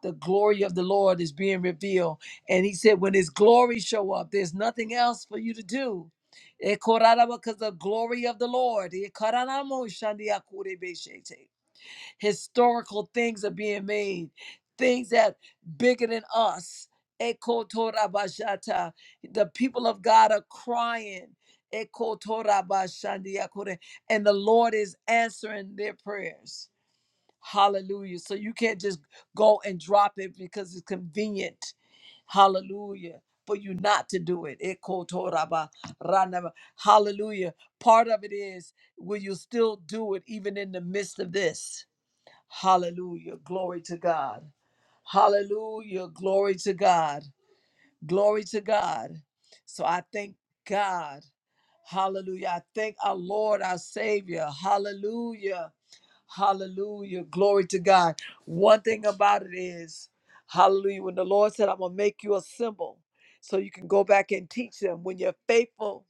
the glory of the Lord is being revealed. And he said, when his glory show up, there's nothing else for you to do. Eh, korara, Because the glory of the Lord. Eh, koraramo shandiakurebeshete. Historical things are being made, things that bigger than us. Ekotorabashata. The people of God are crying. Ekotorabashandiakure. And the Lord is answering their prayers. Hallelujah. So you can't just go and drop it because it's convenient. Hallelujah. For you not to do it. Eko toraba ranaba. Hallelujah. Part of it is will you still do it even in the midst of this? Hallelujah. Glory to God. Hallelujah. Glory to God. Glory to God. So I thank God. Hallelujah. I thank our Lord, our Savior. Hallelujah. Hallelujah. Glory to God. One thing about it is, hallelujah, when the Lord said, I'm going to make you a symbol so you can go back and teach them when you're faithful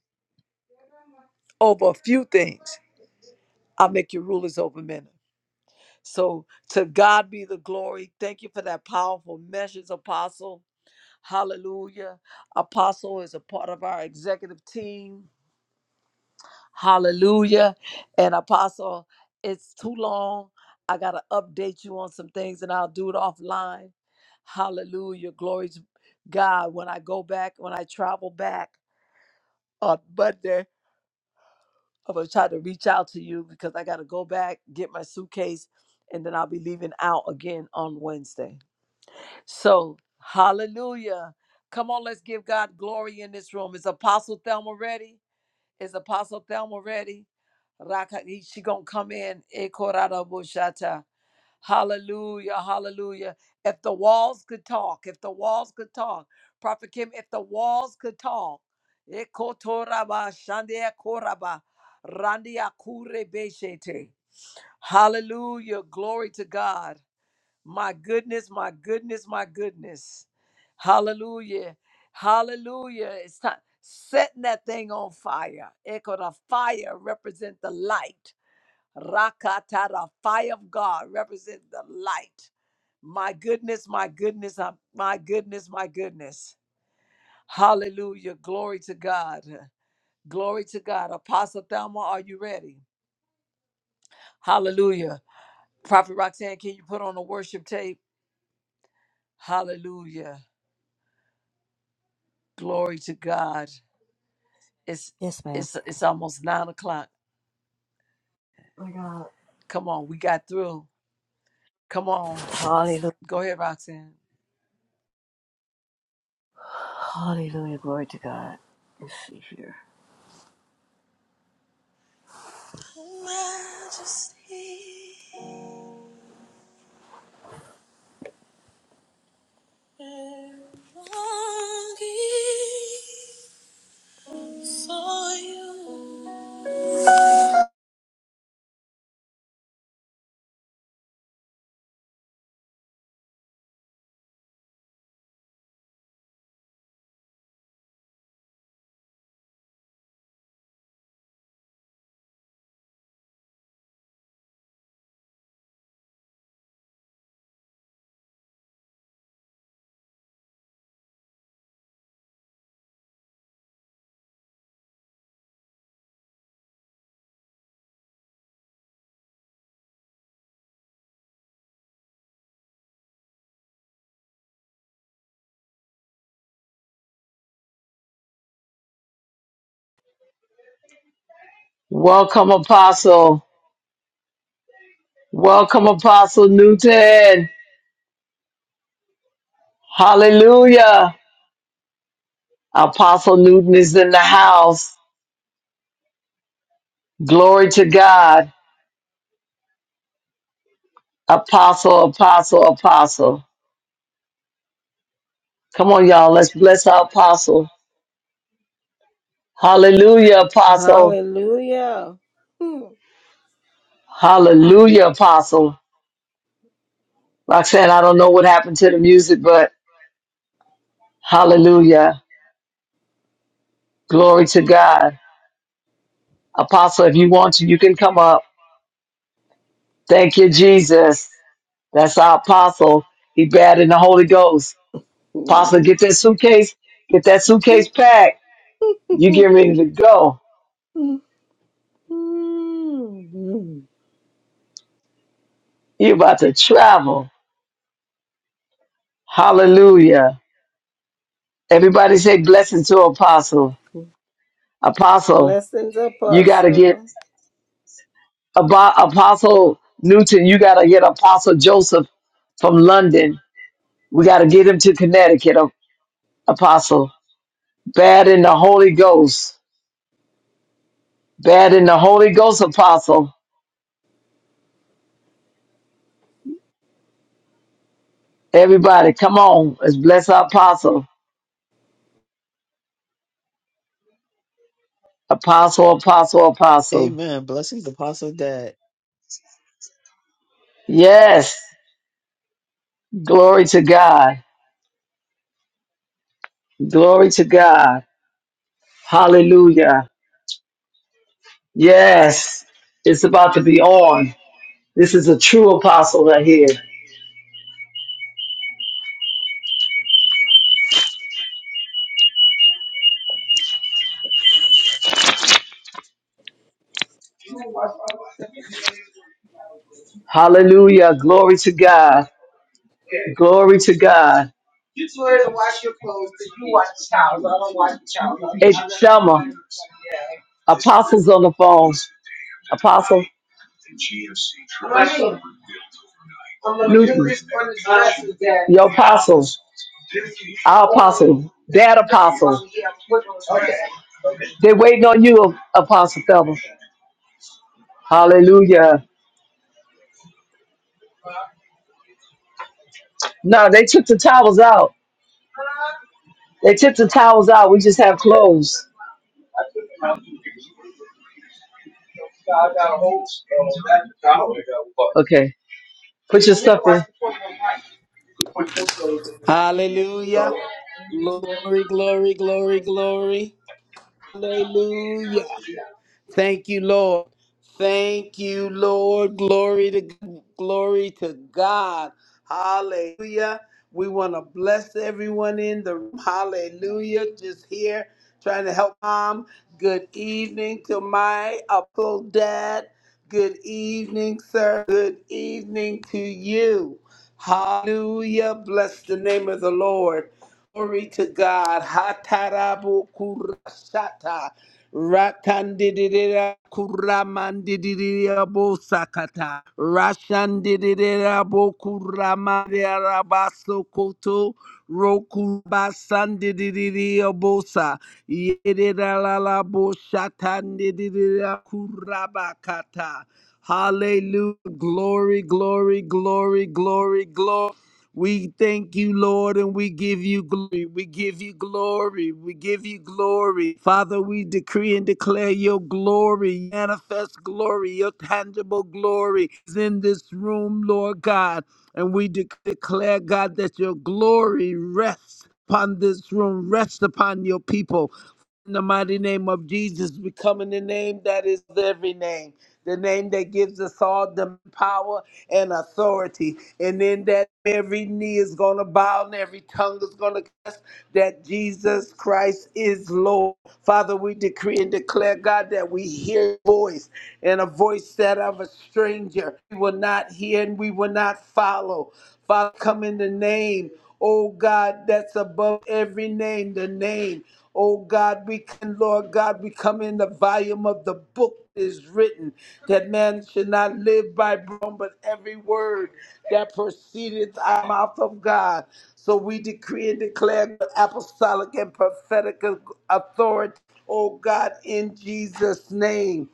over a few things, I'll make you rulers over many. So to God be the glory. Thank you for that powerful message, Apostle. Hallelujah. Apostle is a part of our executive team. Hallelujah. And Apostle, it's too long. I got to update you on some things and I'll do it offline. Hallelujah. Glory to God. When I go back, when I travel back on Monday, I'm going to try to reach out to you because I got to go back, get my suitcase, and then I'll be leaving out again on Wednesday. So, hallelujah. Come on, let's give God glory in this room. Is Apostle Thelma ready? Is Apostle Thelma ready? Raka, she gonna come in. E korara bushata. Hallelujah, hallelujah. If the walls could talk, if the walls could talk, Prophet Kim, if the walls could talk, E kotoraba, shandia koraba, randia kure beshete. hallelujah, glory to God. My goodness, my goodness, my goodness. Hallelujah. Hallelujah. It's time setting that thing on fire. Echo the fire represent the light. Rakata, the fire of God represent the light. My goodness, my goodness, uh, my goodness, my goodness. Hallelujah. Glory to God. Glory to God. Apostle Thelma, are you ready? Hallelujah. Prophet Roxanne, can you put on a worship tape? Hallelujah. Glory to God. It's Yes, ma'am. it's it's almost nine o'clock. My God. Come on, we got through. Come on. Hallelujah. Go ahead, Roxanne. Hallelujah. Glory to God. Let's see here. Welcome, Apostle. Welcome, Apostle Newton. Hallelujah. Apostle Newton is in the house. Glory to God. Apostle, apostle, apostle. Come on, y'all. Let's bless our apostle. Hallelujah, apostle. Hallelujah. Hallelujah, apostle. Roxanne, I don't know what happened to the music, but hallelujah. Glory to God. Apostle, if you want to, you can come up. Thank you, Jesus. That's our apostle. He bad in the Holy Ghost. Apostle, *laughs* get that suitcase, get that suitcase packed. You get ready to go. You about to travel. Hallelujah. Everybody say blessing to apostle. Apostle, Blessings, you gotta get Apostle. about apostle Newton, you gotta get apostle Joseph from London. We gotta get him to Connecticut, apostle. Bad in the Holy Ghost. Bad in the Holy Ghost, apostle. Everybody, come on. Let's bless our apostle. Apostle, apostle, apostle. Amen. Blessings, Apostle Dad. Yes. Glory to God. Glory to God. Hallelujah. Yes. It's about to be on. This is a true apostle right here. Hallelujah. Glory to God. Glory to God. Apostles on the phone. Apostle Your Our That They waiting on you, Apostle Pebbles. Hallelujah. No, they took the towels out. They took the towels out. We just have clothes. Okay. Put your stuff in. Hallelujah. Glory, glory, glory, glory. Hallelujah. Thank you, Lord. Thank you, Lord. Glory to glory to God. Hallelujah. We want to bless everyone in the room. Hallelujah. Just here trying to help mom. Good evening to my Apple dad. Good evening, sir. Good evening to you. Hallelujah. Bless the name of the Lord. Glory to God. Hatarabu kurashata. Rakandidia Kuramandidia Bosakata Rashandidia Bokuramadia Rabaso Koto Rokubasandidia Bosa Yedida Lala Boshatandidia Kurabakata Hallelujah. Glory, glory, glory, glory, glory. We thank you, Lord, and we give you glory. We give you glory. We give you glory. Father, we decree and declare your glory, manifest glory, your tangible glory is in this room, Lord God. And we de- declare, God, that your glory rests upon this room, rests upon your people. In the mighty name of Jesus, we come in the name that is every name the name that gives us all the power and authority. And in that, every knee is going to bow and every tongue is going to confess that Jesus Christ is Lord. Father, we decree and declare, God, that we hear your voice and a voice that of a stranger we will not hear and we will not follow. Father, come in the name, oh God, that's above every name, the name. Oh God, we can, Lord God, we come in the volume of the book that is written that man should not live by bread, but every word that proceedeth out of the mouth of God. So we decree and declare the apostolic and prophetic authority, oh God, in Jesus' name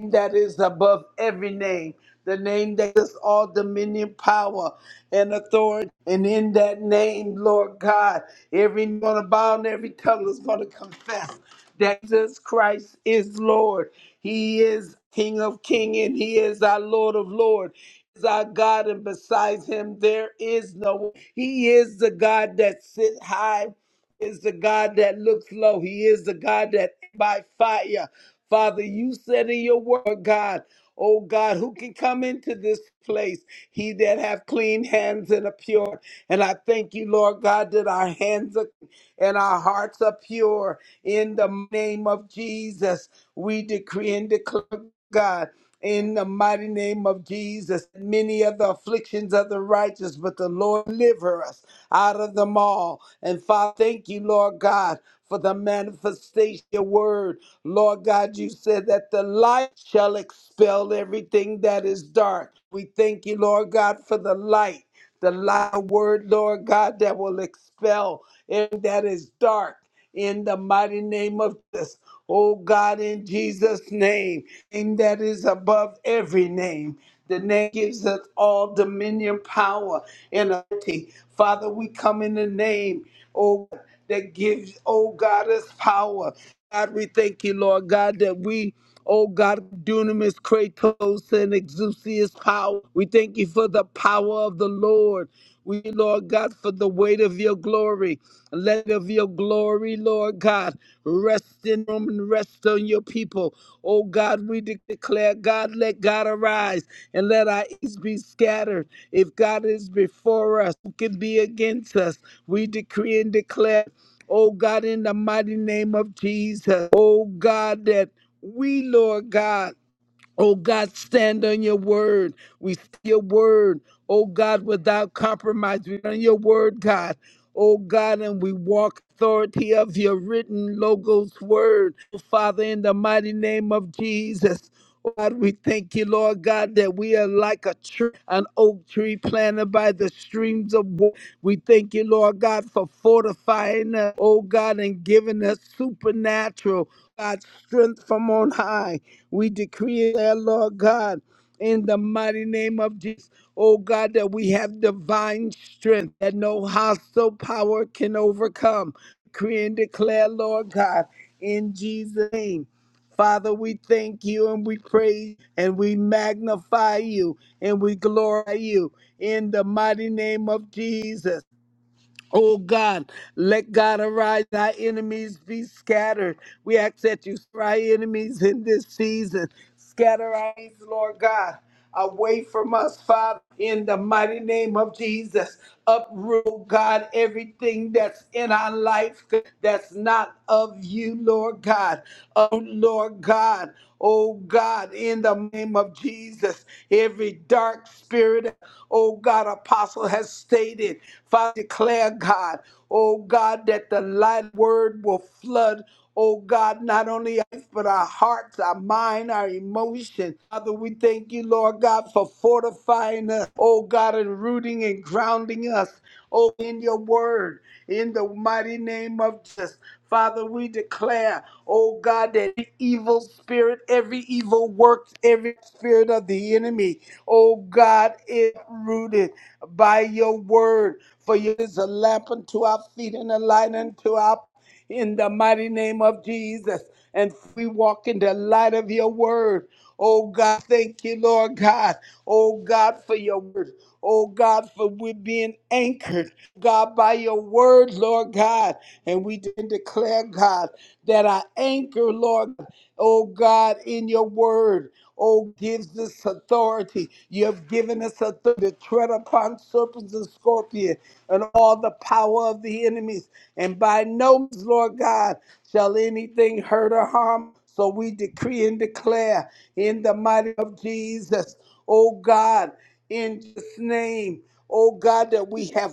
that is above every name, the name that is all dominion, power, and authority. And in that name, Lord God, every knee gonna bow and every tongue is gonna confess that Jesus Christ is Lord. He is King of King and He is our Lord of Lord. He Is our God, and besides Him there is no. one. He is the God that sit high is the God that looks low. He is the God that by fire. Father, you said in your word, God, oh God, who can come into this place? He that have clean hands and a pure. And I thank you, Lord God, that our hands are clean and our hearts are pure. In the name of Jesus, we decree and declare, God. In the mighty name of Jesus, many of the afflictions of the righteous, but the Lord deliver us out of them all. And Father, thank you, Lord God, for the manifestation of your word. Lord God, you said that the light shall expel everything that is dark. We thank you, Lord God, for the light the light of word, Lord God, that will expel everything that is dark in the mighty name of Jesus. Oh God, in Jesus' name, name that is above every name. The name gives us all dominion, power, and authority. Father, we come in the name. oh that gives, oh God, us power. God, we thank you, Lord God, that we, oh God, dunamis, kratos, and exousias power. We thank you for the power of the Lord. We, Lord God, for the weight of your glory. Let of your glory, Lord God, rest in them and rest on your people. Oh God, we de- declare, God, let God arise and let our enemies be scattered. If God is before us, who can be against us? We decree and declare. Oh God, in the mighty name of Jesus. Oh God, that we, Lord God, Oh God, stand on your word. We see your word. Oh God, without compromise, we on your word, God. Oh God, and we walk authority of your written logos word. Oh, Father, in the mighty name of Jesus. oh God, we thank you, Lord God, that we are like a tree, an oak tree planted by the streams of water. We thank you, Lord God, for fortifying us, oh God, and giving us supernatural, God, strength from on high. We decree it, uh, Lord God, in the mighty name of Jesus. Oh God, that we have divine strength that no hostile power can overcome. Decree and declare, Lord God, in Jesus' name. Father, we thank you and we praise and we magnify you and we glorify you in the mighty name of Jesus. Oh God, let God arise, thy enemies be scattered. We ask that you scatter our enemies in this season. Scatter our enemies, Lord God, away from us, Father, in the mighty name of Jesus. Uproot, oh God, everything that's in our life that's not of you, Lord God. Oh Lord God, oh God, in the name of Jesus, every dark spirit, oh God, apostle has stated. Father, declare, God, oh God, that the light word will flood. Oh God, not only us, but our hearts, our mind, our emotions. Father, we thank you, Lord God, for fortifying us. Oh God, and rooting and grounding us. Oh, in your word, in the mighty name of Jesus. Father, we declare, oh God, that every evil spirit, every evil work, every spirit of the enemy, oh God, is rooted by your word. For you is a lamp unto our feet and a light unto our in the mighty name of Jesus. And we walk in the light of your word. Oh God, thank you, Lord God. Oh God, for your word. Oh God, for we are being anchored, God, by your word, Lord God. And we did declare, God, that I anchor, Lord, oh God, in your word. Oh, gives us authority. You have given us authority to tread upon serpents and scorpions and all the power of the enemies. And by no means, Lord God, shall anything hurt or harm. So we decree and declare in the mighty name of Jesus, oh God, in Jesus' name, oh God, that we have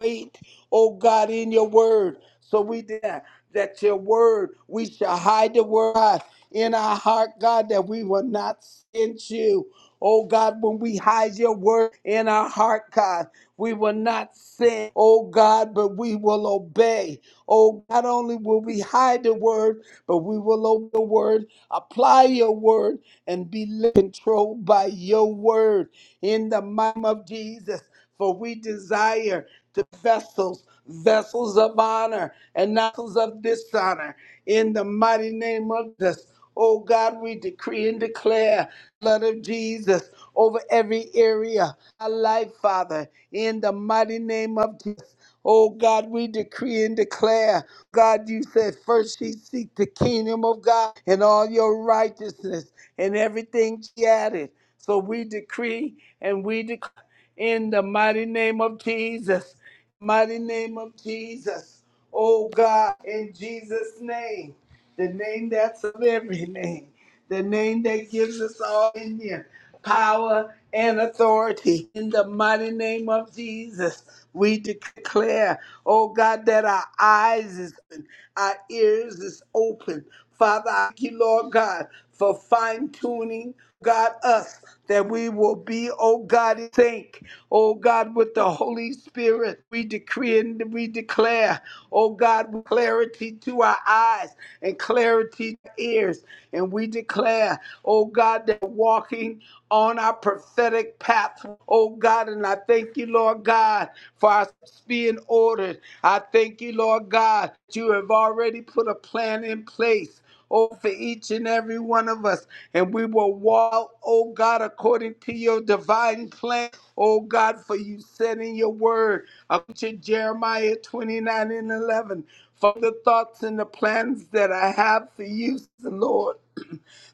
faith, oh God, in your word. So we declare that your word, we shall hide the word, in our heart, God, that we will not sin you. Oh God, when we hide your word in our heart, God, we will not sin, oh God, but we will obey. Oh, not only will we hide the word, but we will obey the word, apply your word, and be controlled by your word in the mighty name of Jesus. For we desire the vessels, vessels of honor and vessels of dishonor in the mighty name of Jesus. Oh God, we decree and declare blood of Jesus over every area, of our life, Father, in the mighty name of Jesus. Oh God, we decree and declare. God, you said first ye seek the kingdom of God and all your righteousness and everything she added. So we decree and we declare in the mighty name of Jesus. Mighty name of Jesus. Oh God, in Jesus' name the name that's of every name, the name that gives us all in you power and authority. In the mighty name of Jesus, we declare, oh God, that our eyes is open, our ears is open. Father, I thank you, Lord God, for fine tuning, God, us, that we will be, oh God, in sync, oh God, with the Holy Spirit. We decree and we declare, oh God, with clarity to our eyes and clarity to our ears. And we declare, oh God, that we're walking on our prophetic path, oh God. And I thank you, Lord God, for our steps being ordered. I thank you, Lord God, that you have already put a plan in place. Oh, for each and every one of us. And we will walk, oh God, according to your divine plan. Oh God, for you said in your word, according to Jeremiah 29 and 11, for the thoughts and the plans that I have for you, says the Lord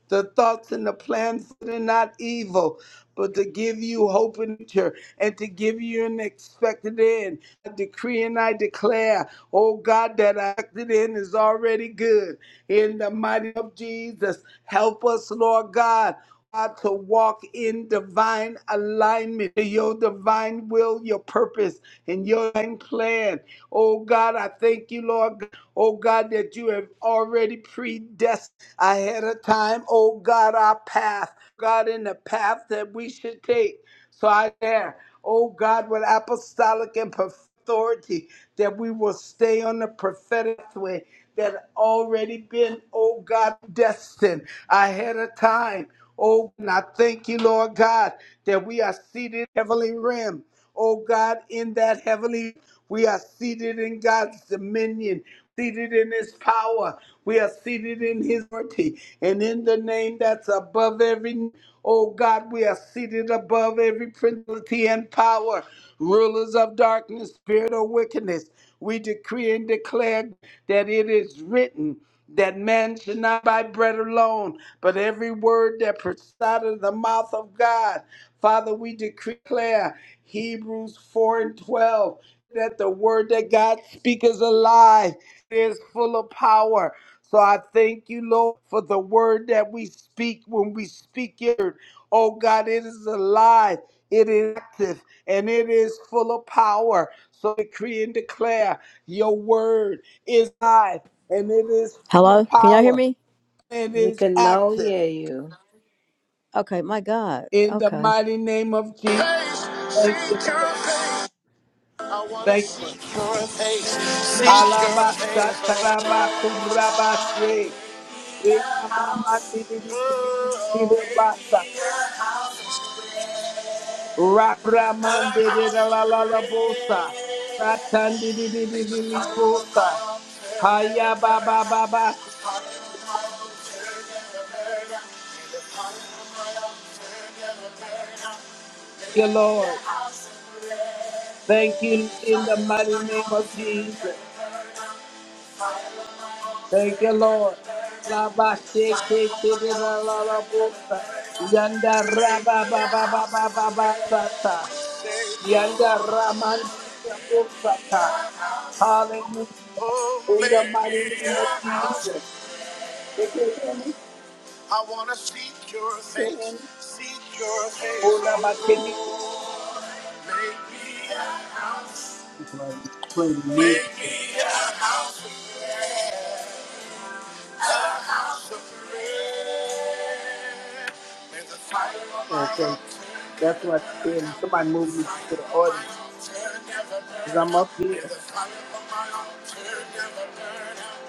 the thoughts and the plans that are not evil, but to give you hope and future and to give you an expected end. I decree and I declare, oh God, that our expected end is already good. In the mighty name of Jesus, help us, Lord God. God, to walk in divine alignment to your divine will, your purpose, and your divine plan. Oh God, I thank you, Lord. Oh God, that you have already predestined ahead of time. Oh God, our path. God, in the path that we should take. So I there, oh God, with apostolic and prophetic authority, that we will stay on the prophetic way that already been, oh God, destined ahead of time. Oh, and I thank you, Lord God, that we are seated in heavenly realm oh God, in that heavenly. We are seated in God's dominion, seated in his power. We are seated in his authority. And in the name that's above every name, Oh God, we are seated above every principality and power, rulers of darkness, spirit of wickedness. We decree and declare that it is written that man should not buy bread alone, but every word that proceeds out of the mouth of God. Father, we declare Hebrews 4 and 12 that the word that God speaks is alive, is full of power. So I thank you, Lord, for the word that we speak when we speak it. Oh God, it is alive, it is active, and it is full of power. So decree and declare your word is alive and it is full of Hello? Can y'all hear power. me? It We is can now active hear you. Okay, my God. in the Okay. mighty name of Jesus. Thank you, Seek Lord. your I wanna Thank you. seek your face. Seek your face. Alabashatarabakurabashe. Oh, make me Iyamamandididididididididibasa. a house of prayer. A house of prayer. Rabramandididalalabosa. Make the power of my Ratandidididididibosa. altar. Hayababababas. Thank you, Lord. Thank you in the mighty name of Jesus. Thank you, Lord. La ba she ke te re la la la bo sa. Yanda ra ba ba ba ba ba ba ba sa ta. Yanda ra man di ya bo sa ta. Hallelujah. Oh, In the make mighty me name of a house. Jesus. They can hear me. I wanna seek your They can hear face, me. seek your Oh, face, la ba can you? oh Lord. Make me a house. That's why I'm playing Make music. me a house, of prayer, a house of prayer. May the fire of my Okay. altar That's never why I'm burn out. somebody The move me to fire the of my audience. altar never Because burn I'm out. up May the fire of my altar never burn out.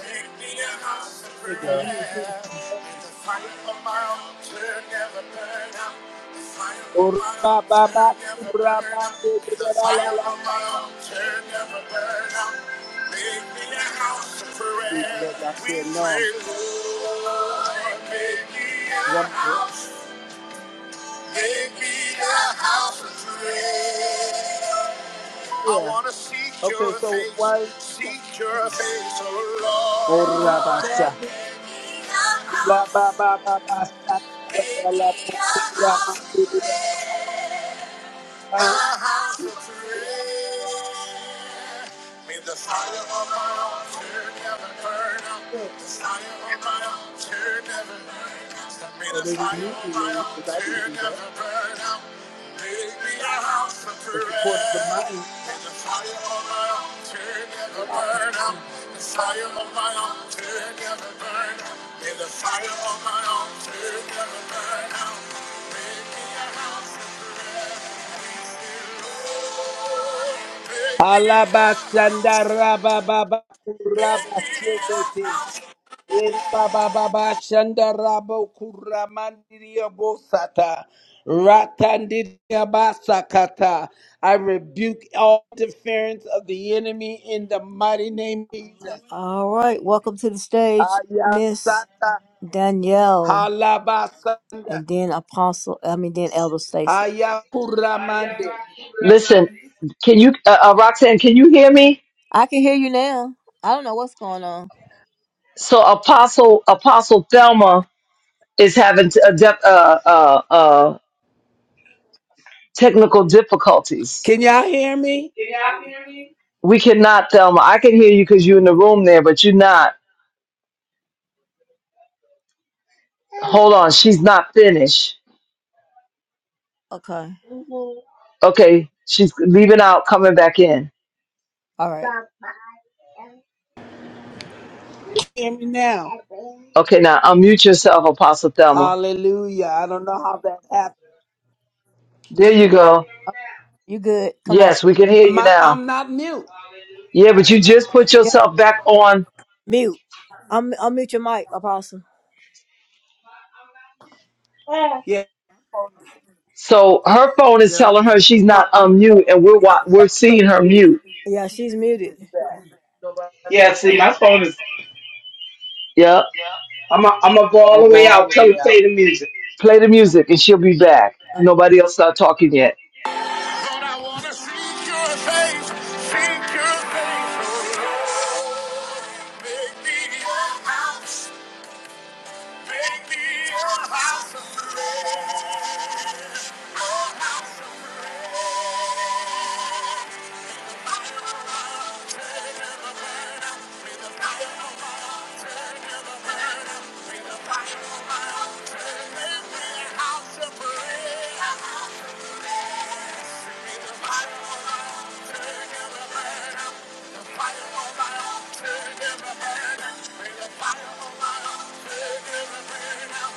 Make me a house of here. prayer. May the fire of my altar never burn out. The fire of my Ora altar baba never kura burn out. mande May de the de la la fire la of la. my la. altar never burn out. Make me a house of We prayer. let that We say pray, no. Lord, make me a house. Make me a house of prayer. I Yeah. want to seek Okay, your so face, why? seek your face, oh Lord. Ora basa. Make me a Ula house, baba baba sa la make la la me a bu- kura house of mande de de la prayer. A la. la. house of prayer. May the fire of my altar never burn out. The fire of my altar never burn out. May So the they fire of my immediately, because I altar didn't do that. never burn out. Make me a house of It's according to prayer. my. May the fire of my altar never burn out. The fire of my altar never burn out. May the fire of my altar never burn out. Make me a house of prayer. Alabasandara baba kura basekete. Baba Baba Shanda Rabo Kuramandiria Bosata Ratandiria Basakata. I rebuke all interference of the enemy in the mighty name of Jesus. All right, welcome to the stage, Miss Ayasata Danielle, Halabasanda and then Apostle. I mean, then Elder Stacy. Ayakuramande. Listen, can you, uh, uh, Roxanne, can you hear me? I can hear you now. I don't know what's going on. So Apostle, Apostle Thelma is having t- a def- uh, uh, uh, technical difficulties. Can y'all hear me? We cannot, Thelma. I can hear you because you're in the room there, but you're not. Hold on. She's not finished. Okay, Okay. She's leaving out, coming back in. all right, Hear me now. Okay, now unmute yourself, Apostle Thelma. Hallelujah. I don't know how that happened. There you go. you good? Come on, Yes, we can hear you My, now. I'm not mute. Yeah, but you just put yeah. yourself back on. mute. I'm I'll mute your mic, Apostle. Yeah. So her phone is Yeah. telling her she's I'm not going to go unmute, all and the we're way wa- out. we're Come seeing save her me. mute. Yeah, she's muted. Nobody else I talk Yep. Don't go all the way out. Play the music, and she'll be back. Nobody else start talking yet. Bring the fire on my altar, make me a house of prayer. Bring the fire on my altar, never burn out. The fire on my altar, never burn out. Bring the fire on my altar, never burn out.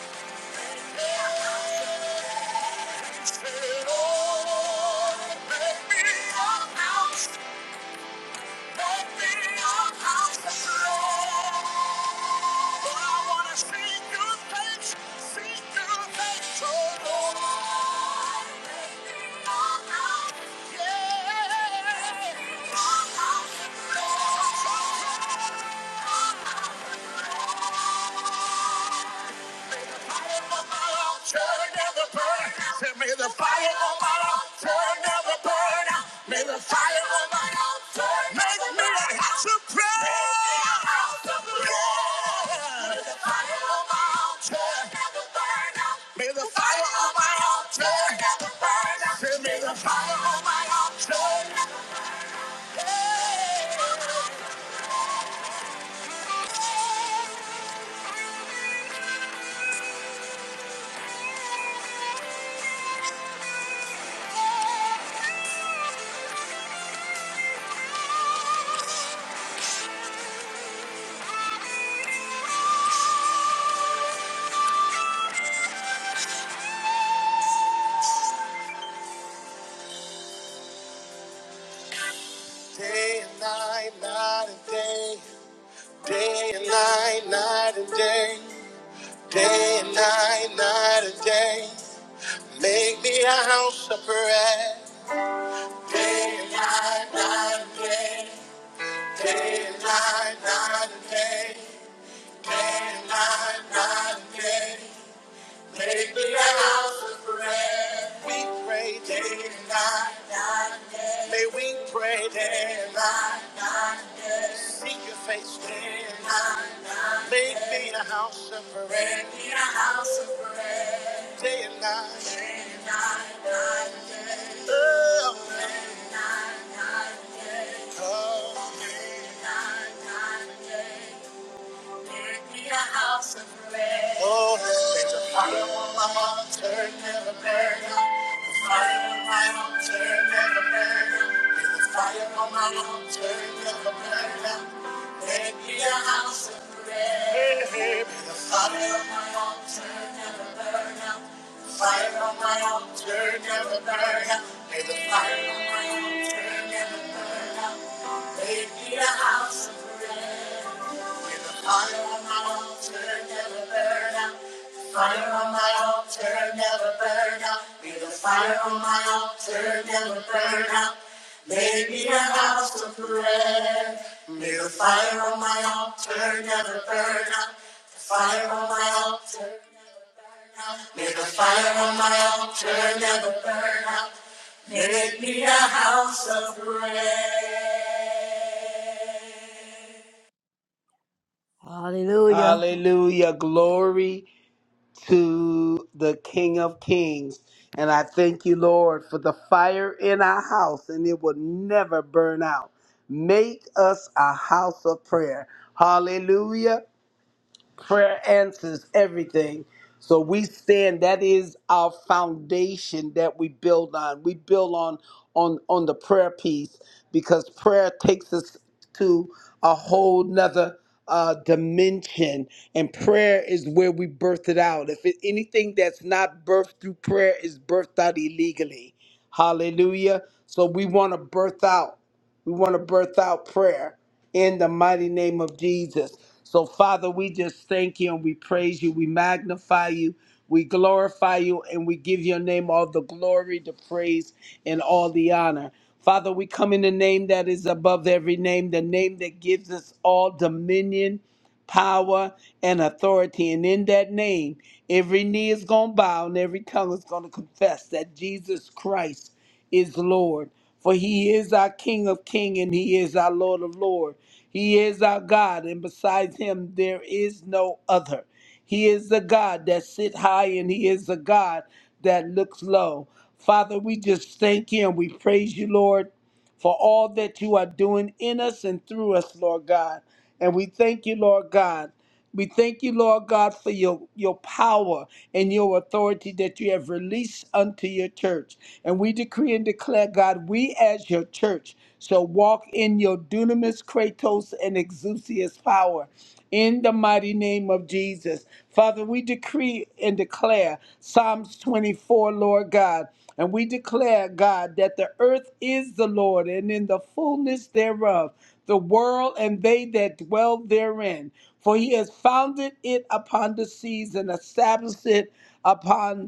Make me a house of prayer. Say, Lord, make me a house, make me a house of prayer. For I want to see your face, see your face, oh Lord. Yeah. May the fire on my altar never burn out. May the fire on my altar make me a house of prayer. May the fire on my altar never burn out. May the fire on my altar never burn out. Say, May the fire on my altar never burn out. Day and night, night and day, day and night. Seek your face, Lord. make me a house of prayer. Make me a house of prayer. Day and night. Make me a house of prayer. Oh, there's a burn up. The fire on my altar Never burn out. May the fire on my altar never burn out. Make me a house of prayer. With the fire on my altar never burn out. The fire on my altar never burn out. May the fire on my altar never burn out. Make me a house of prayer. May the fire on my altar never burn out. The fire on my altar never burn out. May the fire on my altar never burn out. Make me a house of prayer. Hallelujah. Hallelujah. Glory to the King of Kings. And I thank you, Lord, for the fire in our house, and it will never burn out. Make us a house of prayer. Hallelujah. prayer answers everything. So we stand. That is our foundation that we build on. We build on on on the prayer piece because prayer takes us to a whole nother uh, dimension, and prayer is where we birth it out. If it, anything that's not birthed through prayer is birthed out illegally, Hallelujah. So we want to birth out. We want to birth out prayer in the mighty name of Jesus. So, Father, we just thank you and we praise you. We magnify you. We glorify you and we give your name all the glory, the praise, and all the honor. Father, we come in the name that is above every name, the name that gives us all dominion, power, and authority. And in that name, every knee is going to bow and every tongue is going to confess that Jesus Christ is Lord. For he is our King of King and he is our Lord of Lord. He is our God, and besides him, there is no other. He is the God that sit high, and he is the God that looks low. Father, we just thank you and we praise you, Lord, for all that you are doing in us and through us, Lord God. And we thank you, Lord God. We thank you, Lord God, for your, your power and your authority that you have released unto your church. And we decree and declare, God, we as your church shall walk in your dunamis, kratos, and exousias power in the mighty name of Jesus. Father, we decree and declare Psalms 24, Lord God. And we declare, God, that the earth is the Lord and in the fullness thereof, the world and they that dwell therein. For he has founded it upon the seas and established it upon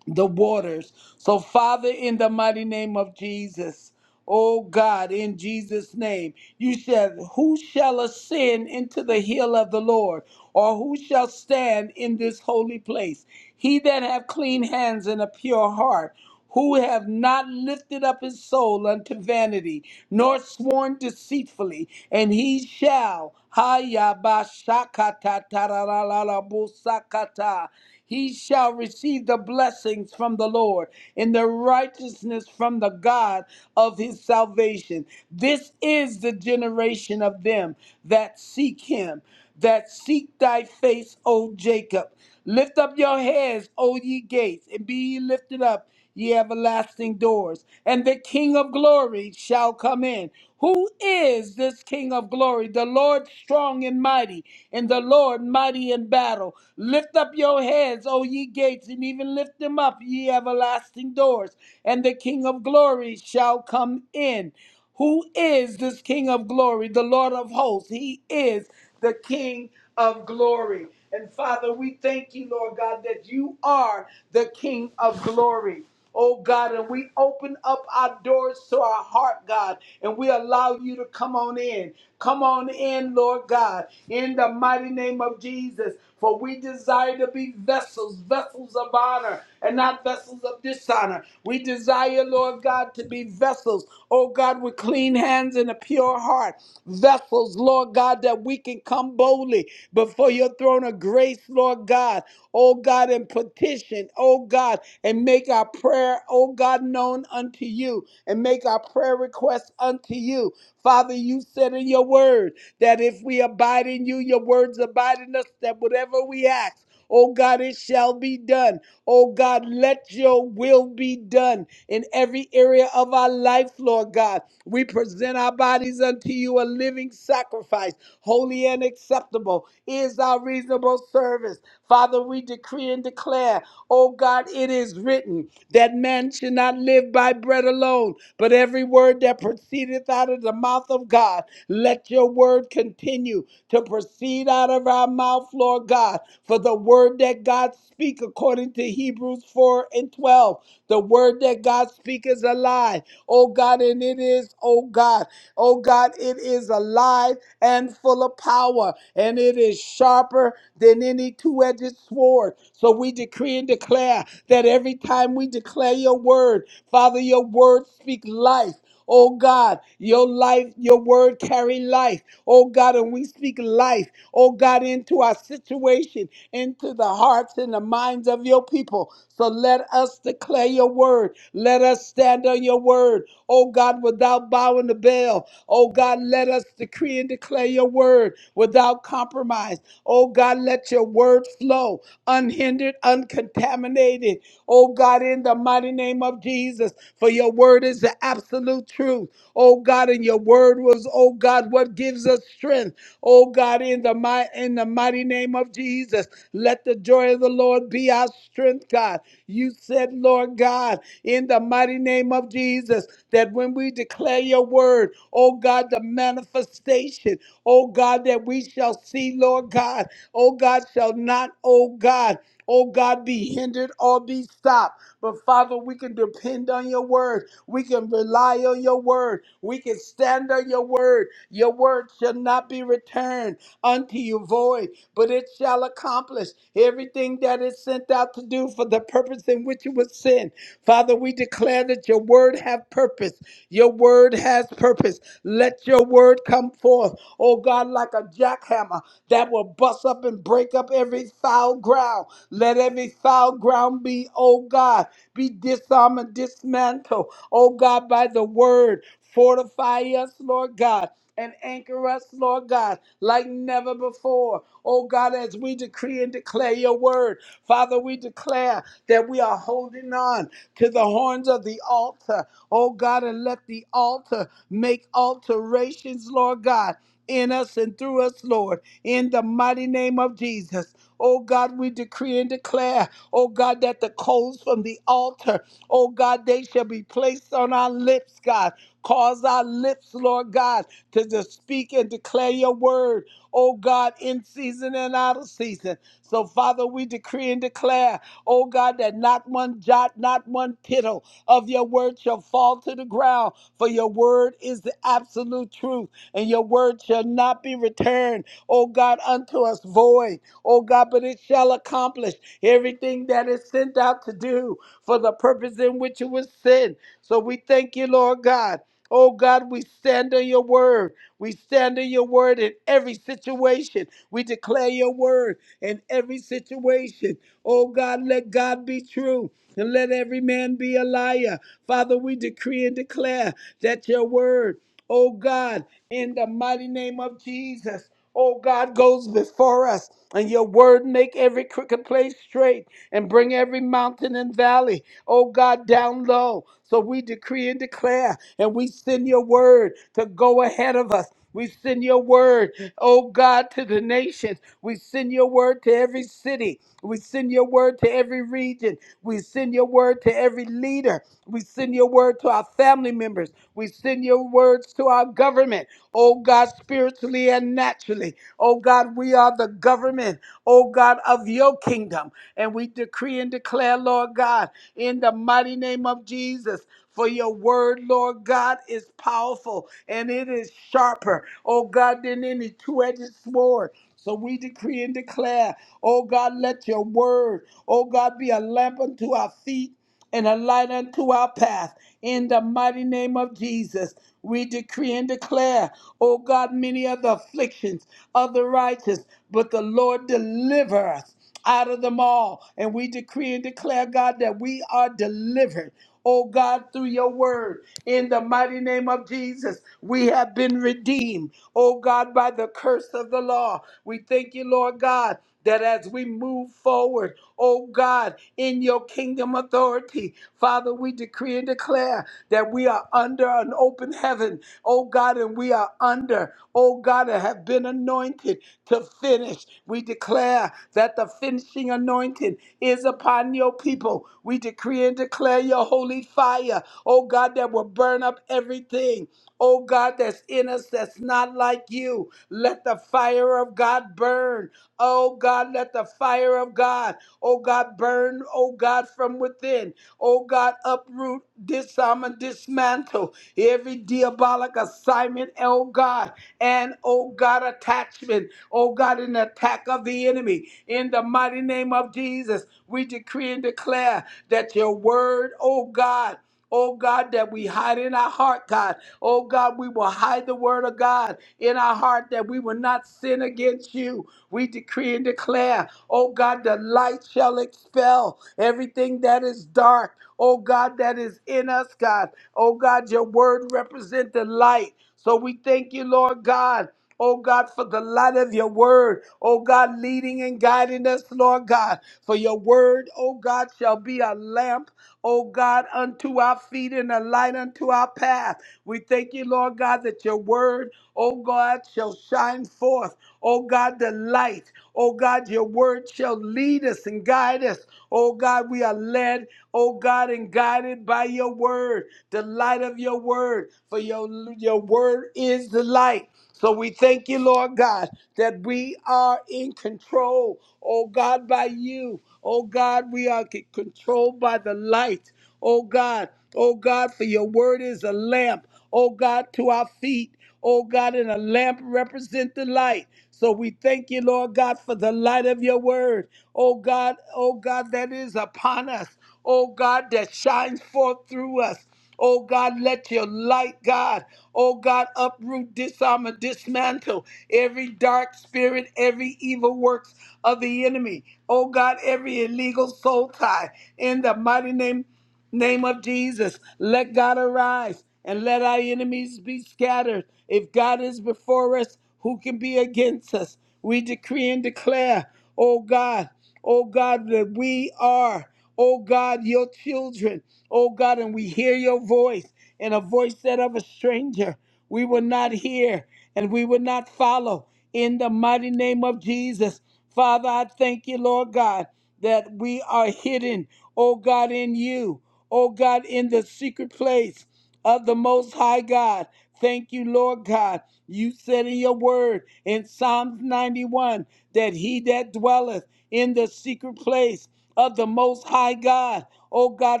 the waters. So, Father, in the mighty name of Jesus, oh God, in Jesus' name, you said, who shall ascend into the hill of the Lord, or who shall stand in this holy place? He that have clean hands and a pure heart, who have not lifted up his soul unto vanity, nor sworn deceitfully, and he shall. Hayabashakata tararararabusakata he shall receive the blessings from the Lord and the righteousness from the God of his salvation. This is the generation of them that seek him, that seek thy face, O Jacob. Lift up your heads, O ye gates, and be ye lifted up ye everlasting doors, and the King of glory shall come in. Who is this King of glory? The Lord strong and mighty, and the Lord mighty in battle. Lift up your heads, O ye gates, and even lift them up, ye everlasting doors, and the King of glory shall come in. Who is this King of glory, the Lord of hosts? He is the King of glory. And Father, we thank you, Lord God, that you are the King of glory. Oh God, and we open up our doors to our heart, God, and we allow you to come on in. Come on in, Lord God, in the mighty name of Jesus. For we desire to be vessels, vessels of honor, and not vessels of dishonor. We desire, Lord God, to be vessels, oh God, with clean hands and a pure heart. Vessels, Lord God, that we can come boldly before your throne of grace, Lord God, oh God, and petition, oh God, and make our prayer, oh God, known unto you, and make our prayer requests unto you. Father, you said in your word that if we abide in you, your words abide in us, that whatever we ask, Oh God, it shall be done. Oh God, let your will be done in every area of our life, Lord God. We present our bodies unto you a living sacrifice, holy and acceptable is our reasonable service. Father, we decree and declare. Oh God, it is written that man should not live by bread alone, but every word that proceedeth out of the mouth of God. Let your word continue to proceed out of our mouth, Lord God. For the word that God speak according to Hebrews 4 and 12 the word that God speaks is alive. Oh God, and it is, oh God, oh God, it is alive and full of power, and it is sharper than any two edged sword. So we decree and declare that every time we declare your word, Father, your word speak life. Oh God, your life, your word carry life. Oh God, and we speak life, oh God, into our situation, into the hearts and the minds of your people. So let us declare your word. Let us stand on your word, oh God, without bowing the bell. Oh God, let us decree and declare your word without compromise. Oh God, God, let your word flow unhindered, uncontaminated. Oh God, in the mighty name of Jesus, for your word is the absolute truth. Oh God, and your word was, oh God, what gives us strength. Oh God, in the mighty in the mighty name of Jesus, let the joy of the Lord be our strength, God. You said, Lord God, in the mighty name mighty name of Jesus, that when we declare your word, oh God, the manifestation, oh God, that we shall see, Lord God, oh God, shall not, oh God, oh God, be hindered or be stopped. But Father, we can depend on your word. We can rely on your word. We can stand on your word. Your word shall not be returned unto you void, but it shall accomplish everything that is sent out to do for the purpose in which it was sent. Father, we declare that your word have purpose. Your word has purpose. Let your word come forth, oh God, like a jackhammer that will bust up and break up every foul ground. Let every foul ground be, oh God, be disarmed and dismantled, oh God, by the word. Fortify us, Lord God and anchor us, Lord God, like never before. Oh God, as we decree and declare your word, Father, we declare that we are holding on to the horns of the altar, oh God, and let the altar make alterations, Lord God, in us and through us, Lord, in the mighty name of Jesus. Oh God, we decree and declare, oh God, that the coals from the altar, oh God, they shall be placed on our lips, God. Cause our lips, Lord God, to just speak and declare your word, oh God, in season and out of season. So, Father, we decree and declare oh God, that not one jot, not one tittle of your word shall fall to the ground, for your word is the absolute truth, and your word shall not be returned, oh God, unto us void oh God, but it shall accomplish everything that is sent out to do for the purpose in which it was sent. So we thank you, Lord God. Oh God, we stand on your word. We stand on your word in every situation. We declare your word in every situation. Oh God, let God be true and let every man be a liar. Father, we decree and declare that your word. Oh God, in the mighty name of Jesus. Oh God goes before us, and your word make every crooked place straight and bring every mountain and valley, oh God, down low. So we decree and declare, and we send your word to go ahead of us. We send your word, oh God, to the nations. We send your word to every city. We send your word to every region. We send your word to every leader. We send your word to our family members. We send your words to our government, oh God, spiritually and naturally. Oh God, we are the government, oh God, of your kingdom. And we decree and declare, Lord God, in the mighty name of Jesus. For your word, Lord God, is powerful and it is sharper, oh God, than any two edged sword. So we decree and declare, oh God, let your word, oh God, be a lamp unto our feet and a light unto our path in the mighty name of Jesus. We decree and declare, O God, many are the afflictions of the righteous, but the Lord deliver us out of them all. And we decree and declare, God, that we are delivered. Oh God, through your word, in the mighty name of Jesus, we have been redeemed. Oh God, by the curse of the law. We thank you, Lord God, that as we move forward, oh God, in your kingdom authority, Father, we decree and declare that we are under an open heaven, oh God, and we are under, oh God, and have been anointed to finish. We declare that the finishing anointing is upon your people. We decree and declare your holy fire, oh God, that will burn up everything. Oh God, that's in us that's not like you. Let the fire of God burn. Oh God, let the fire of God, oh God, burn, oh God, from within. Oh God, uproot, disarm, and dismantle every diabolic assignment, oh God, and oh God, attachment, oh God, an attack of the enemy. In the mighty name of Jesus, we decree and declare that your word, oh God, Oh God, that we hide in our heart, God. Oh God, we will hide the word of God in our heart that we will not sin against you. We decree and declare, oh God, the light shall expel everything that is dark. Oh God, that is in us, God. Oh God, your word represents the light. So we thank you, Lord God. Oh God, for the light of your word. Oh God, leading and guiding us, Lord God. For your word, oh God, shall be a lamp, oh God, unto our feet and a light unto our path. We thank you, Lord God, that your word, oh God, shall shine forth. Oh God, the light. Oh God, your word shall lead us and guide us. Oh God, we are led, oh God, and guided by your word, the light of your word. For your, your word is the light. So we thank you, Lord God, that we are in control, oh God, by you. Oh God, we are c- controlled by the light. Oh God, oh God, for your word is a lamp, oh God, to our feet Oh God, and a lamp represent the light. So we thank you, Lord God, for the light of your word. Oh God, oh God, that is upon us. Oh God, that shines forth through us. Oh God, let your light, God, oh God, uproot, disarm, and dismantle every dark spirit, every evil works of the enemy. Oh God, every illegal soul tie in the mighty name. Name of Jesus, let God arise and let our enemies be scattered. If God is before us, who can be against us? We decree and declare, oh God, oh God, that we are, oh God, your children, oh God, and we hear your voice and a voice that of a stranger. We will not hear and we will not follow in the mighty name of Jesus. Father, I thank you, Lord God that we are hidden, O God, in you, O God, in the secret place of the Most High God. Thank you, Lord God. You said in your word in Psalms 91 that he that dwelleth in the secret place of the Most High God. O God,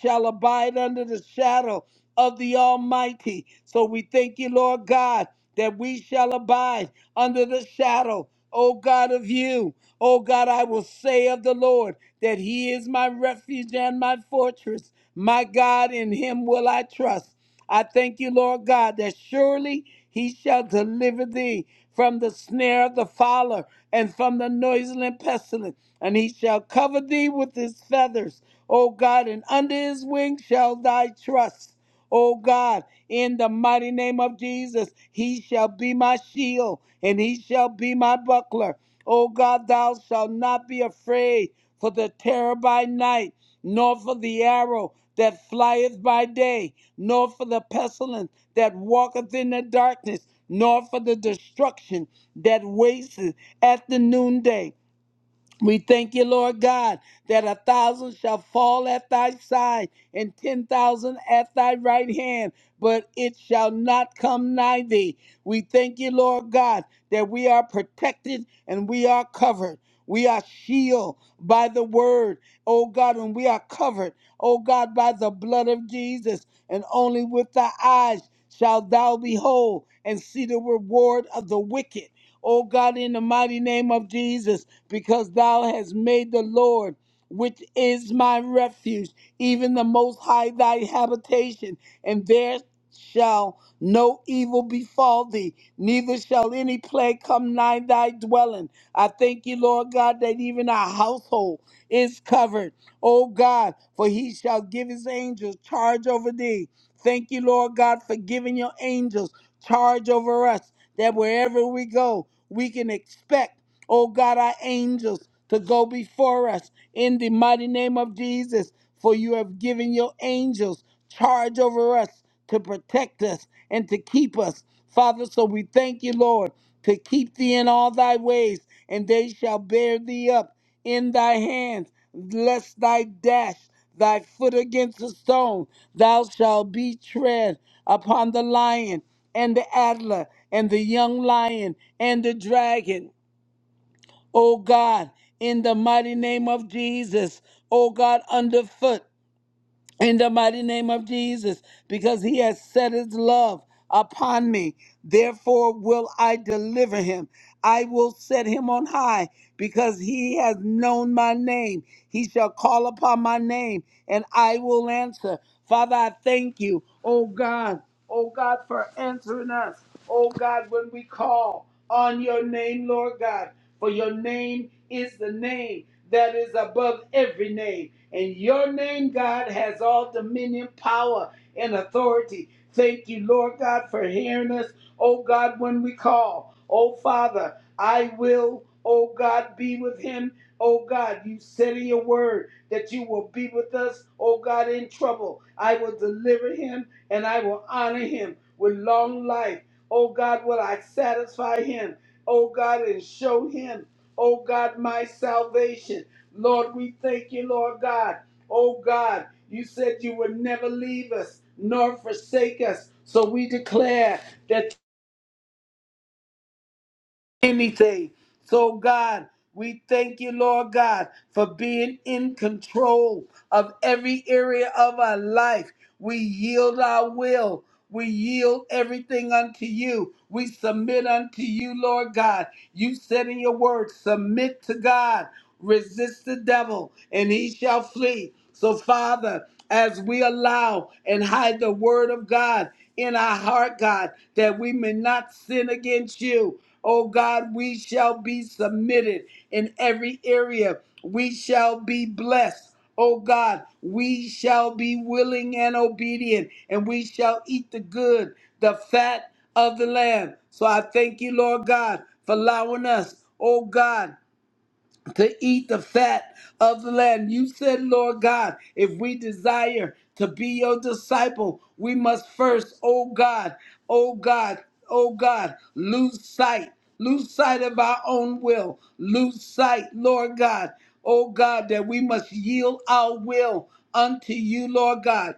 shall abide under the shadow of the Almighty. So we thank you, Lord God, that we shall abide under the shadow, O God, of you. O God, I will say of the Lord that he is my refuge and my fortress. My God, in him will I trust. I thank you, Lord God, that surely he shall deliver thee from the snare of the fowler and from the noisome pestilence and he shall cover thee with his feathers, O God, and under his wings shall thy trust. O God, in the mighty name of Jesus, he shall be my shield and he shall be my buckler. O God, thou shalt not be afraid for the terror by night, nor for the arrow that flieth by day, nor for the pestilence that walketh in the darkness, nor for the destruction that wasteth at the noonday. We thank you, Lord God, that a thousand shall fall at thy side and ten thousand at thy right hand, but it shall not come nigh thee. We thank you, Lord God, that we are protected and we are covered. We are shielded by the word, oh God, and we are covered, oh God, by the blood of Jesus. And only with thy eyes shall thou behold and see the reward of the wicked. Oh God, in the mighty name of Jesus because thou hast made the Lord, which is my refuge, even the Most High thy habitation, and there shall no evil befall thee, neither shall any plague come nigh thy dwelling. I thank you, Lord God, that even our household is covered, O God, for he shall give his angels charge over thee. Thank you, Lord God, for giving your angels charge over us, that wherever we go, we can expect. Oh God, our angels to go before us in the mighty name of Jesus. For you have given your angels charge over us to protect us and to keep us. Father, so we thank you, Lord, to keep thee in all thy ways, and they shall bear thee up in thy hands, lest thy dash thy foot against a stone. Thou shalt be tread upon the lion and the adder and the young lion and the dragon oh God, in the mighty name of Jesus, oh God, underfoot, in the mighty name of Jesus, because he has set his love upon me. Therefore will I deliver him. I will set him on high because he has known my name. He shall call upon my name and I will answer. Father, I thank you, oh God, oh God, for answering us, oh God, when we call on your name, Lord God. For your name is the name that is above every name. And your name, God, has all dominion, power, and authority. Thank you, Lord God, for hearing us. Oh God, when we call, oh Father, I will, oh God, be with him. Oh God, you said in your word that you will be with us, oh God, in trouble. I will deliver him and I will honor him with long life. Oh God, will I satisfy him oh God, and show him, oh God, my salvation. Lord, we thank you, Lord God. Oh God, you said you would never leave us nor forsake us. So we declare that anything. So, God, we thank you, Lord God, for being in control of every area of our life. We yield our will. We yield everything unto you. We submit unto you, Lord God. You said in your word, submit to God. Resist the devil, and he shall flee. So, Father, as we allow and hide the word of God in our heart, God, that we may not sin against you. Oh God, we shall be submitted in every area. We shall be blessed. Oh God, we shall be willing and obedient, and we shall eat the good, the fat of the land. So I thank you, Lord God, for allowing us, oh God to eat the fat of the land. You said, Lord God, if we desire to be your disciple, we must first, oh God, oh God, oh God, lose sight, lose sight of our own will, lose sight, Lord God, oh God, that we must yield our will unto you, Lord God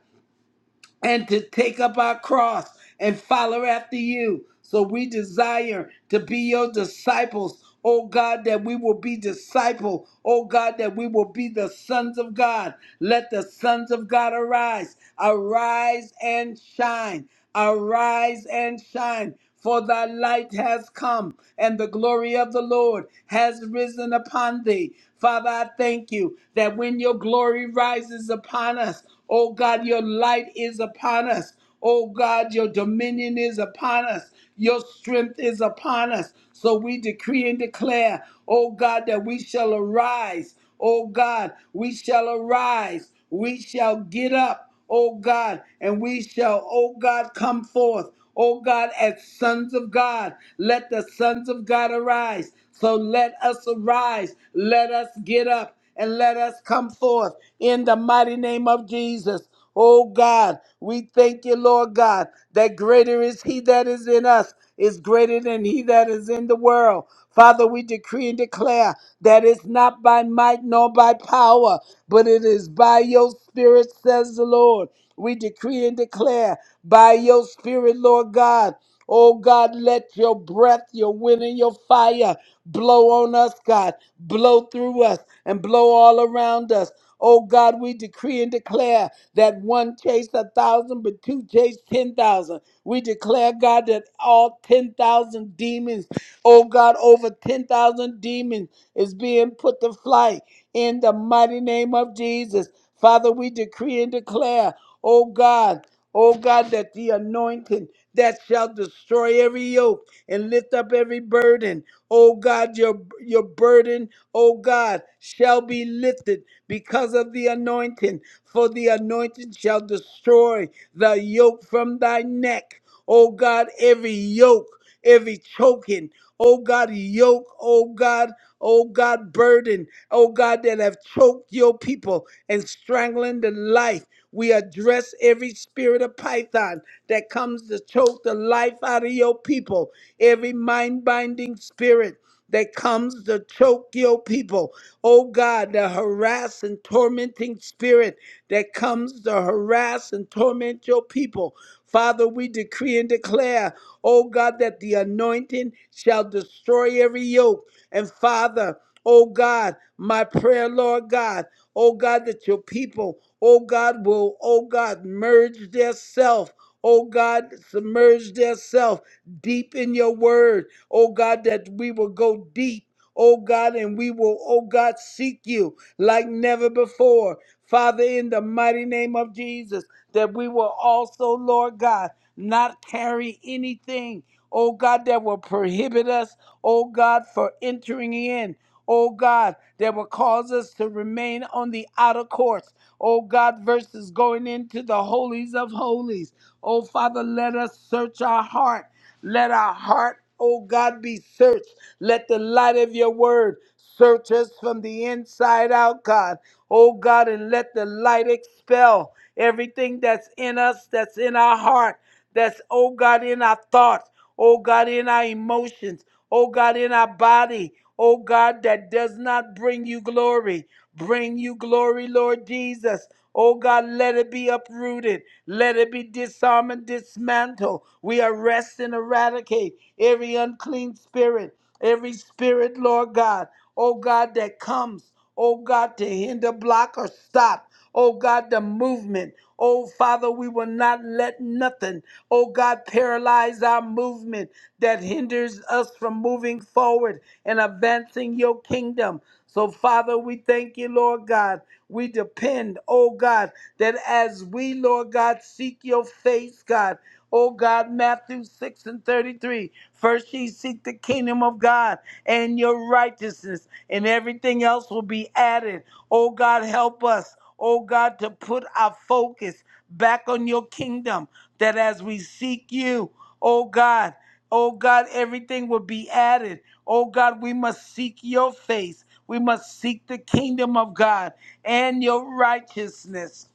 and to take up our cross and follow after you. So we desire to be your disciples. Oh God, that we will be disciple. Oh God, that we will be the sons of God. Let the sons of God arise. Arise and shine. Arise and shine. For thy light has come, and the glory of the Lord has risen upon thee. Father, I thank you that when your glory rises upon us, oh God, your light is upon us. Oh God, your dominion is upon us. Your strength is upon us. So we decree and declare, oh God, that we shall arise. Oh God, we shall arise we shall get up, O God, and we shall, O God, come forth, O God, as sons of God. Let the sons of God arise. So let us arise, let us get up, and let us come forth in the mighty name of Jesus. Oh God, we thank you, Lord God, that greater is He that is in us, is greater than He that is in the world. Father, we decree and declare that it's not by might nor by power, but it is by your Spirit, says the Lord. We decree and declare by your Spirit, Lord God. Oh God, let your breath, your wind, and your fire Blow on us, God. Blow through us and blow all around us. Oh God, we decree and declare that one chased a thousand, but two chased ten thousand. We declare, God, that all ten thousand demons, oh God, over ten thousand demons is being put to flight in the mighty name of Jesus. Father, we decree and declare, oh God, oh God, that the anointing that shall destroy every yoke and lift up every burden. Oh God, your, your burden, oh God, shall be lifted because of the anointing. For the anointing shall destroy the yoke from thy neck. Oh God, every yoke, every choking, oh God, yoke, oh God, oh God, burden, oh God, that have choked your people and strangling the life. We address every spirit of python that comes to choke the life out of your people every mind binding spirit that comes to choke your people. Oh God, the harass and tormenting spirit that comes to harass and torment your people. Father, we decree and declare, oh God, that the anointing shall destroy every yoke. And Father, oh God, my prayer, Lord God, oh God, that your people, oh God, will, oh God, merge their self. Oh God, submerge their self deep in your word, oh God, that we will go deep, oh God, and we will, oh God, seek you like never before. Father, in the mighty name of Jesus, that we will also, Lord God, not carry anything, oh God, that will prohibit us, oh God, for entering in oh God, that will cause us to remain on the outer courts, oh God, versus going into the holies of holies. Oh Father, let us search our heart. Let our heart, oh God, be searched. Let the light of your word search us from the inside out, God. Oh God, and let the light expel everything that's in us, that's in our heart, that's, oh God, in our thoughts oh God, in our emotions, oh God, in our body, oh God, that does not bring you glory. Bring you glory, Lord Jesus. Oh God, let it be uprooted. Let it be disarmed and dismantled. We arrest and eradicate every unclean spirit, every spirit, Lord God. Oh God, that comes, oh God, to hinder, block, or stop. Oh God, the movement. Oh Father, we will not let nothing, oh God, paralyze our movement that hinders us from moving forward and advancing your kingdom. So, Father, we thank you, Lord God. We depend, oh God, that as we, Lord God, seek your face, God. Oh God, Matthew 6 and 33. First ye seek the kingdom of God and your righteousness, and everything else will be added. Oh God, help us, oh God, to put our focus back on your kingdom, that as we seek you, oh God, oh God, everything will be added. Oh God, we must seek your face. We must seek the kingdom of God and your righteousness.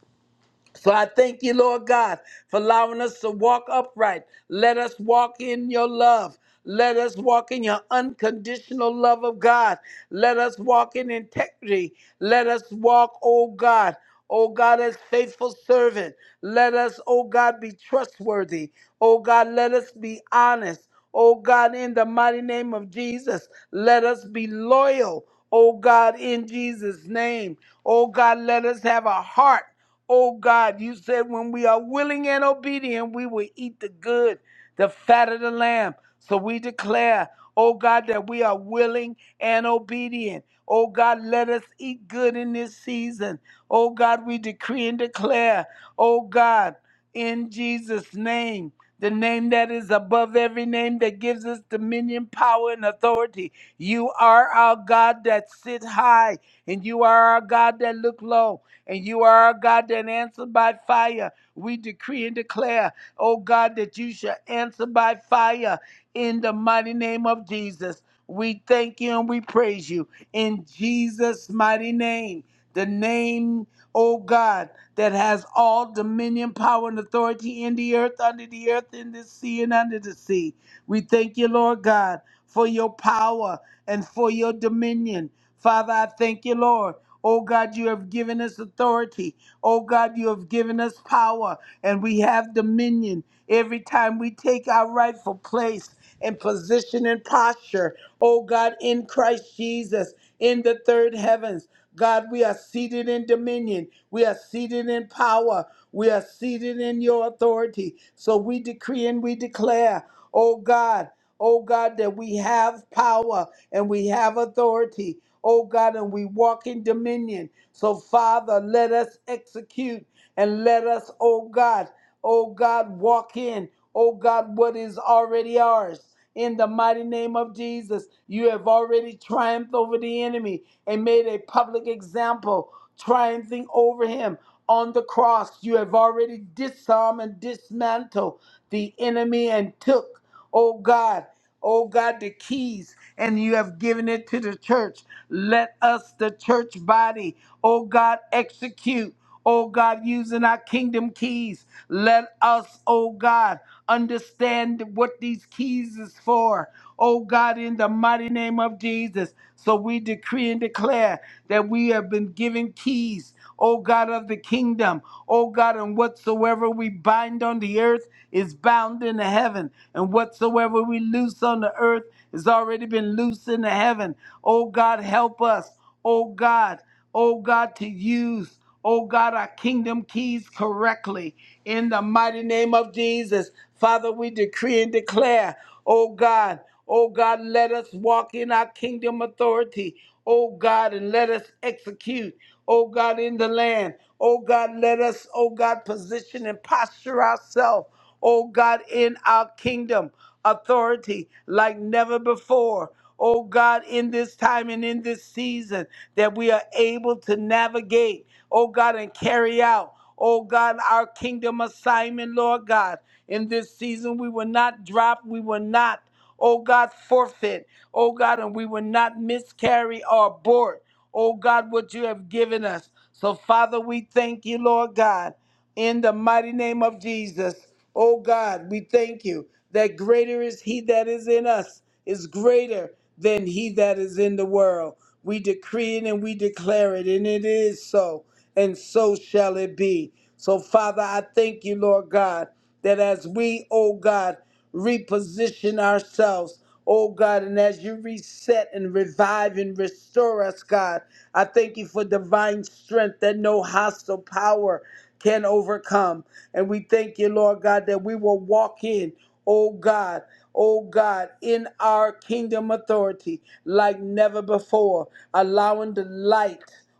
So I thank you, Lord God, for allowing us to walk upright. Let us walk in your love. Let us walk in your unconditional love of God. Let us walk in integrity. Let us walk, oh God, oh God, as faithful servant. Let us, oh God, be trustworthy. Oh God, let us be honest. Oh God, in the mighty name of Jesus, let us be loyal. Oh God, in Jesus' name. Oh God, let us have a heart. Oh God, you said when we are willing and obedient, we will eat the good, the fat of the lamb. So we declare, oh God, that we are willing and obedient. Oh God, let us eat good in this season. Oh God, we decree and declare, oh God, in Jesus' name, the name that is above every name that gives us dominion, power, and authority. You are our God that sit high, and you are our God that look low and you are our God that answer by fire. We decree and declare, oh God, that you shall answer by fire in the mighty name of Jesus. We thank you and we praise you in Jesus' mighty name. The name, oh God, that has all dominion, power, and authority in the earth, under the earth, in the sea, and under the sea. We thank you, Lord God, for your power and for your dominion. Father, I thank you, Lord. Oh God, you have given us authority. Oh God, you have given us power and we have dominion every time we take our rightful place and position and posture. Oh God, in Christ Jesus, in the third heavens. God, we are seated in dominion. We are seated in power. We are seated in your authority. So we decree and we declare, oh God, oh God, that we have power and we have authority oh God, and we walk in dominion. So, Father, let us execute and let us, oh God, oh God, walk in, oh God, what is already ours. In the mighty name of Jesus, you have already triumphed over the enemy and made a public example, triumphing over him on the cross. You have already disarmed and dismantled the enemy and took. Oh God, oh God, the keys, and you have given it to the church. Let us, the church body, oh God, execute. Oh God, using our kingdom keys, let us, oh God, understand what these keys is for oh God, in the mighty name of Jesus. So we decree and declare that we have been given keys, O God of the kingdom, O God, and whatsoever we bind on the earth is bound in the heaven, and whatsoever we loose on the earth has already been loosed in the heaven. O God, help us. O God, oh God, to use, oh God, our kingdom keys correctly. In the mighty name of Jesus, Father, we decree and declare, oh God, oh God, let us walk in our kingdom authority, oh God, and let us execute, oh God, in the land. Oh God, let us, oh God, position and posture ourselves, oh God, in our kingdom authority like never before. Oh God, in this time and in this season that we are able to navigate, oh God, and carry out, oh God, our kingdom assignment, Lord God. In this season, we will not drop, we will not, oh God, forfeit, oh God, and we will not miscarry or abort, oh God, what you have given us. So, Father, we thank you, Lord God, in the mighty name of Jesus. Oh God, we thank you that greater is he that is in us, is greater than he that is in the world. We decree it and we declare it, and it is so, and so shall it be. So, Father, I thank you, Lord God, that as we, oh God, reposition ourselves, oh God, and as you reset and revive and restore us, God, I thank you for divine strength that no hostile power can overcome. And we thank you, Lord God, that we will walk in oh God, oh God, in our kingdom authority like never before, allowing the light,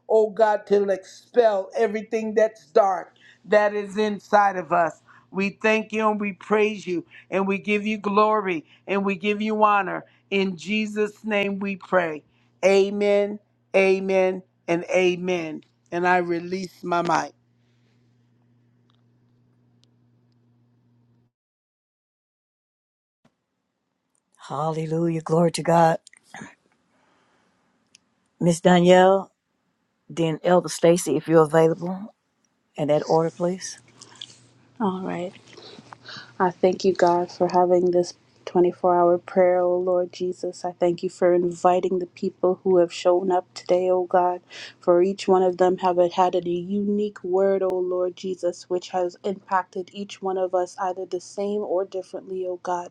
oh God, to expel everything that's dark that is inside of us. We thank you and we praise you and we give you glory and we give you honor. In Jesus' name we pray. Amen, amen, and amen. And I release my mic. Hallelujah. Glory to God. Miss Danielle, then Elder Stacy, if you're available in that order, please. All right. I thank you, God, for having this 24 hour prayer, O Lord Jesus. I thank you for inviting the people who have shown up today, O God. For each one of them have had a unique word, O Lord Jesus, which has impacted each one of us either the same or differently, O God.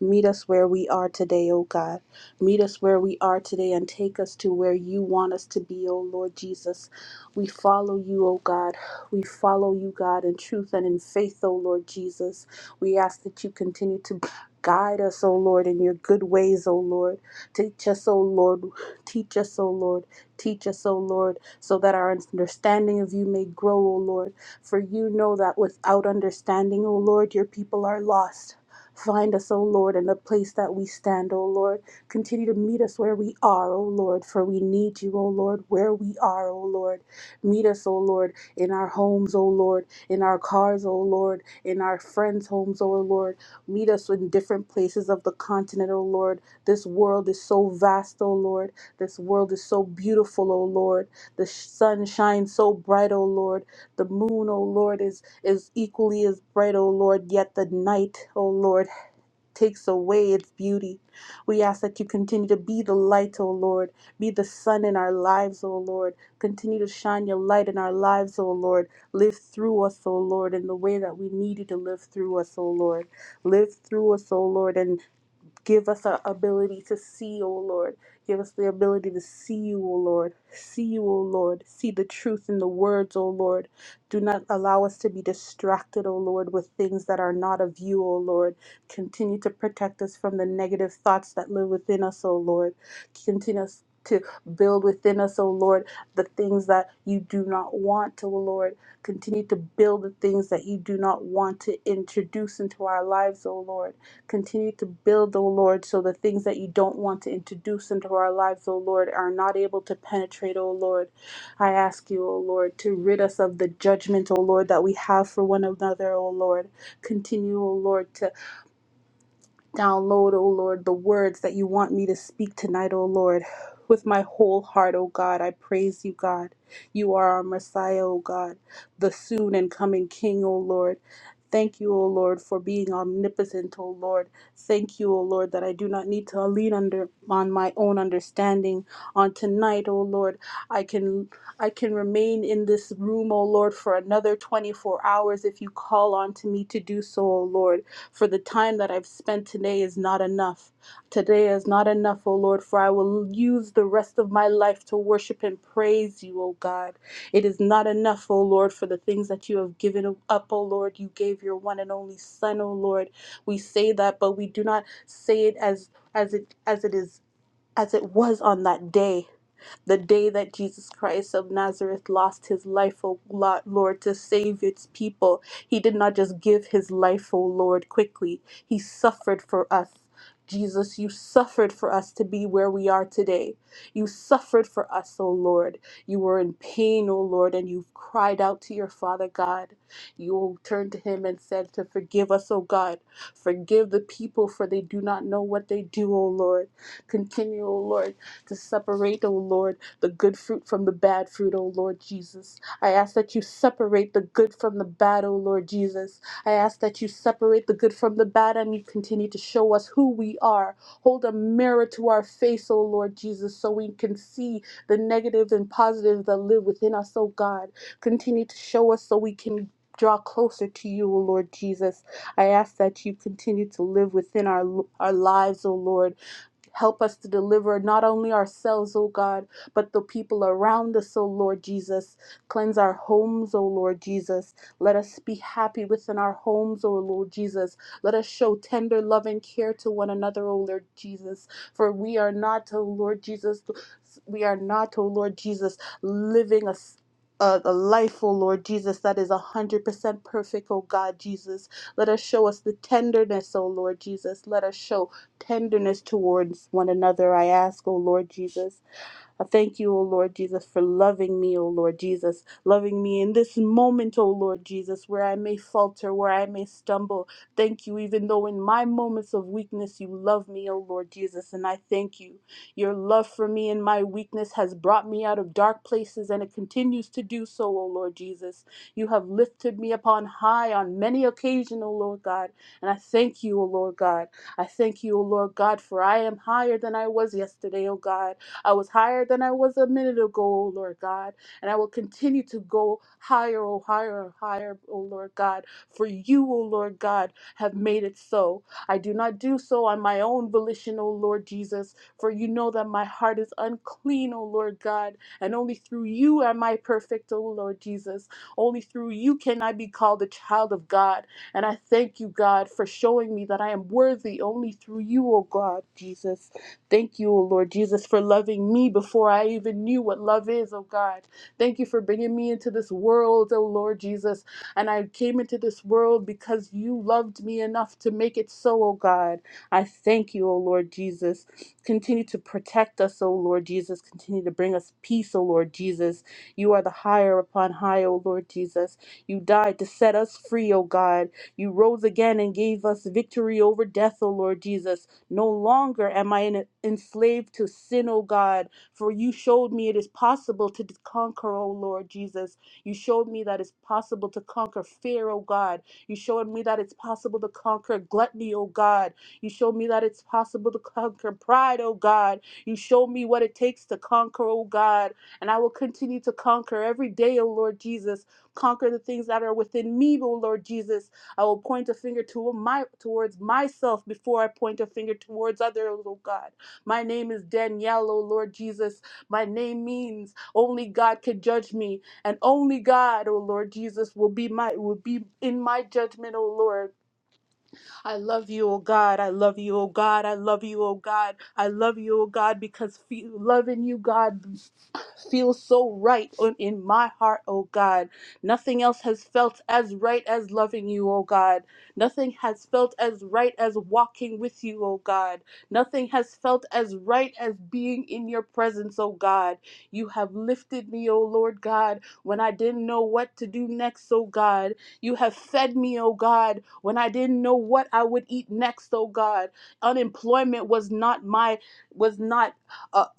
Meet us where we are today, O God. Meet us where we are today and take us to where you want us to be, O Lord Jesus. We follow you, O God. We follow you, God, in truth and in faith, O Lord Jesus. We ask that you continue to *laughs* guide us, O Lord, in your good ways, O Lord. Teach us, O Lord. Teach us, O Lord. Teach us, O Lord, so that our understanding of you may grow, O Lord. For you know that without understanding, O Lord, your people are lost. Find us, O Lord, in the place that we stand, O Lord. Continue to meet us where we are, O Lord, for we need you, O Lord, where we are, O Lord. Meet us, O Lord, in our homes, O Lord, in our cars, O Lord, in our friends' homes, O Lord. Meet us in different places of the continent, O Lord. This world is so vast, O Lord. This world is so beautiful, O Lord. The sun shines so bright, O Lord. The moon, O Lord, is is equally as bright, O Lord, yet the night, O Lord, takes away its beauty. We ask that you continue to be the light, O Lord, be the sun in our lives, O Lord. Continue to shine your light in our lives, O Lord. Live through us, O Lord, in the way that we need you to live through us, O Lord. Live through us, O Lord, and Give us our ability to see, O Lord. Give us the ability to see you, O Lord. See you, O Lord. See the truth in the words, O Lord. Do not allow us to be distracted, O Lord, with things that are not of you, O Lord. Continue to protect us from the negative thoughts that live within us, O Lord. Continue us to build within us, O Lord, the things that you do not want, O Lord. Continue to build the things that you do not want to introduce into our lives, O Lord. Continue to build, O Lord, so the things that you don't want to introduce into our lives, O Lord, are not able to penetrate, O Lord. I ask you, O Lord, to rid us of the judgment, O Lord, that we have for one another, O Lord. Continue, O Lord, to Download, O Lord, the words that you want me to speak tonight, O Lord. With my whole heart, O God, I praise you, God. You are our Messiah, O God, the soon and coming King, O Lord. Thank you, O Lord, for being omnipotent, O Lord. Thank you, O Lord, that I do not need to lean under on my own understanding. On tonight, O Lord, I can I can remain in this room, O Lord, for another 24 hours if you call on to me to do so, O Lord. For the time that I've spent today is not enough. Today is not enough, O Lord, for I will use the rest of my life to worship and praise you, O God. It is not enough, O Lord, for the things that you have given up, O Lord. You gave your one and only Son, O Lord. We say that, but we do not say it as as it as it is as it was on that day the day that Jesus Christ of Nazareth lost his life, O Lo- Lord, to save its people. He did not just give his life, O Lord, quickly, he suffered for us. Jesus, you suffered for us to be where we are today. You suffered for us, O Lord. You were in pain, O Lord, and you cried out to your Father God. You turned to him and said to forgive us, O God. Forgive the people, for they do not know what they do, O Lord. Continue, O Lord, to separate, O Lord the good fruit from the bad fruit, O Lord Jesus. I ask that you separate the good from the bad, O Lord Jesus. I ask that you separate the good from the bad and you continue to show us who we are. Hold a mirror to our face, O Lord Jesus, so we can see the negative and positive that live within us, O God. Continue to show us so we can draw closer to you, O Lord Jesus. I ask that you continue to live within our our lives, O Lord. Help us to deliver not only ourselves, O God, but the people around us, O Lord Jesus. Cleanse our homes, O Lord Jesus. Let us be happy within our homes, O Lord Jesus. Let us show tender love and care to one another, O Lord Jesus. For we are not, O Lord Jesus, we are not, O Lord Jesus, living a a a life, O Lord Jesus, that is a hundred percent perfect, O God Jesus. Let us show us the tenderness, O Lord Jesus. Let us show tenderness towards one another. I ask, O Lord Jesus, I thank you, O Lord Jesus, for loving me, O Lord Jesus, loving me in this moment, O Lord Jesus, where I may falter, where I may stumble. Thank you, even though in my moments of weakness you love me, O Lord Jesus, and I thank you. Your love for me in my weakness has brought me out of dark places, and it continues to do so, O Lord Jesus. You have lifted me upon high on many occasions, O Lord God, and I thank you, O Lord God. I thank you, O Lord God, for I am higher than I was yesterday, O God. I was higher than I was a minute ago, oh Lord God, and I will continue to go higher, oh higher, higher, oh Lord God. For you, oh Lord God, have made it so. I do not do so on my own volition, oh Lord Jesus, for you know that my heart is unclean, oh Lord God, and only through you am I perfect, oh Lord Jesus. Only through you can I be called a child of God. And I thank you, God, for showing me that I am worthy only through you, oh God, Jesus. Thank you, O Lord Jesus, for loving me before I even knew what love is, oh God. Thank you for bringing me into this world, oh Lord Jesus. And I came into this world because you loved me enough to make it so, oh God. I thank you, O Lord Jesus. Continue to protect us, O Lord Jesus. Continue to bring us peace, O Lord Jesus. You are the higher upon high, O Lord Jesus. You died to set us free, O God. You rose again and gave us victory over death, O Lord Jesus. No longer am I enslaved to sin, O God, for you showed me it is possible to conquer, O Lord Jesus. You showed me that it's possible to conquer fear, O God. You showed me that it's possible to conquer gluttony, O God. You showed me that it's possible to conquer pride, O God. You showed me what it takes to conquer, O God. And I will continue to conquer every day, O Lord Jesus. Conquer the things that are within me, O Lord Jesus I will point a finger to my, towards myself before I point a finger towards others, oh God. My name is Danielle, oh Lord Jesus. My name means only God can judge me, and only God, oh Lord Jesus, will be my will be in my judgment, oh Lord. I love you, oh God. I love you, oh God. I love you, oh God. I love you, oh God, because fe- loving you, God feels so right on, in my heart, oh God. Nothing else has felt as right as loving you, oh God. Nothing has felt as right as walking with you, oh God. Nothing has felt as right as being in your presence, oh God. You have lifted me, oh Lord God, when I didn't know what to do next, oh God. You have fed me, oh God, when I didn't know what I would eat next, oh God. Unemployment was not my was not a,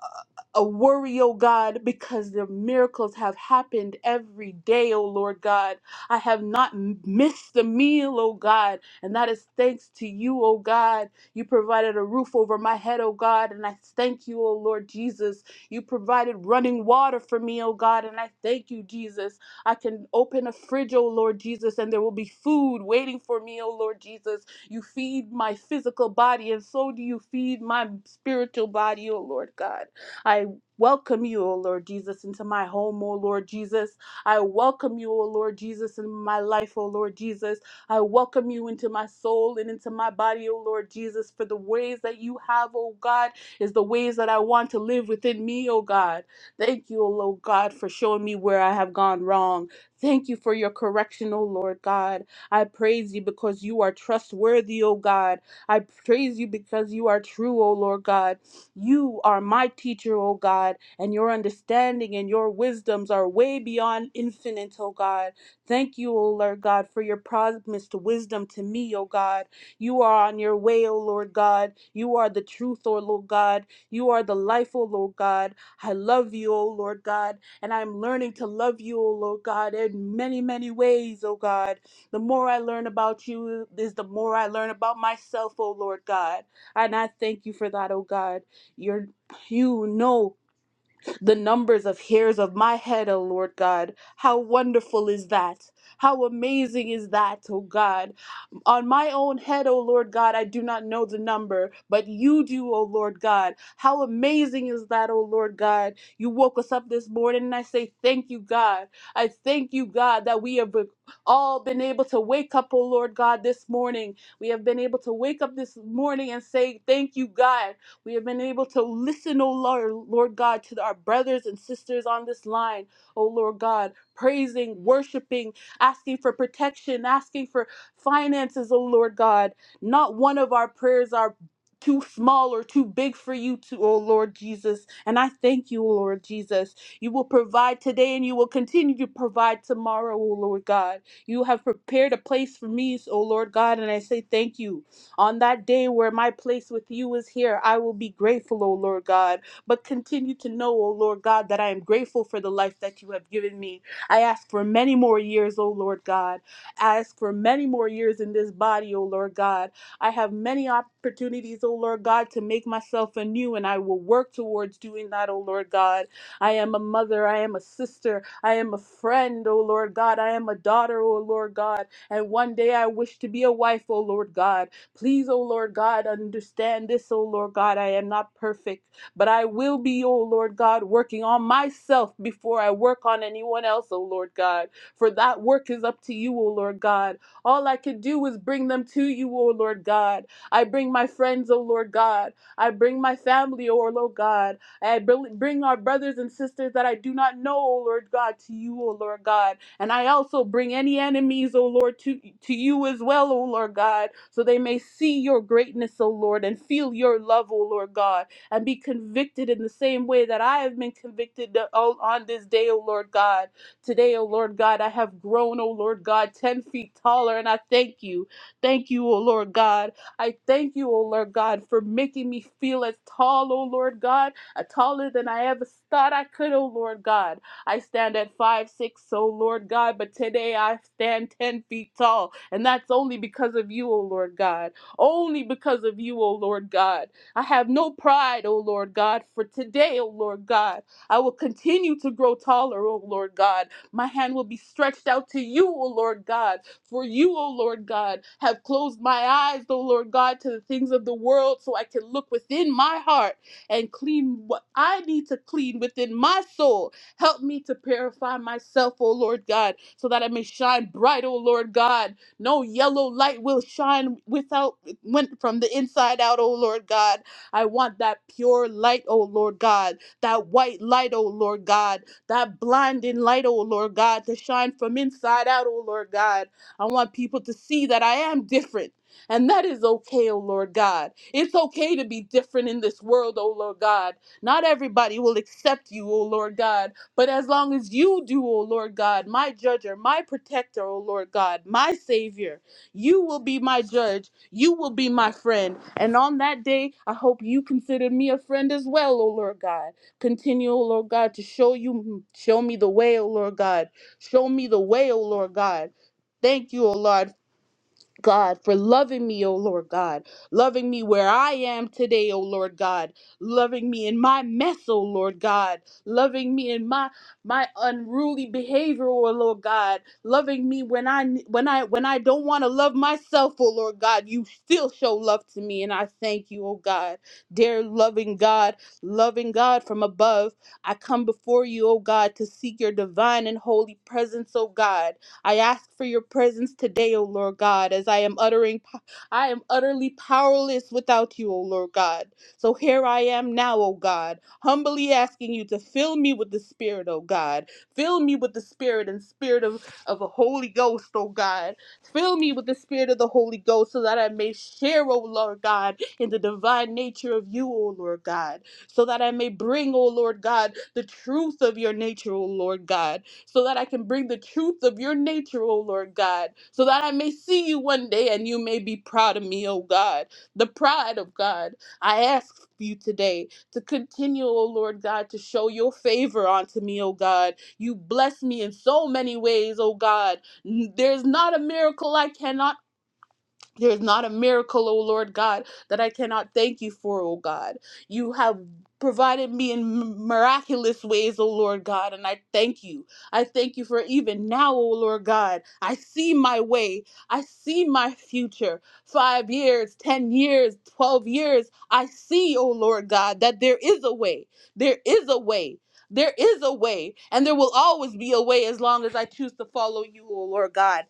a worry, oh God, because the miracles have happened every day, oh Lord God. I have not m- missed a meal, oh God, and that is thanks to you, oh God. You provided a roof over my head, oh God, and I thank you, oh Lord Jesus. You provided running water for me, oh God, and I thank you, Jesus. I can open a fridge, oh Lord Jesus, and there will be food waiting for me, oh Lord Jesus. You feed my physical body, and so do you feed my spiritual body, oh Lord God. I welcome you, O Lord Jesus, into my home, O Lord Jesus. I welcome you, O Lord Jesus, in my life, O Lord Jesus. I welcome you into my soul and into my body, O Lord Jesus, for the ways that you have, O God, is the ways that I want to live within me, O God. Thank you, O Lord God, for showing me where I have gone wrong. Thank you for your correction, O Lord God. I praise you because you are trustworthy, O God. I praise you because you are true, O Lord God. You are my teacher, O God, and your understanding and your wisdoms are way beyond infinite, O God. Thank you, O Lord God, for your promised wisdom to me, O God. You are on your way, O Lord God. You are the truth, O Lord God. You are the life, O Lord God. I love you, O Lord God, and I'm learning to love you, O Lord God, in many, many ways, O God. The more I learn about you is the more I learn about myself, O Lord God. And I thank you for that, O God. Your, you know the numbers of hairs of my head, O Lord God. How wonderful is that? How amazing is that, O God? On my own head, O Lord God, I do not know the number, but you do, O Lord God. How amazing is that, O Lord God? You woke us up this morning, and I say, Thank you, God. I thank you, God, that we have all been able to wake up, O Lord God, this morning. We have been able to wake up this morning and say, Thank you, God. We have been able to listen, oh Lord, Lord God, to our brothers and sisters on this line, oh Lord God, praising, worshiping, asking for protection, asking for finances, oh Lord God. Not one of our prayers are too small or too big for you to, oh Lord Jesus. And I thank you, oh Lord Jesus. You will provide today and you will continue to provide tomorrow, oh Lord God. You have prepared a place for me, oh Lord God, and I say thank you. On that day where my place with you is here, I will be grateful, O Lord God. But continue to know, O Lord God, that I am grateful for the life that you have given me. I ask for many more years, O Lord God. I ask for many more years in this body, O Lord God. I have many opportunities, O Lord God, to make myself anew, and I will work towards doing that, O Lord God. I am a mother, I am a sister, I am a friend, O Lord God. I am a daughter, O Lord God. And one day I wish to be a wife, O Lord God. Please, O Lord God, understand this, O Lord God. I am not perfect, but I will be, O Lord God, working on myself before I work on anyone else, O Lord God. For that work is up to you, O Lord God. All I can do is bring them to you, O Lord God. I bring my friends, O Lord God. I bring my family, O Lord God. I bring our brothers and sisters that I do not know, O Lord God, to you, O Lord God. And I also bring any enemies, O Lord, to, to you as well, O Lord God, so they may see your greatness, O Lord, and feel your love, O Lord God, and be convicted in the same way that I have been convicted o- on this day, O Lord God. Today, O Lord God, I have grown, O Lord God, 10 feet taller, and I thank you. Thank you, O Lord God. I thank you, O Lord God, for making me feel as tall, O Lord God uh, taller than I ever thought I could, oh Lord God. I stand at five six, oh Lord God, but today I stand ten feet tall, and that's only because of you, oh Lord God. Only because of you, oh Lord God. I have no pride, oh Lord God, for today, oh Lord God. I will continue to grow taller, oh Lord God. My hand will be stretched out to you, O Lord God. For you, O Lord God, have closed my eyes, O Lord God, to the things of the world so I can look within my heart and clean what I need to clean within my soul. Help me to purify myself, O Lord God, so that I may shine bright, O Lord God. No yellow light will shine without went from the inside out, O Lord God. I want that pure light, O Lord God, that white light, O Lord God, that blinding light, O Lord God, to shine from inside out, O Lord God. I want people to see that I am different. And that is okay, oh Lord God. It's okay to be different in this world, oh Lord God. Not everybody will accept you, oh Lord God. But as long as you do, oh Lord God, my judger, my protector, oh Lord God, my savior, you will be my judge. You will be my friend. And on that day, I hope you consider me a friend as well, oh Lord God. Continue, oh Lord God, to show you, show me the way, oh Lord God. Show me the way, oh Lord God. Tord God. Thank you, O Lord, God, for loving me, O Lord God, loving me where I am today, O Lord God, loving me in my mess, O Lord God, loving me in my my unruly behavior, O Lord God, loving me when I when I when I don't want to love myself, O Lord God, you still show love to me, and I thank you, O God, dear loving God, loving God from above. I come before you, O God, to seek your divine and holy presence, O God. I ask for your presence today, O Lord God, as I am uttering po- I am utterly powerless without you, O Lord God. So here I am now, O God, humbly asking you to fill me with the Spirit, O God. Fill me with the Spirit and Spirit of, of the Holy Ghost, O God. Fill me with the Spirit of the Holy Ghost so that I may share, O Lord God, in the divine nature of you, O Lord God. So that I may bring, O Lord God, the truth of your nature, O Lord God so that I can bring the truth of your nature, O Lord God, so that I may see you one day and you may be proud of me, O God, the pride of God. I ask you today to continue, O Lord God, to show your favor unto me, O God. You bless me in so many ways, O God. There's not a miracle I cannot there's not a miracle, O Lord God, that I cannot thank you for, O God. You have provided me in miraculous ways, O Lord God, and I thank you. I thank you for even now, O Lord God. I see my way. I see my future. Five years, 10 years, 12 years. I see, O Lord God, that there is a way. There is a way. There is a way, and there will always be a way as long as I choose to follow you, O Lord God.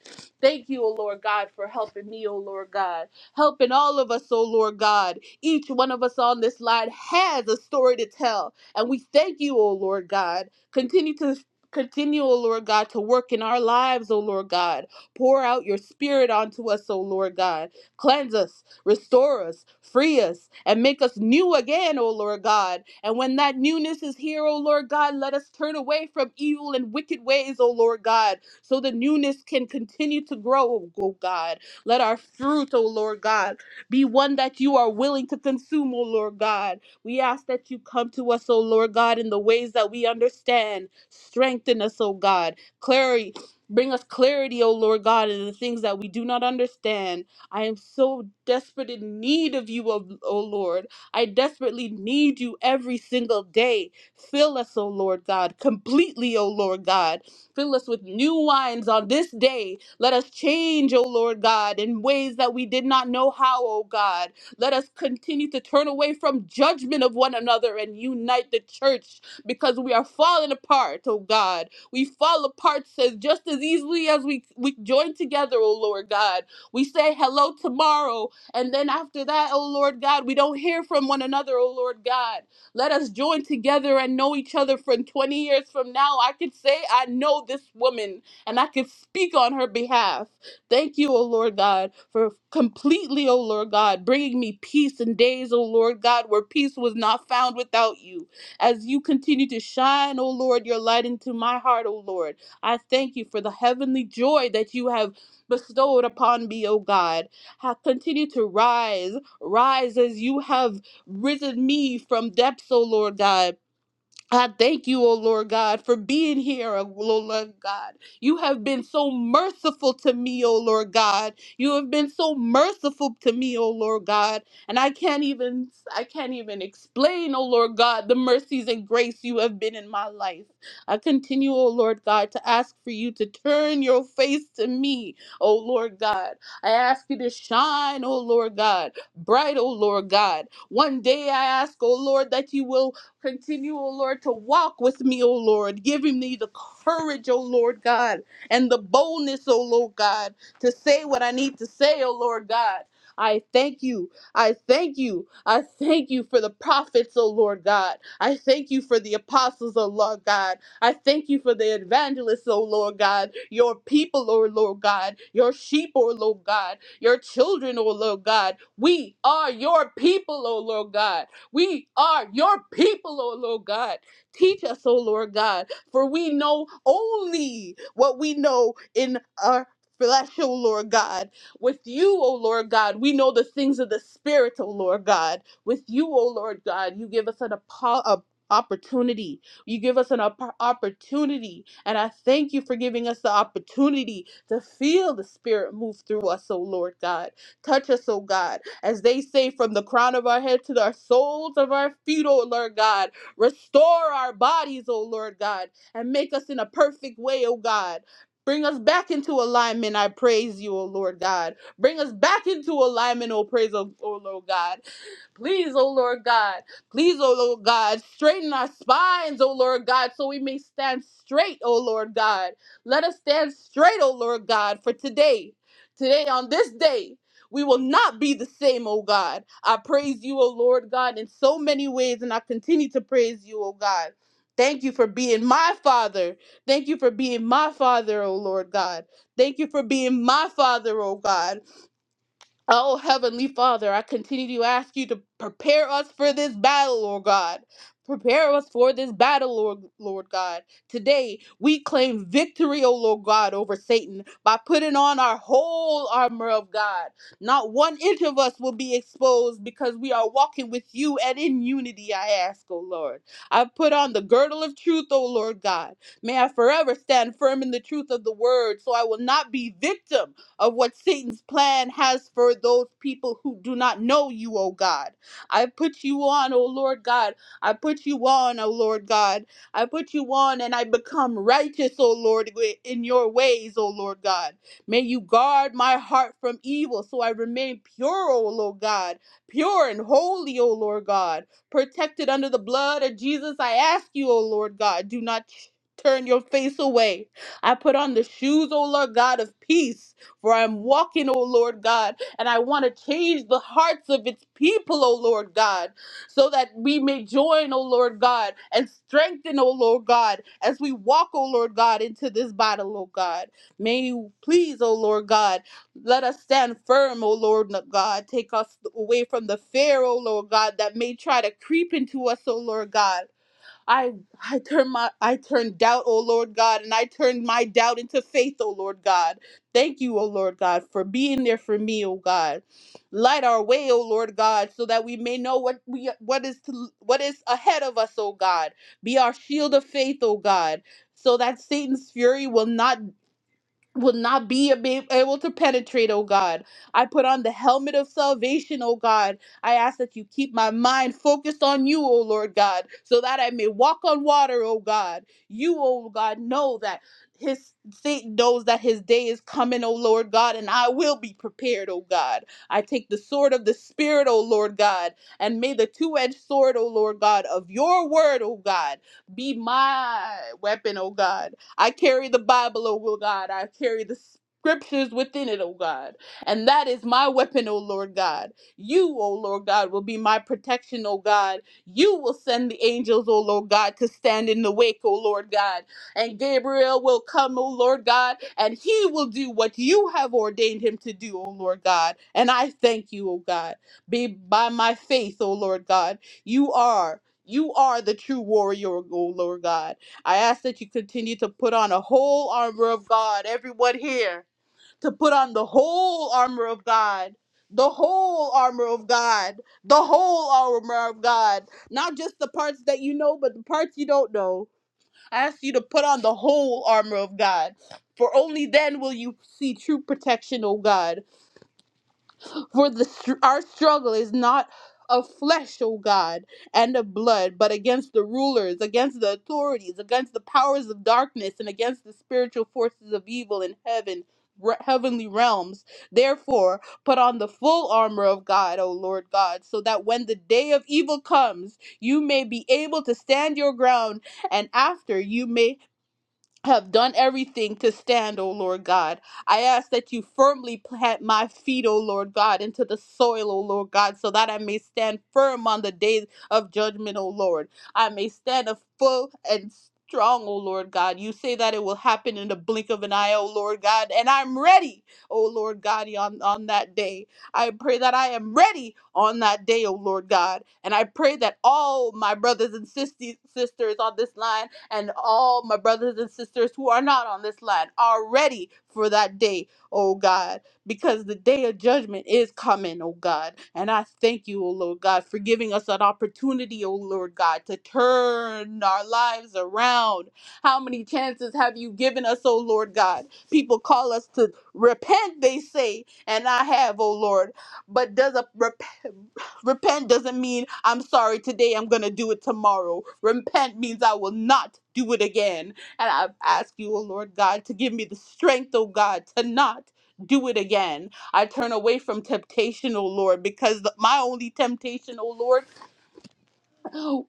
Thank you, O Lord God, for helping me, O Lord God. Helping all of us, O Lord God. Each one of us on this line has a story to tell. And we thank you, O Lord God. Continue to continue, O Lord God, to work in our lives, O Lord God. Pour out your spirit onto us, O Lord God. Cleanse us, restore us, free us, and make us new again, O Lord God. And when that newness is here, O Lord God, let us turn away from evil and wicked ways, O Lord God so the newness can continue to grow, oh God. Let our fruit, oh Lord God, be one that you are willing to consume, oh Lord God. We ask that you come to us, oh Lord God, in the ways that we understand. Strengthen us, oh God. Clarity. Bring us clarity, oh Lord God, in the things that we do not understand. I am so desperate in need of you, oh oh Lord. I desperately need you every single day. Fill us, O Lord God, completely, O Lord God. Fill us with new wines on this day. Let us change, O Lord God, in ways that we did not know how, O God. Let us continue to turn away from judgment of one another and unite the church because we are falling apart, O God. We fall apart says just as easily as we, we join together, O Lord God. We say hello tomorrow, and then after that, O Lord God, we don't hear from one another, O Lord God. Let us join together and know each other from 20 years from now. I could say I know this woman and I could speak on her behalf. Thank you, O Lord God, for completely, O Lord God, bringing me peace in days, O Lord God, where peace was not found without you. As you continue to shine, O Lord, your light into my heart, O Lord, I thank you for the heavenly joy that you have bestowed upon me, O God. Ha- Continue to rise, rise as you have risen me from depths, O Lord God. I thank you, O Lord God, for being here, O Lord God. You have been so merciful to me, O Lord God. You have been so merciful to me, O Lord God. And I can't even I can't even explain, O Lord God, the mercies and grace you have been in my life. I continue, O Lord God, to ask for you to turn your face to me, O Lord God. I ask you to shine, O Lord God, bright, O Lord God. One day I ask, O Lord, that you will Continue, O Lord, to walk with me, O Lord, giving me the courage, O Lord God, and the boldness, O Lord God, to say what I need to say, O Lord God. I thank you. I thank you. I thank you for the prophets, O Lord God. I thank you for the apostles, O Lord God. I thank you for the evangelists, O Lord God. Your people, O Lord God. Your sheep, O Lord God. Your children, O Lord God. We are your people, O Lord God. We are your people, O Lord God. Teach us, O Lord God, for we know only what we know in our flesh, O Lord God. With you, O Lord God, we know the things of the Spirit, O Lord God. With you, O Lord God, you give us an apo- a opportunity. You give us an op- opportunity, and I thank you for giving us the opportunity to feel the Spirit move through us, O Lord God. Touch us, oh God, as they say, from the crown of our head to the soles of our feet, oh Lord God. Restore our bodies, oh Lord God, and make us in a perfect way, oh God. Bring us back into alignment, I praise you, O Lord God. Bring us back into alignment, O praise, O, o Lord God. Please, oh Lord God. Please, oh Lord God, straighten our spines, oh Lord God, so we may stand straight, oh Lord God. Let us stand straight, oh Lord God, for today. Today, on this day, we will not be the same, oh God. I praise you, oh Lord God, in so many ways, and I continue to praise you, oh God. Thank you for being my father. Thank you for being my father, oh Lord God. Thank you for being my father, oh God. Oh, Heavenly Father, I continue to ask you to prepare us for this battle, Lord God. Prepare us for this battle, Lord, Lord God. Today, we claim victory, O Lord God, over Satan by putting on our whole armor of God. Not one inch of us will be exposed because we are walking with you and in unity, I ask, O Lord. I put on the girdle of truth, O Lord God. May I forever stand firm in the truth of the word so I will not be victim of what Satan's plan has for those people who do not know you, O God. I put you on, O Lord God. I put you on, O Lord God. I put you on and I become righteous, O Lord, in your ways, O Lord God. May you guard my heart from evil so I remain pure, O Lord God, pure and holy, O Lord God, protected under the blood of Jesus. I ask you, O Lord God, do not turn your face away. I put on the shoes, O Lord God, of peace. For I'm walking, O Lord God, and I want to change the hearts of its people, O Lord God, so that we may join, O Lord God, and strengthen, O Lord God, as we walk, O Lord God, into this battle, O God. May you please, O Lord God, let us stand firm, O Lord God. Take us away from the fear, O Lord God, that may try to creep into us, O Lord God. I I turned my I turned doubt, O Lord God, and I turned my doubt into faith, O Lord God. Thank you, O Lord God, for being there for me, O God. Light our way, O Lord God, so that we may know what we what is to, what is ahead of us, O God. Be our shield of faith, O God, so that Satan's fury will not will not be ab- able to penetrate, oh God. I put on the helmet of salvation, oh God. I ask that you keep my mind focused on you, oh Lord God, so that I may walk on water, oh God. You, oh God, know that his Satan knows that his day is coming, oh Lord God, and I will be prepared, oh God. I take the sword of the Spirit, oh Lord God, and may the two-edged sword, oh Lord God, of your word, oh God, be my weapon, oh God I carry the Bible, O God. I carry the scriptures within it, O God. And that is my weapon, O Lord God. You, O Lord God, will be my protection, O God. You will send the angels, O Lord God, to stand in the wake, O Lord God. And Gabriel will come, O Lord God, and he will do what you have ordained him to do, O Lord God. And I thank you, O God. Be by my faith, O Lord God. You are. You are the true warrior, O Lord God I ask that you continue to put on a whole armor of God, everyone here, to put on the whole armor of God, the whole armor of God, the whole armor of God, not just the parts that you know, but the parts you don't know. I ask you to put on the whole armor of God, for only then will you see true protection, O God. For the str- our struggle is not of flesh, O God, and of blood, but against the rulers, against the authorities, against the powers of darkness, and against the spiritual forces of evil in heaven, re- heavenly realms. Therefore, put on the full armor of God, O Lord God, so that when the day of evil comes, you may be able to stand your ground, and after you may have done everything to stand, O Lord God. I ask that you firmly plant my feet, O Lord God, into the soil, O Lord God, so that I may stand firm on the day of judgment, O Lord. I may stand a full and strong, O Lord God. You say that it will happen in the blink of an eye, O Lord God, and I'm ready, O Lord God, on, on that day. I pray that I am ready on that day, O Lord God. And I pray that all my brothers and sisters sisters on this line and all my brothers and sisters who are not on this line are ready for that day, oh God, because the day of judgment is coming, oh God. And I thank you, oh Lord God, for giving us an opportunity, oh Lord God, to turn our lives around. How many chances have you given us, oh Lord God? People call us to repent, they say, and I have, oh Lord. But does a repentance? Repent doesn't mean I'm sorry today, I'm going to do it tomorrow. Repent means I will not do it again. And I ask you, O Lord God, to give me the strength, O God, to not do it again. I turn away from temptation, O Lord, because the, my only temptation, O Lord,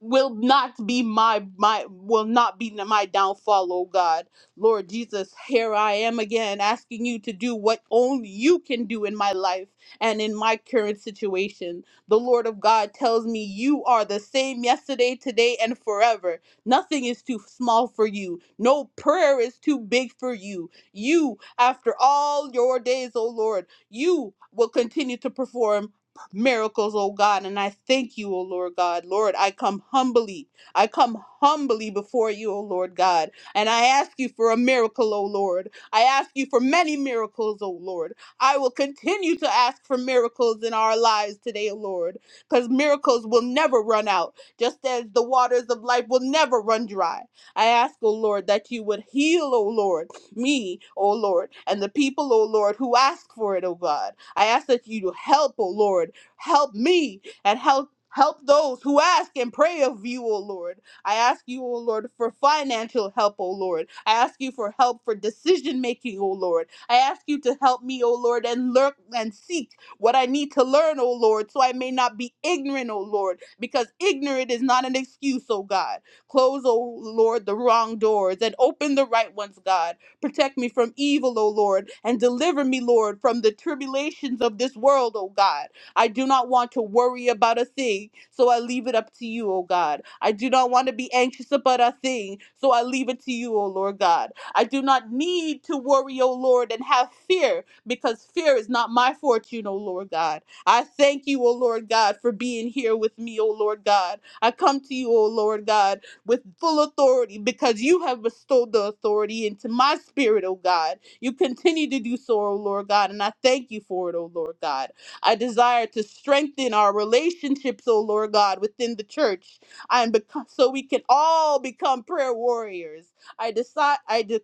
will not be my my will not be my downfall, oh God. Lord Jesus, here I am again asking you to do what only you can do in my life and in my current situation. The Lord of God tells me you are the same yesterday, today, and forever. Nothing is too small for you. No prayer is too big for you. You, after all your days, O Lord, you will continue to perform miracles, oh God. And I thank you, oh Lord God. Lord, I come humbly. I come humbly before you, oh Lord God. And I ask you for a miracle, oh Lord. I ask you for many miracles, oh Lord. I will continue to ask for miracles in our lives today, oh Lord, because miracles will never run out, just as the waters of life will never run dry. I ask, O Lord, that you would heal, O Lord, me, O Lord, and the people, O Lord, who ask for it, O God. I ask that you help, O Lord. Help me and help help those who ask and pray of you, O Lord. I ask you, O Lord, for financial help, O Lord. I ask you for help for decision making, O Lord. I ask you to help me, O Lord, and lurk and seek what I need to learn, O Lord, so I may not be ignorant, O Lord, because ignorant is not an excuse, O God. Close, O Lord, the wrong doors and open the right ones, God. Protect me from evil, O Lord, and deliver me, Lord, from the tribulations of this world, O God. I do not want to worry about a thing, so I leave it up to you, O God. I do not want to be anxious about a thing, so I leave it to you, O Lord God. I do not need to worry, O Lord, and have fear, because fear is not my fortune, O Lord God. I thank you, O Lord God, for being here with me, O Lord God. I come to you, O Lord God, with full authority because you have bestowed the authority into my spirit, O God. You continue to do so, O Lord God, and I thank you for it, O Lord God. I desire to strengthen our relationships, oh Lord God, within the church, and become, so we can all become prayer warriors. I decide. I de-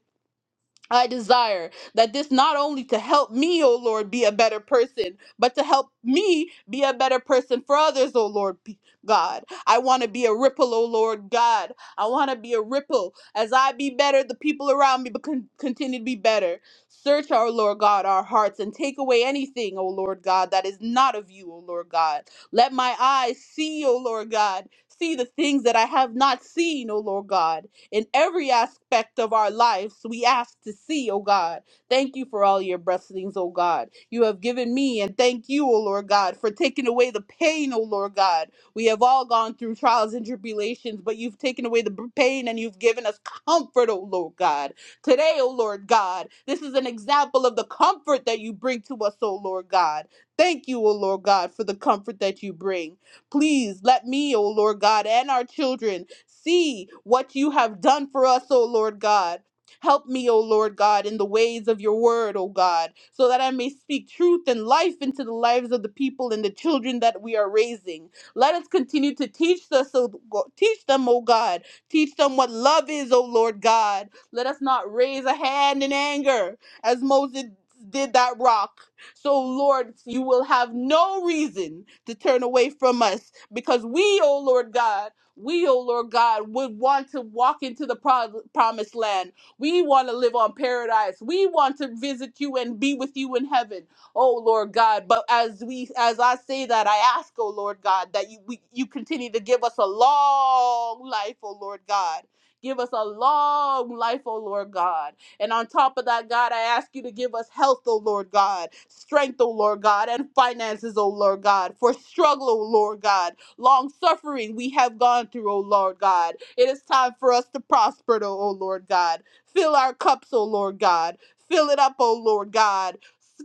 I desire that this not only to help me, O Lord, be a better person, but to help me be a better person for others, O Lord be- God. I want to be a ripple, O Lord God. I want to be a ripple. As I be better, the people around me becon- continue to be better. Search our Lord God, our hearts, and take away anything, O Lord God, that is not of you, O Lord God. Let my eyes see, O Lord God, see the things that I have not seen, O Lord God in every aspect of our lives. We ask to see, O God. Thank you for all your blessings, O God. You have given me, and thank you, O Lord God, for taking away the pain, O Lord God. We have all gone through trials and tribulations, but you've taken away the b- pain and you've given us comfort, O Lord God. Today, O Lord God, this is an example of the comfort that you bring to us, O Lord God. Thank you, O Lord God, for the comfort that you bring. Please let me, O Lord God, and our children see what you have done for us, O Lord God. Help me, O Lord God, in the ways of your word, O God, so that I may speak truth and life into the lives of the people and the children that we are raising. Let us continue to teach us, O Go- teach them, O God. Teach them what love is, O Lord God. Let us not raise a hand in anger as Moses did that rock. So, Lord, you will have no reason to turn away from us because we, oh Lord God, we, oh Lord God, would want to walk into the pro- promised land. We want to live on paradise. We want to visit you and be with you in heaven, oh Lord God. But as we, as I say that, I ask, oh Lord God, that you, we, you continue to give us a long life, oh Lord God. Give us a long life, oh Lord God and on top of that, God, I ask you to give us health, O Lord God, strength, O Lord God, and finances, O Lord God, for struggle, O Lord God, long suffering we have gone through, O Lord God. It is time for us to prosper, O O Lord God. Fill our cups, O Lord God. Fill it up, O Lord God.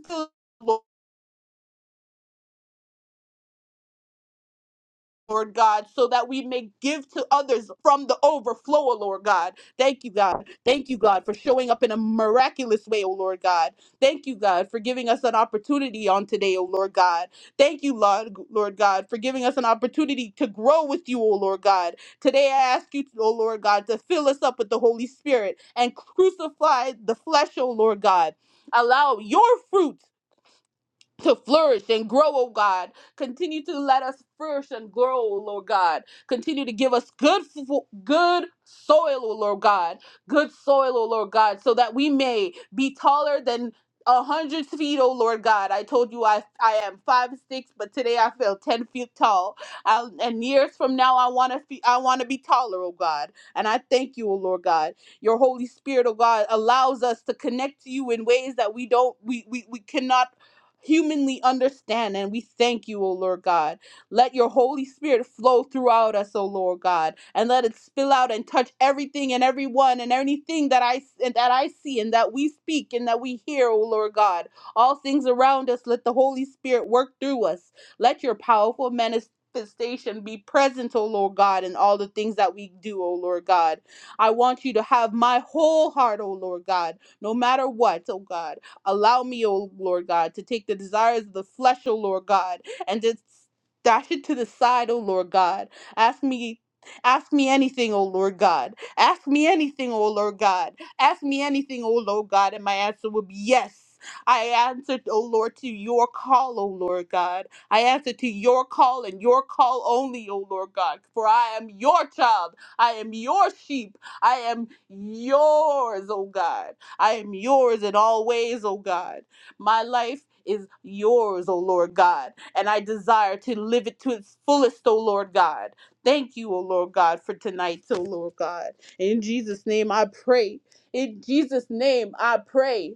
Fill Lord God, so that we may give to others from the overflow, O Lord God. Thank you, God. Thank you, God, for showing up in a miraculous way, O Lord God. Thank you, God, for giving us an opportunity on today, O Lord God. Thank you, Lord, Lord God, for giving us an opportunity to grow with you, O Lord God. Today I ask you, O Lord God, to fill us up with the Holy Spirit and crucify the flesh, O Lord God. Allow your fruits to flourish and grow, oh God. Continue to let us flourish and grow, oh Lord God. Continue to give us good, fo- good soil, oh Lord God. Good soil, oh Lord God, so that we may be taller than a hundred feet, oh Lord God. I told you I I am five six, but today I feel ten feet tall. I, and years from now, I want to be I want to be taller, oh God. And I thank you, oh Lord God your Holy Spirit, oh God, allows us to connect to you in ways that we don't, we we, we cannot humanly understand. And we thank you, O Lord God. Let your Holy Spirit flow throughout us, O Lord God, and let it spill out and touch everything and everyone and anything that I and that I see and that we speak and that we hear, O Lord God. All things around us, let the Holy Spirit work through us. Let your powerful manifestation be present, O Lord God, in all the things that we do, O Lord God. I want you to have my whole heart, O Lord God, no matter what, O God. Allow me, O Lord God, to take the desires of the flesh, O Lord God, and just dash it to the side, O Lord God. Ask me. Ask me anything, O Lord God. Ask me anything, O Lord God. Ask me anything, O Lord God, and my answer will be yes. I answered, O Lord, to your call, O Lord God. I answer to your call and your call only, O Lord God. For I am your child. I am your sheep. I am yours, O God. I am yours in all ways, O God. My life is yours, O Lord God, and I desire to live it to its fullest, O Lord God. Thank you, O Lord God, for tonight, O Lord God. In Jesus' name I pray. In Jesus' name I pray.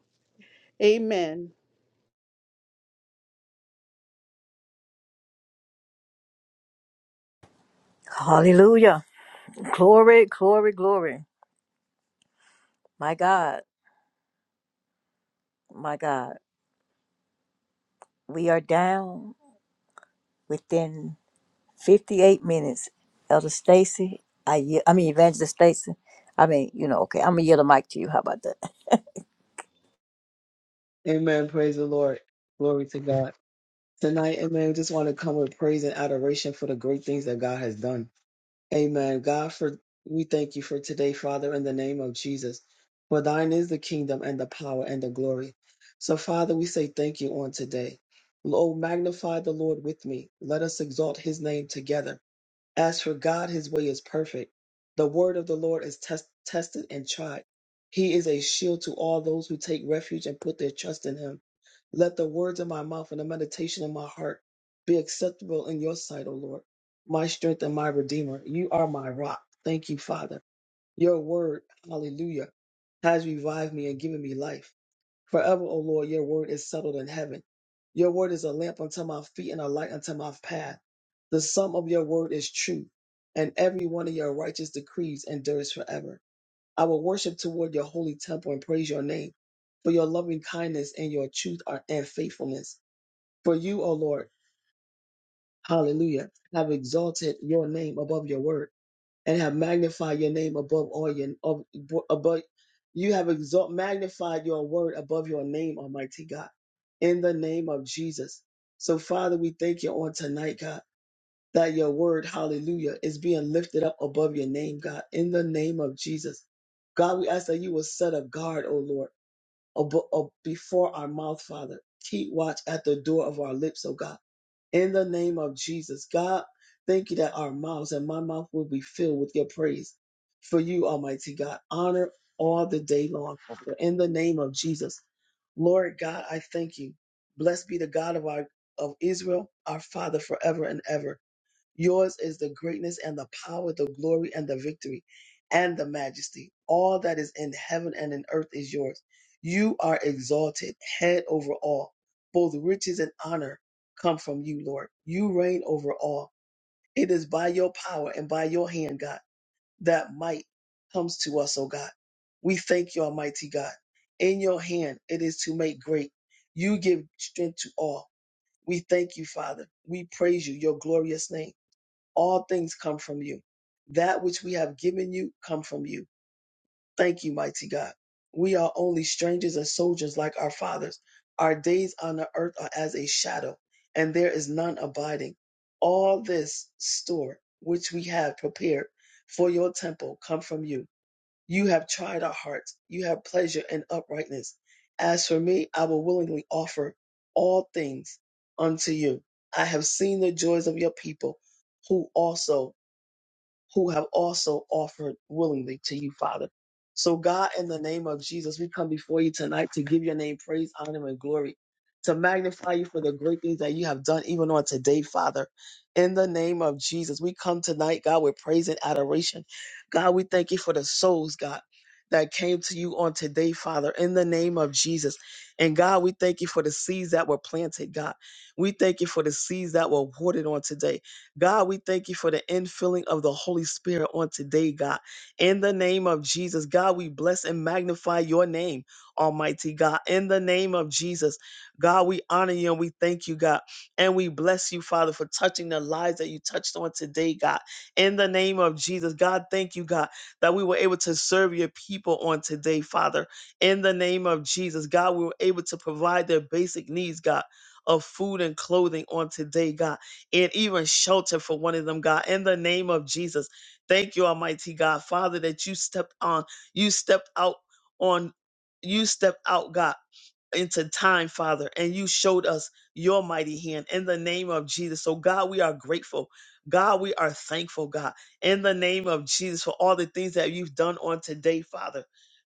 Amen. Hallelujah. Glory, glory, glory. My God, my God. We are down within 58 minutes. Elder Stacy, I, ye- I mean, Evangelist Stacy. I mean, you know, okay, I'm going to yield the mic to you. How about that? Amen. Praise the Lord. Glory to God. Tonight, amen. We just want to come with praise and adoration for the great things that God has done. Amen. God, for we thank you for today, Father, in the name of Jesus. For thine is the kingdom and the power and the glory. So, Father, we say thank you on today. Oh, magnify the Lord with me. Let us exalt his name together. As for God, his way is perfect. The word of the Lord is test- tested and tried. He is a shield to all those who take refuge and put their trust in him. Let the words of my mouth and the meditation of my heart be acceptable in your sight, O Lord, my strength and my redeemer. You are my rock. Thank you, Father. Your word, hallelujah, has revived me and given me life. Forever, O Lord, your word is settled in heaven. Your word is a lamp unto my feet and a light unto my path. The sum of your word is truth, and every one of your righteous decrees endures forever. I will worship toward your holy temple and praise your name for your loving kindness and your truth are, and faithfulness. For you, O Lord, hallelujah, have exalted your name above your word and have magnified your name above all your of- above you have exalt magnified your word above your name, Almighty God, in the name of Jesus. So, Father, we thank you on tonight, God, that your word, hallelujah, is being lifted up above your name, God, in the name of Jesus. God, we ask that you will set a guard, O Lord, abo- ab- before our mouth, Father. Keep watch at the door of our lips, O God in the name of Jesus. God, thank you that our mouths and my mouth will be filled with your praise for you, Almighty God. Honor all the day long, Father, in the name of Jesus. Lord God, I thank you. Blessed be the God of our of Israel, our Father forever and ever. Yours is the greatness and the power, the glory and the victory and the majesty. All that is in heaven and in earth is yours. You are exalted, head over all. Both riches and honor come from you, Lord. You reign over all. It is by your power and by your hand, God, that might comes to us, O God. We thank you, Almighty God. In your hand it is to make great. You give strength to all. We thank you, Father. We praise you, your glorious name. All things come from you. That which we have given you come from you. Thank you, mighty God. We are only strangers and soldiers like our fathers. Our days on the earth are as a shadow, and there is none abiding. All this store which we have prepared for your temple come from you. You have tried our hearts. You have pleasure in uprightness. As for me, I will willingly offer all things unto you. I have seen the joys of your people who also who have also offered willingly to you, Father. So, God, in the name of Jesus, we come before you tonight to give your name praise, honor, and glory, to magnify you for the great things that you have done, even on today, Father. In the name of Jesus, we come tonight, God, with praise and adoration. God, we thank you for the souls, God. That came to you on today, Father, in the name of Jesus. And God, we thank you for the seeds that were planted, God. We thank you for the seeds that were watered on today. God, we thank you for the infilling of the Holy Spirit on today, God. In the name of Jesus, God, we bless and magnify your name, Almighty God. In the name of Jesus, God, we honor you and we thank you, God. And we bless you, Father, for touching the lives that you touched on today, God. In the name of Jesus, God, thank you, God, that we were able to serve your people on today, Father. In the name of Jesus, God, we were able to provide their basic needs, God. Of food and clothing on today, God and even shelter for one of them, God, in the name of Jesus. Thank you, Almighty God, Father, that you stepped on, you stepped out on, you stepped out, God into time, Father, and you showed us your mighty hand in the name of Jesus. So, God, we are grateful. God, we are thankful, God, in the name of Jesus for all the things that you've done on today, Father.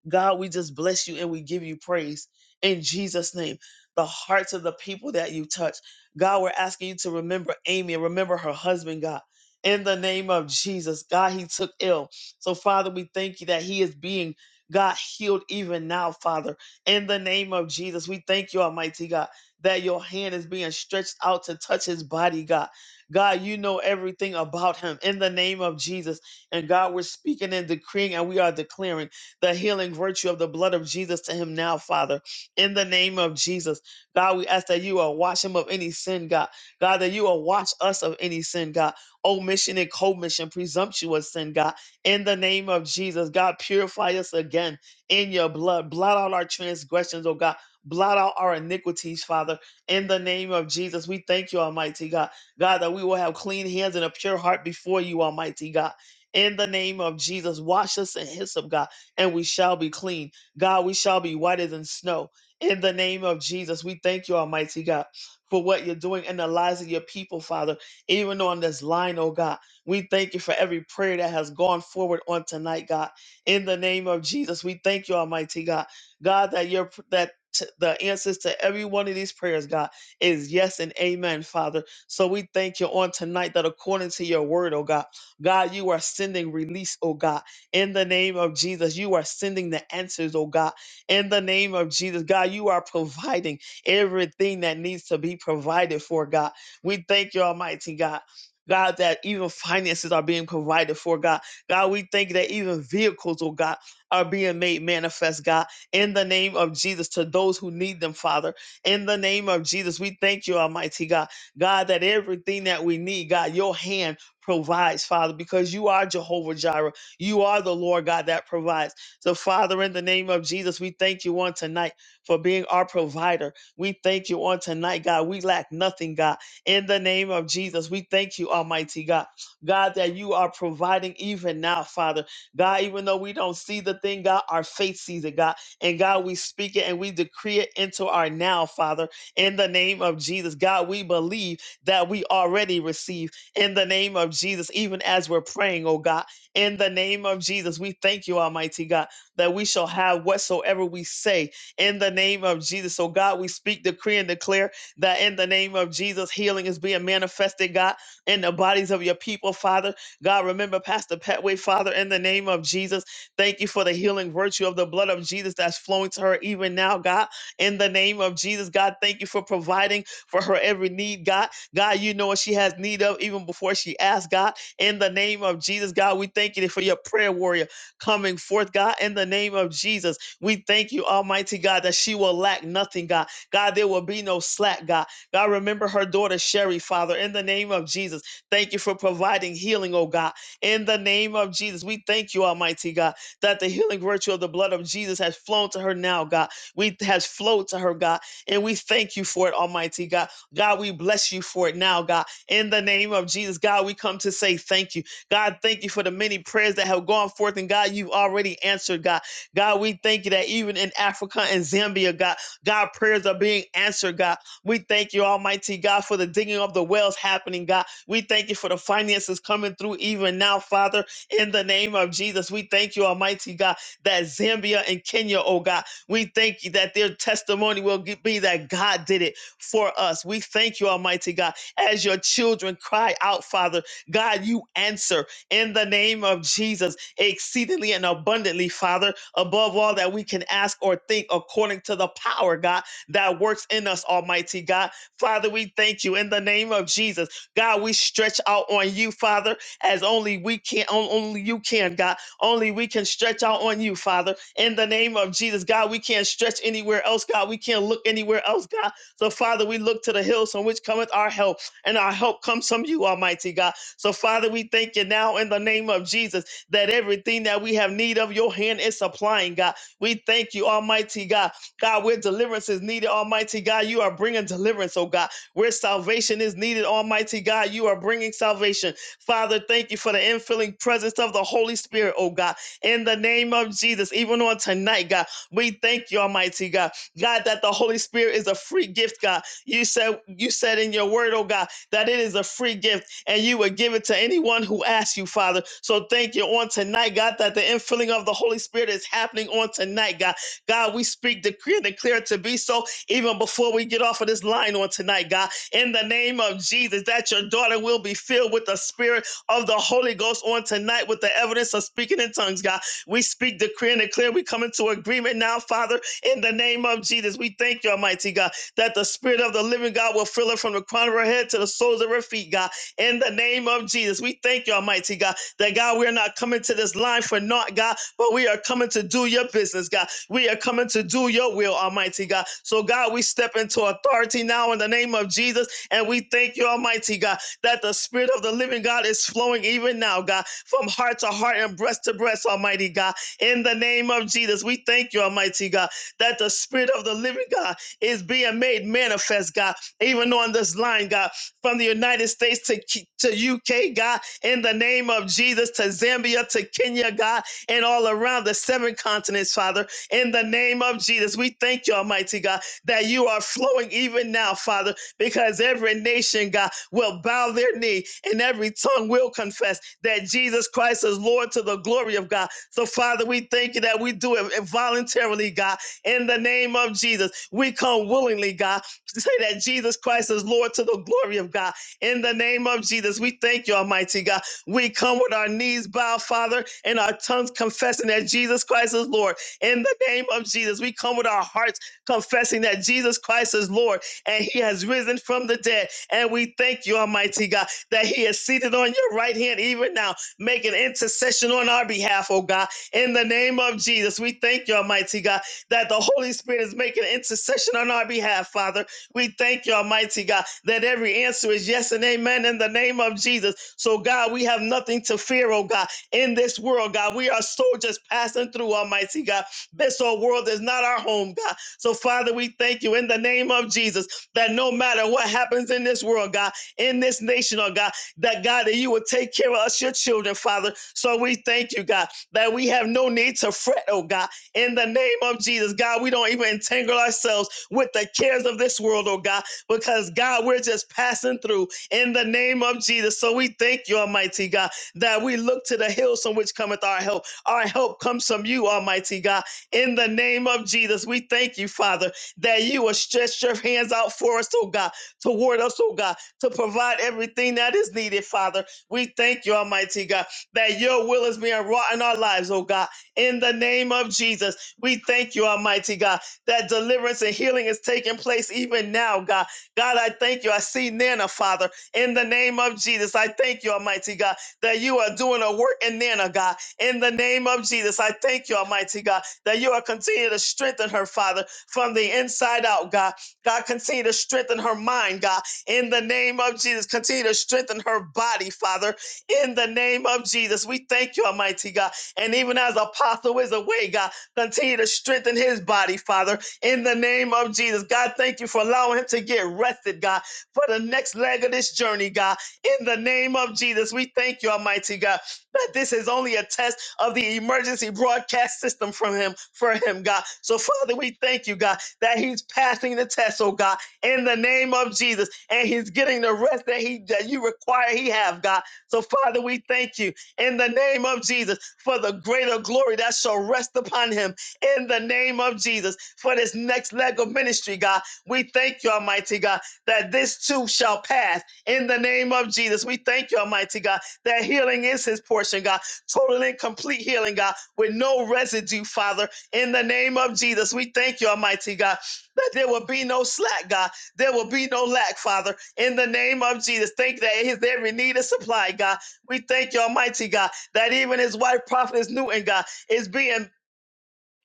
God, we just bless you and we give you praise in Jesus' name. The hearts of the people that you touch. God, we're asking you to remember Amy and remember her husband, God. In the name of Jesus, God, he took ill. So, Father, we thank you that he is being, God, healed even now, Father. In the name of Jesus, we thank you, Almighty God, that your hand is being stretched out to touch his body, God. God, you know everything about him in the name of Jesus. And God, we're speaking and decreeing and we are declaring the healing virtue of the blood of Jesus to him now, Father, in the name of Jesus. God, we ask that you will wash him of any sin, God. God, that you will wash us of any sin, God. Omission and commission, presumptuous sin, God. In the name of Jesus, God, purify us again in your blood. Blot out our transgressions, oh God. Blot out our iniquities, Father. In the name of Jesus, we thank you, Almighty God. God, that we will have clean hands and a pure heart before you, Almighty God. In the name of Jesus, wash us in hyssop, God, and we shall be clean. God, we shall be whiter than snow. In the name of Jesus, we thank you, Almighty God, for what you're doing in the lives of your people, Father. Even on this line, oh God, we thank you for every prayer that has gone forward on tonight, God. In the name of Jesus, we thank you, Almighty God, God, that your that t- the answers to every one of these prayers, God, is yes and amen, Father. So we thank you on tonight that according to your word, oh God, God, you are sending release, oh God, in the name of Jesus. You are sending the answers, oh God in the name of Jesus. God, you are providing everything that needs to be provided for, God. We thank you, Almighty God. God, that even finances are being provided for, God. God, we thank that even vehicles, oh God, are being made manifest, God, in the name of Jesus to those who need them, Father. In the name of Jesus, we thank you, Almighty God. God, that everything that we need, God, your hand provides, Father, because you are Jehovah Jireh. You are the Lord God that provides. So, Father, in the name of Jesus, we thank you on tonight for being our provider. We thank you on tonight, God. We lack nothing, God. In the name of Jesus, we thank you, Almighty God. God, that you are providing even now, Father. God, even though we don't see the thing, God, our faith sees it, God. And God, we speak it and we decree it into our now, Father. In the name of Jesus, God, we believe that we already receive in the name of Jesus, even as we're praying, oh God. In the name of Jesus, we thank you, Almighty God that we shall have whatsoever we say in the name of Jesus. So, God, we speak, decree, and declare that in the name of Jesus, healing is being manifested, God, in the bodies of your people, Father. God, remember Pastor Petway, Father, in the name of Jesus. Thank you for the healing virtue of the blood of Jesus that's flowing to her even now, God, in the name of Jesus. God, thank you for providing for her every need, God. God, you know what she has need of even before she asks, God, in the name of Jesus. God, we thank you for your prayer warrior coming forth, God, in the name of Jesus. We thank you, Almighty God, that she will lack nothing, God. God, there will be no slack, God. God, remember her daughter, Sherry, Father, in the name of Jesus. Thank you for providing healing, oh God, in the name of Jesus. We thank you, Almighty God, that the healing virtue of the blood of Jesus has flown to her now, God. We has flowed to her, God, and we thank you for it, Almighty God. God, we bless you for it now, God, in the name of Jesus. God, we come to say thank you. God, thank you for the many prayers that have gone forth. And God, you've already answered, God. God, we thank you that even in Africa and Zambia, God, God, prayers are being answered, God. We thank you, Almighty God, for the digging of the wells happening, God. We thank you for the finances coming through even now, Father, in the name of Jesus. We thank you, Almighty God, that Zambia and Kenya, oh God, we thank you that their testimony will ge- be that God did it for us. We thank you, Almighty God, as your children cry out, Father. God, you answer in the name of Jesus exceedingly and abundantly, Father, above all that we can ask or think according to the power, God, that works in us, Almighty God. Father, we thank you in the name of Jesus. God, we stretch out on you, Father, as only we can, on- only you can, God. Only we can stretch out on you, Father, in the name of Jesus. God, we can't stretch anywhere else, God. We can't look anywhere else, God. So, Father, we look to the hills from which cometh our help, and our help comes from you, Almighty God. So, Father, we thank you now in the name of Jesus that everything that we have need of, your hand is supplying, God. We thank you, Almighty God. God, where deliverance is needed, Almighty God, you are bringing deliverance, oh God. Where salvation is needed, Almighty God, you are bringing salvation. Father, thank you for the infilling presence of the Holy Spirit, oh God. In the name of Jesus, even on tonight, God, we thank you, Almighty God. God, that the Holy Spirit is a free gift, God. You said you said in your word, oh God, that it is a free gift and you would give it to anyone who asks you, Father. So thank you on tonight, God, that the infilling of the Holy Spirit is happening on tonight, God. God, we speak, decree, and declare it to be so even before we get off of this line on tonight, God. In the name of Jesus, that your daughter will be filled with the Spirit of the Holy Ghost on tonight with the evidence of speaking in tongues, God. We speak, decree, and declare. We come into agreement now, Father, in the name of Jesus. We thank you, Almighty God, that the Spirit of the living God will fill her from the crown of her head to the soles of her feet, God in the name of Jesus. We thank you, Almighty God, that God, we're not coming to this line for naught, God, but we are coming to do your business, God. We are coming to do your will, Almighty God. So, God, we step into authority now in the name of Jesus, and we thank you, Almighty God, that the Spirit of the living God is flowing even now, God, from heart to heart and breast to breast, Almighty God. In the name of Jesus, we thank you, Almighty God, that the Spirit of the living God is being made manifest, God, even on this line, God from the United States to, K- to UK, God, in the name of Jesus, to Zambia, to Kenya, God, and all around the seven continents, Father, in the name of Jesus. We thank you, Almighty God, that you are flowing even now, Father, because every nation, God, will bow their knee and every tongue will confess that Jesus Christ is Lord to the glory of God. So, Father, we thank you that we do it voluntarily, God, in the name of Jesus. We come willingly, God, *laughs* say that Jesus Christ is Lord to the glory of God. In the name of Jesus, we thank you, Almighty God. We come with our knees bowed, Father, and our tongues confessing that Jesus Christ is Lord. In the name of Jesus, we come with our hearts confessing that Jesus Christ is Lord and he has risen from the dead. And we thank you, Almighty God, that he is seated on your right hand even now, making intercession on our behalf, oh God. In the name of Jesus, we thank you, Almighty God, that the Holy Spirit is making intercession on our behalf, Father we thank you, Almighty God, that every answer is yes and amen in the name of Jesus. So, God, we have nothing to fear, oh God, in this world, God. We are soldiers passing through, Almighty God. This old world is not our home, God. So, Father, we thank you in the name of Jesus that no matter what happens in this world, God, in this nation, oh God, that God, that you will take care of us, your children, Father. So we thank you, God, that we have no need to fret, oh God in the name of Jesus. God, we don't even entangle ourselves with the cares of this world, oh God, because God, we're just passing through in the name of Jesus. So we thank you, Almighty God, that we look to the hills from which cometh our help. Our help comes from you, Almighty God. In the name of Jesus, we thank you, Father, that you will stretch your hands out for us, oh God, toward us, oh God, to provide everything that is needed, Father. We thank you, Almighty God, that your will is being wrought in our lives, oh God in the name of Jesus. We thank you, Almighty God, that deliverance and healing is taking place even now, God. God, I thank you. I see Nana, Father, in the name of Jesus. I thank you, Almighty God, that you are doing a work in Nana, God, in the name of Jesus. I thank you, Almighty God, that you are continuing to strengthen her, Father, from the inside out, God. God, continue to strengthen her mind, God, in the name of Jesus. Continue to strengthen her body, Father, in the name of Jesus. We thank you, Almighty God. And even as Apostle is away, God, continue to strengthen his body, Father, in the name of Jesus. God, thank you for allowing him to get rested, God, for the next leg of this journey, God. In the name of Jesus, we thank you, Almighty God, that this is only a test of the emergency broadcast system from him, for him, God. So, Father, we thank you, God, that he's passing the test, oh God, in the name of Jesus, and he's getting the rest that he that you require he have, God. So, Father, we thank you in the name of Jesus for the greater glory that shall rest upon him in the name of Jesus for this next leg of ministry, God. We thank you, Almighty God, that this too shall pass in the name of Jesus. We thank you, Almighty God, that healing is his portion, God. Total and complete healing, God, with no residue, Father, in the name of Jesus. We thank you, Almighty God, that there will be no slack, God. There will be no lack, Father, in the name of Jesus. Thank you that his every need is supplied, God. We thank you, Almighty God, that even his wife, Prophetess Newton, God, is being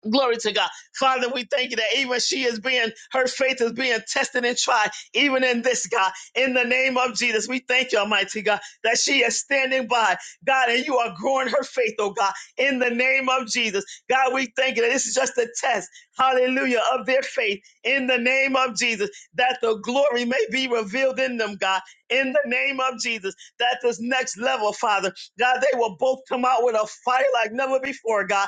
Glory to God. Father, we thank you that even she is being, her faith is being tested and tried, even in this, God. In the name of Jesus, we thank you, Almighty God, that she is standing by, God, and you are growing her faith, oh God, in the name of Jesus. God, we thank you that this is just a test, hallelujah, of their faith in the name of Jesus, that the glory may be revealed in them, God, in the name of Jesus, that this next level, Father, God, they will both come out with a fire like never before, God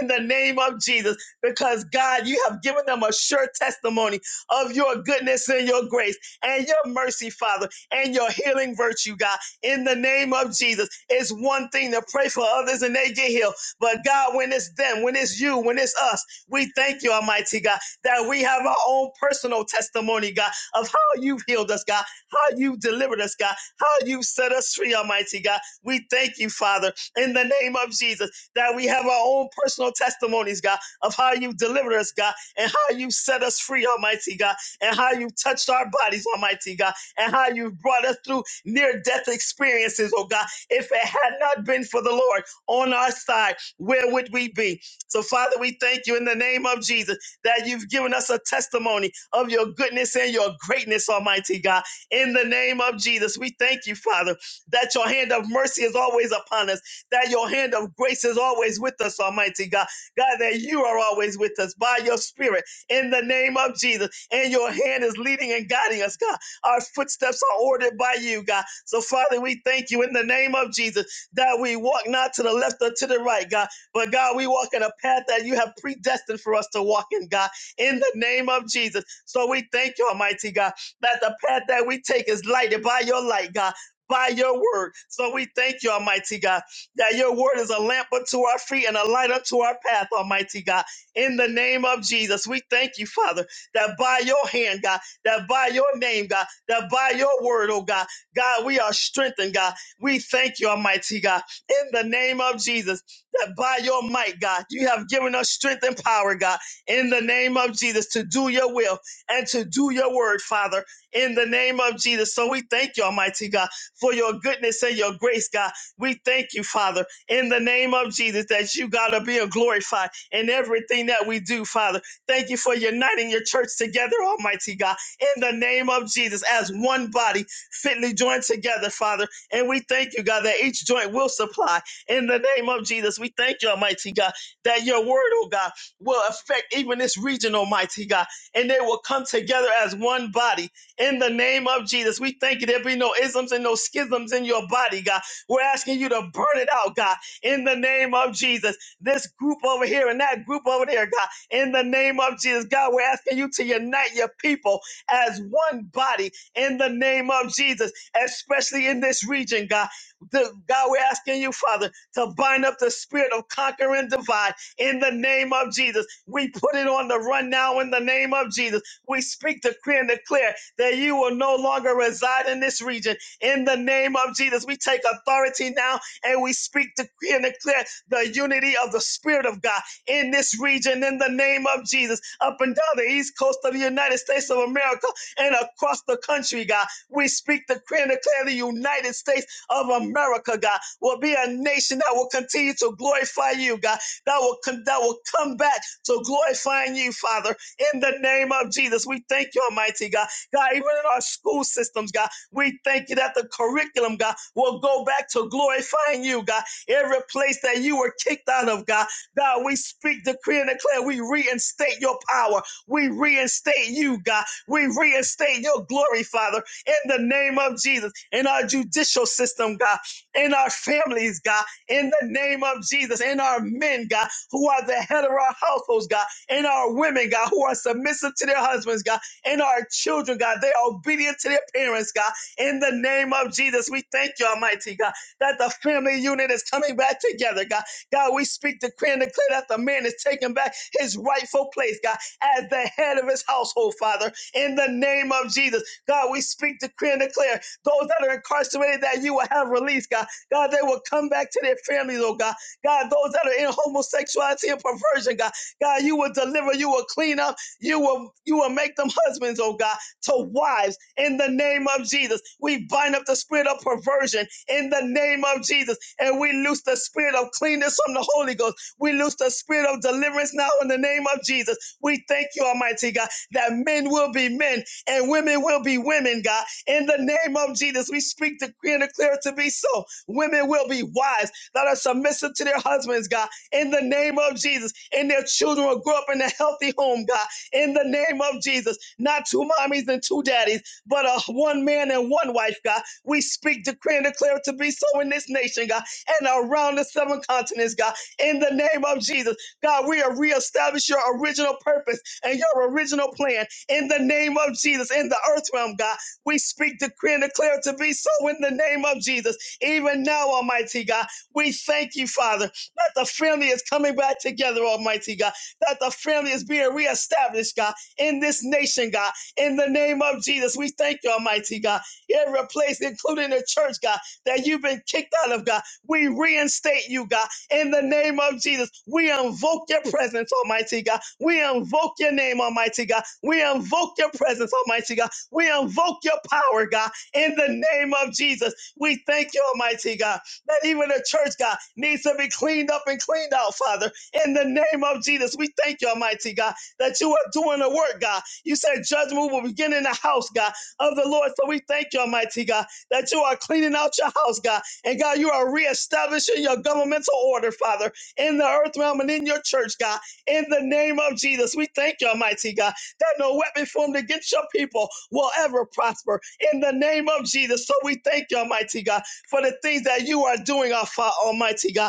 in the name of Jesus because God, you have given them a sure testimony of your goodness and your grace and your mercy, Father, and your healing virtue, God, in the name of Jesus. It's one thing to pray for others and they get healed, but God, when it's them, when it's you, when it's us, we thank you, Almighty God, that we have our own personal testimony, God, of how you've healed us, God, how you've delivered us, God, how you've set us free, Almighty God. We thank you, Father, in the name of Jesus that we have our own personal testimonies, God, of how you delivered us, God, and how you set us free, Almighty God, and how you touched our bodies, Almighty God, and how you brought us through near death experiences, oh God. If it had not been for the Lord on our side, where would we be? So, Father, we thank you in the name of Jesus that you've given us a testimony of your goodness and your greatness, Almighty God. In the name of Jesus, we thank you, Father, that your hand of mercy is always upon us that your hand of grace is always with us, Almighty God. God, that you are always with us by your spirit in the name of Jesus. And your hand is leading and guiding us, God. Our footsteps are ordered by you, God. So, Father, we thank you in the name of Jesus that we walk not to the left or to the right, God, but God, we walk in a path that you have predestined for us to walk in, God, in the name of Jesus. So we thank you, Almighty God, that the path that we take is lighted by your light, God. By your word. So we thank you, Almighty God that your word is a lamp unto our feet and a light unto our path, Almighty God. In the name of Jesus, we thank you, Father, that by your hand, God, that by your name, God, that by your word, oh God, God, we are strengthened, God. We thank you, Almighty God, in the name of Jesus, that by your might, God, you have given us strength and power, God, in the name of Jesus, to do your will and to do your word, Father, in the name of Jesus. So we thank you, Almighty God, for your goodness and your grace, God. We thank you, Father, in the name of Jesus, that you, God, are being glorified in everything that we do, Father. Thank you for uniting your church together, Almighty God, in the name of Jesus, as one body fitly joined together, Father. And we thank you, God, that each joint will supply in the name of Jesus. We thank you, Almighty God, that your word, oh God, will affect even this region, Almighty God, and they will come together as one body in the name of Jesus. We thank you. There be no isms and no schisms in your body, God we're asking you to burn it out, God, in the name of Jesus. This group over here and that group over there, God, in the name of Jesus. God, we're asking you to unite your people as one body in the name of Jesus, especially in this region, God. The, God, we're asking you, Father, to bind up the spirit of conquer and divide in the name of Jesus. We put it on the run now in the name of Jesus. We speak, decree, and declare that you will no longer reside in this region in the name of Jesus. We take authority now and we speak, decree, and declare the unity of the Spirit of God in this region in the name of Jesus, up and down the east coast of the United States of America and across the country, God. We speak, decree, and declare the United States of America, God, will be a nation that will continue to glorify you, God, that will, con- that will come back to glorifying you, Father, in the name of Jesus. We thank you, Almighty God. God, even in our school systems, God. We thank you that the curriculum, God, will go back to glorifying you, God. Every place that you were kicked out of, God, God, we speak, decree, and declare. We reinstate your power. We reinstate you, God. We reinstate your glory, Father, in the name of Jesus, in our judicial system, God, in our families, God, in the name of Jesus, in our men, God, who are the head of our households, God, in our women, God, who are submissive to their husbands, God, in our children, God. They are obedient to their parents, God in the name of Jesus. We thank you, Almighty God, that the family unit is coming back together, God. God, we speak, decree, and declare that the man is taking back his rightful place, God, as the head of his household, Father, in the name of Jesus. God, we speak, decree, and declare those that are incarcerated that you will have release, God. God, they will come back to their families, oh God. God, those that are in homosexuality and perversion, God. God, you will deliver, you will clean up, you will you will make them husbands, oh God to wives in the name of Jesus. We bind up the spirit of perversion in the name of Jesus. And we loose the spirit of cleanness from the Holy Ghost. We loose the spirit of deliverance now in the name of Jesus. We thank you, Almighty God, that men will be men and women will be women, God. In the name of Jesus, we speak the decree and declare it to be so. Women will be wives that are submissive to their husbands, God. In the name of Jesus, and their children will grow up in a healthy home, God in the name of Jesus. Not two mommies and two daddies, but a one man and one wife, God. We speak, decree, and declare it to be so in this nation, God, and around the seven continents, God, in the name of Jesus. God, we are reestablish your original purpose and your original plan in the name of Jesus, in the earth realm, God. We speak, decree, and declare it to be so in the name of Jesus. Even now, Almighty God, we thank you, Father, that the family is coming back together, Almighty God that the family is being reestablished, God, in this nation, God. In the name of Jesus, we thank you, Almighty God. Every place, including the church, God, that you've been kicked out of, God, we reinstate you, God. In the name of Jesus, we invoke your presence, Almighty God. We invoke your name, Almighty God. We invoke your presence, Almighty God. We invoke your power, God. In the name of Jesus, we thank you, Almighty God, that even the church, God, needs to be cleaned up and cleaned out, Father in the name of Jesus. We thank you, Almighty God, that you are doing the work, God. You said judgment will begin in the house, God, of the Lord. So we thank you, Almighty God, that you are cleaning out your house, God. And God, you are reestablishing your governmental order, Father, in the earth realm and in your church, God. In the name of Jesus, we thank you, Almighty God, that no weapon formed against your people will ever prosper. In the name of Jesus. So we thank you, Almighty God, for the things that you are doing, our Father, Almighty God.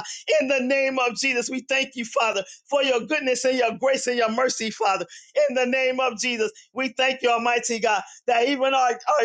In the name of Jesus, we thank you, Father, for your goodness and your grace and your mercy, Father. In the name of Jesus, we thank you, Almighty God, that even our, our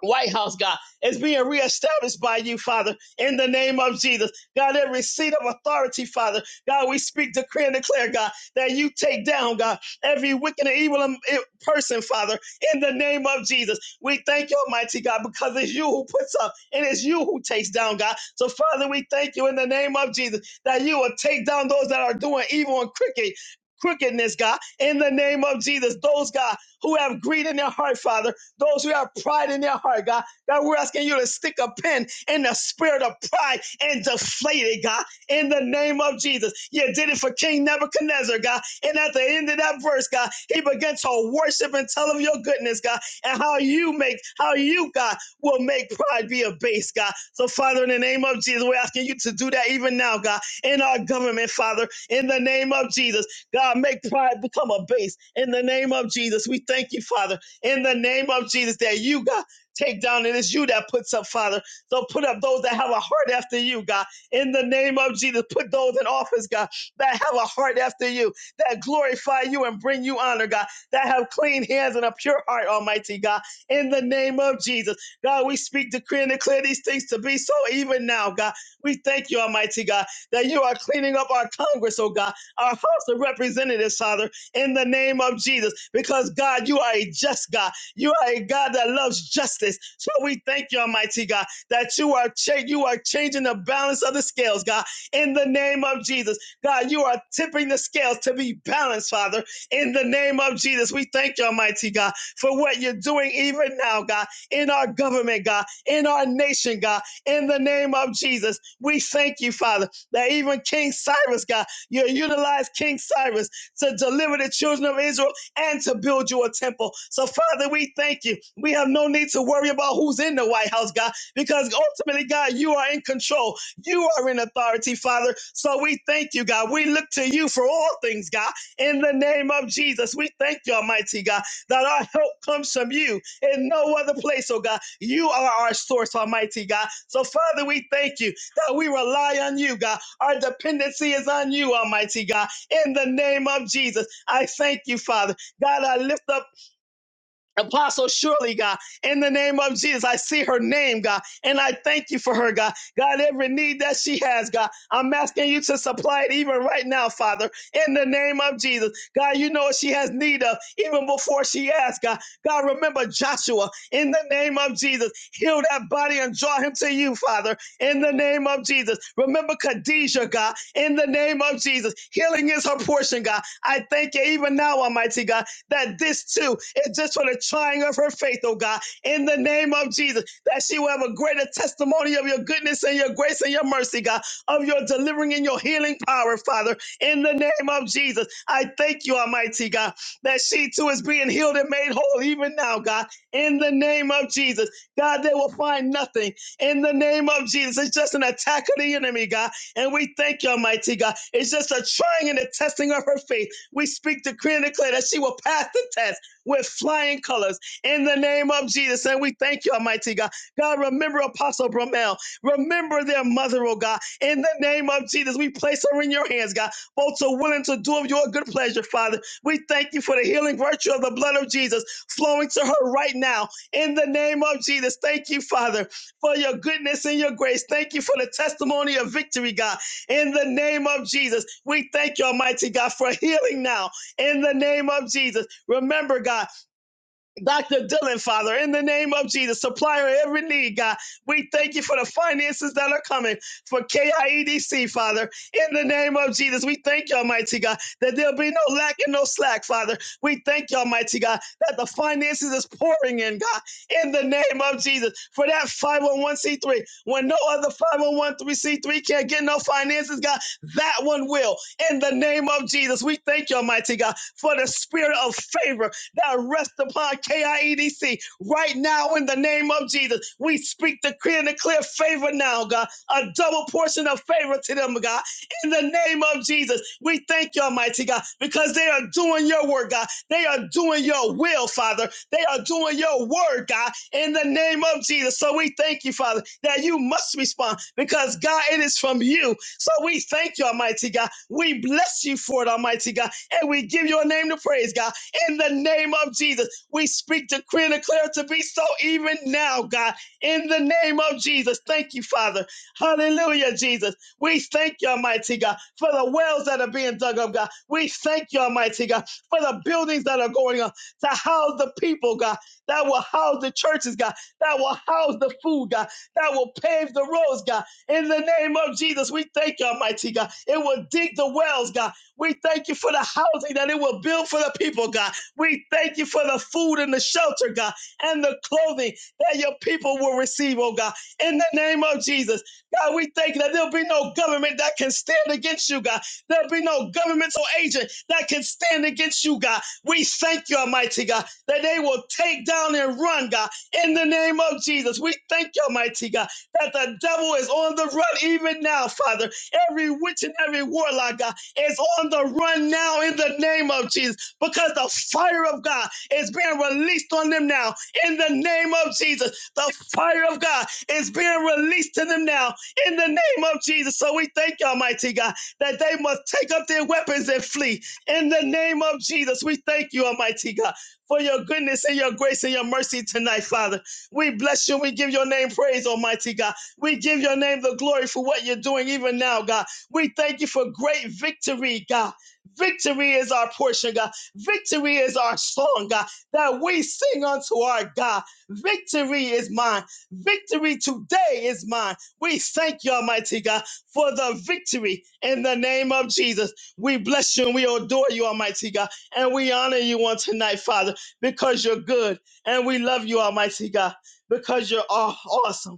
White House, God, is being reestablished by you, Father, in the name of Jesus. God, every seat of authority, Father, God, we speak, decree, and declare, God, that you take down, God, every wicked and evil um, eh, person, Father, in the name of Jesus. We thank you, Almighty God, because it's you who puts up and it's you who takes down, God. So, Father, we thank you in the name of Jesus that you will take down those that are doing evil and crooked. Crookedness, God, in the name of Jesus. Those, God, who have greed in their heart, Father. Those who have pride in their heart, God, God, we're asking you to stick a pin in the spirit of pride and deflate it, God, in the name of Jesus. You did it for King Nebuchadnezzar, God. And at the end of that verse, God, he began to worship and tell of your goodness, God, and how you make, how you, God, will make pride be a base, God. So, Father, in the name of Jesus, we're asking you to do that even now, God, in our government, Father, in the name of Jesus. God, make pride become a base in the name of Jesus. We thank you, Father in the name of Jesus that you, God, take down. And it's you that puts up, Father. So put up those that have a heart after you, God, in the name of Jesus. Put those in office, God, that have a heart after you, that glorify you and bring you honor, God, that have clean hands and a pure heart, Almighty God, in the name of Jesus. God, we speak, decree, and declare these things to be so even now, God. We thank you, Almighty God, that you are cleaning up our Congress, oh God, our House of Representatives, Father in the name of Jesus. Because God, you are a just God. You are a God that loves justice. So we thank you, Almighty God, that you are cha- you are changing the balance of the scales, God, in the name of Jesus. God, you are tipping the scales to be balanced, Father, in the name of Jesus. We thank you, Almighty God, for what you're doing even now, God, in our government, God, in our nation, God, in the name of Jesus. We thank you, Father, that even King Cyrus, God, you utilize King Cyrus to deliver the children of Israel and to build you a temple. So, Father, we thank you. We have no need to worry about who's in the White House, God, because ultimately, God, you are in control. You are in authority, Father. So we thank you, God. We look to you for all things, God. In the name of Jesus, we thank you, Almighty God, that our help comes from you in no other place, oh God. You are our source, Almighty God. So, Father, we thank you that we rely on you, God. Our dependency is on you, Almighty God in the name of Jesus. I thank you, Father. God, I lift up Apostle Shirley, God, in the name of Jesus. I see her name, God, and I thank you for her, God. God, every need that she has, God, I'm asking you to supply it even right now, Father, in the name of Jesus. God, you know what she has need of even before she asks, God. God, remember Joshua, in the name of Jesus. Heal that body and draw him to you, Father in the name of Jesus. Remember Khadijah, God, in the name of Jesus. Healing is her portion, God. I thank you even now, Almighty God, that this too is just for the trying of her faith, oh God, in the name of Jesus, that she will have a greater testimony of your goodness and your grace and your mercy, God, of your delivering and your healing power, Father, in the name of Jesus. I thank you, Almighty God, that she too is being healed and made whole even now, God, in the name of Jesus. God, they will find nothing in the name of Jesus. It's just an attack of the enemy, God. And we thank you, Almighty God. It's just a trying and a testing of her faith. We speak, decree, and declare that she will pass the test with flying colors in the name of Jesus. And we thank you, Almighty God. God, remember Apostle Bromel. Remember their mother, oh God. In the name of Jesus, we place her in your hands, God. Both to willing to do of your good pleasure, Father. We thank you for the healing virtue of the blood of Jesus flowing to her right now. In the name of Jesus, thank you, Father for your goodness and your grace. Thank you for the testimony of victory, God. In the name of Jesus, we thank you, Almighty God, for healing now. In the name of Jesus, remember, God. Dr. Dylan, Father, in the name of Jesus, supplier of every need, God. We thank you for the finances that are coming for KIEDC, Father. In the name of Jesus, we thank you, Almighty God, that there'll be no lack and no slack, Father. We thank you, Almighty God, that the finances is pouring in, God. In the name of Jesus, for that 501c3, when no other 501c3 can't get no finances, God, that one will. In the name of Jesus, we thank you, Almighty God, for the spirit of favor that rest upon KIEDC right now in the name of Jesus. We speak the clear and the clear favor now, God, a double portion of favor to them, God, in the name of Jesus. We thank you, Almighty God, because they are doing your work, God. They are doing your will, Father. They are doing your word, God, in the name of Jesus. So we thank you, Father, that you must respond because, God, it is from you. So we thank you, Almighty God. We bless you for it, Almighty God, and we give your name to praise, God in the name of Jesus. We speak, decree, and declare to be so even now, God, in the name of Jesus. Thank you, Father. Hallelujah, Jesus. We thank you, Almighty God, for the wells that are being dug up, God. We thank you, Almighty God, for the buildings that are going up to house the people, God, that will house the churches, God, that will house the food, God, that will pave the roads, God. In the name of Jesus, we thank you, Almighty God. It will dig the wells, God. We thank you for the housing that it will build for the people, God. We thank you for the food and the shelter, God, and the clothing that your people will receive, oh God. In the name of Jesus, God, we thank you that there'll be no government that can stand against you, God. There'll be no governmental agent that can stand against you, God. We thank you, Almighty God, that they will take down and run, God. In the name of Jesus, we thank you, Almighty God, that the devil is on the run even now, Father. Every witch and every warlock, God is on the run now in the name of Jesus because the fire of God is being released on them now in the name of Jesus. The fire of God is being released to them now in the name of Jesus. So we thank you, Almighty God, that they must take up their weapons and flee in the name of Jesus. We thank you, Almighty God, for your goodness and your grace and your mercy tonight, Father. We bless you. We give your name praise, Almighty God. We give your name the glory for what you're doing even now, God. We thank you for great victory, God. Victory is our portion, God. Victory is our song, God, that we sing unto our God. Victory is mine. Victory today is mine. We thank you, Almighty God, for the victory in the name of Jesus. We bless you and we adore you, Almighty God, and we honor you on tonight, Father, because you're good and we love you, Almighty God, because you're aw- awesome.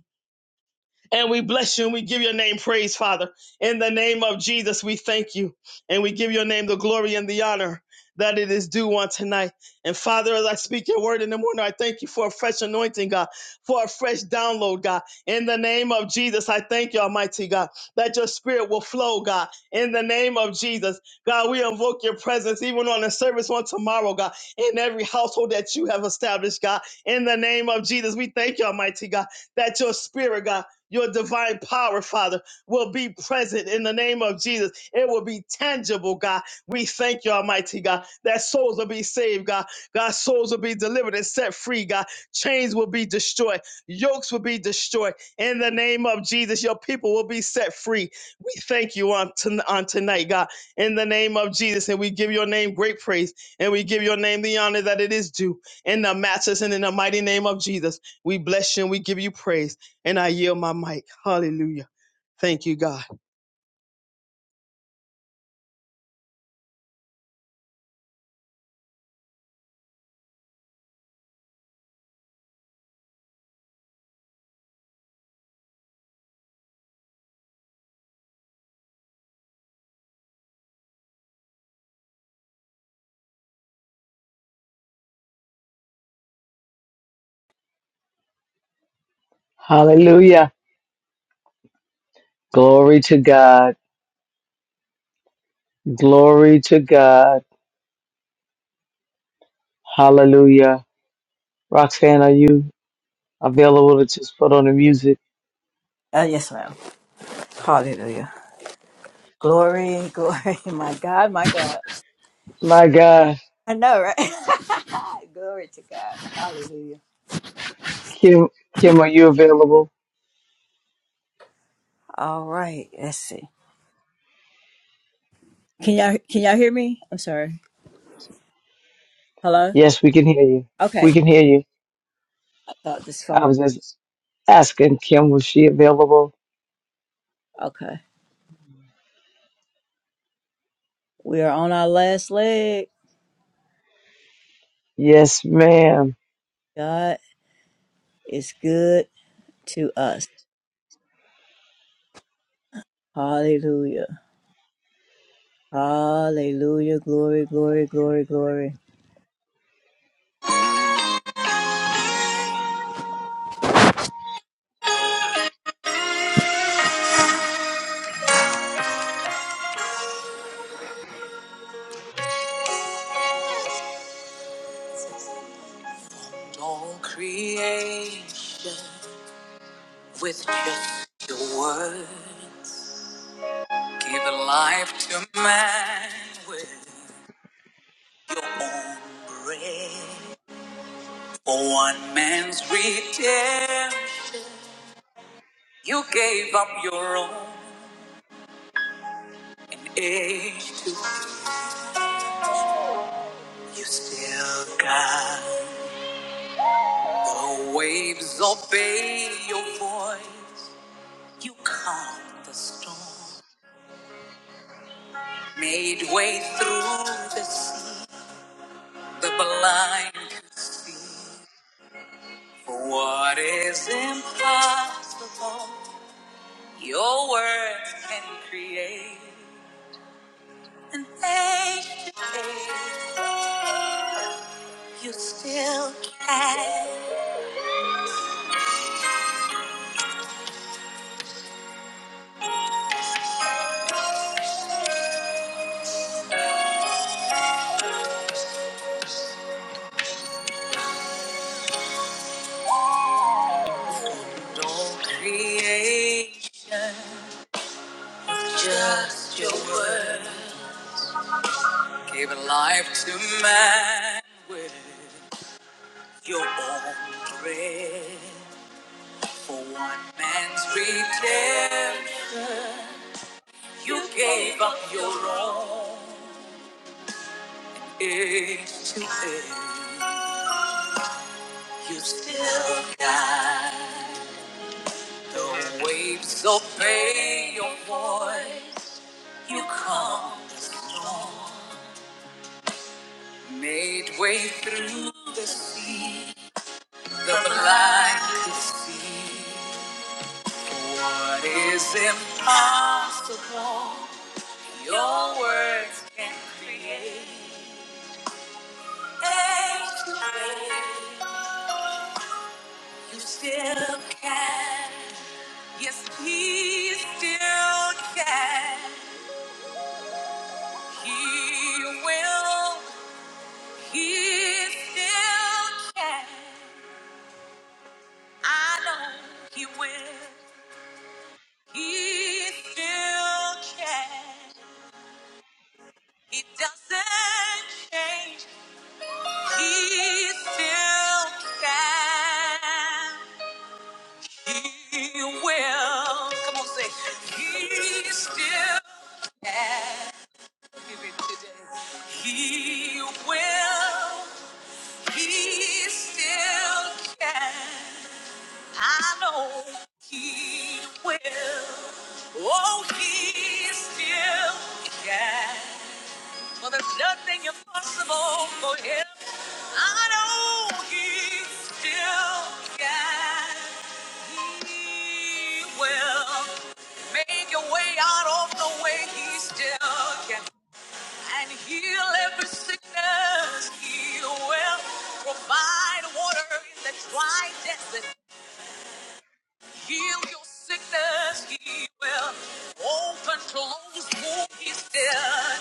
And we bless you and we give your name praise, Father. In the name of Jesus, we thank you and we give your name the glory and the honor that it is due on tonight. And Father, as I speak your word in the morning, I thank you for a fresh anointing, God, for a fresh download, God. In the name of Jesus, I thank you, Almighty God, that your spirit will flow, God. In the name of Jesus, God, we invoke your presence even on the service on tomorrow, God, in every household that you have established, God. In the name of Jesus, we thank you, Almighty God, that your spirit, God, your divine power, Father, will be present in the name of Jesus. It will be tangible, God. We thank you, Almighty God, that souls will be saved, God. God, souls will be delivered and set free, God. Chains will be destroyed. Yokes will be destroyed. In the name of Jesus, your people will be set free. We thank you on, ton- on tonight, God. In the name of Jesus, and we give your name great praise, and we give your name the honor that it is due. In the matchless and in the mighty name of Jesus, we bless you and we give you praise. And I yield my mic. Hallelujah. Thank you, God. Hallelujah. Glory to God. Glory to God. Hallelujah. Roxanne, are you available to just put on the music? Uh, yes, ma'am. Hallelujah. Glory, glory. *laughs* My God, my God. My God, I know, right? *laughs* glory to God. Hallelujah. Kim, Kim, are you available? All right. right. Let's see. Can y'all can y'all hear me? I'm sorry. Hello? Yes, we can hear you. Okay. We can hear you. I thought this I phone was just asking Kim, was she available? okay. We are on our last leg. Yes, ma'am. God is good to us. Hallelujah. Hallelujah. Glory, glory, glory, glory. Don't creation with just your word. Give life to man with your own breath. For one man's redemption, you gave up your own. You still got the waves obey your voice. You calmed the storm, made way through the sea. The blind could see For what is impossible. Your words can create. Don't create just your word. Give life to man with your own breath. For one man's redemption, you gave up your own age to end. You still guide the waves obey your voice. You come, made way through the sea. The blind could see. What is impossible? Your words can create. You still can. Yes, he still can. He will. He still can. I know he will. He still can. He doesn't change. He still can. He will. Come on, say. He still can. Give it today. He will. He still can. I know he will. Oh, he still can. Well, there's nothing impossible for him. I know he still can. He will make a way out of the way. He still can and heal every sickness. He will provide water in the dry desert. Heal your sickness. He will open closed wounds. is there.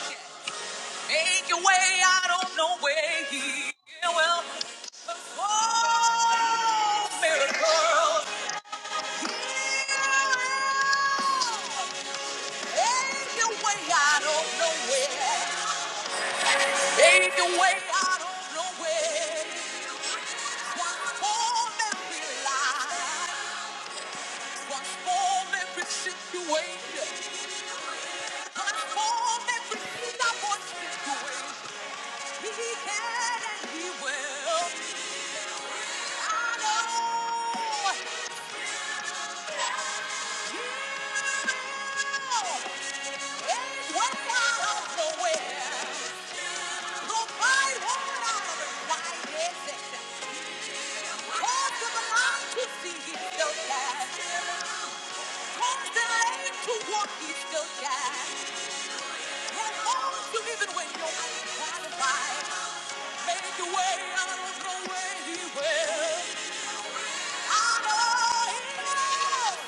Make your way out of no way. Heal well, perform miracles. He will make your way out of nowhere. Made the way out of nowhere. Transform every life. Transform every situation. Transform every stubborn situation. He can and he will. I know. He made way out of nowhere. Provide what I require. Cause of the to see he still dies. Cause the lame to walk he still dies. And all to even when your eyes try find. Make a way out of the way he will. I know he will.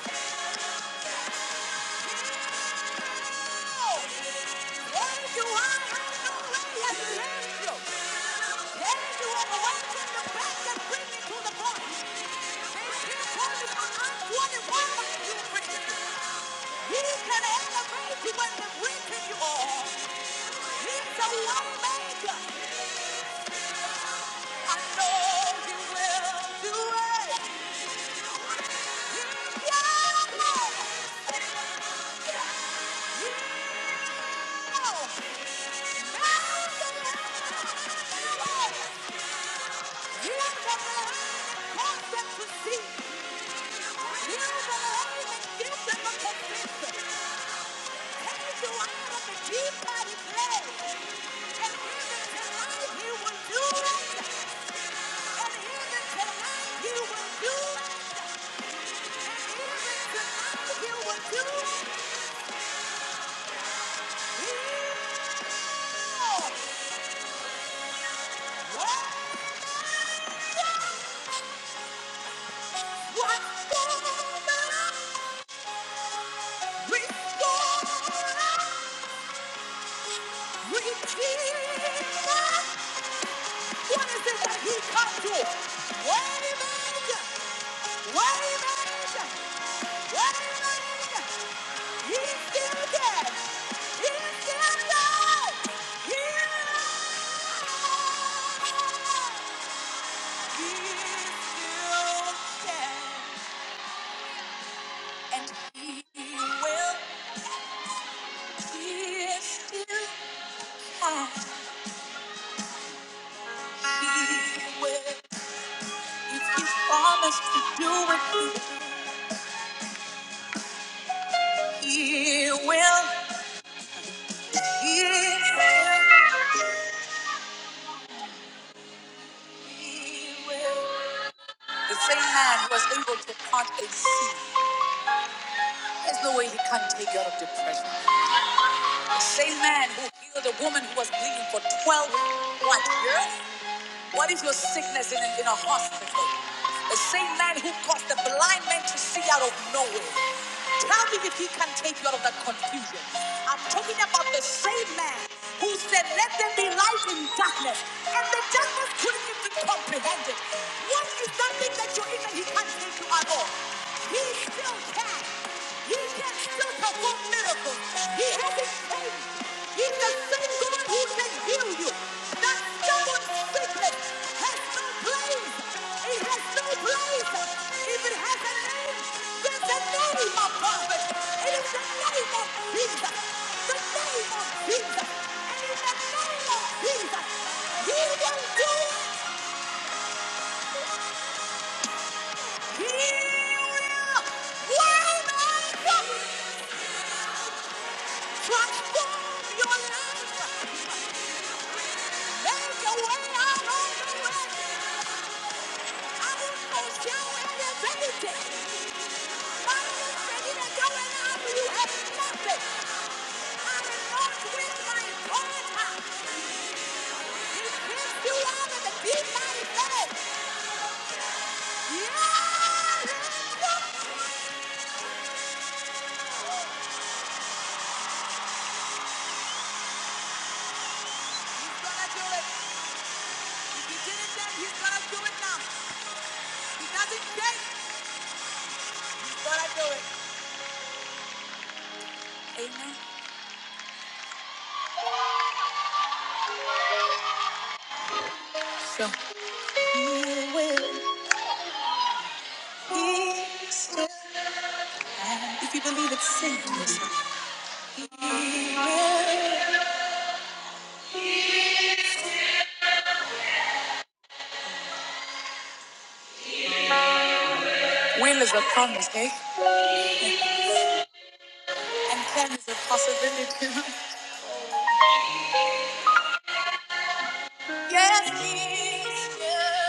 Yeah! You will do it. He will. Wow. Waymaker, waymaker, waymaker. He's still there. He's still there. He's still there. And he will. He is still If you promise to do it, he will. He will. He will. The same man who was able to part a sea, there's no way he can't take you out of depression. The same man who healed a woman who was bleeding for 12 what years? What is your sickness in a, in a hospital? The same man who caused the blind man to see out of nowhere. Tell me if he can take you out of that confusion. I'm talking about the same man who said, Let there be light in darkness, and the darkness couldn't even comprehend it. What is that thing that you're in that he can't take you out of? He still can. He can still perform miracles. He hasn't changed. He's the same God who can heal you. That stubborn sickness has no place. It has no place. If it has a name, there's a name of prophet. It is the name of Jesus. The name of Jesus. And in the name of Jesus, he will do it. He will. Well done. Transform your life. Make a way out of the way. I will post you fulfill everything. My ready to go and after you have nothing. I am not with my daughter. It brings you out of the deep mighty valley. Yeah, let's go. He's gonna do it. If he did it then, he's gonna do it now. He doesn't care. He's gonna do it. You will. If you believe it, sing to us. Will is a promise, eh? And plan is a possibility. *laughs* yes, yes. yes.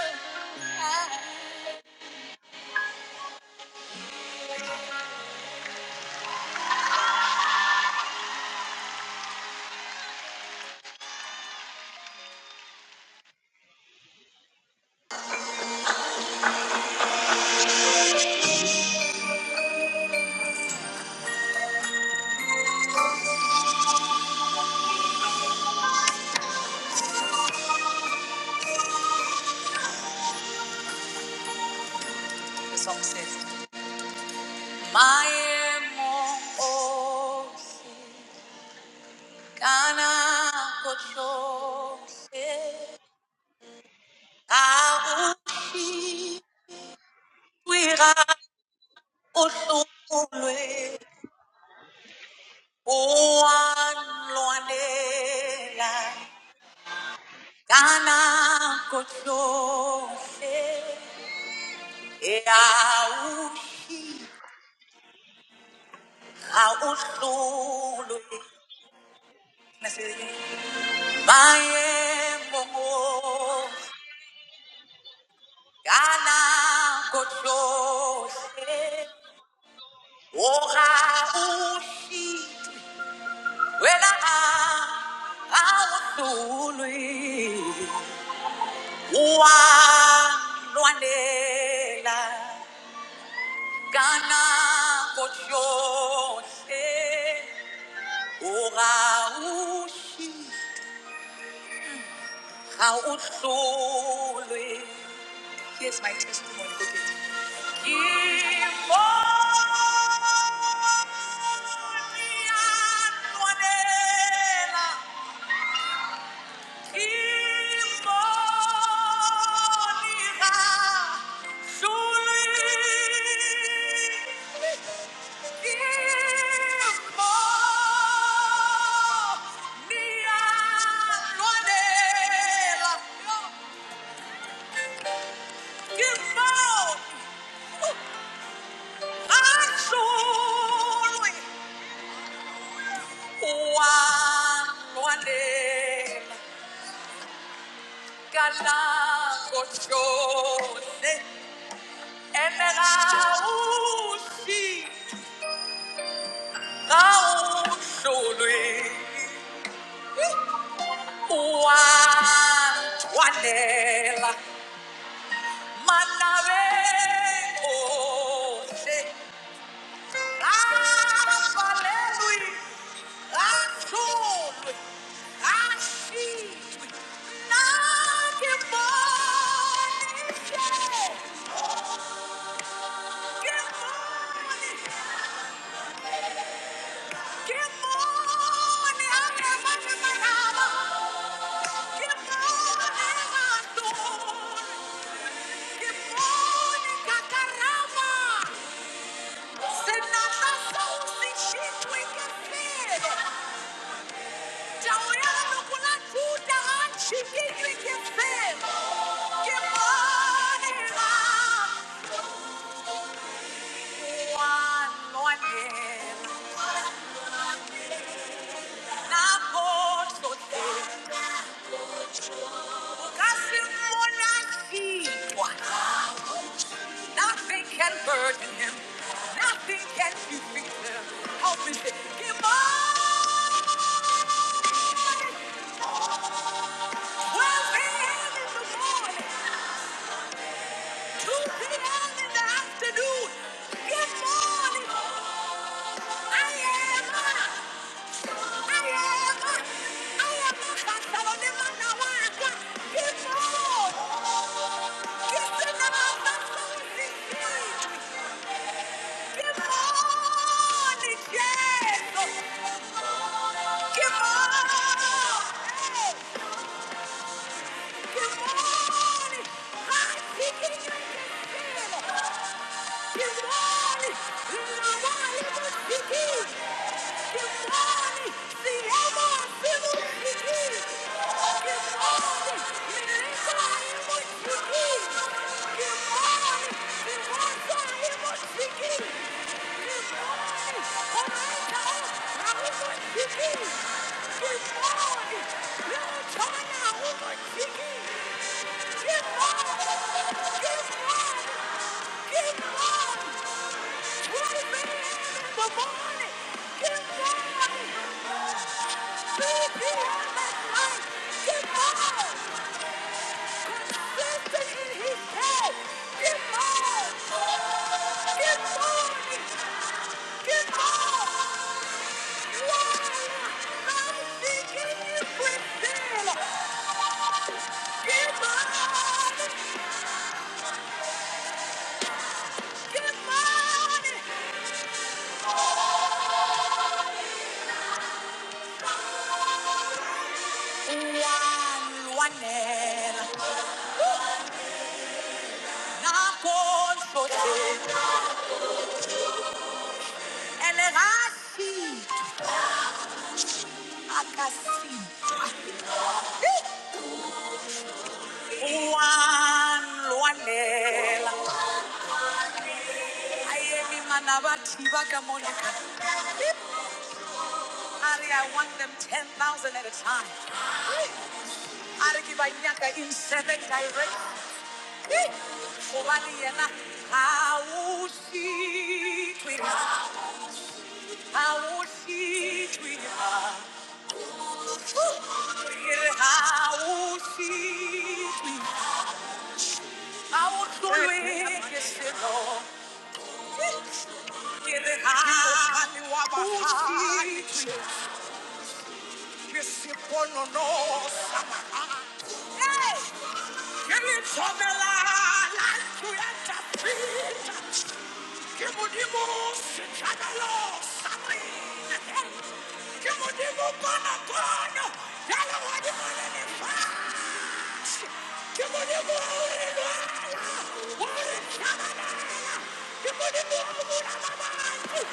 The song says, My emo, oh, Ghana, Kocho, Kaushi, Wira, Oshulwe, Oan, Luanela, Ghana, Kocho, Eau, Aushulwe. Maemo kana kotsohle, o ha o shite, Here's my testimony. Give more! Absolutely! Wanwane kalakoshone enausi kausulwi wanwanela manave ose afalelwi I see not your morning shade. Good morning. Good morning. I am under my Good morning, my soul. Good morning, Kakarama. Senata Sosi, she twink and nothing can burden him nothing can defeat him how is it kimonela well in the morning 2 p.m. in the afternoon. Good morning. I am a, I am a, I am a Barcelona Nawaka. Good morning. This is about Barcelona. Good morning, Jesus. Good morning. Good morning! Good morning! Ari, I want them 10,000 at a time. arikibanyaka in seven directions. Obadiana, I will see to you. I will see to you. I will see to you. I will follow you. are. I will see to you. Yes, I will know. Hey! Give it to me, Lord. Like you, Kimudimo Shadalo Samai Kimudimo Panapano Yalawadimo Nifash Kimudimo Urinwala Urin Shamanala Kimudimo Uramamai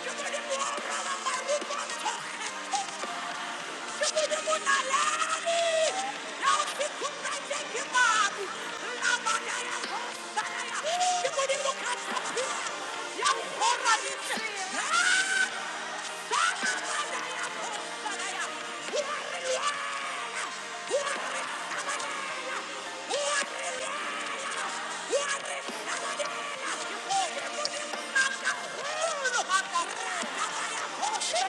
Kimudimo Uramamai Thank you.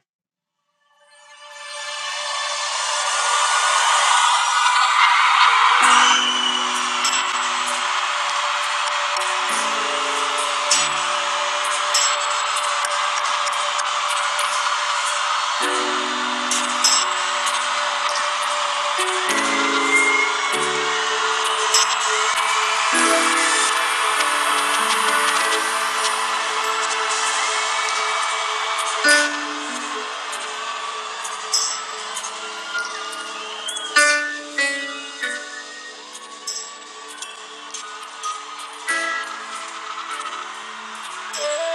Thank you.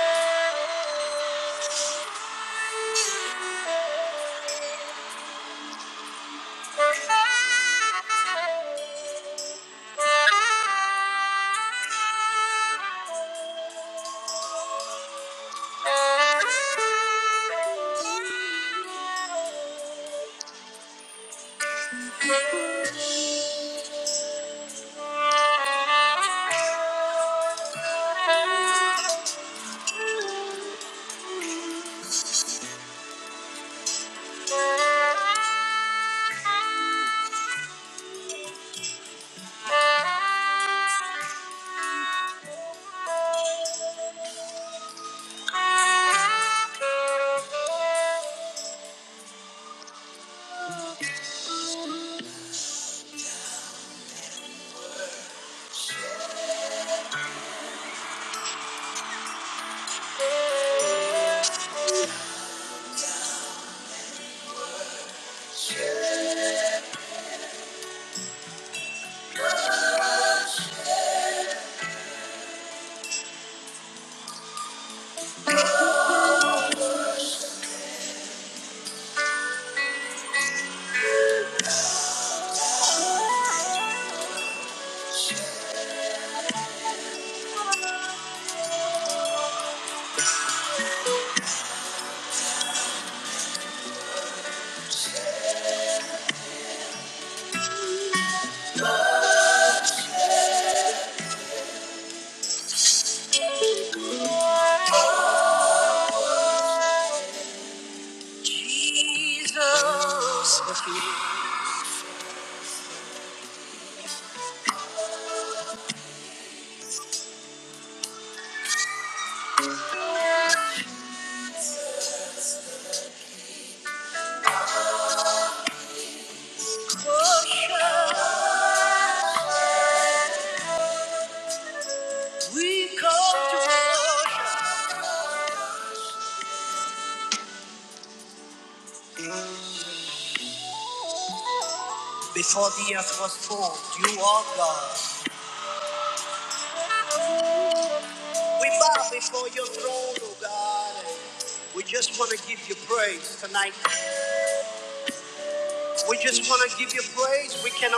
Jesus,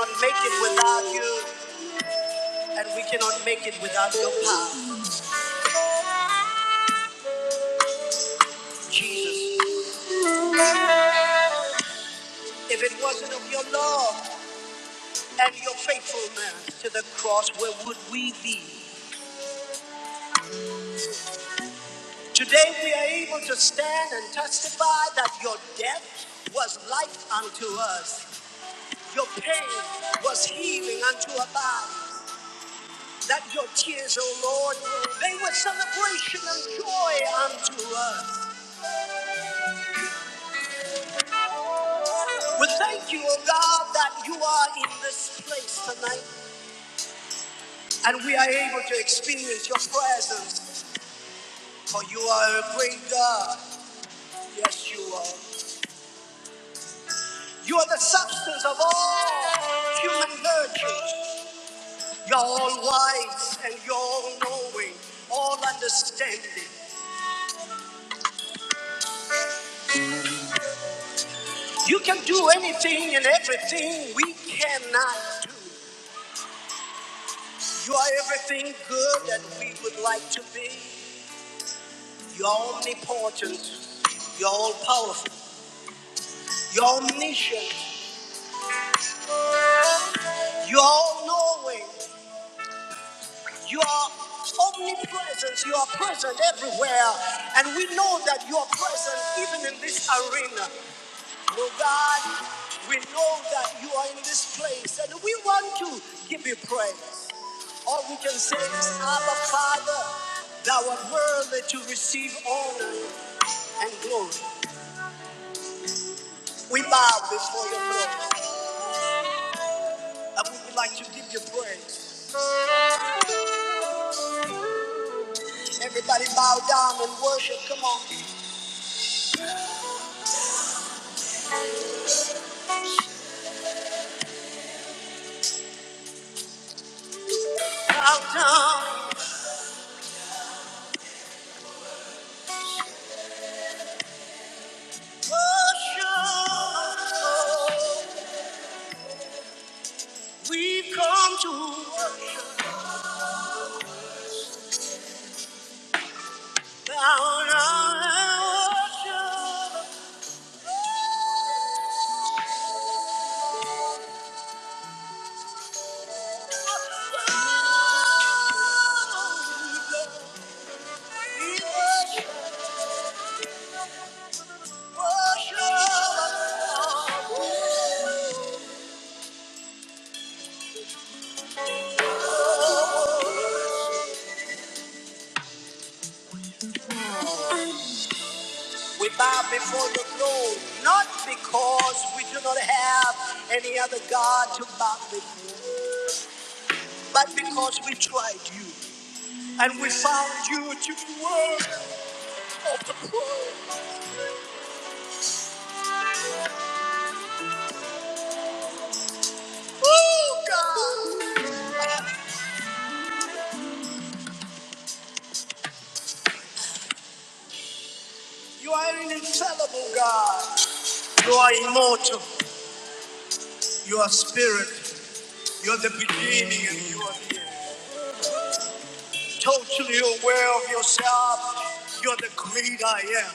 can't make it without you. If it and your faithfulness to the cross, where would we be? Today we are able to stand and testify that your death was life unto us, your pain was healing unto our body, that your tears, O Lord, they were celebration and joy unto us. We thank you, O God, that you are in this place and we are able to experience your presence, for you are a great God. Yes, you are. You are the substance of all human virtues. You're all wise and you're all knowing, all understanding. You can do anything and everything we cannot do. You are everything good that we would like to be. You're omnipotent. You're all powerful. You're omniscient. You're all knowing. You are omnipresent. You are present everywhere. And we know that you are present even in this arena. Oh God, we know that you are in this place and we want to give you praise. All we can say is, Abba Father, thou art worthy to receive honor and glory. We bow before your throne and we would like to give you praise. Everybody bow down and worship. Come on. We come to worship. Bow down and worship. We bow before the throne, not because we do not have any other God to bow before, but because we tried you and we found you to be worthy. Oh God, you are an infallible God. You are immortal. You are spirit. You are the beginning and you are the end. totally aware of yourself. You're the great I am.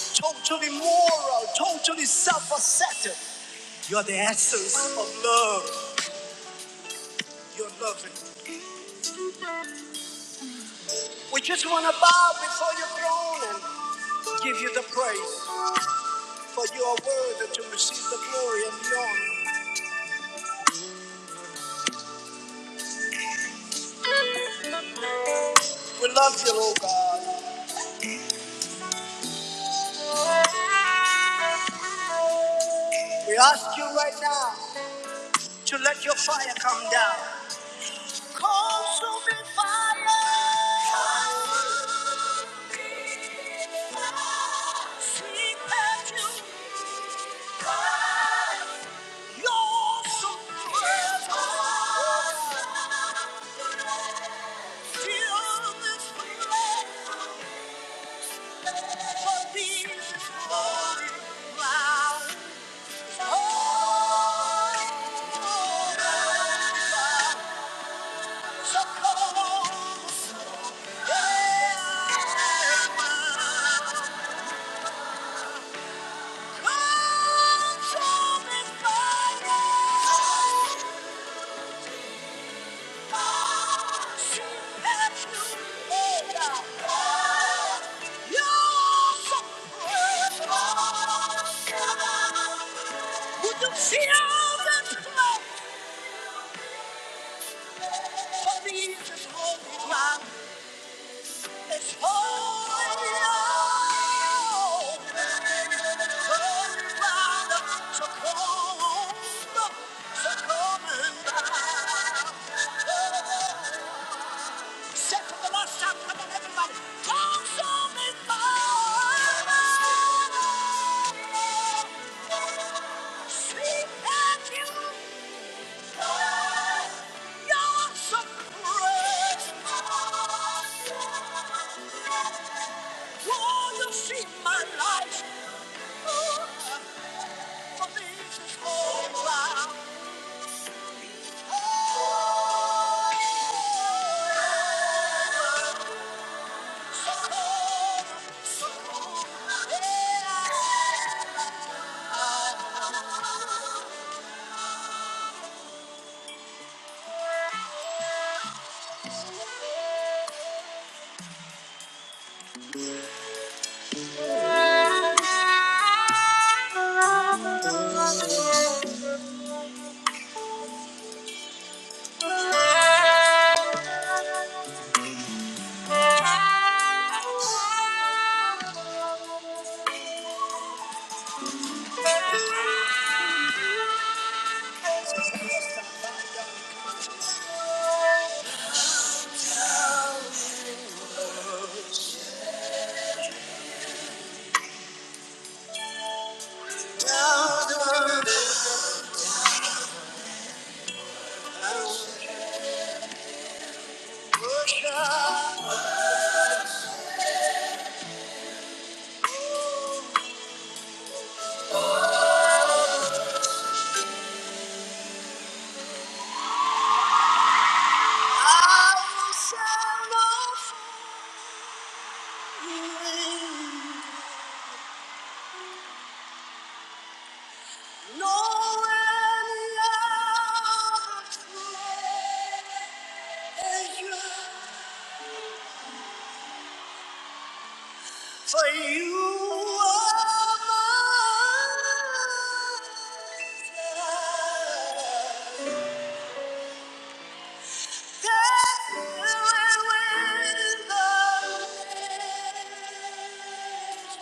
Totally moral, totally self-assertive. You're the essence of love. You're loving. We just want to bow before your throne and give you the praise, for you are worthy to receive the glory and the honor. We love you, Lord God. We ask you right now to let your fire come down. Consuming fire. Consuming fire. Seek refuge. Your soul. is awesome. Feel this flame. For these is holy ground. Oh, would you feel the flow of the holy ground? Oh, Shout to the Lord, shout, come on, everybody. Consume me, Lord. Seek and you find your surprise. Lord, you see my life. For this is all I Thank you. I shall not fear, no any other pleasure. For you are my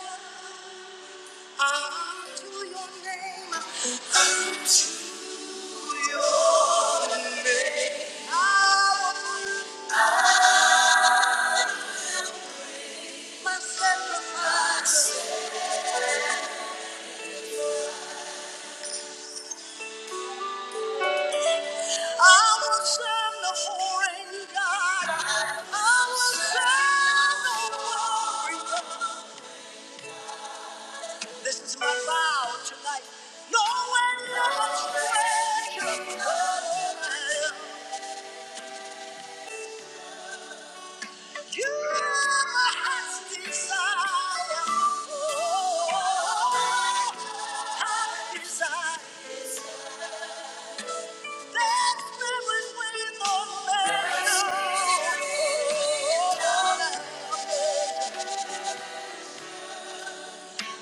mine. Unto your name. Unto your name. I will my sacrifice. I will send the foreign God. I will send the glory. This is my vow tonight. No one else will. You are my heart's desire. Oh, I desire. That's where we would win the battle.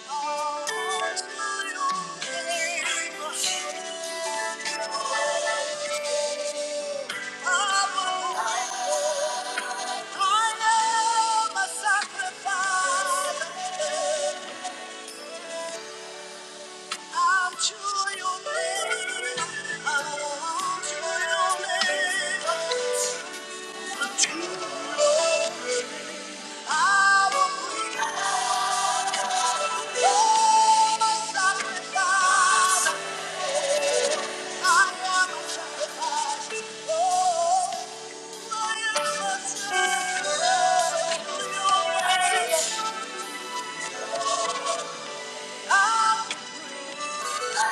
All to your I will. I am a sacrifice. I'm sure your name. I'm sure your name. I'm sure your I will be all my sacrifice. I am a sacrifice. Oh, I am a sacrifice.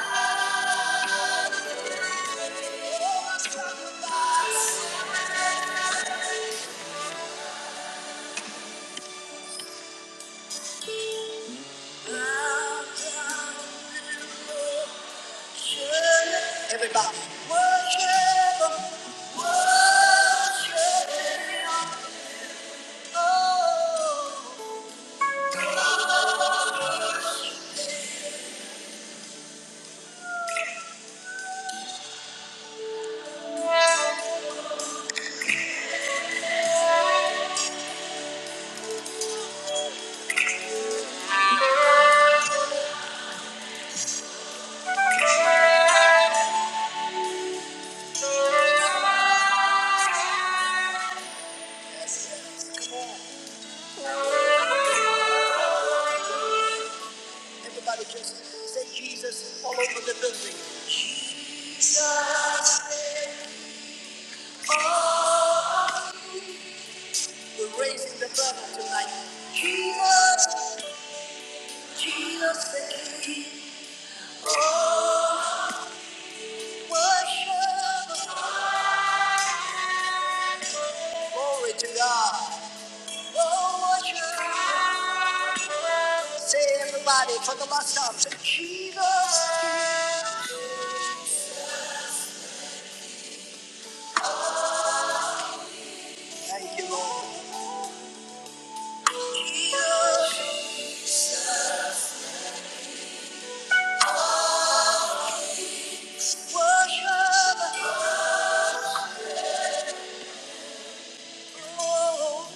Yes, yes, come on. Praising the brother tonight. Jesus, Jesus the King. Oh, worship. Glory to God. Oh, worship. Say everybody, for the last Jesus. Thank you, Lord. Jesus, worship. Oh.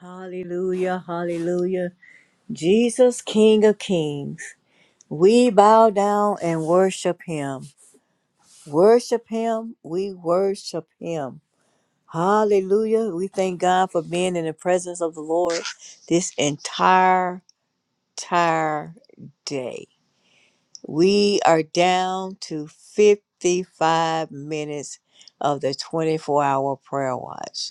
Hallelujah, hallelujah. Jesus, King of Kings. We bow down and worship him. Worship him. We worship him. Hallelujah. We thank God for being in the presence of the Lord this entire, entire day. We are down to 55 minutes of the 24 hour prayer watch.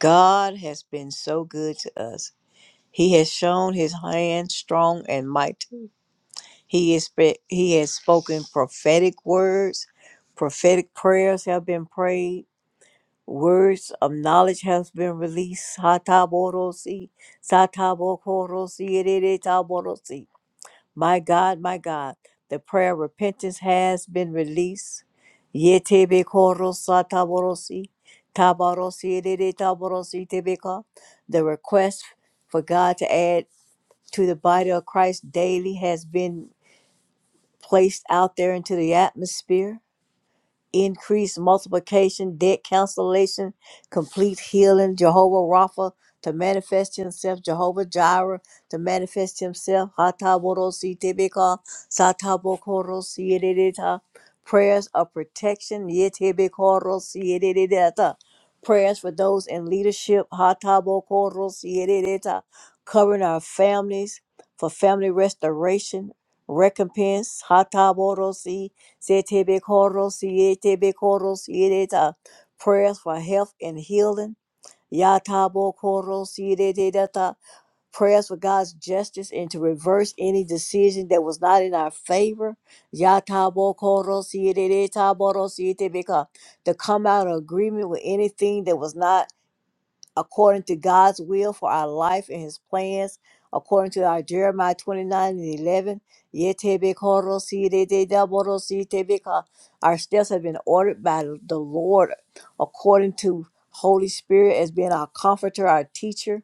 God has been so good to us. He has shown his hand strong and mighty He is spe- he has spoken prophetic words, prophetic prayers have been prayed, words of knowledge has been released. Hataborosi, satabokorosi, ereretaborosi. My God, my God, the prayer of repentance has been released. Yetebekorosataborosi, tabarosi, ereretaborosi, tebeka. The request for God to add to the body of Christ daily has been placed out there into the atmosphere. Increase multiplication, debt cancellation, complete healing, Jehovah Rapha to manifest himself, Jehovah Jireh to manifest himself. Hataborosi tebeka, satabokorosi yedidita. Prayers of protection, yetebekorosi yedididata. Prayers for those in leadership, hatabokorosi yedidita. covering our families for family restoration, recompense hataborosi setebekorosi yetebekorosi yedeta prayers for health and healing yatabokorosi yedeta prayers for God's justice and to reverse any decision that was not in our favor yatabokorosi yedeta borosi yetebeka to come out of agreement with anything that was not according to God's will for our life and his plans, according to our Jeremiah 29 and 11. "Yetebekorosidededaborosidebeka." Our steps have been ordered by the Lord according to Holy Spirit as being our comforter, our teacher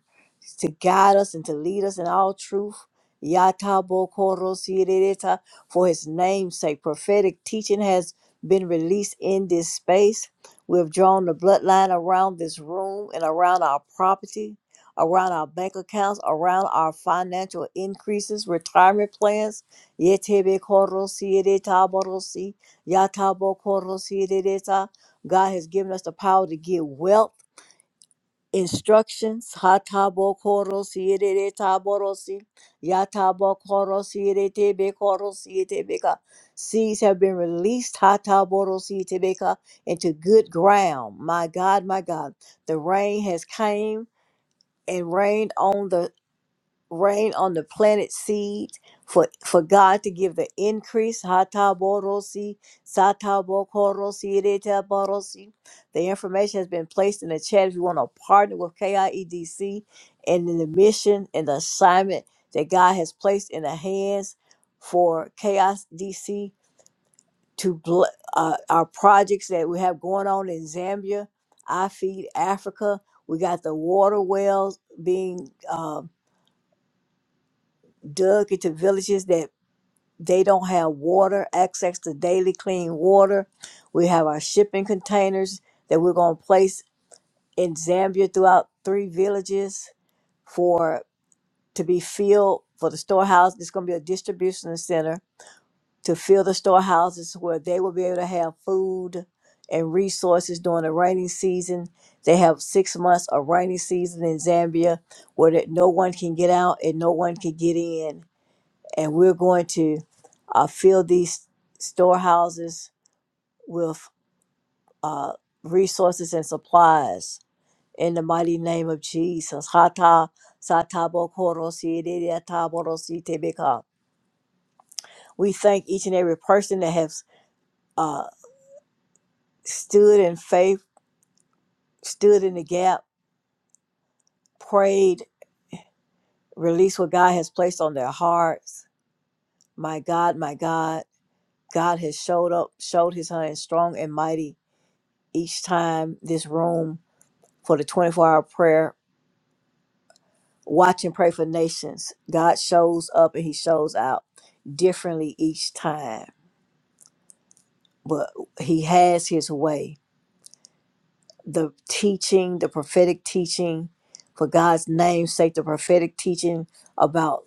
to guide us and to lead us in all truth. Yatabo korosireta, For his name's sake, prophetic teaching has been released in this space. We've drawn the bloodline around this room and around our property, around our bank accounts, around our financial increases, retirement plans. Yetebe korosireta borosi, yatabo korosireta. God has given us the power to get wealth instructions hatabokorosi yerere taborosi yatabokorosi yerete bekorosi yetebeka seeds have been released hataborosi yetebeka into good ground my god my god the rain has came and rained on the rain on the planet seed for for God to give the increase. Hataborosi, satabokorosi, iretaborosi. The information has been placed in the chat if you want to partner with KIEDC and in the mission and the assignment that God has placed in the hands for KIDC to bl- uh, our projects that we have going on in Zambia, I Feed Africa. We got the water wells being um, dug into villages that they don't have water, access to daily clean water. We have our shipping containers that we're going to place in Zambia throughout three villages for to be filled for the storehouse. It's going to be a distribution center to fill the storehouses where they will be able to have food and resources during the rainy season. They have six months of rainy season in Zambia where that no one can get out and no one can get in and we're going to uh, fill these storehouses with resources and supplies in the mighty name of Jesus. Hata satabokorosiedeataborositebeka. We thank each and every person that has stood in faith, stood in the gap, prayed, released what God has placed on their hearts. My God, my God, God has showed up, showed his hand strong and mighty each time this room for the 24 hour prayer Watch and pray for nations. God shows up and he shows out differently each time, but he has his way. The teaching, the prophetic teaching for God's name's sake, the prophetic teaching about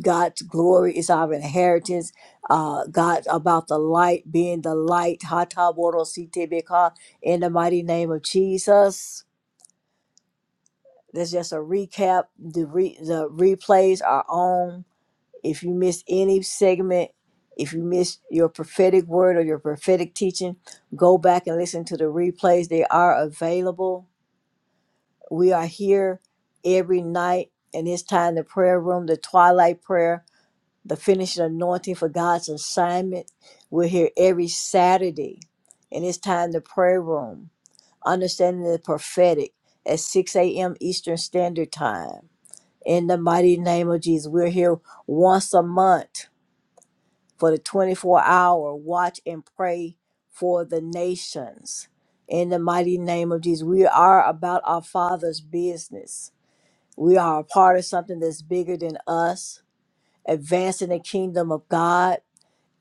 God's glory is our inheritance. Uh, God about the light being the light. Hata boro sitebeka, In the mighty name of Jesus. That's just a recap. The re, the replays are on If you missed any segment, if you missed your prophetic word or your prophetic teaching, go back and listen to the replays. They are available. We are here every night, and it's time the prayer room, the twilight prayer, the finishing anointing for God's assignment. We're here every Saturday, and it's time the prayer room, understanding the prophetic at 6 a.m. Eastern Standard Time. In the mighty name of Jesus, we're here once a month for the 24 hour watch and pray for the nations. In the mighty name of Jesus, we are about our Father's business. We are a part of something that's bigger than us, advancing the kingdom of God,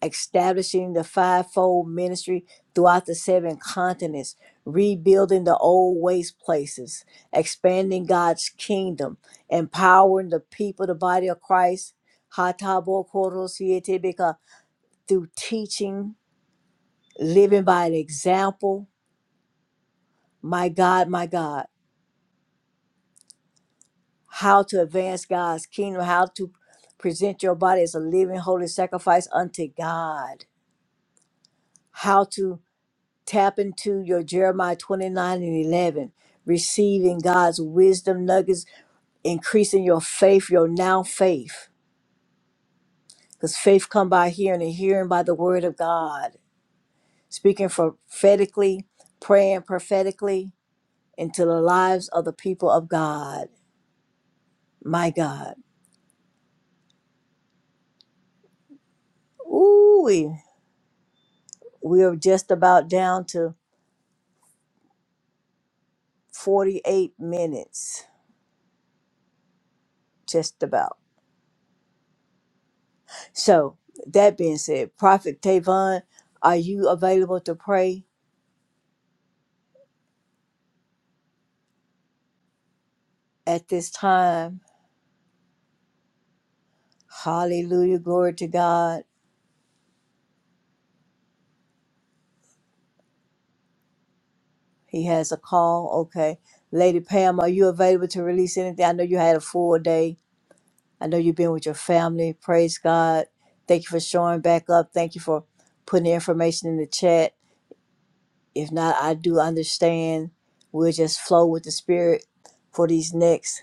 establishing the fivefold ministry throughout the seven continents, rebuilding the old waste places, expanding God's kingdom, empowering the people, the body of Christ. Hatabo through teaching, living by an example. My God, my God, how to advance God's kingdom, how to present your body as a living, holy sacrifice unto God, how to tap into your Jeremiah 29 and 11, receiving God's wisdom nuggets, increasing your faith, your now faith, because faith come by hearing and hearing by the word of God, speaking prophetically, praying prophetically into the lives of the people of God My God. Ooh, we, we are just about down to 48 minutes, just about. So, that being said, Prophet Tavon, are you available to pray at this time? Hallelujah. Glory to God. He has a call. Okay. Lady Pam, are you available to release anything? I know you had a full day. I know you've been with your family. Praise God. Thank you for showing back up. Thank you for putting the information in the chat. If not, I do understand. We'll just flow with the spirit for these next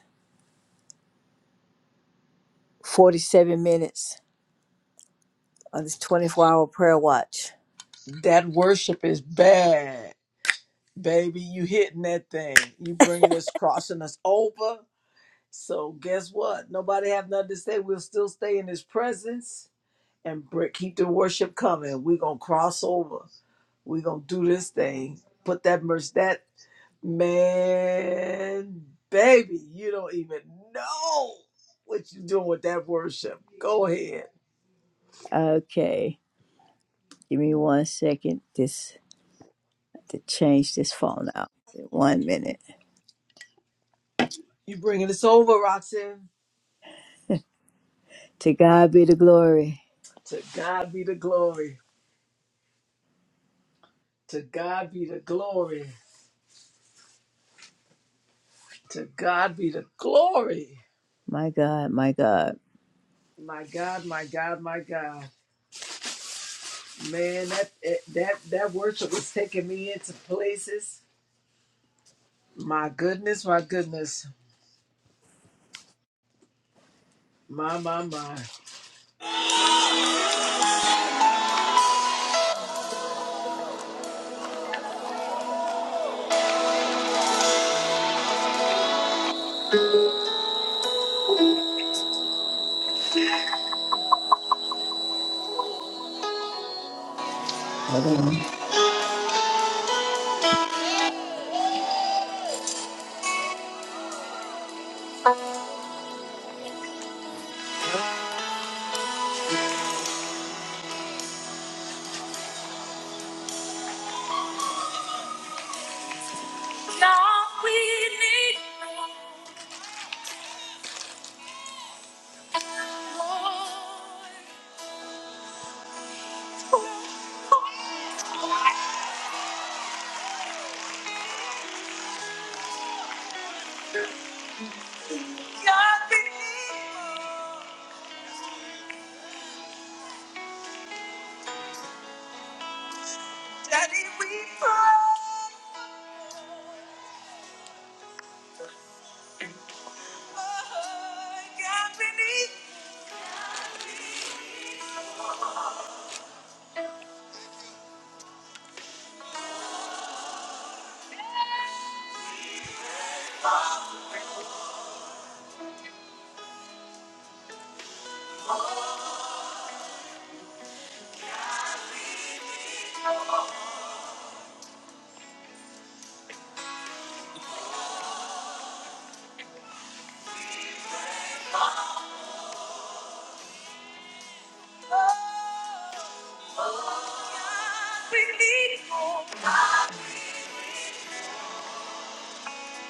47 minutes. Of this. That worship is bad, baby. You hitting that thing. You bringing us, crossing us over. So guess what? Nobody have nothing to say. We'll still stay in His presence and br- keep the worship coming. We're gonna cross over. We're gonna do this thing. Put that merch that. Man, baby, you don't even know what you're doing with that worship. Go ahead. Okay, give me one second. This to change this phone out. One minute. You bringing us over, Roxanne. To God be the glory. To God be the glory. To God be the glory. To God be the glory. My God, my God. My God, my God, my God. Man, that eh, that that worship was taking me into places. My goodness, my goodness. My my my. Now we need more. God, we need more. Daddy, we pray. God, we need more. God, we need more.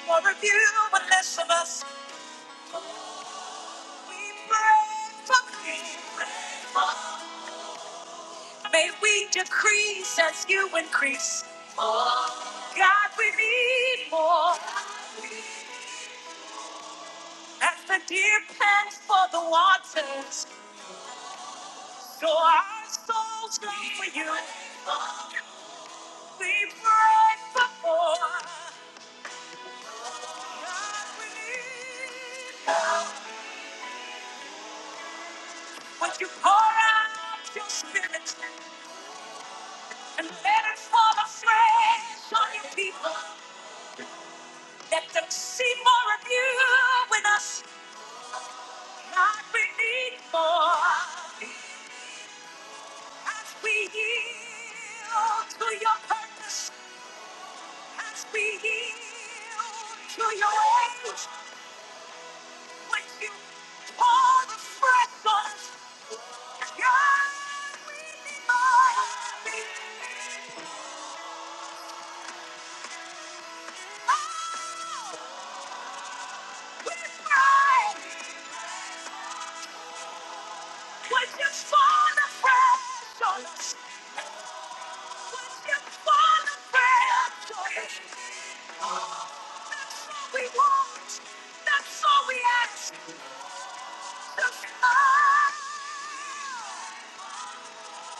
More of you and less of us. May we decrease as you increase. God, we need more. As the deer pants for the waters, so our souls long for you. We pray for more. God, we need more. Would you pour out your spirit and let it fall afresh on your people? Let them see more of you in us, like we need more. As we yield to your purpose, as we yield to your ways, when you pour the fresh on us, God, we need more. We need more. Oh, we pray. Would you fall afresh on us? Would you fall afresh on us? That's all we want. That's all we ask. Just us.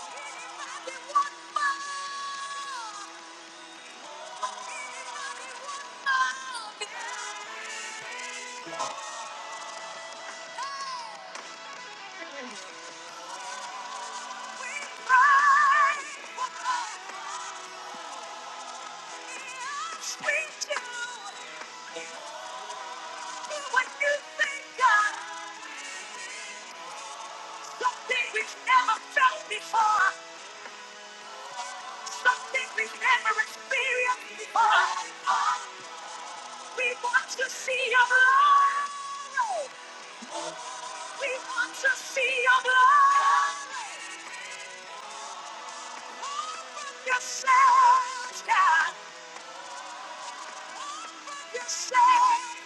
Anybody want more? Anybody want more? Hey, We cry for more. We do. What you think of? Something we've never felt before. Something we've never experienced before. We want to see your love. We want to see your love. You said, God. You said,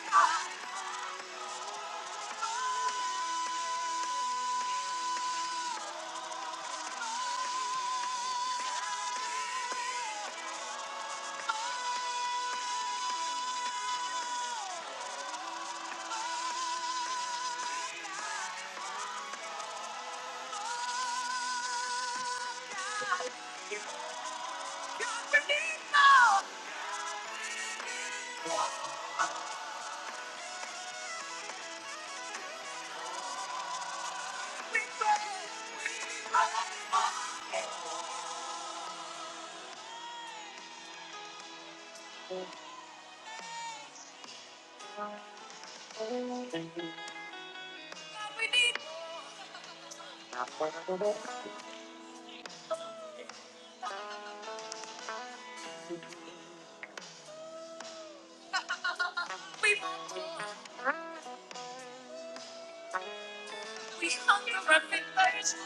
God. We need more. We need more. We want more. We hunger and we thirst.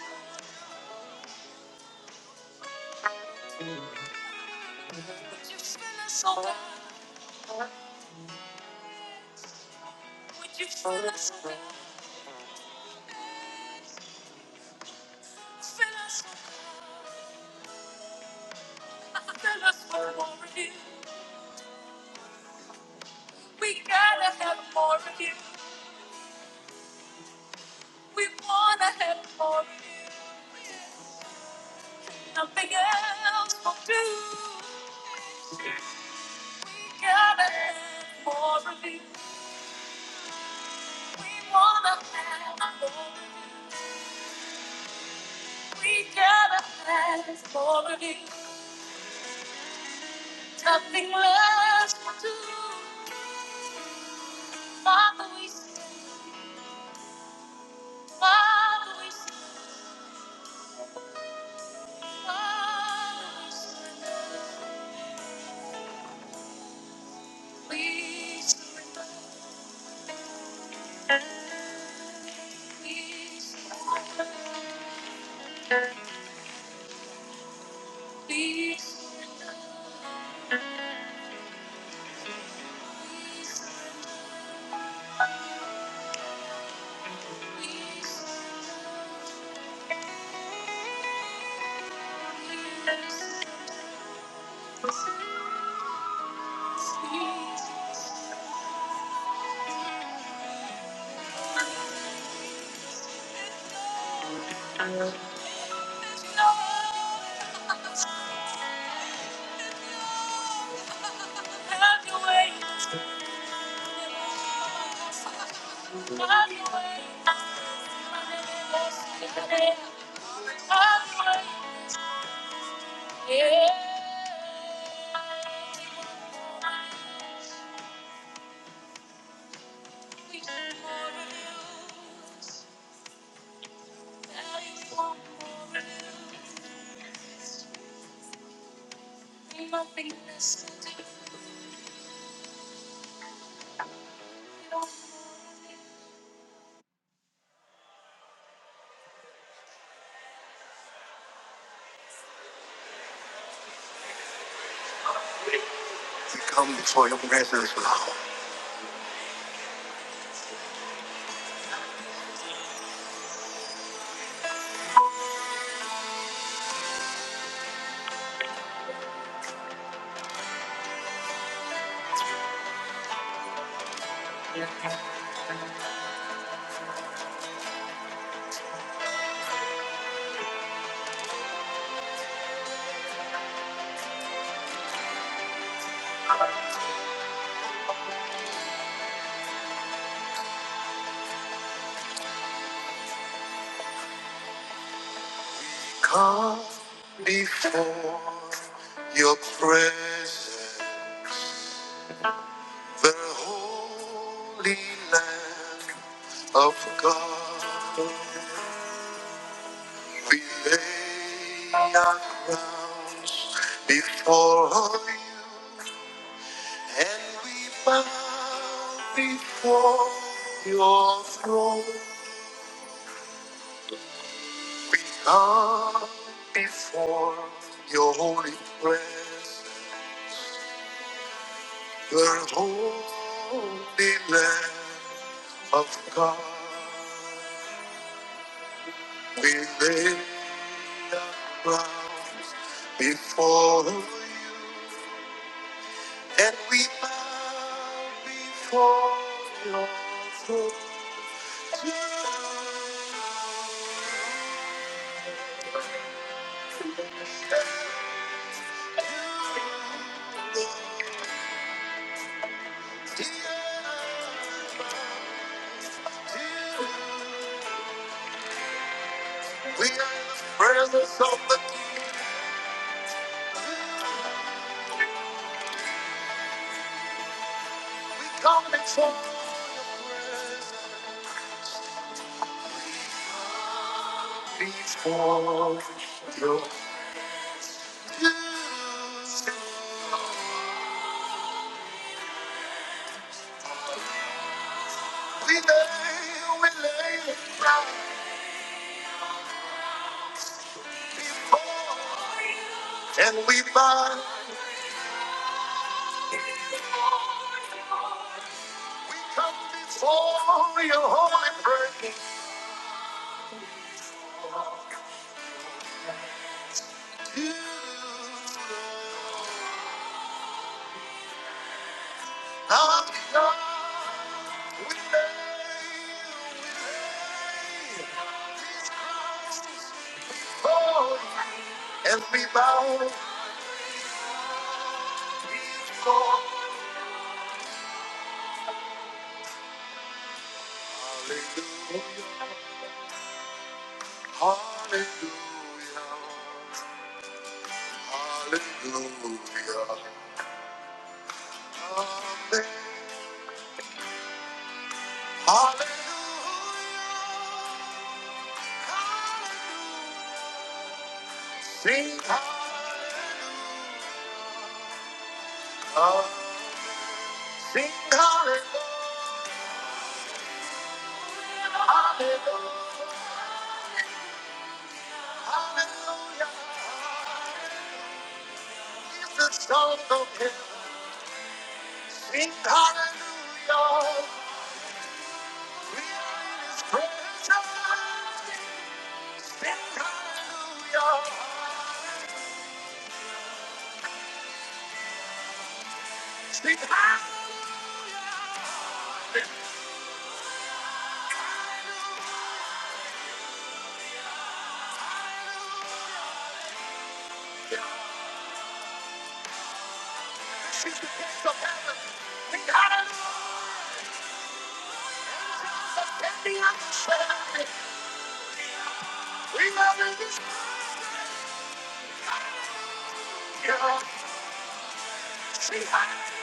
Would you fill us, oh God? Would you fill us, oh God? Fill us, oh God. Fill us with more of you. We gotta have more of you. We wanna have more of you. Nothing else will do. We gotta have more of you. We wanna have more of you. We gotta have more of you. Nothing less will do. Father, we surrender. Father, we surrender. Father, we surrender. We surrender. We surrender. We surrender. We surrender. Nothing less to do. We come before your presence, Lord. Come before your presence, the holy Lamb of God. We lay our crowns before you, and we bow before your throne. We come before your holy presence, the holy land of God. We lay our crowns before you, and we bow before your throne. You We are in the presence of the King. We come before your presence. Before your presence. We lay, we lay down, and we bow. We come before your holy presence. You, our God. And we bow before Hallelujah, Hallelujah, Hallelujah. Amen. Hallelujah. Sing hallelujah. Sing hallelujah. Hallelujah. Hallelujah. the song of him. Sing hallelujah. We are in his presence. Sing hallelujah. Sing hallelujah. This is the gates of heaven. Sing hallelujah. Standing on the shelf. We are in his presence. Sing hallelujah.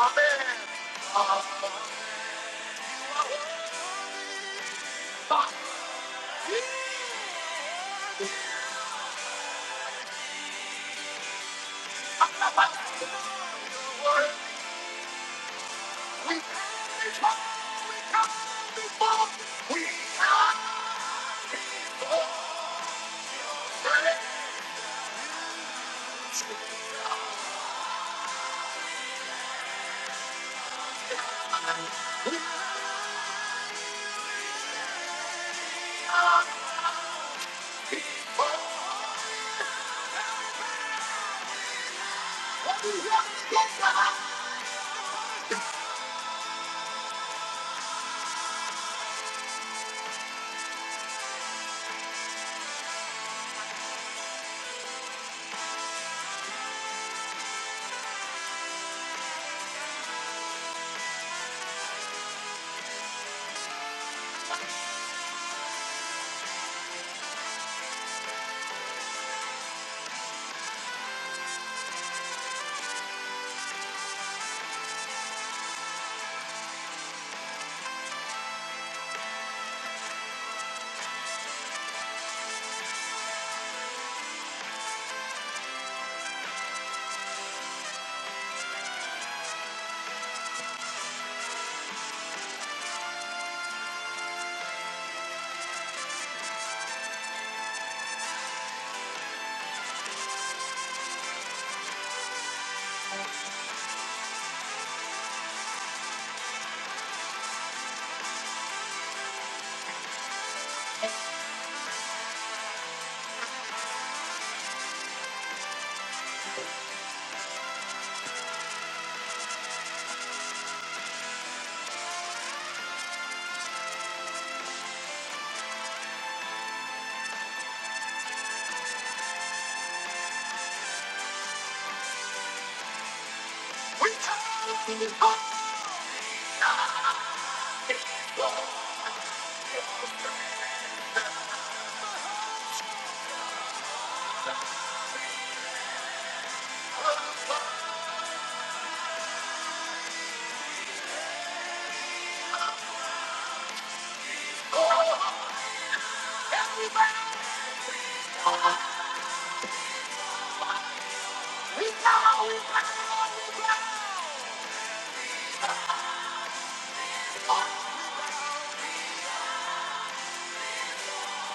Amen. Amen. We we come. We come.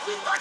We come.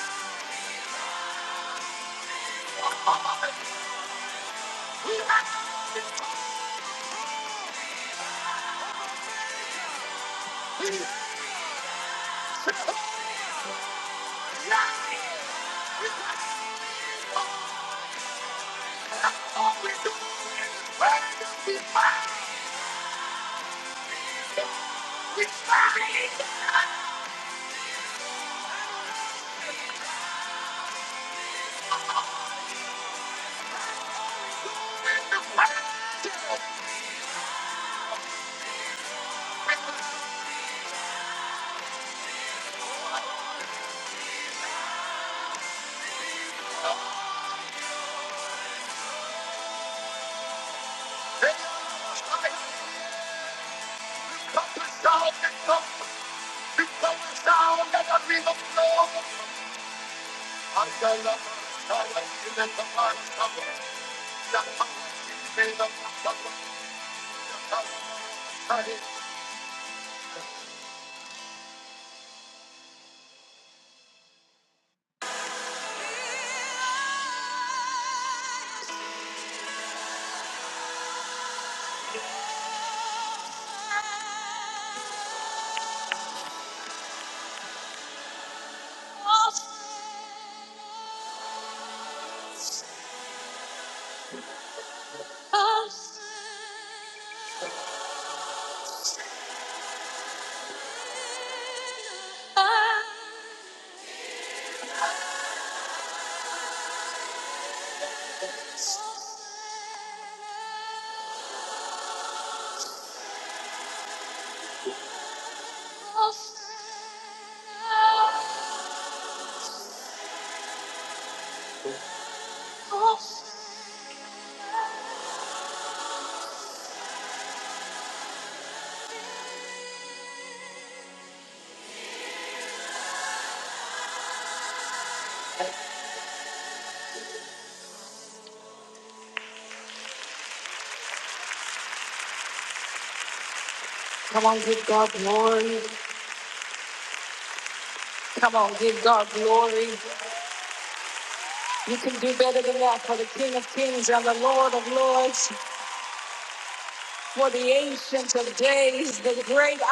is the great I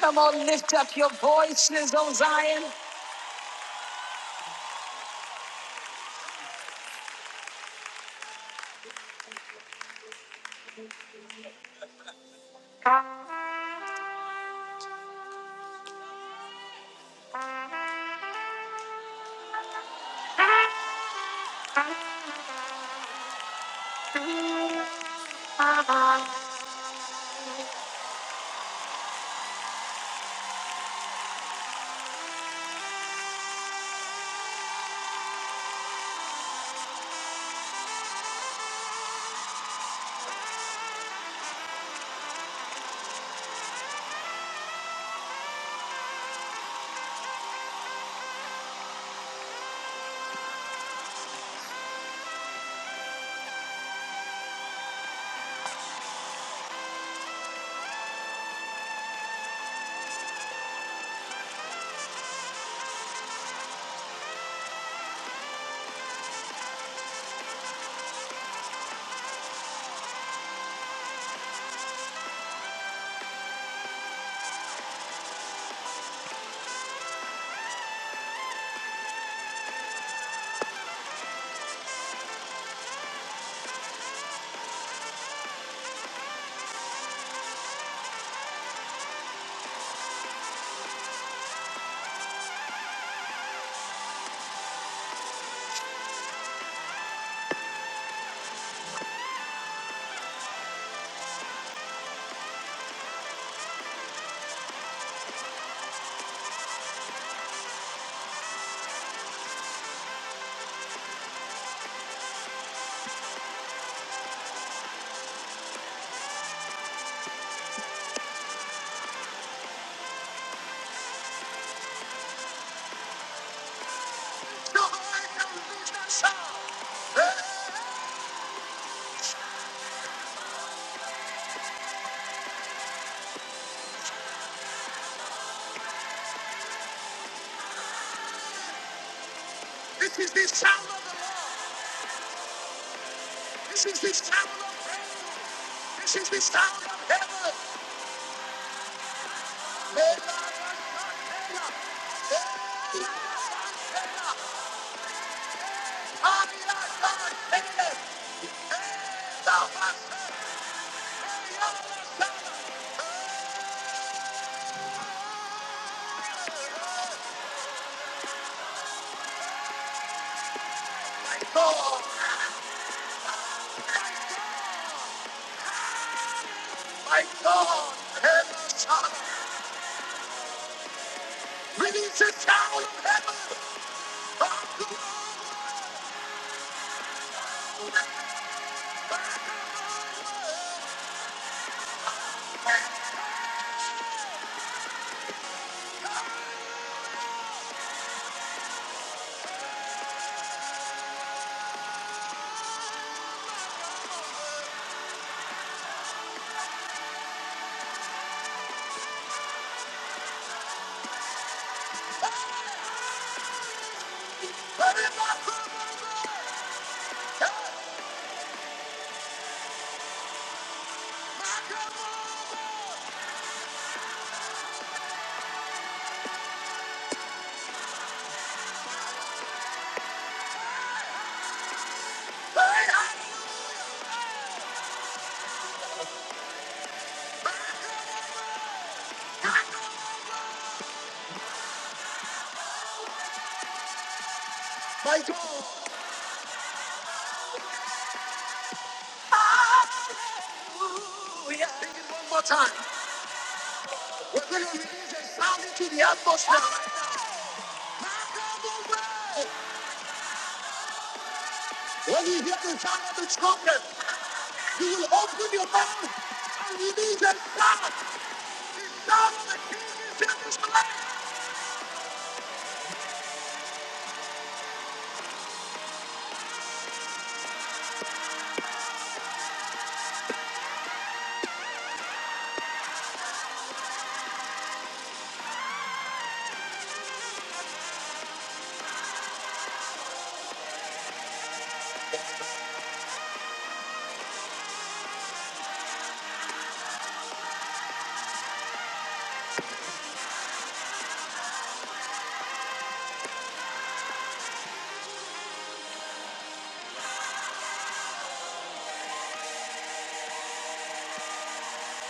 Come on, lift up your voices, O Zion. This is the sound of the Lord. This is the sound of the Lord. My God, hey, my God, heaven. release the sound of heaven. My God. Hallelujah. Sing it one more time. We're going to release a sound into the atmosphere. When you get the sound of the trumpet, you will open your mouth and release a shout. The sound of the king is in this place.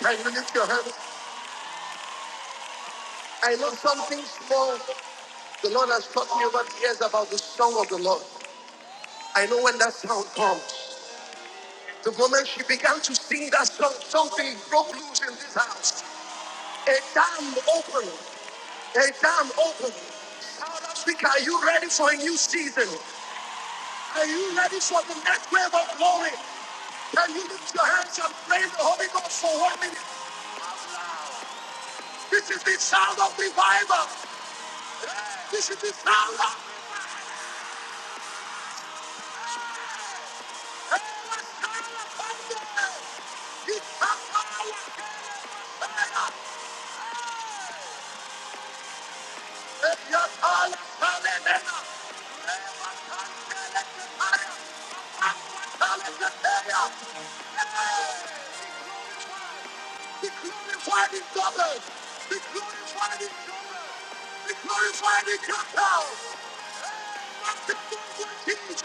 Can you lift your hands? I know something small. The Lord has taught me over the years about the song of the Lord. I know when that sound comes. The moment she began to sing that song, something broke loose in this house. A dam opened. A dam opened. South Africa, are you ready for a new season? Are you ready for the next wave of glory? Can you lift your hands and praise the Holy Ghost for one minute? This is the sound of revival. This is the sound of Be glorified in double. Be glorified in double. Be glorified in capital. Not the gospel of Jesus.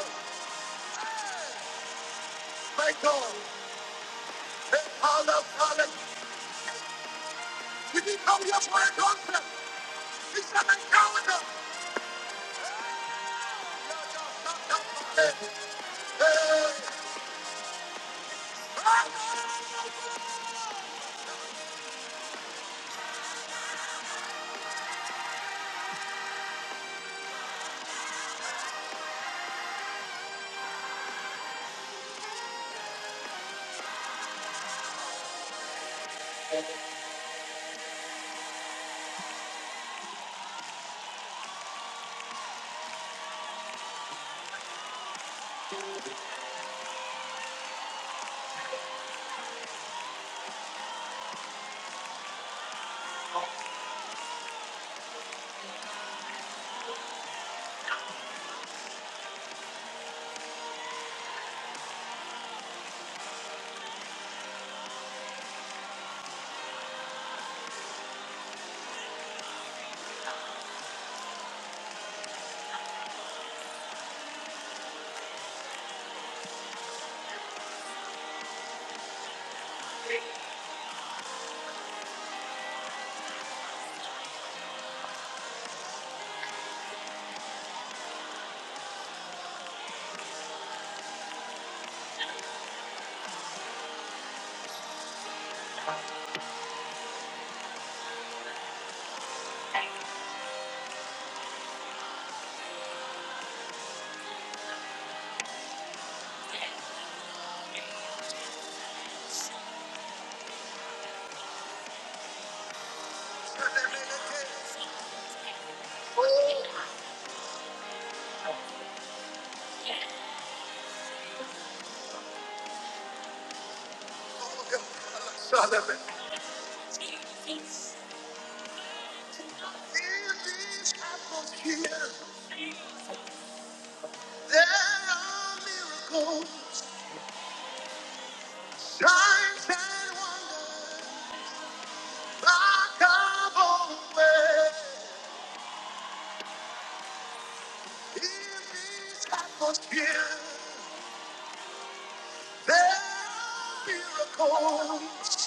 My God. Hey, Father, Father. We didn't come here for a conference. It's an encounter. There are miracles, signs and wonders that come our way. In this atmosphere, there are Miracles,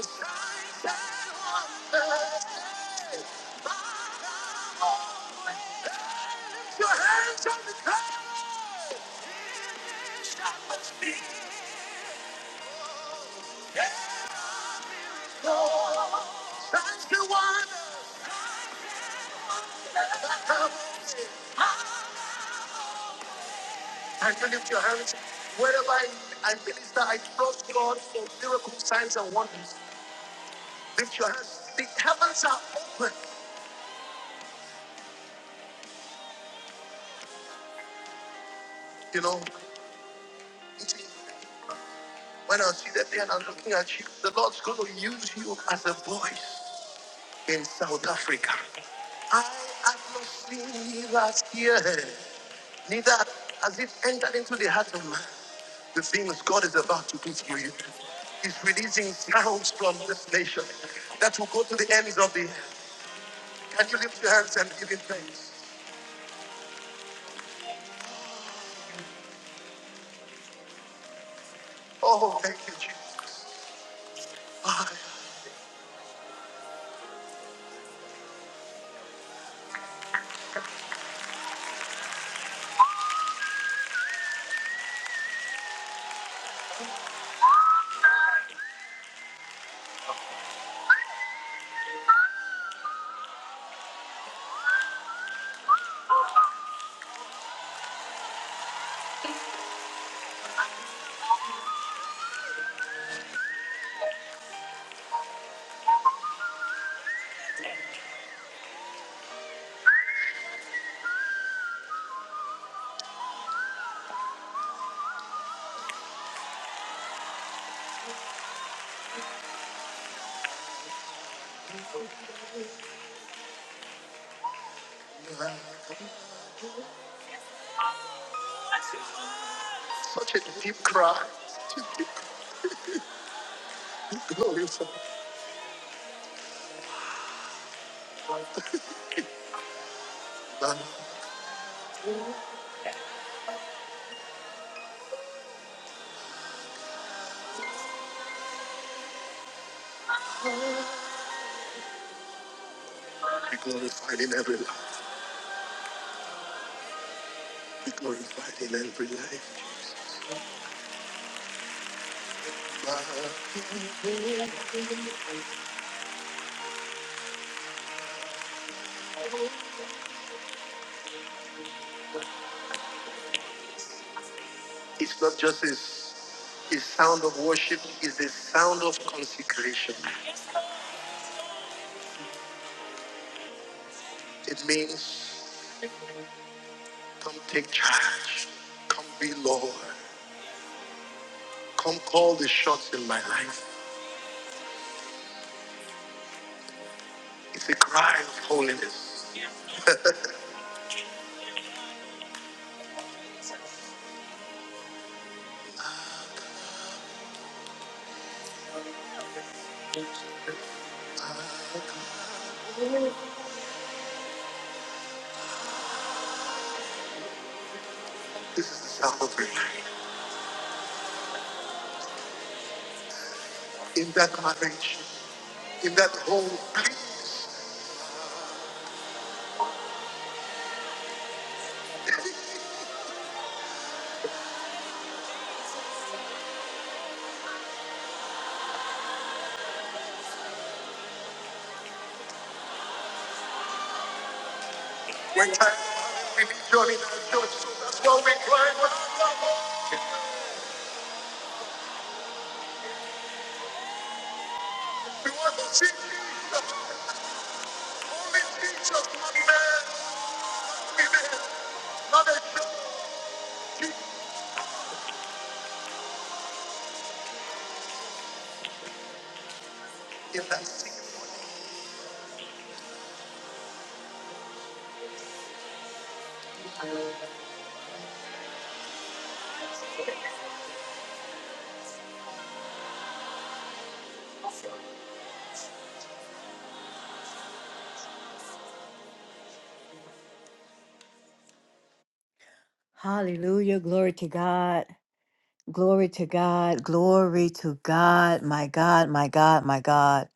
signs and wonders. Lift your hands on the clouds. Because that's the one I want. And you lift your hands wherever I, I minister. I trust God for miracles, signs, and wonders. Lift your hands. The heavens are open. You know, it's, when I see that there and I'm looking at you, the Lord's going to use you as a voice. in South Africa. I have not seen neither here, neither has it entered into the heart of man. The things God is about to do through you. He's releasing sounds from this nation that will go to the ends of the earth. Can you lift your hands and give him thanks? Oh, thank you, Jesus. God, Such a deep cry. Be glorified. *laughs* Lord, Be glorified in every life. Be glorified in every life. It's not just a, a sound of worship, it's a sound of consecration. It means come take charge, come be Lord, come call the shots in my life. It's a cry of holiness. This is the sound of revival. In that marriage, in that home, please, when time we need joining our church, so that's why we cry when our Lord. We want to see Jesus, only Jesus, not man. Hallelujah. Glory to God. Glory to God. Glory to God. My God, my God, my God.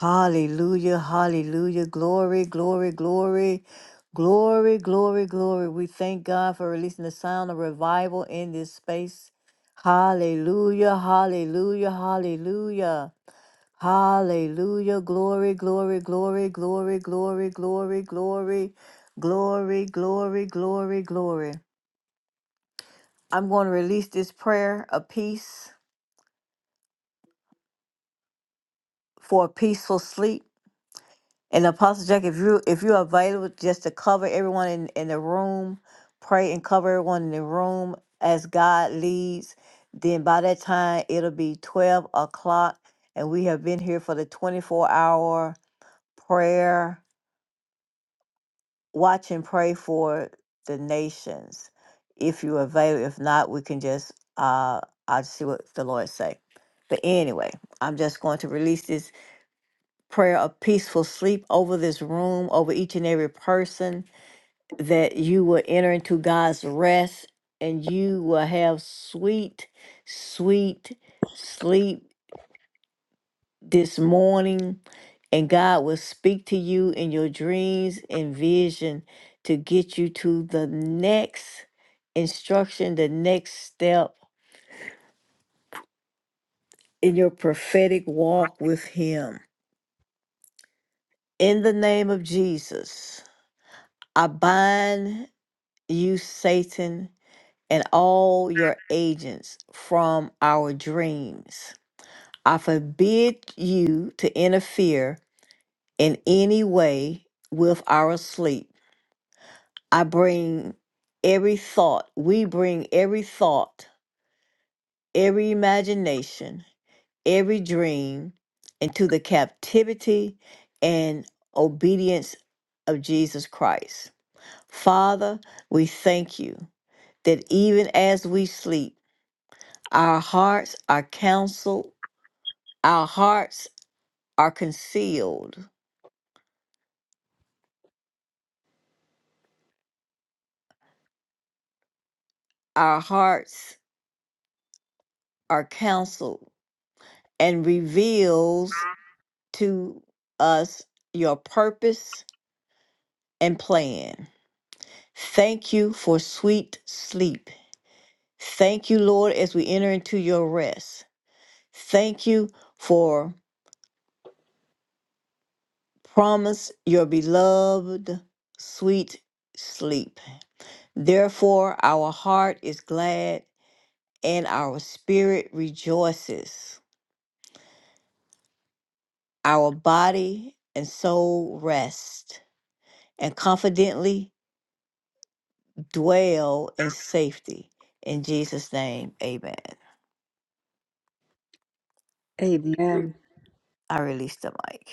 Hallelujah. Hallelujah. Glory, glory, glory. Glory, glory, glory. We thank God for releasing the sound of revival in this space. Hallelujah. Hallelujah. Hallelujah. Hallelujah. Glory, glory, glory, glory, glory, glory, glory, glory, glory, glory, glory. I'm going to release this prayer of peace for a peaceful sleep. And Apostle Jack, if you if you are available just to cover everyone in, in the room, pray and cover everyone in the room as God leads, then by that time it'll be twelve o'clock. And we have been here for the twenty-four hour prayer watch and pray for the nations if you're available. If not, we can just uh I'll see what the Lord say. But anyway, I'm just going to release this prayer of peaceful sleep over this room, over each and every person, that you will enter into God's rest and you will have sweet, sweet sleep this morning, and God will speak to you in your dreams and vision to get you to the next instruction, the next step in your prophetic walk with Him. In the name of Jesus, I bind you, Satan, and all your agents from our dreams. I forbid you to interfere in any way with our sleep I bring every thought, we bring every thought, every imagination, every dream into the captivity and obedience of Jesus Christ. Father, we thank you that even as we sleep, our hearts are counseled, our hearts are concealed, our hearts are counseled and reveals to us your purpose and plan. Thank you for sweet sleep. Thank you, Lord, as we enter into your rest. Thank you for promise your beloved sweet sleep. Therefore, our heart is glad and our spirit rejoices. Our body and soul rest and confidently dwell in safety. In Jesus' name, amen. Amen. I release the mic.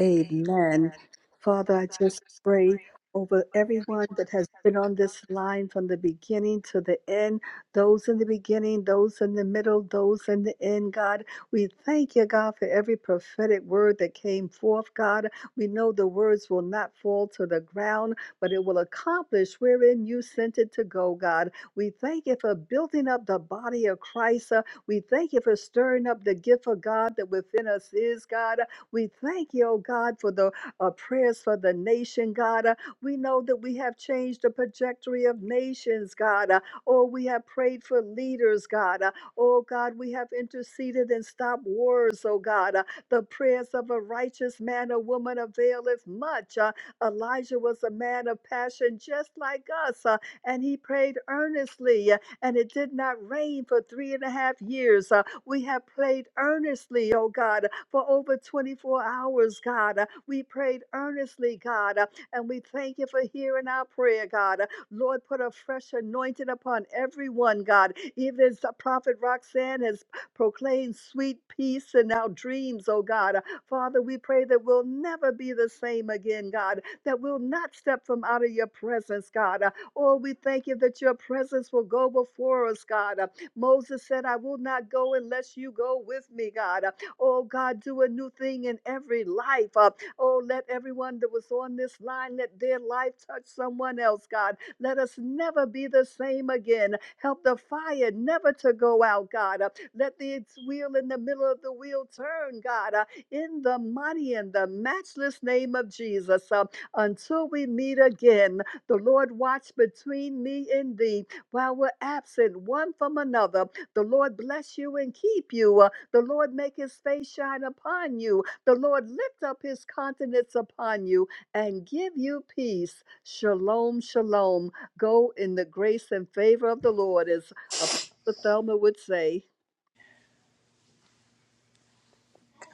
Amen. Father, I just pray over everyone that has been on this line from the beginning to the end, those in the beginning, those in the middle, those in the end, God. We thank you, God, for every prophetic word that came forth, God. We know the words will not fall to the ground, but it will accomplish wherein you sent it to go, God. We thank you for building up the body of Christ. Uh, We thank you for stirring up the gift of God that within us is, God. We thank you, oh God, for the uh, prayers for the nation, God. Uh, we know that we have changed the trajectory of nations, God. Uh, oh, we have prayed for leaders, God. Uh, oh, God, we have interceded and stopped wars, oh God. Uh, the prayers of a righteous man or woman availeth much. Uh, Elijah was a man of passion just like us, uh, and he prayed earnestly and it did not rain for three and a half years. Uh, we have prayed earnestly, oh God, for over 24 hours, God. Uh, we prayed earnestly, God, uh, and we thank you for hearing our prayer, God. Uh, Lord, put a fresh anointing upon everyone, God. Even as the prophet Roxanne has proclaimed sweet peace in our dreams, oh God. Uh, Father, we pray that we'll never be the same again, God, that we'll not step from out of your presence, God. Uh, Oh, we thank you that your presence will go before us, God. Uh, Moses said, I will not go unless you go with me, God. Uh, Oh, God, do a new thing in every life. Uh, Oh, let everyone that was on this line, let their life touch someone else, God. Let us never be the same again. Help the fire never to go out, God. Uh, Let the wheel in the middle of the wheel turn, God, uh, in the mighty and the matchless name of Jesus. Uh, Until we meet again, the Lord watch between me and thee while we're absent one from another. The Lord bless you and keep you. Uh, The Lord make his face shine upon you. The Lord lift up his countenance upon you and give you peace. Shalom, shalom. Go in the grace and favor of the Lord, as Apostle Thelma would say.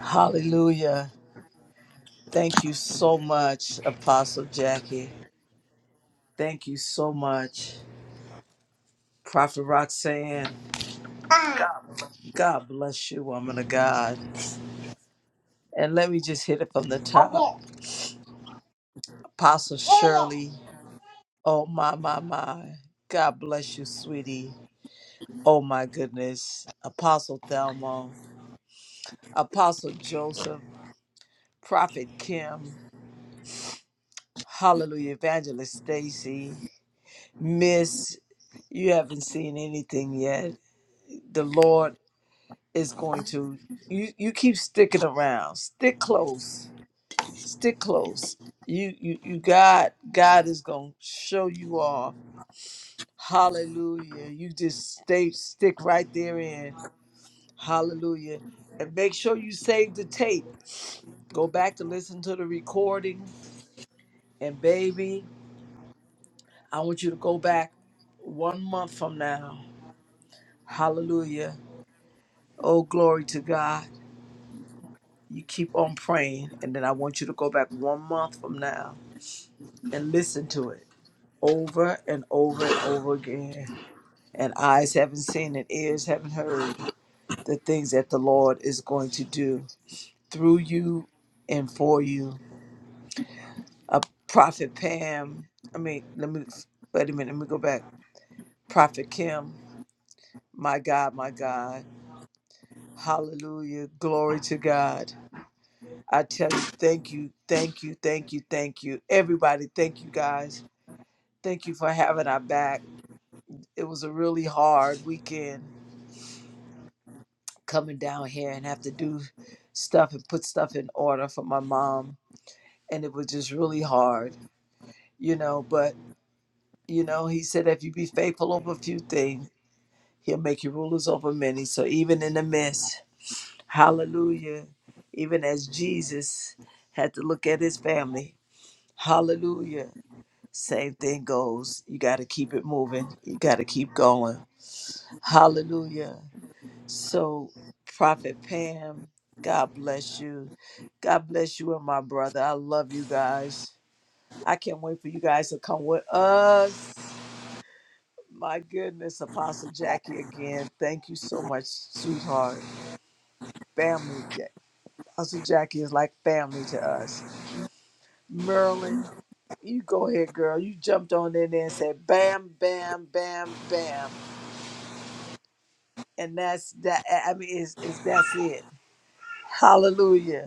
Hallelujah. Thank you so much, Apostle Jackie. Thank you so much, Prophet Roxanne. God bless you, woman of God. And let me just hit it from the top. Apostle Yeah, Shirley, oh my, my, my. God bless you, sweetie. Oh my goodness. Apostle Thelma, Apostle Joseph, Prophet Kim, Hallelujah, Evangelist Stacy, Miss, you haven't seen anything yet. The Lord is going to, you, you keep sticking around, stick close stick close. You you you God God is gonna show you off. Hallelujah. You just stay stick right there in. Hallelujah. And make sure you save the tape. Go back to listen to the recording. And baby, I want you to go back one month from now. Hallelujah. Oh, glory to God. You keep on praying. And then I want you to go back one month from now and listen to it over and over and over again and eyes haven't seen and ears haven't heard the things that the Lord is going to do through you and for you. A prophet Pam, I mean, let me wait a minute, let me go back. Prophet Kim, my God, my God, hallelujah, glory to God. I tell you, thank you, thank you, thank you, thank you. Everybody, thank you guys. Thank you for having our back. It was a really hard weekend coming down here and have to do stuff and put stuff in order for my mom. And it was just really hard, you know. But, you know, he said, if you be faithful over a few things, he'll make you rulers over many. So even in the midst, hallelujah, even as Jesus had to look at his family, hallelujah, same thing goes. You got to keep it moving, you got to keep going. Hallelujah. So, Prophet Pam, God bless you. God bless you and my brother. I love you guys. I can't wait for you guys to come with us. My goodness, Apostle Jackie again. Thank you so much, sweetheart. Family, Ja- Apostle Jackie is like family to us. Merlin, you go ahead, girl. You jumped on in there and said, "Bam, bam, bam, bam," and that's that. I mean, is is that's it? Hallelujah.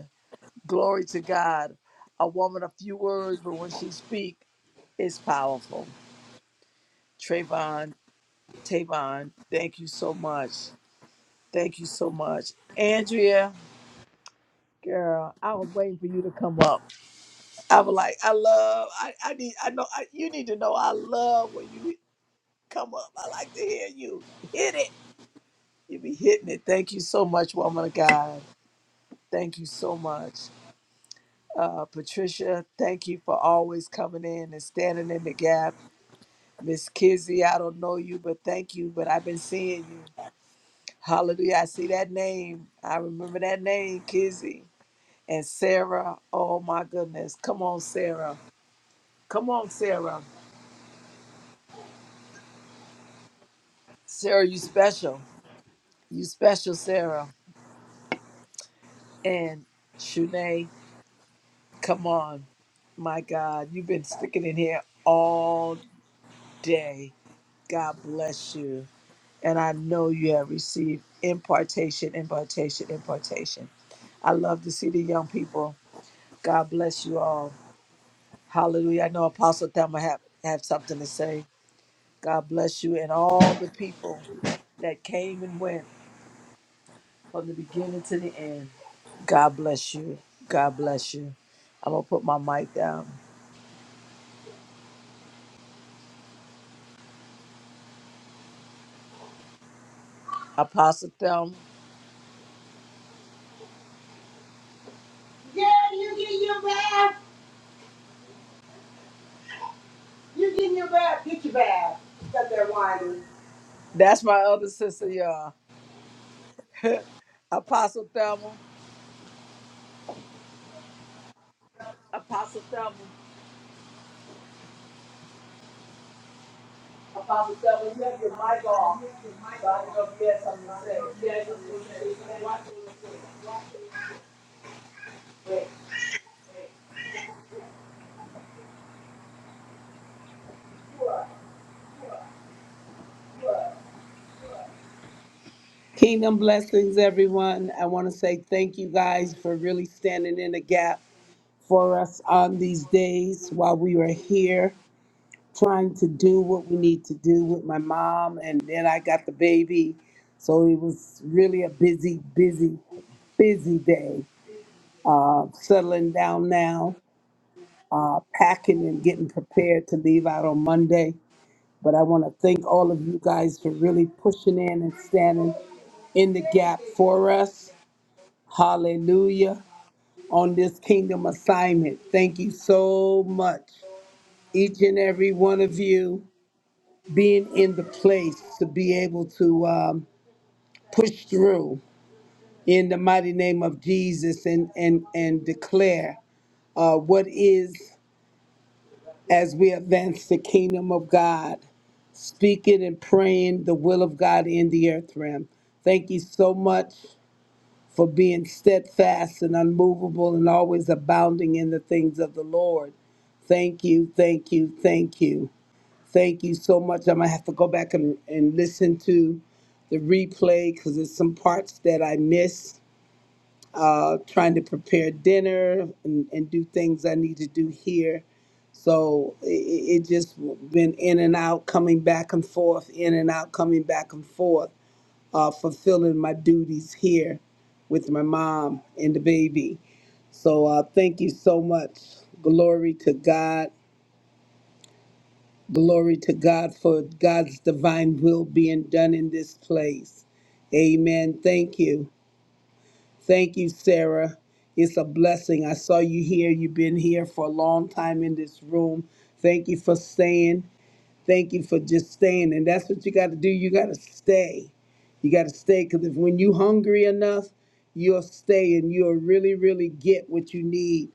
Glory to God. A woman of few words, but when she speak, it's powerful. Trayvon, Tavon, thank you so much. Thank you so much. Andrea, girl, I was waiting for you to come up. I was like, I love, I, I need, I know, I, you need to know I love when you come up. I like to hear you hit it. You be hitting it. Thank you so much, woman of God. Thank you so much. Uh, Patricia, thank you for always coming in and standing in the gap Miss Kizzy, I don't know you, but thank you. But I've been seeing you. Hallelujah. I see that name. I remember that name, Kizzy. And Sarah, oh my goodness. Come on, Sarah. Come on, Sarah. Sarah, you special. You special, Sarah. And Shunay, come on. My God, you've been sticking in here all day. God bless you. And I know you have received impartation, impartation, impartation. I love to see the young people God bless you all. Hallelujah. I know Apostle Thelma have, have something to say. God bless you and all the people that came and went from the beginning to the end. God bless you. God bless you. I'm going to put my mic down. Apostle Thelma. yeah. Girl, you get your You getting your bath. Get your bag. Stop there, winding. That's my other sister, y'all. Apostle Thelma. Apostle Thelma. Apostle Thelma, you have your mic off. So I didn't know if you had something to say. Yeah, you want to Kingdom blessings, everyone. I want to say thank you guys for really standing in the gap for us on these days while we were here trying to do what we need to do with my mom. And then I got the baby. So it was really a busy, busy, busy day. Uh, settling down now, uh, packing and getting prepared to leave out on Monday. But I want to thank all of you guys for really pushing in and standing in the gap for us. Hallelujah. On this kingdom assignment. Thank you so much. Each and every one of you being in the place to be able to um, push through in the mighty name of Jesus and, and, and declare uh, what is as we advance the kingdom of God, speaking and praying the will of God in the earth realm. Thank you so much for being steadfast and unmovable and always abounding in the things of the Lord. Thank you, thank you, thank you. Thank you so much. I'm going to have to go back and, and listen to the replay because there's some parts that I missed uh, trying to prepare dinner and, and do things I need to do here. So it, it just been in and out, coming back and forth, in and out, coming back and forth, uh, fulfilling my duties here with my mom and the baby. So uh, thank you so much. Glory to God. Glory to God for God's divine will being done in this place. Amen. Thank you. Thank you, Sarah. It's a blessing. I saw you here. You've been here for a long time in this room. Thank you for staying. Thank you for just staying. And that's what you got to do. You got to stay. You got to stay because if when you hungry enough, you'll stay and you'll really, really get what you need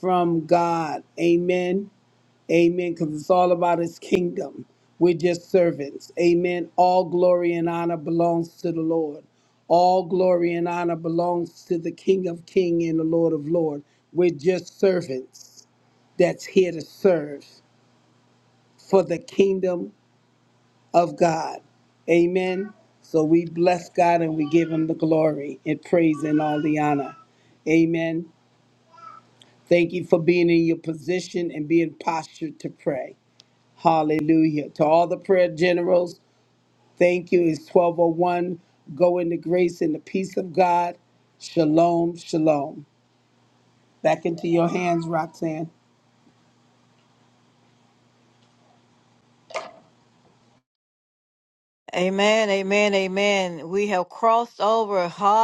from God. Amen. Amen. Because it's all about his kingdom. We're just servants. Amen. All glory and honor belongs to the Lord. All glory and honor belongs to the King of King and the Lord of Lord. We're just servants that's here to serve for the kingdom of God. Amen. So we bless God and we give him the glory and praise and all the honor. Amen. Thank you for being in your position and being postured to pray. Hallelujah. To all the prayer generals, thank you. It's 1201. Go into grace and the peace of God. Shalom, shalom. Back into your hands, Roxanne. Amen, amen, amen. We have crossed over. Hallelujah.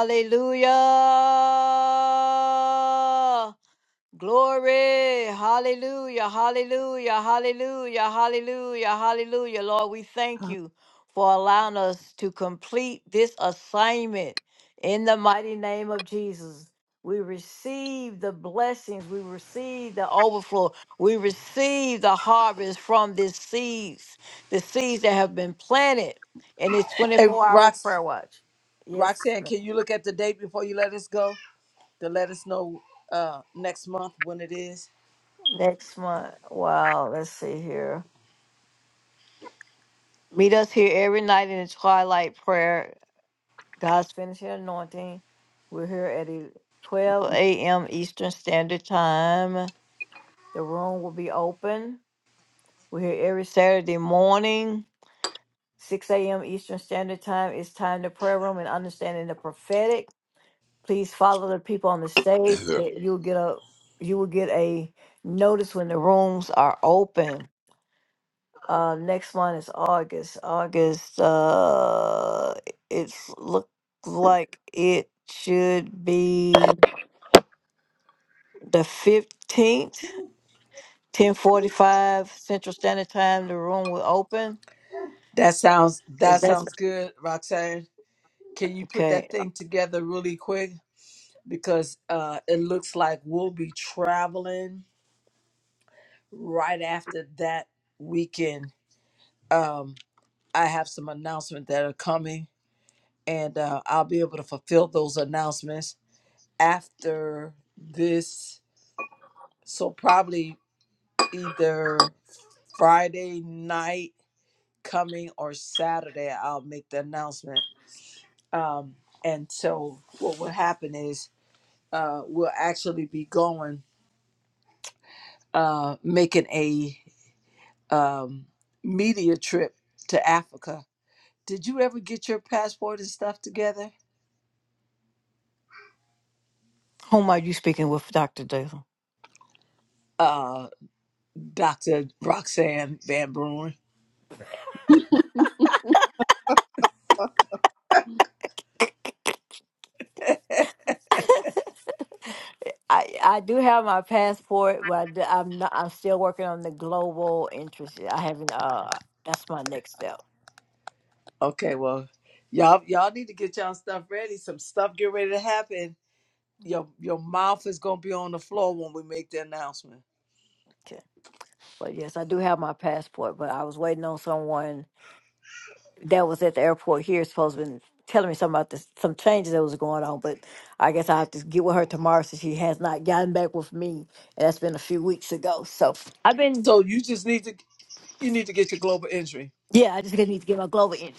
Glory, hallelujah, hallelujah, hallelujah, hallelujah, hallelujah. Lord, we thank you for allowing us to complete this assignment in the mighty name of Jesus. We receive the blessings, we receive the overflow, we receive the harvest from these seeds, the seeds that have been planted in this say something. 24 hour Rox, prayer watch. Yes, Roxanne, ma'am. can you look at the date before you let us go to let us know uh next month when it is? next month. Wow, let's see here. Meet us here every night in the twilight prayer, God's finishing anointing. We're here at el- 12 a.m. Eastern Standard Time. The room will be open. We're here every Saturday morning, 6 a.m. Eastern Standard Time. It's time to prayer room and understanding the prophetic. Please follow the people on the stage. That you'll get a you will get a notice when the rooms are open. Uh, next one is August. August, uh, it's look like it should be the fifteenth, ten forty-five Central Standard Time. The room will open. That sounds Is that that sounds good, Roxanne. Can you put that okay? thing together really quick? Because uh it looks like we'll be traveling right after that weekend. Um I have some announcements that are coming and uh I'll be able to fulfill those announcements after this. So probably either Friday night coming or Saturday, I'll make the announcement. Um, and so what will happen is uh, we'll actually be going, uh, making a um, media trip to Africa. Did you ever get your passport and stuff together, Whom are you speaking with, Doctor Jason? uh, Doctor Roxanne Van Bruin? *laughs* I, I do have my passport, but I d- I'm not. I'm still working on the global interest. I haven't. Uh, that's my next step. Okay, well, y'all y'all need to get y'all stuff ready. Some stuff get ready to happen. Your your mouth is gonna be on the floor when we make the announcement. Okay. But yes, I do have my passport. But I was waiting on someone that was at the airport here is supposed to been telling me something about this, some changes that was going on, but I guess I have to get with her tomorrow since she has not gotten back with me, and that's been a few weeks ago. So So you just need to You need to get your global entry. yeah, I just gonna need to get my Glover in.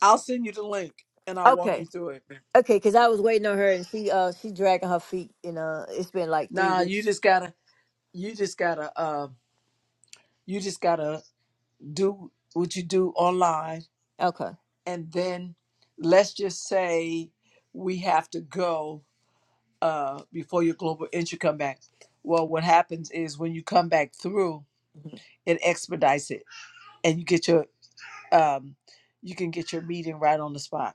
I'll send you the link and I'll walk you Okay, through it. okay, because I was waiting on her and she uh she dragging her feet, and uh it's been like three Nah, you weeks. just gotta, you just gotta, uh, you just gotta do what you do online, Okay, and then let's just say we have to go uh, before your global entry come back. Well, what happens is when you come back through, Mhm. it expedites it, and you get your, um, you can get your meeting right on the spot.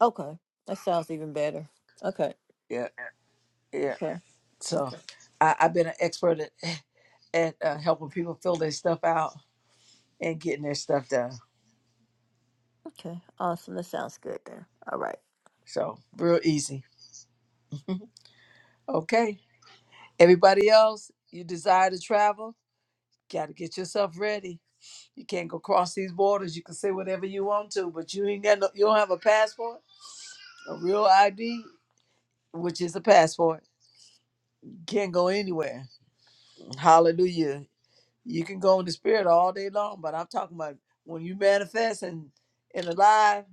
okay, that sounds even better. Okay, Yeah, yeah. okay, So okay, I, I've been an expert at at uh, helping people fill their stuff out and getting their stuff done. okay, awesome. That sounds good there. All right, So real easy. *laughs* Okay. Everybody else, you desire to travel, got to get yourself ready. You can't go cross these borders. You can say whatever you want to, but you ain't got no, you don't have a passport, a real ID, which is a passport. You can't go anywhere. Hallelujah. You can go in the spirit all day long, but I'm talking about when you manifest and and alive,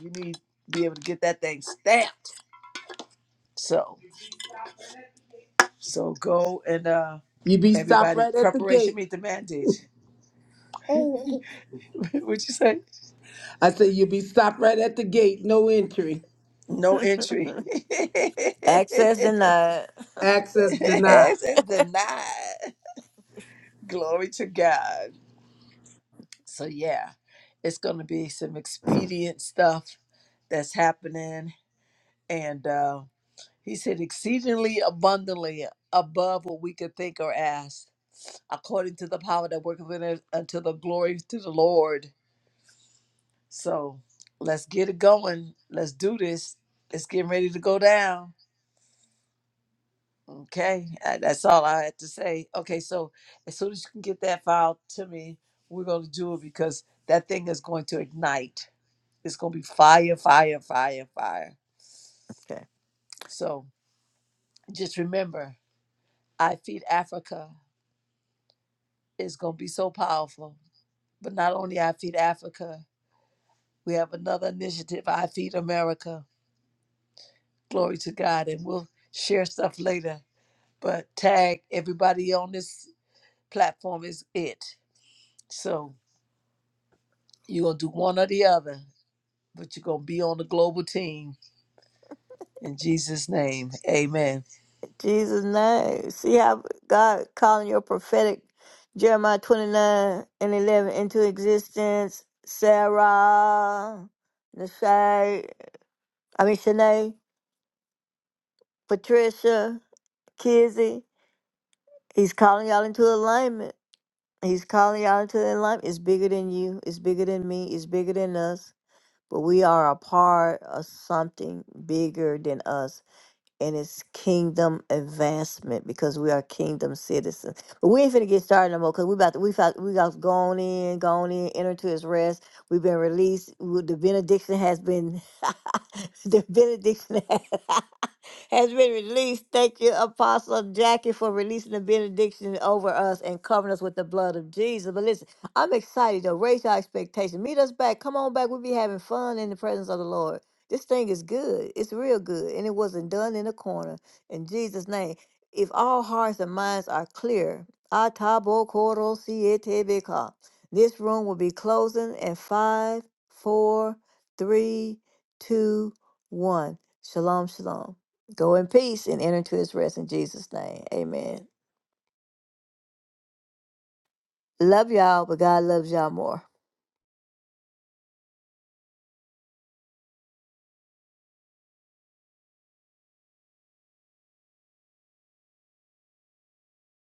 you need to be able to get that thing stamped. So So go and uh, You be stopped everybody, right at the preparation gate. meet the mandate. *laughs* What'd you say? I said, you be stopped right at the gate. No entry. No entry. *laughs* access it denied. Access denied. says denied. Glory to God. So yeah, it's gonna be some expedient stuff that's happening, and uh, he said exceedingly abundantly above what we could think or ask, according to the power that worketh in us, unto the glory to the Lord. So let's get it going. Let's do this. It's getting ready to go down. Okay, Uh, that's all I had to say. Okay, so as soon as you can get that file to me, we're going to do it because that thing is going to ignite. It's going to be fire, fire, fire, fire. *laughs* So just remember, I Feed Africa is going to be so powerful. But not only I Feed Africa, we have another initiative, I Feed America. Glory to God. And we'll share stuff later but tag everybody on this platform is it. So you're gonna do one or the other, but you're gonna be on the global team in Jesus' name. Amen. Jesus' name. See how God calling your prophetic Jeremiah 29 and 11 into existence. Sarah, Nashai, I mean, Shanae, Patricia, Kizzy. He's calling y'all into alignment. He's calling y'all into alignment. It's bigger than you. It's bigger than me. It's bigger than us. But we are a part of something bigger than us and it's kingdom advancement because we are kingdom citizens. But we ain't finna get started no more because we about to, we found, we got gone in, gone in, entered to his rest. We've been released. We- The benediction has been *laughs* the benediction *laughs* has, been released. Thank you, Apostle Jackie, for releasing the benediction over us and covering us with the blood of Jesus. But listen, I'm excited though. Raise your expectation. Meet us back. Come on back. We'll be having fun in the presence of the Lord. This thing is good. It's real good. And it wasn't done in a corner. In Jesus' name. If all hearts and minds are clear, Atabo Koro Sietebeka. This room will be closing at five, four, three, two, one. Shalom, shalom. Go in peace and enter into his rest in Jesus' name. Amen. Love y'all, but God loves y'all more.